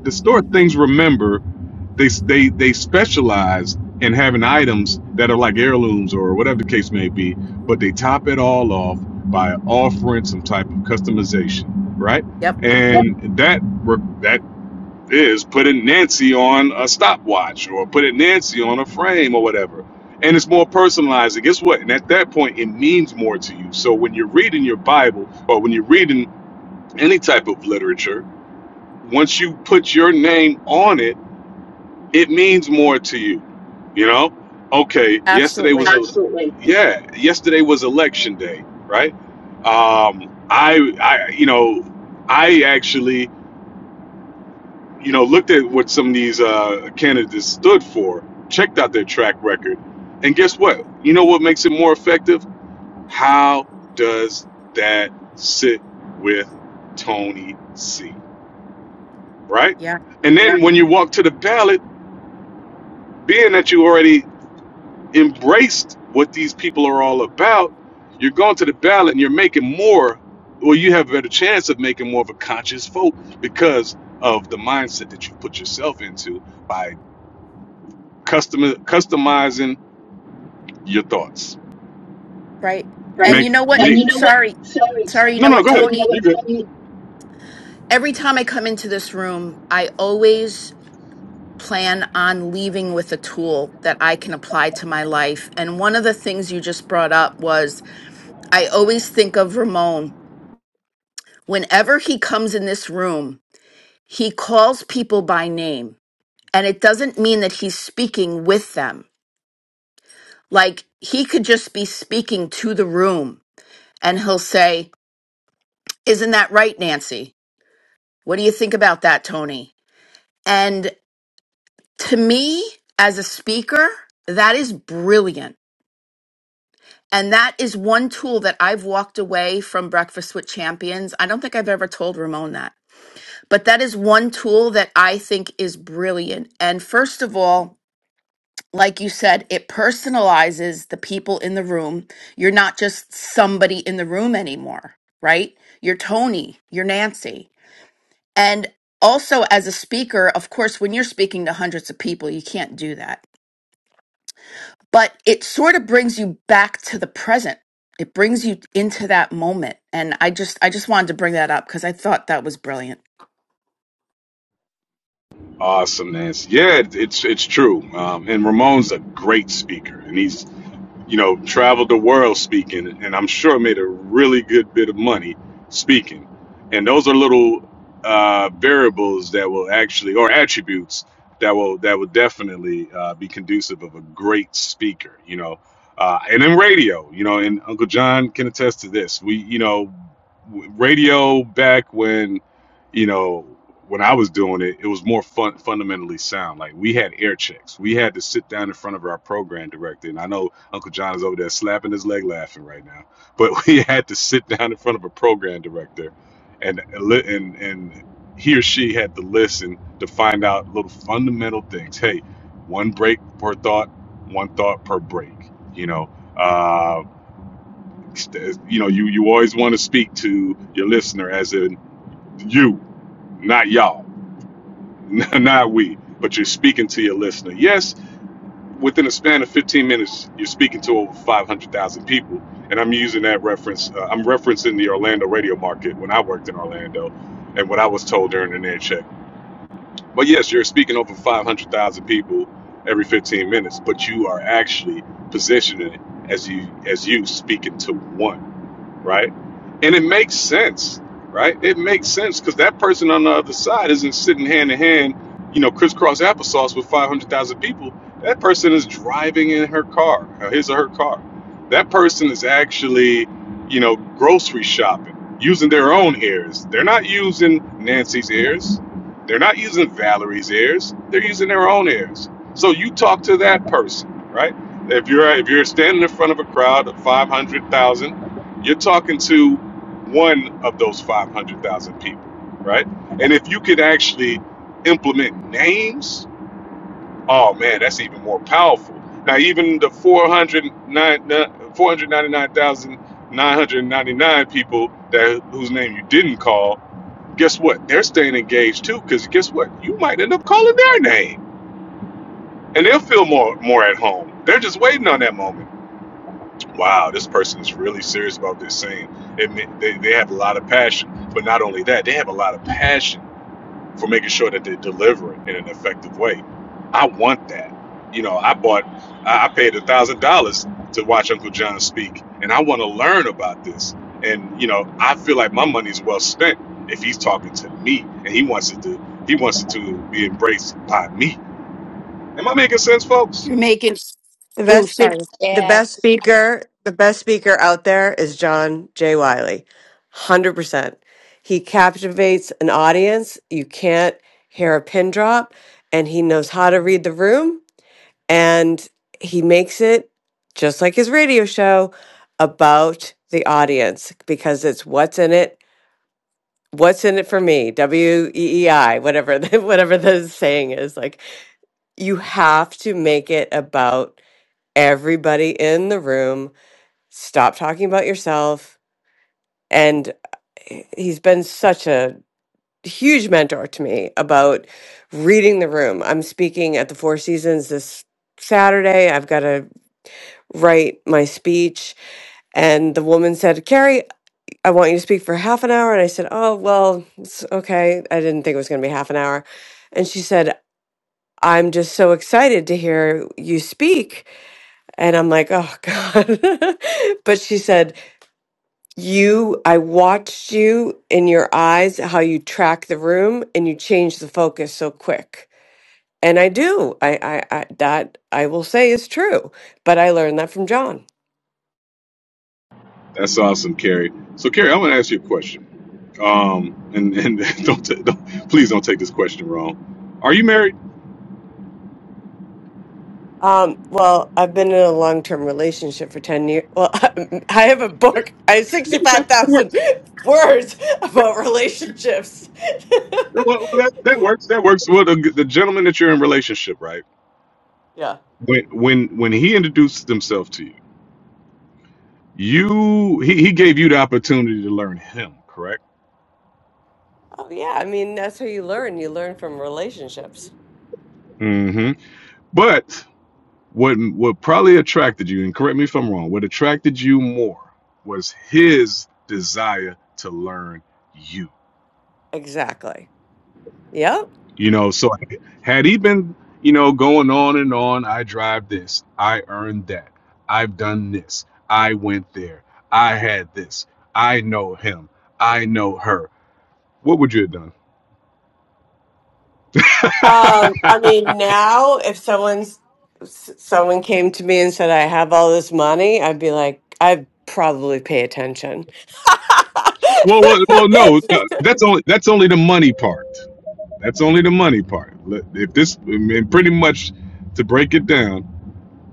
Speaker 25: the store things remember they they they specialize in having items that are like heirlooms or whatever the case may be, but they top it all off by offering some type of customization, right?
Speaker 28: Yep.
Speaker 25: And that that is putting Nancy on a stopwatch or putting Nancy on a frame or whatever. And it's more personalized. And guess what? And at that point, it means more to you. So when you're reading your Bible or when you're reading any type of literature, once you put your name on it it means more to you you know okay yesterday was a
Speaker 28: Absolutely.
Speaker 25: yeah yesterday was election day right um i i you know i actually you know looked at what some of these uh candidates stood for checked out their track record and guess what you know what makes it more effective how does that sit with tony c right
Speaker 28: Yeah.
Speaker 25: and then when you walk to the ballot being that you already embraced what these people are all about, you're going to the ballot and you're making more, or you have a better chance of making more of a conscious vote because of the mindset that you put yourself into by custom customizing your thoughts.
Speaker 28: Right. And you
Speaker 25: Make
Speaker 28: know
Speaker 25: And
Speaker 28: what?
Speaker 25: make
Speaker 28: Sorry. Sorry. You
Speaker 25: no
Speaker 28: know
Speaker 25: no
Speaker 28: what,
Speaker 25: go ahead. You
Speaker 28: Tony?
Speaker 25: You're good.
Speaker 28: Every time I come into this room, I always plan on leaving with a tool that I can apply to my life. And one of the things you just brought up was I always think of Ramon. Whenever he comes in this room, he calls people by name. And it doesn't mean that he's speaking with them. Like he could just be speaking to the room and he'll say, Isn't that right, Nancy? What do you think about that, Tony? And to me, as a speaker, that is brilliant And that is one tool that I've walked away from Breakfast with Champions. I don't think I've ever told Ramon that, but that is one tool that I think is brilliant. And first of all, like you said, it personalizes the people in the room. You're not just somebody in the room anymore, right? You're Tony, you're Nancy. And also, as a speaker, of course, when you're speaking to hundreds of people, you can't do that but it sort of brings you back to the present it brings you into that moment and i just i just wanted to bring that up because i thought that was brilliant
Speaker 25: Awesome, Nancy. Yeah, it's it's true. Um, and Ramon's a great speaker, and he's you know, traveled the world speaking, and I'm sure made a really good bit of money speaking. And those are little uh, variables that will actually, or attributes that will that will definitely uh, be conducive of a great speaker. You know, uh, and in radio, you know, and Uncle John can attest to this. We, you know, w- radio back when, you know. When I was doing it, it was more fun, fundamentally sound. Like we had air checks. We had to sit down in front of our program director, and I know Uncle John is over there slapping his leg laughing right now. But we had to sit down in front of a program director and and and he or she had to listen to find out little fundamental things. Hey, one break per thought, one thought per break. You know, uh, you know, you you always want to speak to your listener as in you, not y'all, not we, but you're speaking to your listener. Yes, within a span of 15 minutes, you're speaking to over 500,000 people. And I'm using that reference. Uh, I'm referencing the Orlando radio market when I worked in Orlando and what I was told during the net check. But yes, you're speaking over 500,000 people every 15 minutes, but you are actually positioning it as you as you speaking to one right? And it makes sense, right? It makes sense because that person on the other side isn't sitting hand in hand, you know, crisscross applesauce with 500,000 people. That person is driving in her car, or his or her car. That person is actually, you know, grocery shopping, using their own ears. They're not using Nancy's ears. They're not using Valerie's ears. They're using their own ears. So you talk to that person, right? If you're if you're standing in front of a crowd of 500,000 you're talking to one of those 500,000 people, right? And if you could actually implement names, oh man, that's even more powerful. Now, even the 409 499,999 people that whose name you didn't call, guess what? They're staying engaged too, because guess what? You might end up calling their name, and they'll feel more more at home. They're just waiting on that moment. wow, this person is really serious about this thing. It, they, they have a lot of passion, but not only that, they have a lot of passion for making sure that they deliver it in an effective way. I want that. You know, I bought, I I paid a thousand dollars to watch Uncle John speak, and I want to learn about this. And you know, I feel like my money is well spent if he's talking to me and he wants it to, he wants it to be embraced by me. Am I making sense, folks?
Speaker 28: you're making
Speaker 24: The
Speaker 28: oh
Speaker 24: best speak
Speaker 28: sorry
Speaker 24: the
Speaker 22: Yes.
Speaker 24: best speaker, the best speaker out there is John J. Wiley. 100%. He captivates an audience. You can't hear a pin drop and he knows how to read the room and he makes it just like his radio show about the audience because it's what's in it what's in it for me w e e i whatever the, whatever the saying is like you have to make it about everybody in the room stop talking about yourself and eh, he's been such a huge mentor to me about reading the room i'm speaking at the four seasons this saturday i've got to write my speech and the woman said carrie i want you to speak for half an hour and i said oh well it's okay i didn't think it was going to be half an hour and she said i'm just so excited to hear you speak and i'm like oh god but she said you i watched you in your eyes how you track the room and you change the focus so quick and i do i i, I that i will say is true but i learned that from john
Speaker 25: That's awesome, Carrie. So, Carrie, I'm gonna ask you a question Um, and and don't, ta- don't please don't take this question wrong. Are you married?
Speaker 24: um, well, I've been in a long-term relationship for 10 years. Well, I have a book. I have
Speaker 25: That, that, that
Speaker 24: 65,000
Speaker 25: works.
Speaker 24: words about relationships.
Speaker 25: Well, well, well, that, that works. That works. Well, the, the gentleman that you're in relationship, right?
Speaker 24: yeah.
Speaker 25: When when when he introduced himself to you, you he, he gave you the opportunity to learn him, correct?
Speaker 24: Oh, yeah. I mean, that's how you learn. You learn from relationships.
Speaker 25: Mm-hmm. But what what probably attracted you, and correct me if I'm wrong, what attracted you more was his desire to learn you.
Speaker 24: Exactly. Yep.
Speaker 25: You know, so had he been, you know, going on and on, I drive this, I earned that, I've done this, I went there, I had this, I know him, I know her. What would you have done?
Speaker 24: Um, I mean, now if someone's s- someone came to me and said I have all this money, I'd be like, I'd probably pay attention.
Speaker 25: well, well, well, no, no, that's only that's only the money part. That's only the money part. Look, If this, I mean, pretty much, to break it down.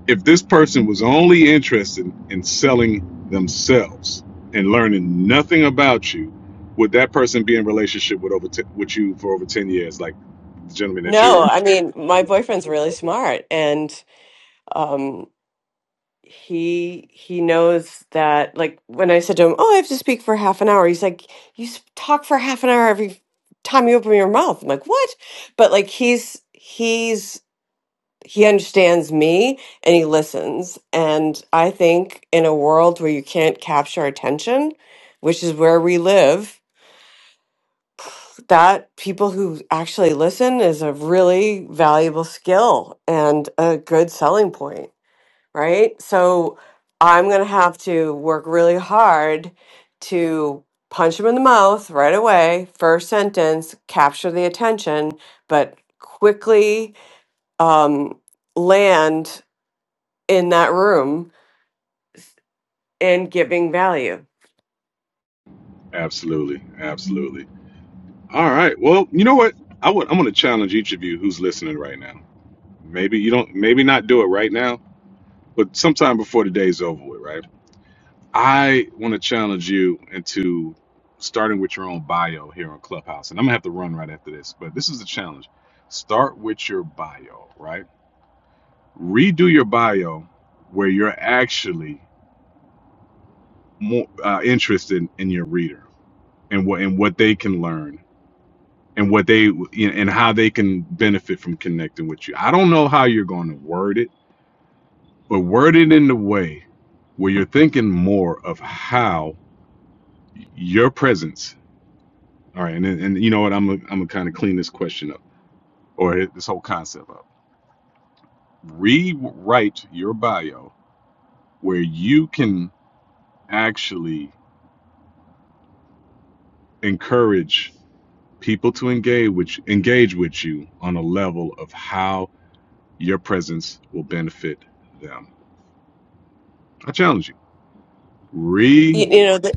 Speaker 25: if this person was only interested in selling themselves and learning nothing about you, would that person be in relationship with over t- with you for over ten years, like the gentleman that you're?
Speaker 24: no, I mean, my boyfriend's really smart, and um, he he knows that. Like when I said to him, "Oh, I have to speak for half an hour," he's like, "You s- talk for half an hour every time you open your mouth." I'm like, "What?" But like, he's he's he understands me and he listens. And I think in a world where you can't capture attention, which is where we live, that people who actually listen is a really valuable skill and a good selling point, right? So I'm going to have to work really hard to punch him in the mouth right away, first sentence, capture the attention, but quickly um, land in that room and giving value.
Speaker 25: Absolutely, absolutely. All right. Well, you know what? I would. I'm going to challenge each of you who's listening right now. Maybe you don't. Maybe not do it right now, but sometime before the day's over with, right? I want to challenge you into starting with your own bio here on Clubhouse. And I'm going to have to run right after this, but this is the challenge. Start with your bio, right? Redo your bio where you're actually more uh, interested in your reader and what and what they can learn and what they and how they can benefit from connecting with you. I don't know how you're going to word it, but word it in the way where you're thinking more of how your presence All right, and and you know what? I'm i I'm gonna kind of clean this question up or hit this whole concept up. Rewrite your bio where you can actually encourage people to engage which engage with you on a level of how your presence will benefit them. I challenge you. Re.
Speaker 24: You, you know, th-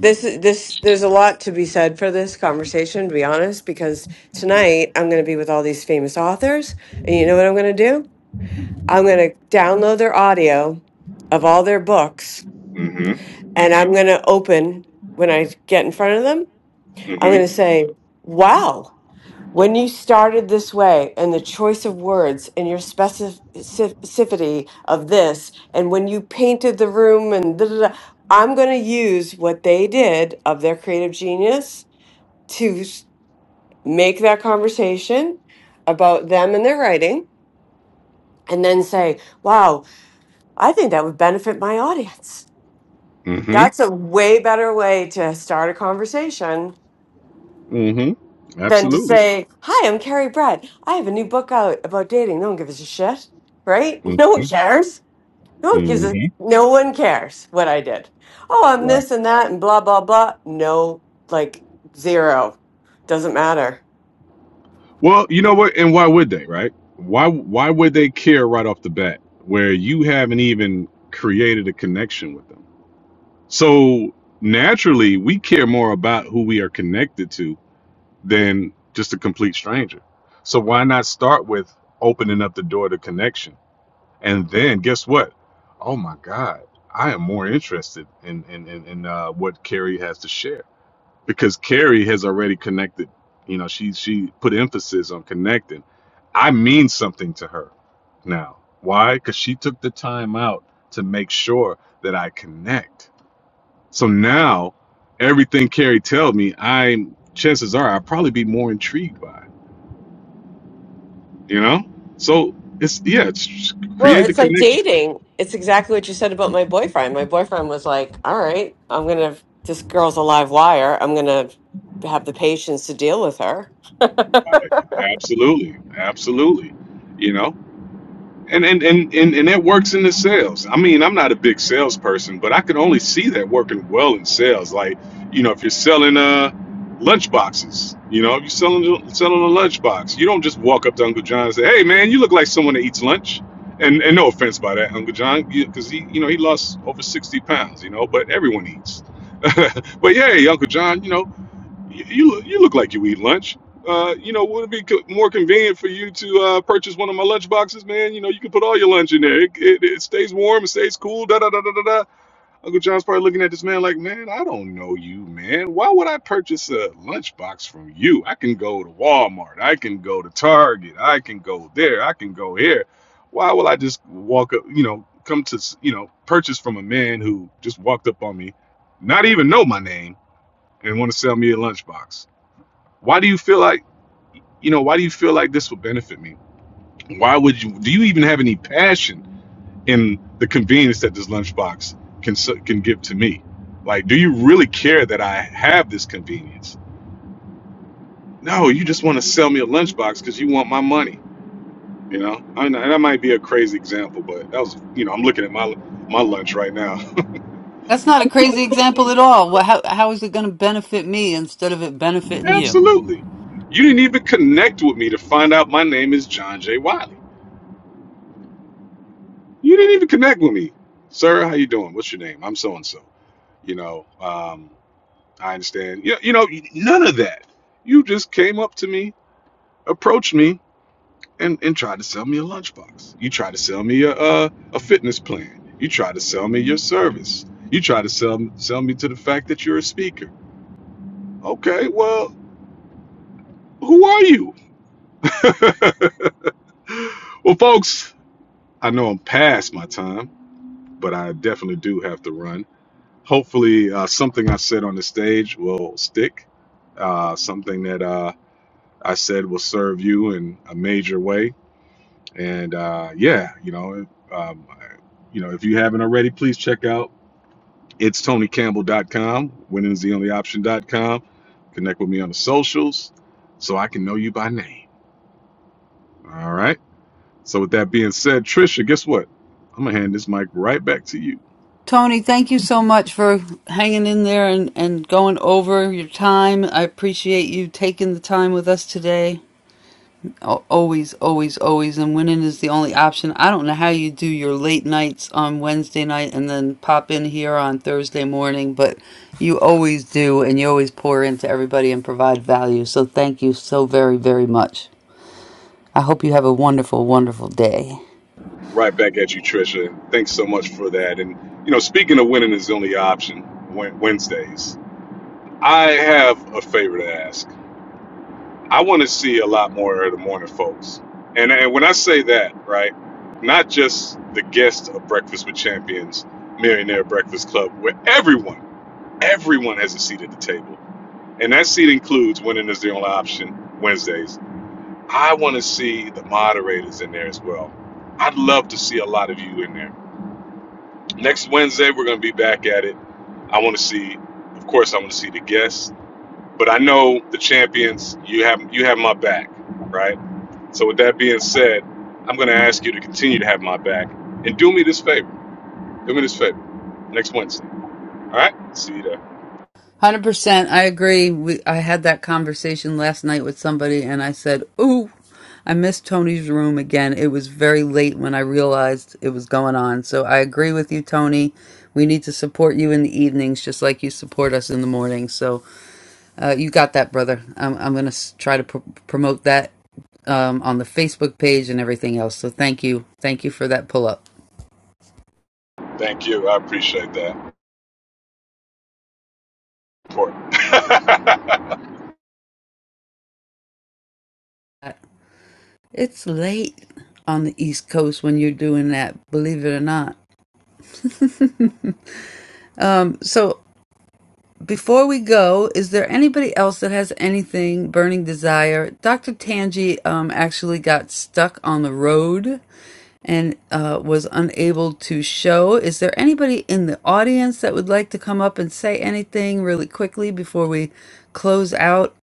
Speaker 24: this is- this there's a lot to be said for this conversation. To be honest, because tonight I'm going to be with all these famous authors, and you know what I'm going to do? I'm going to download their audio of all their books,
Speaker 25: Mm-hmm.
Speaker 24: and I'm going to open when I get in front of them. I'm going to
Speaker 25: Mm-hmm.
Speaker 24: say, "Wow." When you started this way, and the choice of words and your specificity of this, and when you painted the room, and da, da, da, I'm going to use what they did of their creative genius to s- make that conversation about them and their writing, and then say, Wow, I think that would benefit my audience. That's
Speaker 25: Mm-hmm.
Speaker 24: a way better way to start a conversation
Speaker 25: Mm-hmm.
Speaker 24: than to
Speaker 25: Absolutely.
Speaker 24: say, "Hi, I'm Carrie Brad. I have a new book out about dating. No one gives a shit, right? No one
Speaker 25: Mm-hmm.
Speaker 24: cares. No one gives a
Speaker 25: Mm-hmm.
Speaker 24: no one cares what I did. Oh, I'm
Speaker 25: Right.
Speaker 24: this and that and blah blah blah. No, like zero. Doesn't matter.
Speaker 25: Well, you know what? And why would they, right? Why why would they care right off the bat where you haven't even created a connection with them? So naturally, we care more about who we are connected to than just a complete stranger. So why not start with opening up the door to connection? And then guess what? Oh my God, I am more interested in in, in, in uh, what Carrie has to share because Carrie has already connected. You know, she she put emphasis on connecting. I mean something to her now. Why? Because she took the time out to make sure that I connect. So now, everything Carrie tells me, I'm chances are I'll probably be more intrigued by. it, You know, so it's yeah, it's
Speaker 24: Well,
Speaker 25: create the
Speaker 24: it's like
Speaker 25: connection.
Speaker 24: dating. It's exactly what you said about my boyfriend. My boyfriend was like, "All right, I'm gonna. This girl's a live wire. I'm gonna have the patience to deal with her."
Speaker 25: Absolutely, absolutely. You know, And and, and and and that works in the sales. I mean, I'm not a big salesperson, but I could only see that working well in sales. Like, you know, if you're selling uh lunch boxes, you know, if you're selling selling a lunch box, you don't just walk up to Uncle John and say, "Hey, man, you look like someone that eats lunch." And and no offense by that, Uncle John, because he you know he lost over sixty pounds, you know, but everyone eats. but yeah, Uncle John, you know. You, you look you look like you eat lunch. Uh, you know, would it be co- more convenient for you to uh, purchase one of my lunch boxes, man? You know, you can put all your lunch in there. It, it, it stays warm, it stays cool. Da da da da da da. Uncle John's probably looking at this man like, man, I don't know you, man. Why would I purchase a lunch box from you? I can go to Walmart. I can go to Target. I can go there. I can go here. Why will I just walk up? You know, come to s- you know purchase from a man who just walked up on me, not even know my name, and want to sell me a lunchbox? Why do you feel like, you know, why do you feel like this will benefit me? Why would you, do you even have any passion in the convenience that this lunchbox can, s- can give to me? Like, do you really care that I have this convenience? No, you just want to sell me a lunchbox because you want my money. You know, I know that might be a crazy example, but that was, you know, I'm looking at my my lunch right now.
Speaker 3: That's not a crazy example at all. Well, How, how is it going to benefit me instead of it benefiting you?
Speaker 25: Absolutely. You didn't even connect with me to find out my name is John J. Wiley. You didn't even connect with me. Sir, how you doing? What's your name? I'm so and so. You know, um, I understand. You, you know, none of that. You just came up to me, approached me, and, and tried to sell me a lunchbox. You tried to sell me a, a, a fitness plan. You tried to sell me your service. You tried to sell, sell me to the fact that you're a speaker. Okay, well, who are you? well, folks, I know I'm past my time, but I definitely do have to run. Hopefully, uh, something I said on the stage will stick. Uh, something that uh. I said will serve you in a major way. And uh, yeah, you know, um, you know, if you haven't already, please check out it's TonyCampbell.com. Winning is the only option.com. Connect with me on the socials so I can know you by name. All right. So with that being said, Trisha, guess what? I'm gonna hand this mic right back to you.
Speaker 3: Tony, thank you so much for hanging in there and, and going over your time. I appreciate you taking the time with us today. Always, always, always. And winning is the only option. I don't know how you do your late nights on Wednesday night and then pop in here on Thursday morning, but you always do, and you always pour into everybody and provide value. So thank you so very, very much. I hope you have a wonderful, wonderful day. one
Speaker 25: Right back at you, Trisha. Thanks so much for that. And you know, speaking of winning is the only option, Wednesdays. I have a favor to ask. I want to see a lot more of the morning folks. And, and when I say that, right, not just the guests of Breakfast with Champions, Millionaire Breakfast Club, where everyone, everyone has a seat at the table. And that seat includes Winning is the Only Option Wednesdays. I want to see the moderators in there as well. I'd love to see a lot of you in there. Next Wednesday, we're going to be back at it. I want to see, of course, I want to see the guests, but I know the champions, you have, you have my back, right? So, with that being said, I'm going to ask you to continue to have my back and do me this favor. Do me this favor next Wednesday. All right? See you there.
Speaker 3: Hundred percent, I agree. We, I had that conversation last night with somebody, and I said, "Ooh, I missed Tony's room again." It was very late when I realized it was going on. So I agree with you, Tony. We need to support you in the evenings, just like you support us in the morning. So uh, you got that, brother. I'm, I'm going to try to pr- promote that um, on the Facebook page and everything else. So thank you, thank you for that pull up.
Speaker 25: Thank you. I appreciate that. Important.
Speaker 3: It's late on the East Coast when you're doing that, believe it or not. Um, so before we go, is there anybody else that has anything burning desire? Dr. Tangi um, actually got stuck on the road and uh, was unable to show. Is there anybody in the audience that would like to come up and say anything really quickly before we close out?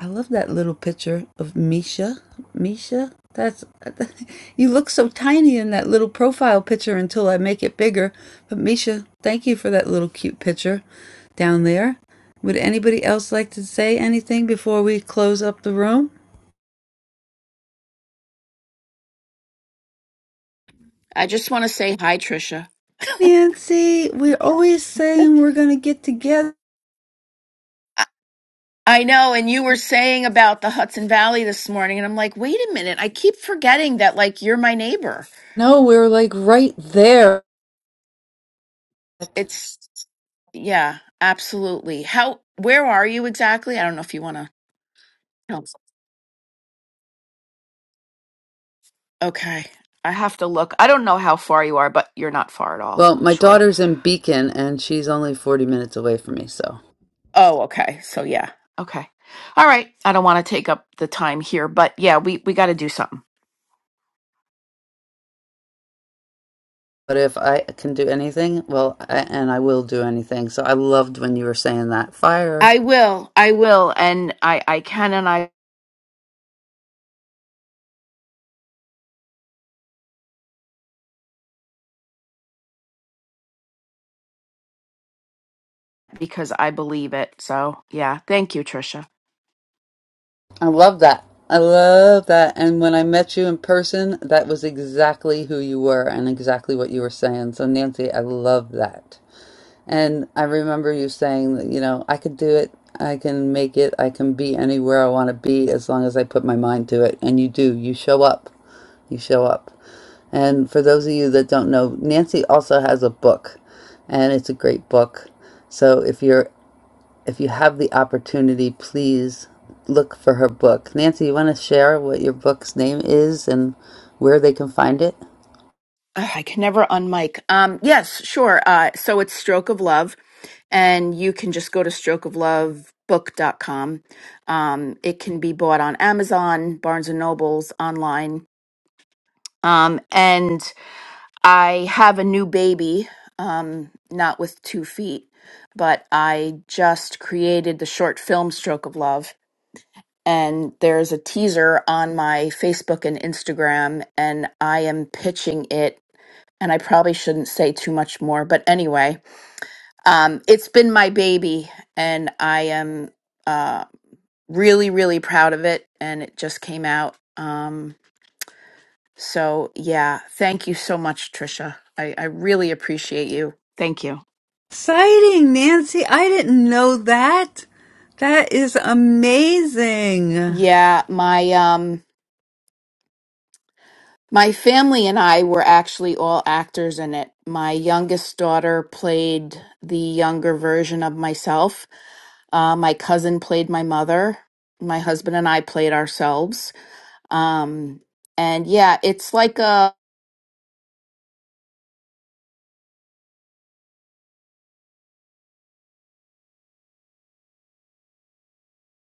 Speaker 3: I love that little picture of Misha. Misha, that's you look so tiny in that little profile picture until I make it bigger. But Misha, thank you for that little cute picture down there. Would anybody else like to say anything before we close up the room?
Speaker 28: i just want to say hi trisha
Speaker 3: Nancy, we're always saying we're going to get together.
Speaker 28: I I know, and you were saying about the Hudson Valley this morning, and I'm like, wait a minute, I keep forgetting that, like, you're my neighbor.
Speaker 3: No, we're like right there.
Speaker 28: It's yeah, absolutely. How where are you exactly? I don't know if you want to help. Okay. I have to look. I don't know how far you are, but you're not far at all,
Speaker 3: Well,
Speaker 28: I'm
Speaker 3: my
Speaker 28: sure.
Speaker 3: daughter's in Beacon and she's only 40 minutes away from me, so.
Speaker 28: Oh, okay. So yeah. Okay. All right. I don't want to take up the time here, but yeah, we we got to do something.
Speaker 3: But if I can do anything, well, I, and I will do anything. So I loved when you were saying that. Fire.
Speaker 28: I will. I will and I I can and I because I believe it. So, yeah. Thank you, Trisha.
Speaker 3: I love that. I love that. And when I met you in person, that was exactly who you were and exactly what you were saying. So, Nancy, I love that. And I remember you saying that, you know, I could do it. I can make it. I can be anywhere I want to be as long as I put my mind to it. And you do. You show up. You show up. And for those of you that don't know, Nancy also has a book, and it's a great book. So if you're if you have the opportunity, please look for her book. Nancy, you want to share what your book's name is and where they can find it?
Speaker 28: Ugh, I can never unmic. Um, yes, sure. Uh, so it's Stroke of Love, and you can just go to strokeoflovebook.com. Um, it can be bought on Amazon, Barnes and Nobles, online. Um, and I have a new baby, um, not with two feet, but I just created the short film Stroke of Love. And there's a teaser on my Facebook and Instagram, and I am pitching it and I probably shouldn't say too much more, but anyway, um, it's been my baby, and I am uh, really, really proud of it, and it just came out. Um, so, yeah, thank you so much, Trisha. I, I really appreciate you. Thank you.
Speaker 3: Exciting, Nancy. I didn't know that. That is amazing.
Speaker 28: Yeah, my um, My family and I were actually all actors in it. My youngest daughter played the younger version of myself. Uh, my cousin played my mother. My husband and I played ourselves. Um, and yeah, it's like a.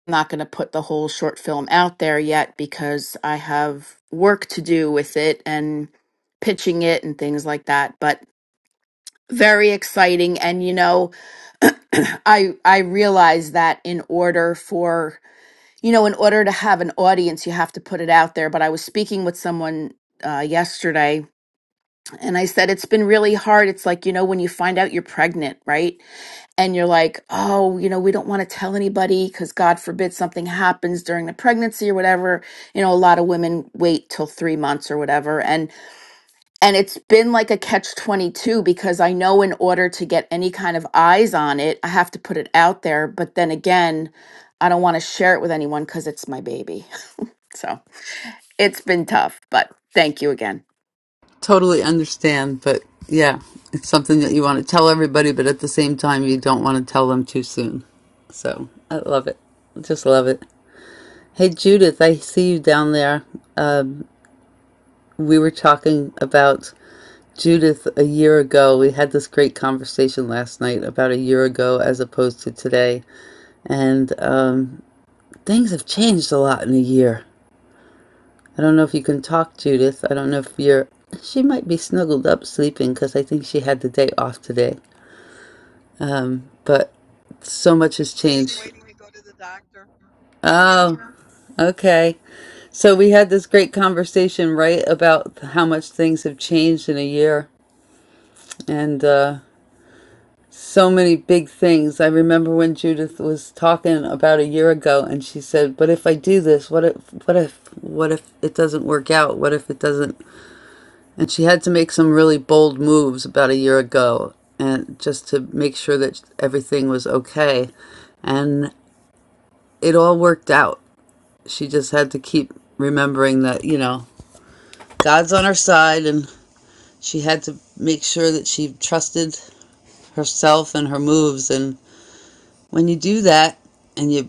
Speaker 28: I'm not going to put the whole short film out there yet because I have work to do with it and pitching it and things like that. But very exciting and you know i i realize that in order for you know in order to have an audience you have to put it out there but i was speaking with someone uh, yesterday and i said it's been really hard it's like you know when you find out you're pregnant right and you're like oh you know we don't want to tell anybody because god forbid something happens during the pregnancy or whatever you know a lot of women wait till three months or whatever and and it's been like a catch 22 because I know in order to get any kind of eyes on it, I have to put it out there. But then again, I don't want to share it with anyone because it's my baby. So it's been tough, but thank you again.
Speaker 3: Totally understand, but yeah, it's something that you want to tell everybody, but at the same time, you don't want to tell them too soon. So I love it. Just love it. Hey, Judith, I see you down there. Um, we were talking about Judith a year ago. We had this great conversation last night about a year ago as opposed to today. And um, things have changed a lot in a year. I don't know if you can talk, Judith. I don't know if you're. She might be snuggled up sleeping because I think she had the day off today. But so much
Speaker 29: I'm
Speaker 3: has
Speaker 29: sitting
Speaker 3: changed.
Speaker 29: waiting to go to the doctor. I'm here.
Speaker 3: Oh, okay. So we had this great conversation, right, about how much things have changed in a year and uh, so many big things. I remember when Judith was talking about a year ago and she said, "But if I do this, what if what if what if it doesn't work out? What if it doesn't And she had to make some really bold moves about a year ago and just to make sure that everything was okay. And it all worked out. She just had to keep remembering that, you know, God's on her side and she had to make sure that she trusted herself and her moves. And when you do that and you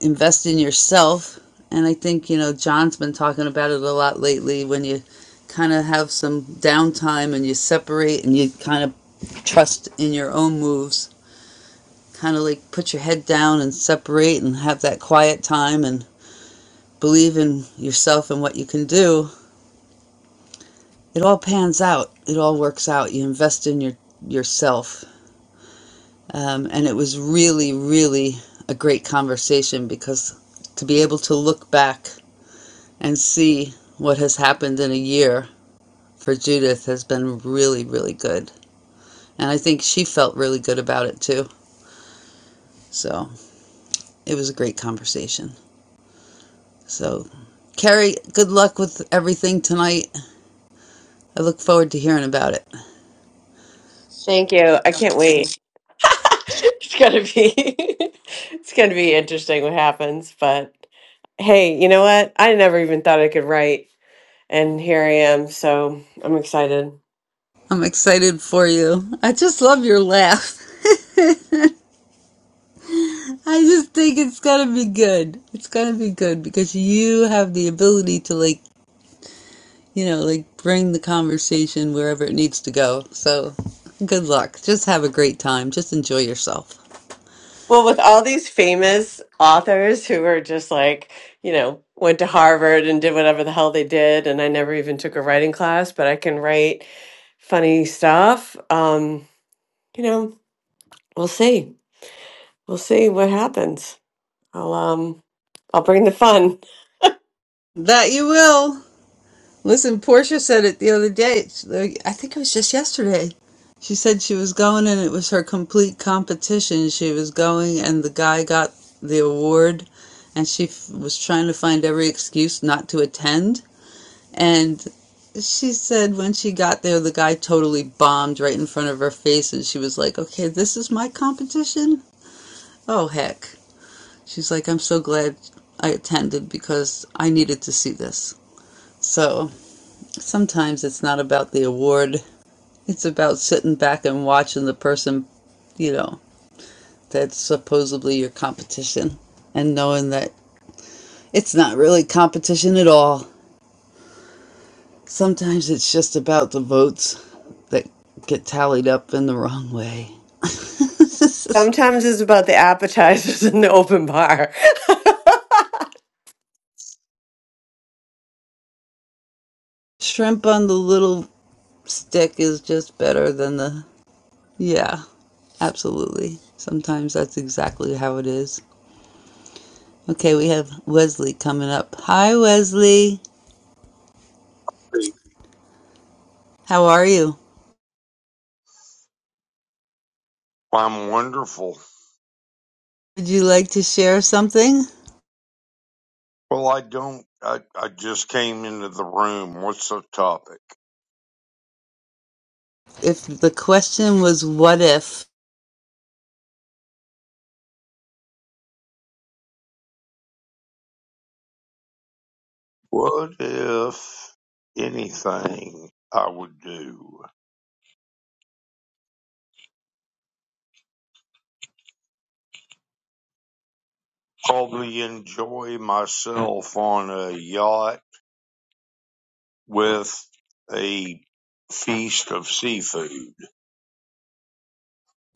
Speaker 3: invest in yourself, and I think, you know, John's been talking about it a lot lately when you kind of have some downtime and you separate and you kind of trust in your own moves. Kind of like put your head down and separate and have that quiet time and believe in yourself and what you can do. It all pans out. It all works out. You invest in your yourself. Um, and it was really, really a great conversation because to be able to look back and see what has happened in a year for Judith has been really, really good. And I think she felt really good about it too. So it was a great conversation. So, Carrie, good luck with everything tonight. I look forward to hearing about it.
Speaker 24: Thank you. I can't wait. it's gonna be it's gonna be interesting what happens but hey you know what i never even thought i could write and here i am so i'm excited
Speaker 3: I'm excited for you. I just love your laugh. I just think it's gonna be good. It's gonna be good because you have the ability to, like, you know, like bring the conversation wherever it needs to go. So, good luck. Just have a great time. Just enjoy yourself.
Speaker 24: well with all these famous authors who are just like you know went to harvard and did whatever the hell they did and i never even took a writing class but i can write funny stuff um you know we'll see we'll see what happens i'll um i'll bring the fun
Speaker 3: That you will. Listen, Portia said it the other day. It's like- I think it was just yesterday. She said she was going and it was her complete competition. She was going and the guy got the award and she f- was trying to find every excuse not to attend. And she said when she got there, the guy totally bombed right in front of her face and she was like, okay, this is my competition? Oh, heck. She's like, I'm so glad I attended because I needed to see this. So. Sometimes it's not about the award. It's about sitting back and watching the person, you know, that's supposedly your competition and knowing that it's not really competition at all. Sometimes it's just about the votes that get tallied up in the wrong way.
Speaker 24: Sometimes it's about the appetizers in the open bar.
Speaker 3: Shrimp on the little stick is just better than the. Yeah, absolutely. Sometimes that's exactly how it is. Okay, we have Wesley coming up. Hi, Wesley.
Speaker 30: Hey,
Speaker 3: How are you?
Speaker 30: I'm wonderful.
Speaker 3: Would you like to share something?
Speaker 30: Well, I don't. I, I just came into the room. What's the topic?
Speaker 3: If the question was, What if?
Speaker 30: What if anything I would do? Probably enjoy myself on a yacht with a feast of seafood.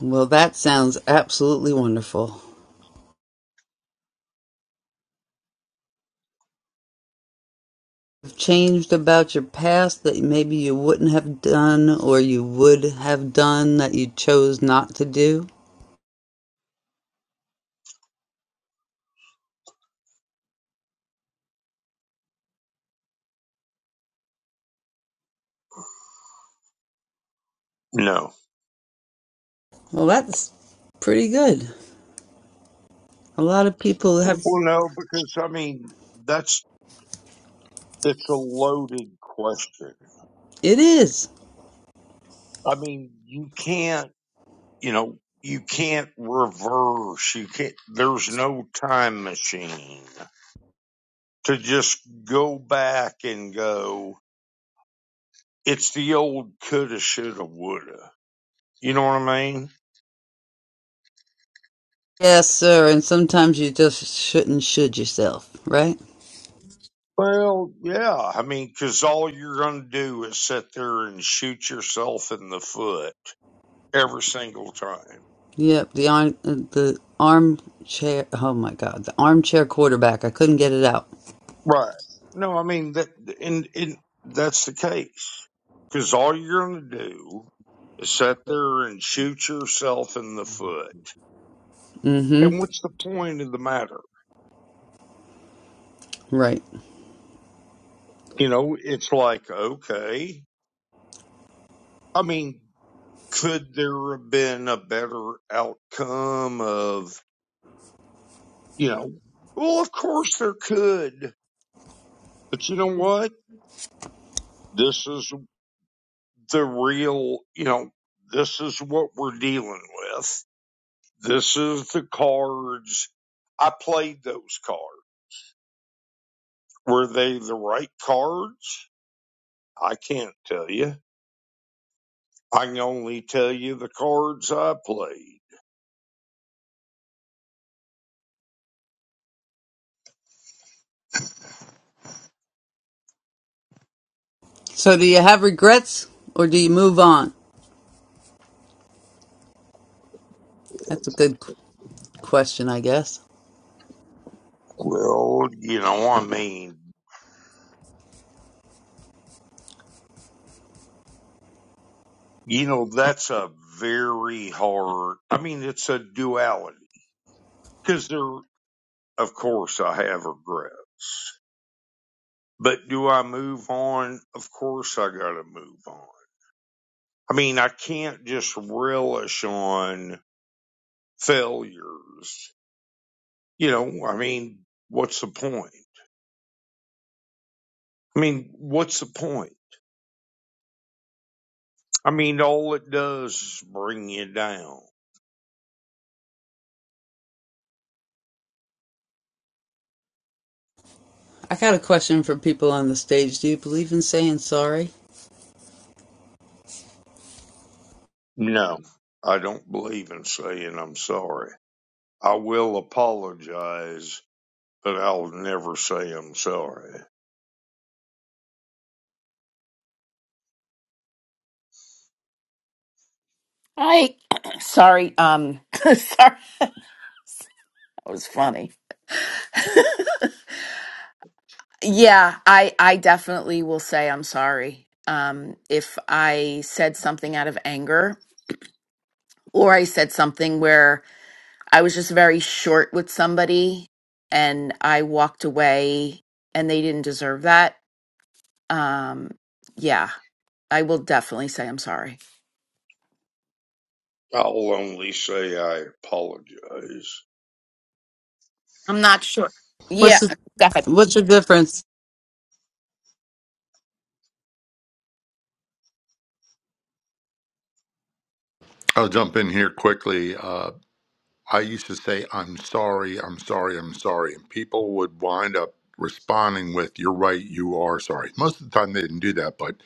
Speaker 3: Well, that sounds absolutely wonderful. You've changed about your past that maybe you wouldn't have done or you would have done that you chose not to do.
Speaker 30: No.
Speaker 3: Well, that's pretty good. A lot of people have.
Speaker 30: Well, no, because I mean, that's, it's a loaded question.
Speaker 3: It is.
Speaker 30: I mean, you can't you know, you can't reverse. You can't, there's no time machine to just go back and go, it's the old coulda, shoulda, woulda. You know what I mean?
Speaker 3: Yes, sir. And sometimes you just shouldn't should yourself, right?
Speaker 30: Well, yeah. I mean, cause all you're going to do is sit there and shoot yourself in the foot every single time.
Speaker 3: Yep. The arm, uh, the armchair. Oh my God. The armchair quarterback. I couldn't get it out.
Speaker 30: Right. No, I mean that, and and that's the case because all you're going to do is sit there and shoot yourself in the foot. And
Speaker 3: Mm-hmm.
Speaker 30: what's the point of the matter?
Speaker 3: Right.
Speaker 30: You know, it's like okay. I mean, could there have been a better outcome of you know? Well, of course there could, but you know what? This is the real. You know, this is what we're dealing with This is the cards. I played those cards. Were they the right cards? I can't tell you. I can only tell you the cards I played.
Speaker 3: So do you have regrets or do you move on? That's a good question, I guess.
Speaker 30: Well, you know, I mean, you know, that's a very hard, I mean, it's a duality because there, of course, I have regret, but do I move on? Of course, I got to move on. I mean, I can't just relish on failures You know, I mean, what's the point? I mean, what's the point? I mean, all it does is bring you down.
Speaker 3: I got a question for people on the stage. Do you believe in saying sorry?
Speaker 30: No, I don't believe in saying I'm sorry. I will apologize, but I'll never say I'm sorry.
Speaker 28: I sorry, um sorry, that was funny. Yeah, I I definitely will say I'm sorry. Um if I said something out of anger or I said something where I was just very short with somebody and I walked away and they didn't deserve that. Um yeah, I will definitely say I'm sorry.
Speaker 30: I'll only say I apologize.
Speaker 28: I'm not sure. Yeah,
Speaker 3: What's the
Speaker 28: definitely.
Speaker 3: what's the difference?
Speaker 27: I'll jump in here quickly. Uh, I used to say, I'm sorry, I'm sorry, I'm sorry. And people would wind up responding with, You're right, you are sorry. Most of the time they didn't do that, but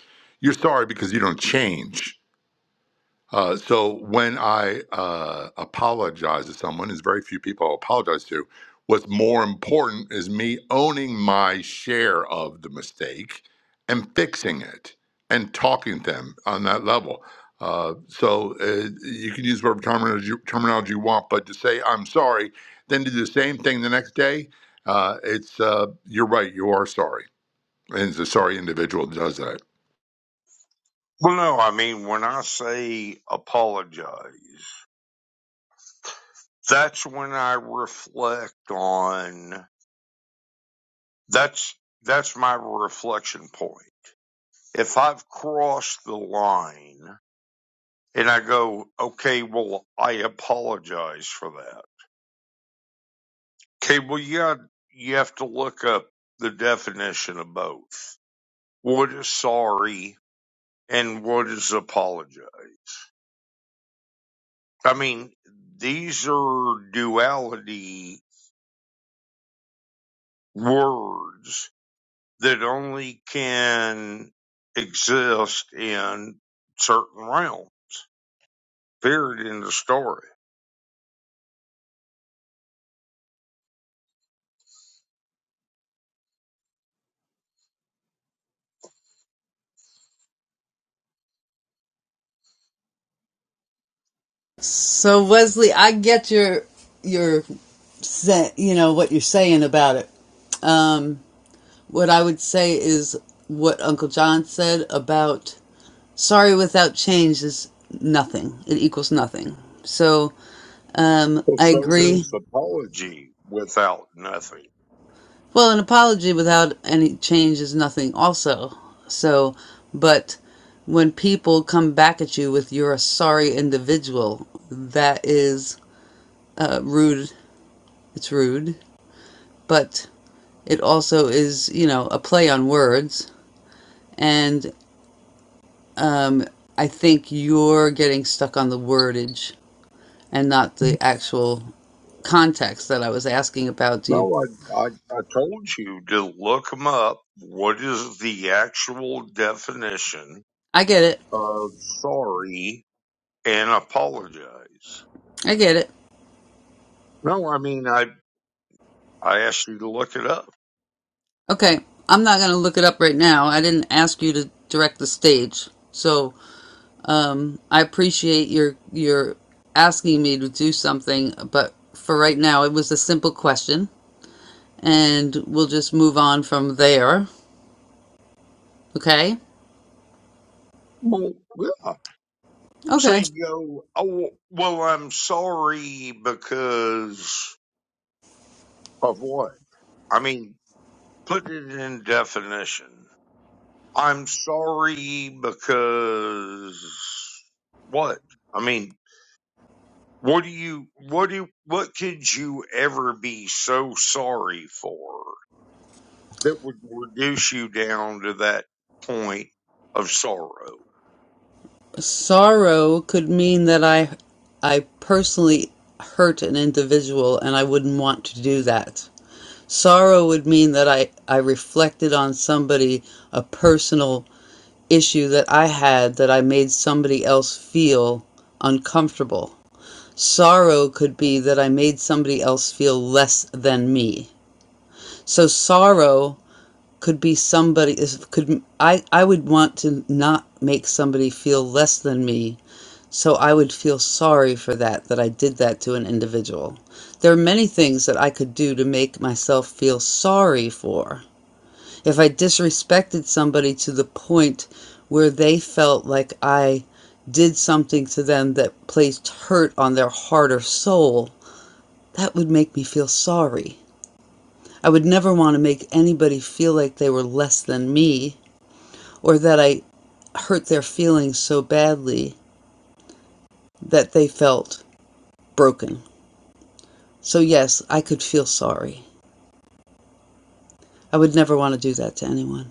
Speaker 27: you're sorry because you don't change. Uh, so when I uh, apologize to someone, as very few people I apologize to, what's more important is me owning my share of the mistake and fixing it and talking to them on that level. Uh, so uh, you can use whatever terminology, terminology you want, but to say I'm sorry, then do the same thing the next day. Uh, it's uh, you're right. You are sorry, and it's a sorry individual that does that.
Speaker 30: Well, no, I mean, when I say apologize, that's when I reflect on that's that's my reflection point if I've crossed the line and I go, okay, well, I apologize for that. Okay, well, yeah, you have to look up the definition of both. What is sorry and what is apologize? I mean, these are duality words that only can exist in certain realms. Period in the story
Speaker 3: So Wesley, I get your your se- you know what you're saying about it. Um, what I would say is what Uncle John said about sorry without change is nothing. It equals nothing. So um,
Speaker 30: Well,
Speaker 3: I
Speaker 30: so
Speaker 3: agree.
Speaker 30: does apology without nothing.
Speaker 3: Well, an apology without any change is nothing, also. So, but when people come back at you with you're a sorry individual, that is uh, rude. It's rude, but it also is, you know, a play on words. And um, I think you're getting stuck on the wordage and not the actual context that I was asking about. Do you?
Speaker 30: No, I, I, I told you to look them up. What is the actual definition
Speaker 3: I get it.
Speaker 30: of sorry and apologize?
Speaker 3: I get it.
Speaker 30: No, I mean, I, I asked you to look it up.
Speaker 3: Okay, I'm not going to look it up right now. I didn't ask you to direct the stage. So, um, I appreciate your your asking me to do something, but for right now it was a simple question and we'll just move on from there. Okay?
Speaker 30: Well, yeah. So
Speaker 3: Okay.
Speaker 30: you go, oh, well, I'm sorry because of what? I mean, put it in definition. I'm sorry because what? I mean, what do you, what do, what could you ever be so sorry for that would reduce you down to that point of sorrow?
Speaker 3: Sorrow could mean that I I personally hurt an individual and I wouldn't want to do that. Sorrow would mean that I I reflected on somebody a personal issue that I had that I made somebody else feel uncomfortable. Sorrow could be that I made somebody else feel less than me. So sorrow could be somebody could I I would want to not make somebody feel less than me. So I would feel sorry for that that I did that to an individual. There are many things that I could do to make myself feel sorry for if I disrespected somebody to the point where they felt like I did something to them that placed hurt on their heart or soul, that would make me feel sorry. I would never want to make anybody feel like they were less than me or that I hurt their feelings so badly that they felt broken. So, yes, I could feel sorry. I would never want to do that to anyone.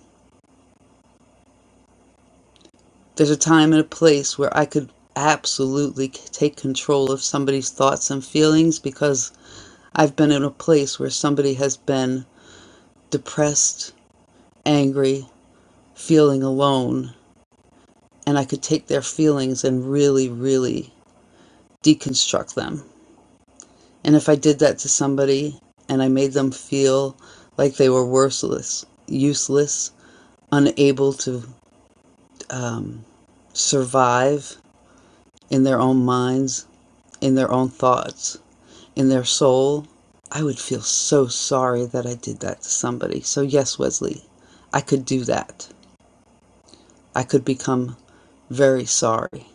Speaker 3: There's a time and a place where I could absolutely take control of somebody's thoughts and feelings because I've been in a place where somebody has been depressed, angry, feeling alone, and I could take their feelings and really, really deconstruct them. And if I did that to somebody and I made them feel like they were worthless, useless, unable to um, survive in their own minds, in their own thoughts, in their soul, I would feel so sorry that I did that to somebody. So, yes, Wesley, I could do that. I could become very sorry.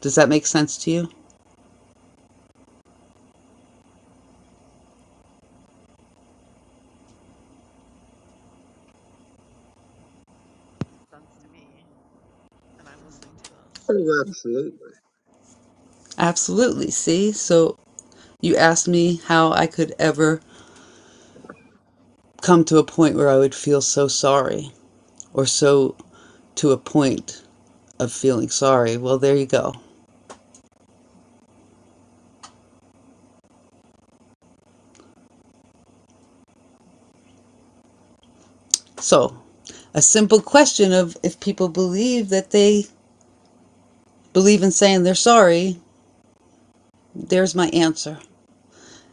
Speaker 3: Does that make sense to you?
Speaker 29: It Makes sense to me, and I'm listening to this.
Speaker 30: Oh, absolutely.
Speaker 3: Absolutely. See, so you asked me how I could ever come to a point where I would feel so sorry or so to a point of feeling sorry. Well, there you go. So, a simple question of if people believe that they believe in saying they're sorry, there's my answer.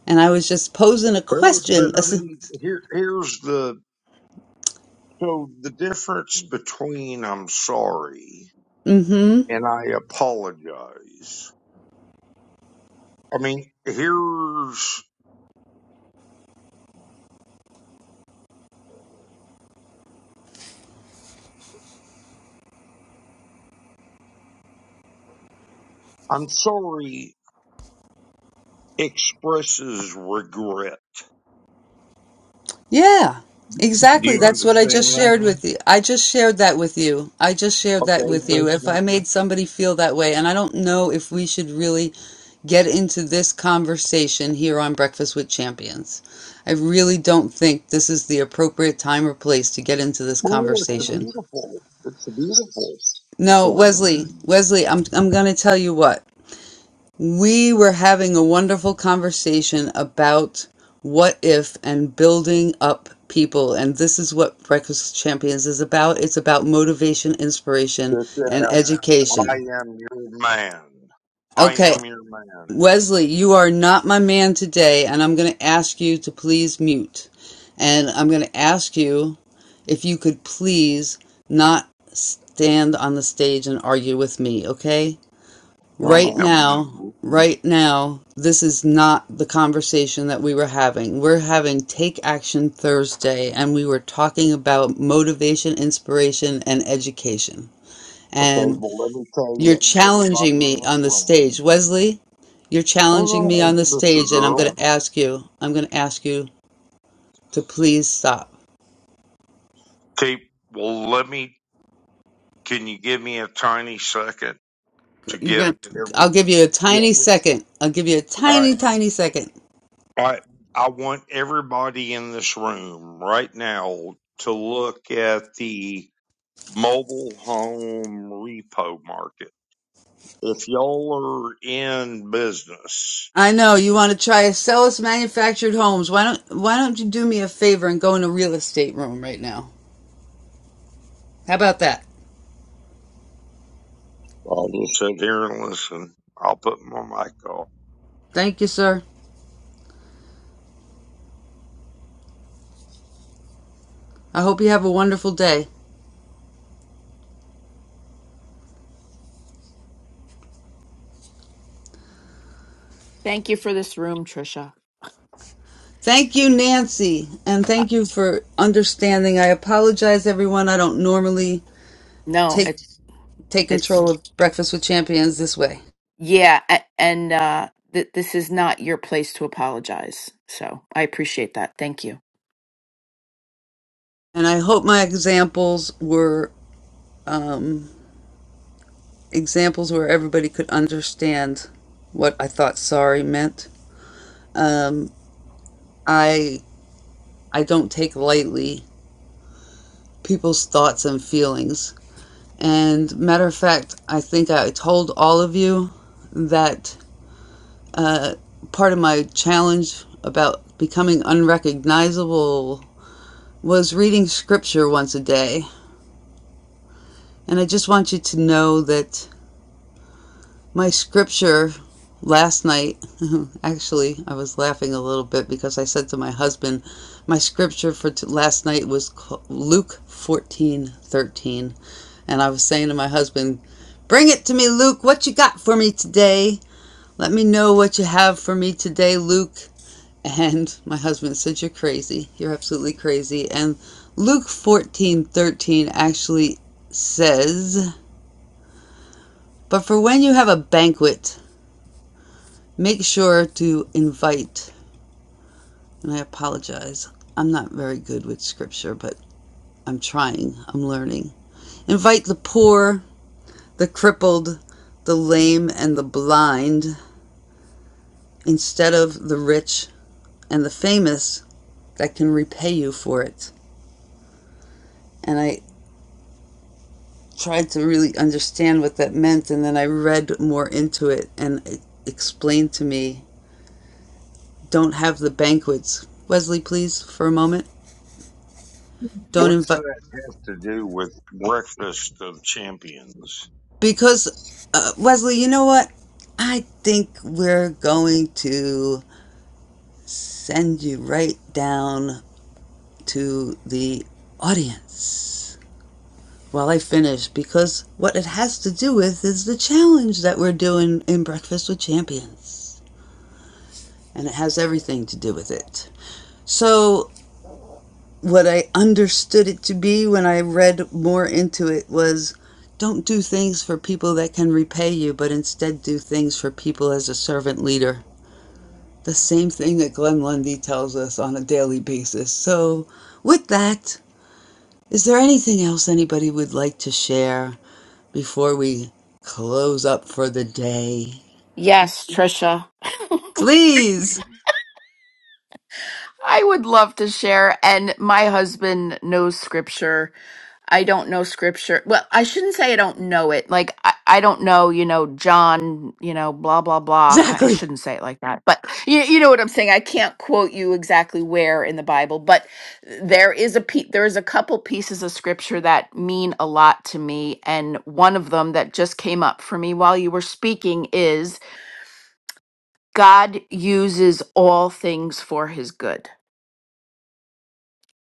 Speaker 3: and I was just posing a
Speaker 30: Well, but
Speaker 3: question.
Speaker 30: I mean, here, here's the, so the difference between I'm sorry
Speaker 3: Mm-hmm.
Speaker 30: and I apologize. I mean, here's, I'm sorry expresses regret.
Speaker 3: Yeah,
Speaker 30: Do
Speaker 3: exactly.
Speaker 30: you
Speaker 3: That's what I
Speaker 30: understand
Speaker 3: just
Speaker 30: that?
Speaker 3: shared with you. I just shared that with you. I just shared that
Speaker 30: Okay,
Speaker 3: with
Speaker 30: but
Speaker 3: you. If
Speaker 30: now,
Speaker 3: I made somebody feel that way, and I don't know if we should really get into this conversation here on Breakfast with Champions. I really don't think this is the appropriate time or place to get into this
Speaker 30: well, it's a
Speaker 3: conversation.
Speaker 30: beautiful, it's a beautiful
Speaker 3: No,
Speaker 30: point of view.
Speaker 3: Wesley, Wesley, I'm I'm going to tell you what. We were having a wonderful conversation about what if and building up people. And this is what Breakfast Champions is about it's about motivation, inspiration,
Speaker 30: That
Speaker 3: and
Speaker 30: says, I
Speaker 3: education.
Speaker 30: am your man. I
Speaker 3: Okay,
Speaker 30: am your man.
Speaker 3: Wesley, you are not my man today, and I'm going to ask you to please mute. And I'm going to ask you if you could please not stand on the stage and argue with me, okay?
Speaker 30: No,
Speaker 3: right
Speaker 30: ma'am.
Speaker 3: now, right now, this is not the conversation that we were having. We're having Take Action Thursday, and we were talking about motivation, inspiration, and education.
Speaker 30: Okay,
Speaker 3: And
Speaker 30: well, let me tell
Speaker 3: you're
Speaker 30: you,
Speaker 3: challenging
Speaker 30: everybody in
Speaker 3: me
Speaker 30: this
Speaker 3: on the
Speaker 30: room,
Speaker 3: stage. Wesley, you're
Speaker 30: hold
Speaker 3: challenging me
Speaker 30: on,
Speaker 3: on
Speaker 30: hey,
Speaker 3: the
Speaker 30: sister
Speaker 3: stage, and I'm going
Speaker 30: girl.
Speaker 3: to ask you, I'm going to ask you to please stop.
Speaker 30: Okay, well, let me, can you give me a tiny second to
Speaker 3: You're
Speaker 30: give
Speaker 3: gonna,
Speaker 30: every,
Speaker 3: I'll give you a tiny
Speaker 30: yes.
Speaker 3: second. I'll give you a
Speaker 30: All right.
Speaker 3: tiny, tiny second.
Speaker 30: I I want everybody in this room right now to look at the mobile home repo market. If y'all are in business,
Speaker 3: I know you want to try to sell us manufactured homes. Why don't Why don't you do me a favor and go in a real estate room right now? How about that?
Speaker 30: I'll just sit here and listen. I'll put my mic off.
Speaker 3: Thank you, sir. I hope you have a wonderful day.
Speaker 28: Thank you for this room, Trisha.
Speaker 3: Thank you, Nancy, and
Speaker 28: Uh,
Speaker 3: thank you for understanding. I apologize, everyone. I don't normally
Speaker 28: no,
Speaker 3: take
Speaker 28: it's
Speaker 3: take
Speaker 28: it's
Speaker 3: control of Breakfast with Champions this way,
Speaker 28: yeah, a- and uh th- this is not your place to apologize. So, I appreciate that. Thank you.
Speaker 3: and I hope my examples were um, examples where everybody could understand what I thought sorry meant. Um, I I don't take lightly people's thoughts and feelings. And matter of fact, I think I told all of you that uh, part of my challenge about becoming unrecognizable was reading scripture once a day. And I just want you to know that My scripture last night, actually, I was laughing a little bit because I said to my husband, my scripture for t- last night was c- Luke 14:13, and I was saying to my husband, "Bring it to me, Luke. What you got for me today? Let me know what you have for me today, Luke." And my husband said, "You're crazy. You're absolutely crazy." And Luke 14:13 actually says, "But for when you have a banquet Make sure to invite, and I apologize. I'm not very good with scripture, but I'm trying, I'm learning. Invite the poor, the crippled, the lame, and the blind instead of the rich and the famous that can repay you for it. And I tried to really understand what that meant, and then I read more into it, and it explained to me don't have the banquets. Wesley, please, for a moment. Don't
Speaker 30: What's
Speaker 3: invite.
Speaker 30: that have to do with breakfast of champions?
Speaker 3: Because, uh, Wesley, you know what? I think we're going to send you right down to the audience while I finish because what it has to do with is the challenge that we're doing in Breakfast with Champions. And it has everything to do with it. So, what I understood it to be when I read more into it was don't do things for people that can repay you, but instead do things for people as a servant leader. the same thing that Glenn Lundy tells us on a daily basis. So, with that, is there anything else anybody would like to share before we close up for the day?
Speaker 28: Yes, Trisha.
Speaker 3: Please!
Speaker 28: I would love to share and my husband knows scripture I don't know scripture. Well, I shouldn't say I don't know it. Like I, I don't know, you know, John, you know, blah blah blah. I I
Speaker 3: Exactly!
Speaker 28: shouldn't say it like that. But you you know what I'm saying. I can't quote you exactly where in the Bible, but there is a pe- there is a couple pieces of scripture that mean a lot to me, and one of them that just came up for me while you were speaking is God uses all things for his good.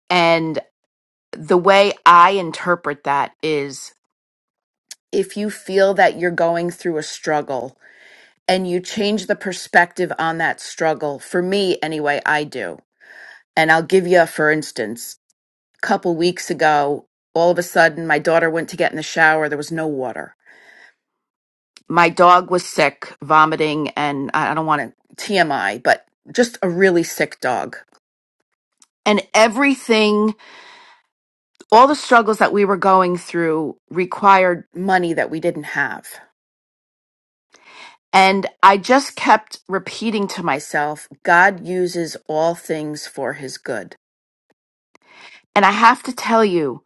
Speaker 28: And the way I interpret that is if you feel that you're going through a struggle and you change the perspective on that struggle, for me anyway, I do. And I'll give you, a for instance, a couple weeks ago, all of a sudden my daughter went to get in the shower, there was no water. My dog was sick, vomiting, and I I don't want to TMI, but just a really sick dog. And everything, all the struggles that we were going through required money that we didn't have. And I just kept repeating to myself, God uses all things for his good. And I have to tell you,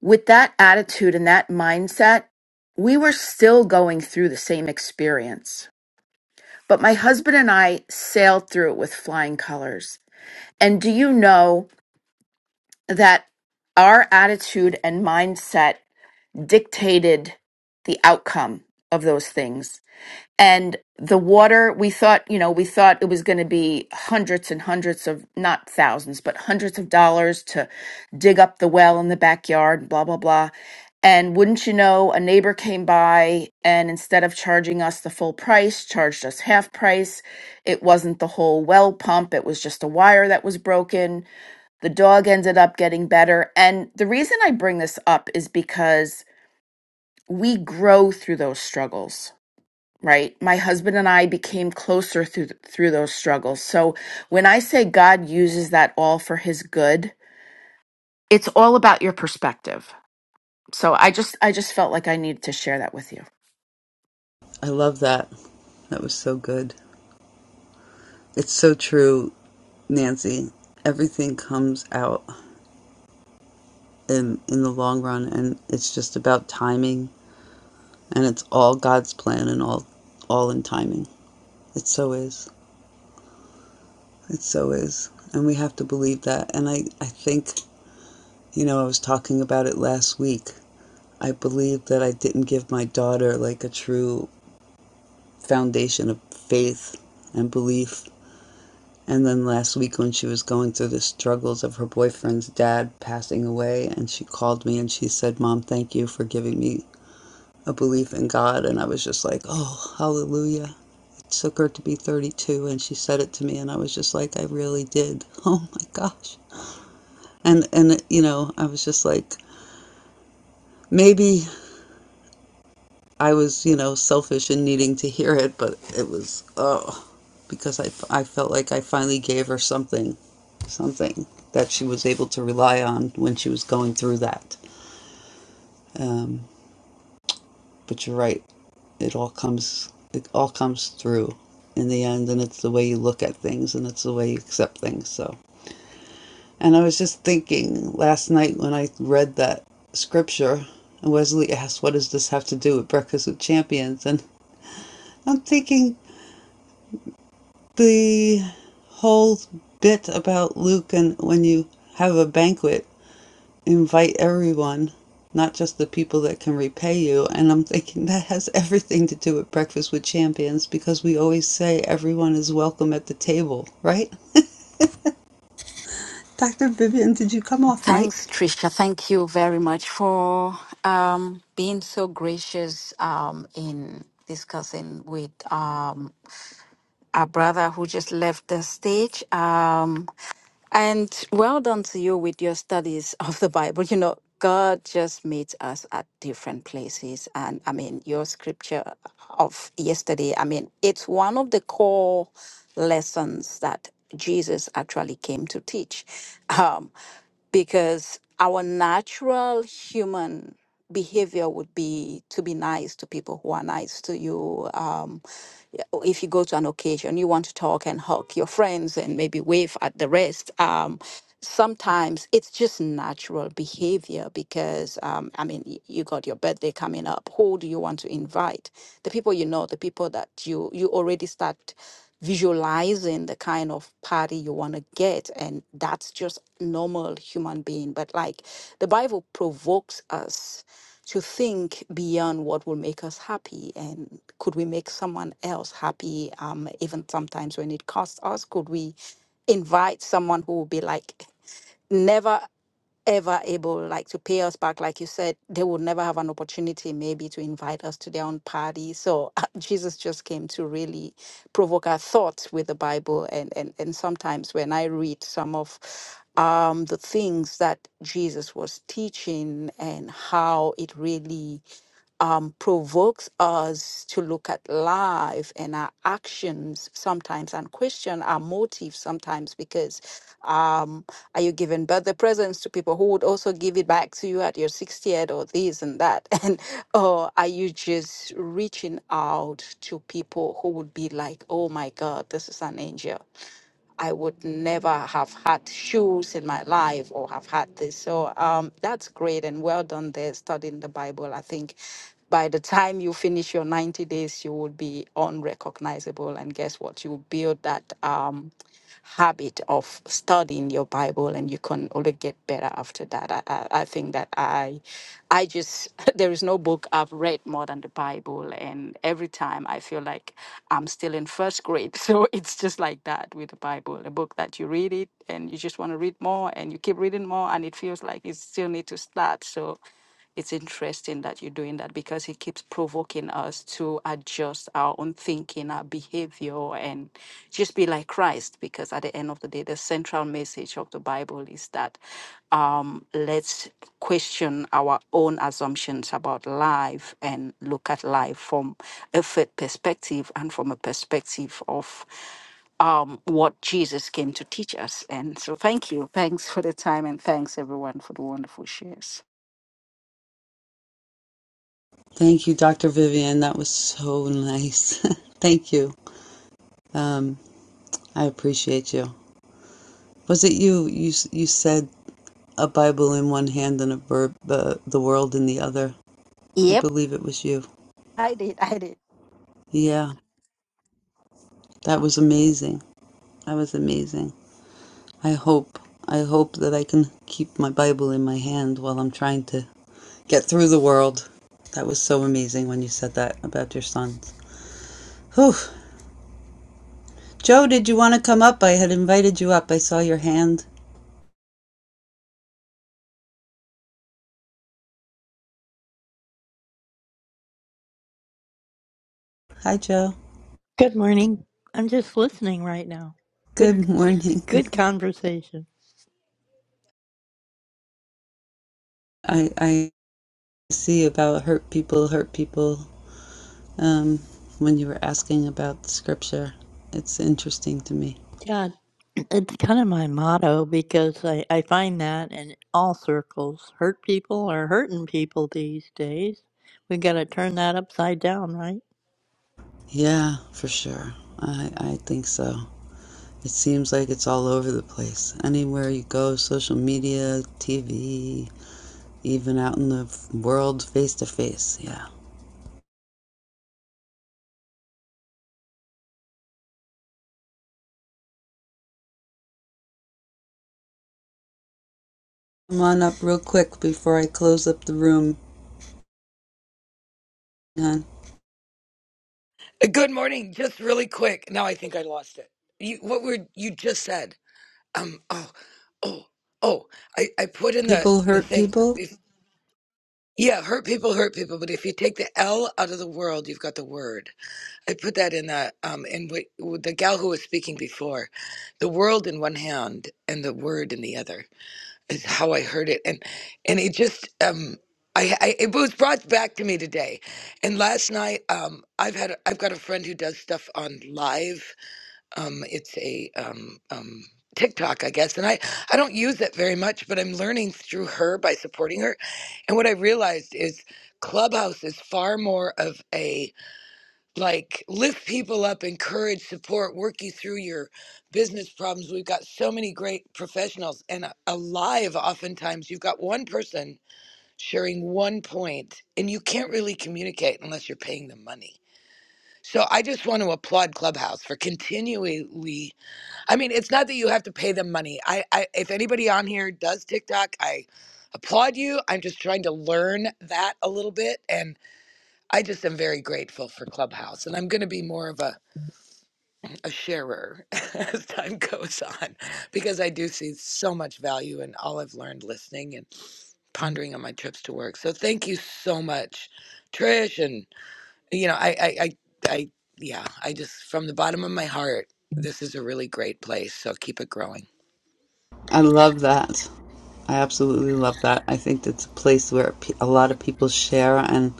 Speaker 28: with that attitude and that mindset, we were still going through the same experience. But my husband and I sailed through it with flying colors. And do you know that our attitude and mindset dictated the outcome of those things? and the water we thought you know we thought it was going to be hundreds and hundreds of not thousands but hundreds of dollars to dig up the well in the backyard blah blah blah and wouldn't you know a neighbor came by and instead of charging us the full price charged us half price it wasn't the whole well pump it was just a wire that was broken the dog ended up getting better and the reason i bring this up is because we grow through those struggles right my husband and i became closer through through those struggles so when i say god uses that all for his good it's all about your perspective so i just i just felt like i needed to share that with you
Speaker 3: I love that. That was so good. It's so true, Nancy. Everything comes out in in the long run and it's just about timing and it's all God's plan and all all in timing. It so is. It so is. And we have to believe that. And I, I think, you know, I was talking about it last week. I believe that I didn't give my daughter like a true foundation of faith and belief. And then last week, when she was going through the struggles of her boyfriend's dad passing away, and she called me and she said, Mom, thank you for giving me a belief in God. And I was just like, oh, hallelujah. It took her to be 32, and she said it to me, and I was just like, I really did. Oh my gosh. And and you know, I was just like maybe I was, you know, selfish in needing to hear it, but it was oh because I I felt like I finally gave her something, something that she was able to rely on when she was going through that. Um, but you're right. It all comes it all comes through in the end and it's the way you look at things and it's the way you accept things. So And I was just thinking last night when I read that scripture, and Wesley asked, What does this have to do with Breakfast with Champions? And I'm thinking the whole bit about Luke and when you have a banquet, invite everyone, not just the people that can repay you. And I'm thinking that has everything to do with Breakfast with Champions because we always say everyone is welcome at the table, right? Dr. Vivian, did you come off
Speaker 23: Thanks,
Speaker 3: mic?
Speaker 23: Trisha. Thank you very much for um, being so gracious um, in discussing with um, our brother who just left the stage. Um, and well done to you with your studies of the Bible. You know, God just meets us at different places. And I mean, your scripture of yesterday, I mean, it's one of the core lessons that Jesus actually came to teach. Um, because our natural human behavior would be to be nice to people who are nice to you. Um, yeah, or if you go to an occasion, you want to talk and hug your friends and maybe wave at the rest. Um, sometimes it's just natural behavior because, um, I mean, y- you got your birthday coming up. Who do you want to invite? The people you know, the people that you you already start visualizing the kind of party you want to get and that's just normal human being but like the bible provokes us to think beyond what will make us happy and could we make someone else happy um, even sometimes when it costs us could we invite someone who will be like never ever able like to pay us back like you said they would never have an opportunity maybe to invite us to their own party so jesus just came to really provoke our thoughts with the bible and and, and sometimes when i read some of um, the things that jesus was teaching and how it really um, provokes us to look at life and our actions sometimes and question our motives sometimes because um, are you giving birthday presents to people who would also give it back to you at your 60th or this and that? And or are you just reaching out to people who would be like, oh my God, this is an angel? I would never have had shoes in my life or have had this. So um, that's great and well done there studying the Bible. I think by the time you finish your 90 days, you will be unrecognizable. And guess what? You build that. Um, habit of studying your Bible, and you can only get better after that. I, I, I think that I, I just there is no book I've read more than the Bible, and every time I feel like I'm still in first grade. So it's just like that with the Bible, a book that you read it and you just want to read more, and you keep reading more, and it feels like you still need to start. So it's interesting that you're doing that because it keeps provoking us to adjust our own thinking, our behavior, and just be like Christ. Because at the end of the day, the central message of the Bible is that um, let's question our own assumptions about life and look at life from a faith perspective and from a perspective of um, what Jesus came to teach us. And so, thank you. Thanks for the time, and thanks everyone for the wonderful shares.
Speaker 3: Thank you, Dr. Vivian. That was so nice. Thank you. Um, I appreciate you. Was it you? You you said a Bible in one hand and a verb, uh, the world in the other. I
Speaker 23: Yep.
Speaker 3: believe it was you.
Speaker 23: I did. I did.
Speaker 3: Yeah, that was amazing. That was amazing. I hope I hope that I can keep my Bible in my hand while I'm trying to get through the world. That was so amazing when you said that about your sons. Whew. Joe, did you want to come up? I had invited you up. I saw your hand. Hi, Joe.
Speaker 31: Good morning. I'm just listening right now. Good
Speaker 3: Good morning.
Speaker 31: good conversation.
Speaker 3: I, I see about hurt people, hurt people. Um, when you were asking about scripture, it's interesting to me.
Speaker 31: Yeah, it's kind of my motto because I, I find that in all circles. Hurt people are hurting people these days. We gotta turn that upside down, right?
Speaker 3: Yeah, for sure. I, I think so. It seems like it's all over the place. Anywhere you go, social media, TV, even out in the world face to face. Yeah. Come on up real quick before I close up the room.
Speaker 32: Good morning. Just really quick. Now I think I lost it. You, what were you just said? Um. Oh. Oh. Oh. I, I put in the
Speaker 3: People
Speaker 32: the
Speaker 3: hurt
Speaker 32: thing.
Speaker 3: people.
Speaker 32: If, yeah, hurt people hurt people, but if you take the L out of the world, you've got the word. I put that in the um And what, the gal who was speaking before, the world in one hand and the word in the other is how I heard it, and and it just um I, I it was brought back to me today, and last night um I've had a- I've got a friend who does stuff on live um it's a um um TikTok I guess, and I I don't use it very much, but I'm learning through her by supporting her, and what I realized is Clubhouse is far more of a like lift people up encourage support work you through your business problems we've got so many great professionals and a- alive oftentimes you've got one person sharing one point and you can't really communicate unless you're paying them money so i just want to applaud clubhouse for continually i mean it's not that you have to pay them money i, I if anybody on here does tiktok i applaud you i'm just trying to learn that a little bit and i just am very grateful for clubhouse and i'm going to be more of a a sharer as time goes on because I do see so much value in all I've learned listening and pondering on my trips to work. So thank you so much, Trish. And, you know, I, I, I, I yeah, I just, from the bottom of my heart, this is a really great place. So keep it growing.
Speaker 3: I love that. I absolutely love that. I think that's a place where pe- a lot of people share, and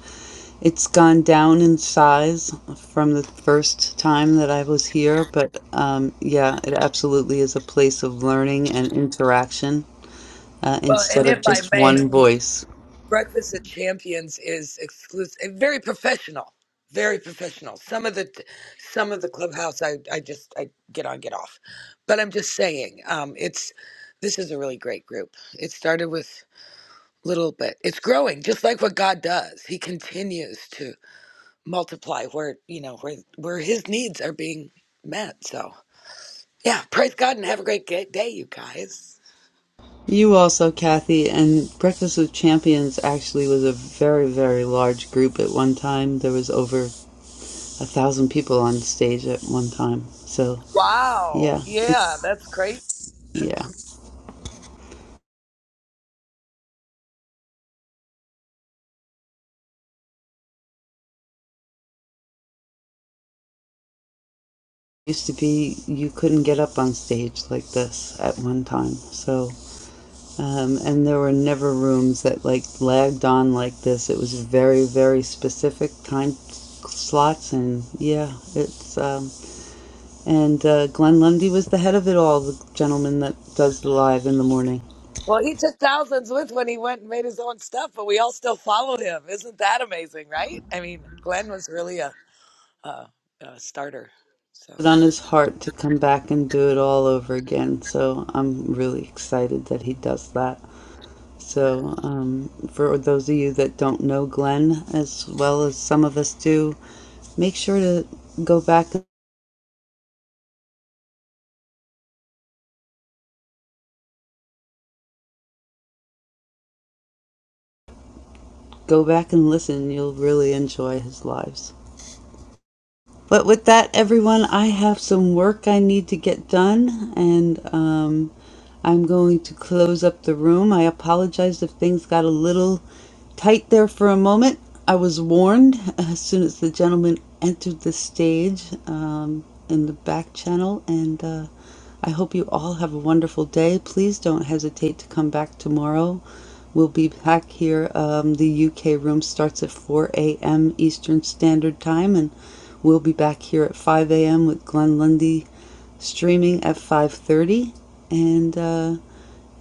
Speaker 3: it's gone down in size from the first time that I was here. But um, yeah, it absolutely is a place of learning and interaction uh,
Speaker 32: Well, and
Speaker 3: instead of
Speaker 32: if I
Speaker 3: just
Speaker 32: may,
Speaker 3: one voice.
Speaker 32: Breakfast at Champions is exclusive, very professional, very professional. Some of the, some of the clubhouse, I, I just, I get on, get off, but I'm just saying, um, it's, this is a really great group. It started with little, but it's growing, just like what God does. He continues to multiply where you know where where His needs are being met. So yeah, praise God and have a great ga- day, you guys.
Speaker 3: You also, Kathy, and Breakfast with Champions actually was a very, very large group at one time. There was over a thousand people on stage at one time. So yeah,
Speaker 32: Wow,
Speaker 3: it's.
Speaker 32: yeah, that's crazy.
Speaker 3: Yeah. Used to be you couldn't get up on stage like this at one time. So, um, and there were never rooms that like lagged on like this. It was very, very specific time slots. And yeah, it's, um, and uh, Glenn Lundy was the head of it all, the gentleman that does the live in the morning.
Speaker 32: Well, he took thousands with when he went and made his own stuff, but we all still followed him. Isn't that amazing, right? I mean, Glenn was really a, a, a starter. So.
Speaker 3: Put on his heart to come back and do it all over again. So I'm really excited that he does that.
Speaker 32: uh,
Speaker 3: So, um, for those of you that don't know Glenn as well as some of us do, make sure to go back go back and listen. You'll really enjoy his lives. But with that, everyone, I have some work I need to get done, and um, I'm going to close up the room. I apologize if things got a little tight there for a moment. I was warned as soon as the gentleman entered the stage um, in the back channel, and uh, I hope you all have a wonderful day. Please don't hesitate to come back tomorrow. We'll be back here. Um, the UK room starts at 4 a.m. Eastern Standard Time, and we'll be back here at 5 a.m. with Glenn Lundy streaming at 5:30. And uh,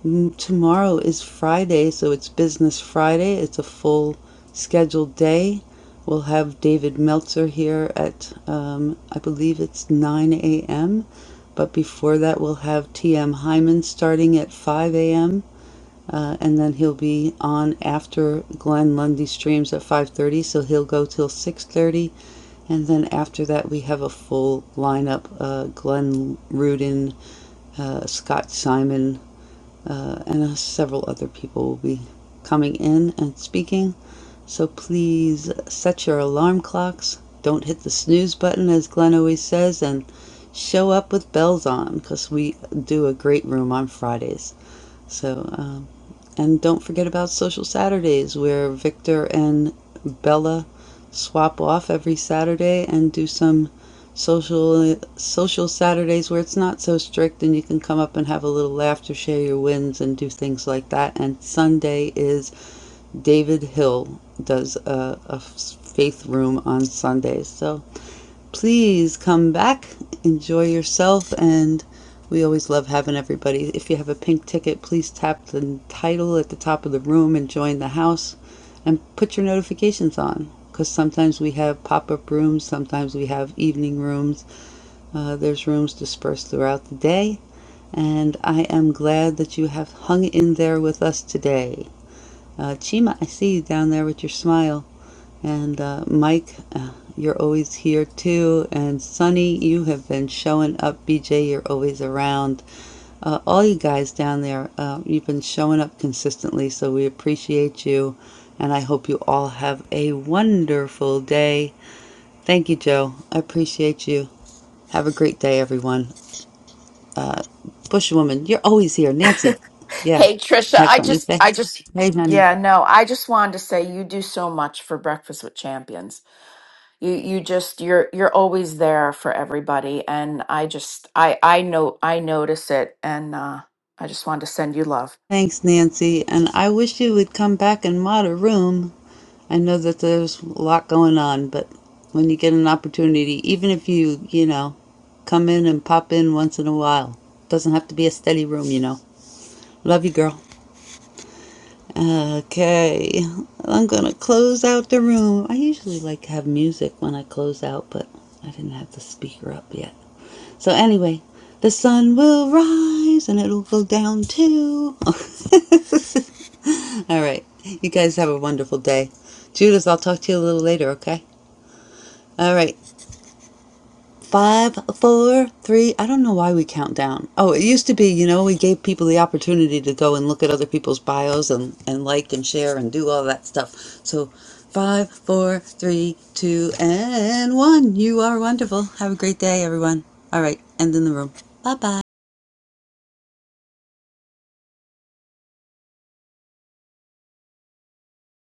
Speaker 3: mm, tomorrow is Friday, so it's Business Friday. It's a full scheduled day. We'll have David Meltzer here at um, I believe it's 9 a.m. But before that, we'll have T.M. Hyman starting at 5 a.m. Uh, and then he'll be on after Glenn Lundy streams at 5:30, so he'll go till 6:30, and then after that we have a full lineup: uh, Glenn Rudin, uh, Scott Simon, uh, and uh, several other people will be coming in and speaking. So please set your alarm clocks. Don't hit the snooze button, as Glenn always says, and show up with bells on because we do a great room on Fridays. So. Um, and don't forget about Social Saturdays, where Victor and Bella swap off every Saturday and do some social social Saturdays where it's not so strict and you can come up and have a little laughter, share your wins and do things like that. And Sunday is David Hill does a, a faith room on Sundays. So Please come back, enjoy yourself, and we always love having everybody. If you have a pink ticket, please tap the title at the top of the room and join the house and put your notifications on because sometimes we have pop up rooms, sometimes we have evening rooms. Uh, there's rooms dispersed throughout the day, and I am glad that you have hung in there with us today. Uh, Chima, I see you down there with your smile. And uh, Mike, uh, you're always here too. And Sonny, you have been showing up. BJ, you're always around. Uh, all you guys down there, uh, you've been showing up consistently, so we appreciate you. And I hope you all have a wonderful day. Thank you, Joe. I appreciate you. Have a great day, everyone. Bushwoman, you're always here. Nancy, yeah.
Speaker 28: Hey Trisha,
Speaker 3: You have
Speaker 28: I
Speaker 3: something to
Speaker 28: just
Speaker 3: say?
Speaker 28: I just
Speaker 3: Hey, honey.
Speaker 28: yeah, no, I just wanted to say you do so much for Breakfast with Champions. you you just you're you're always there for everybody and i just i i know i notice it and uh i just wanted to send you love
Speaker 3: Thanks, Nancy. And I wish you would come back and mod a room. I know that there's a lot going on, but when you get an opportunity, even if you, you know, come in and pop in once in a while, doesn't have to be a steady room, you know. Love you, girl. Okay, I'm gonna close out the room. I usually like to have music when I close out, but I didn't have the speaker up yet. So anyway, the sun will rise and it'll go down too. All right. You guys have a wonderful day. Judas, I'll talk to you a little later, okay? All right. Five, four, three. I don't know why we count down. Oh, it used to be, you know, we gave people the opportunity to go and look at other people's bios and, and like and share and do all that stuff. So five, four, three, two, and one. You are wonderful. Have a great day, everyone. All right. End in the room. Bye bye.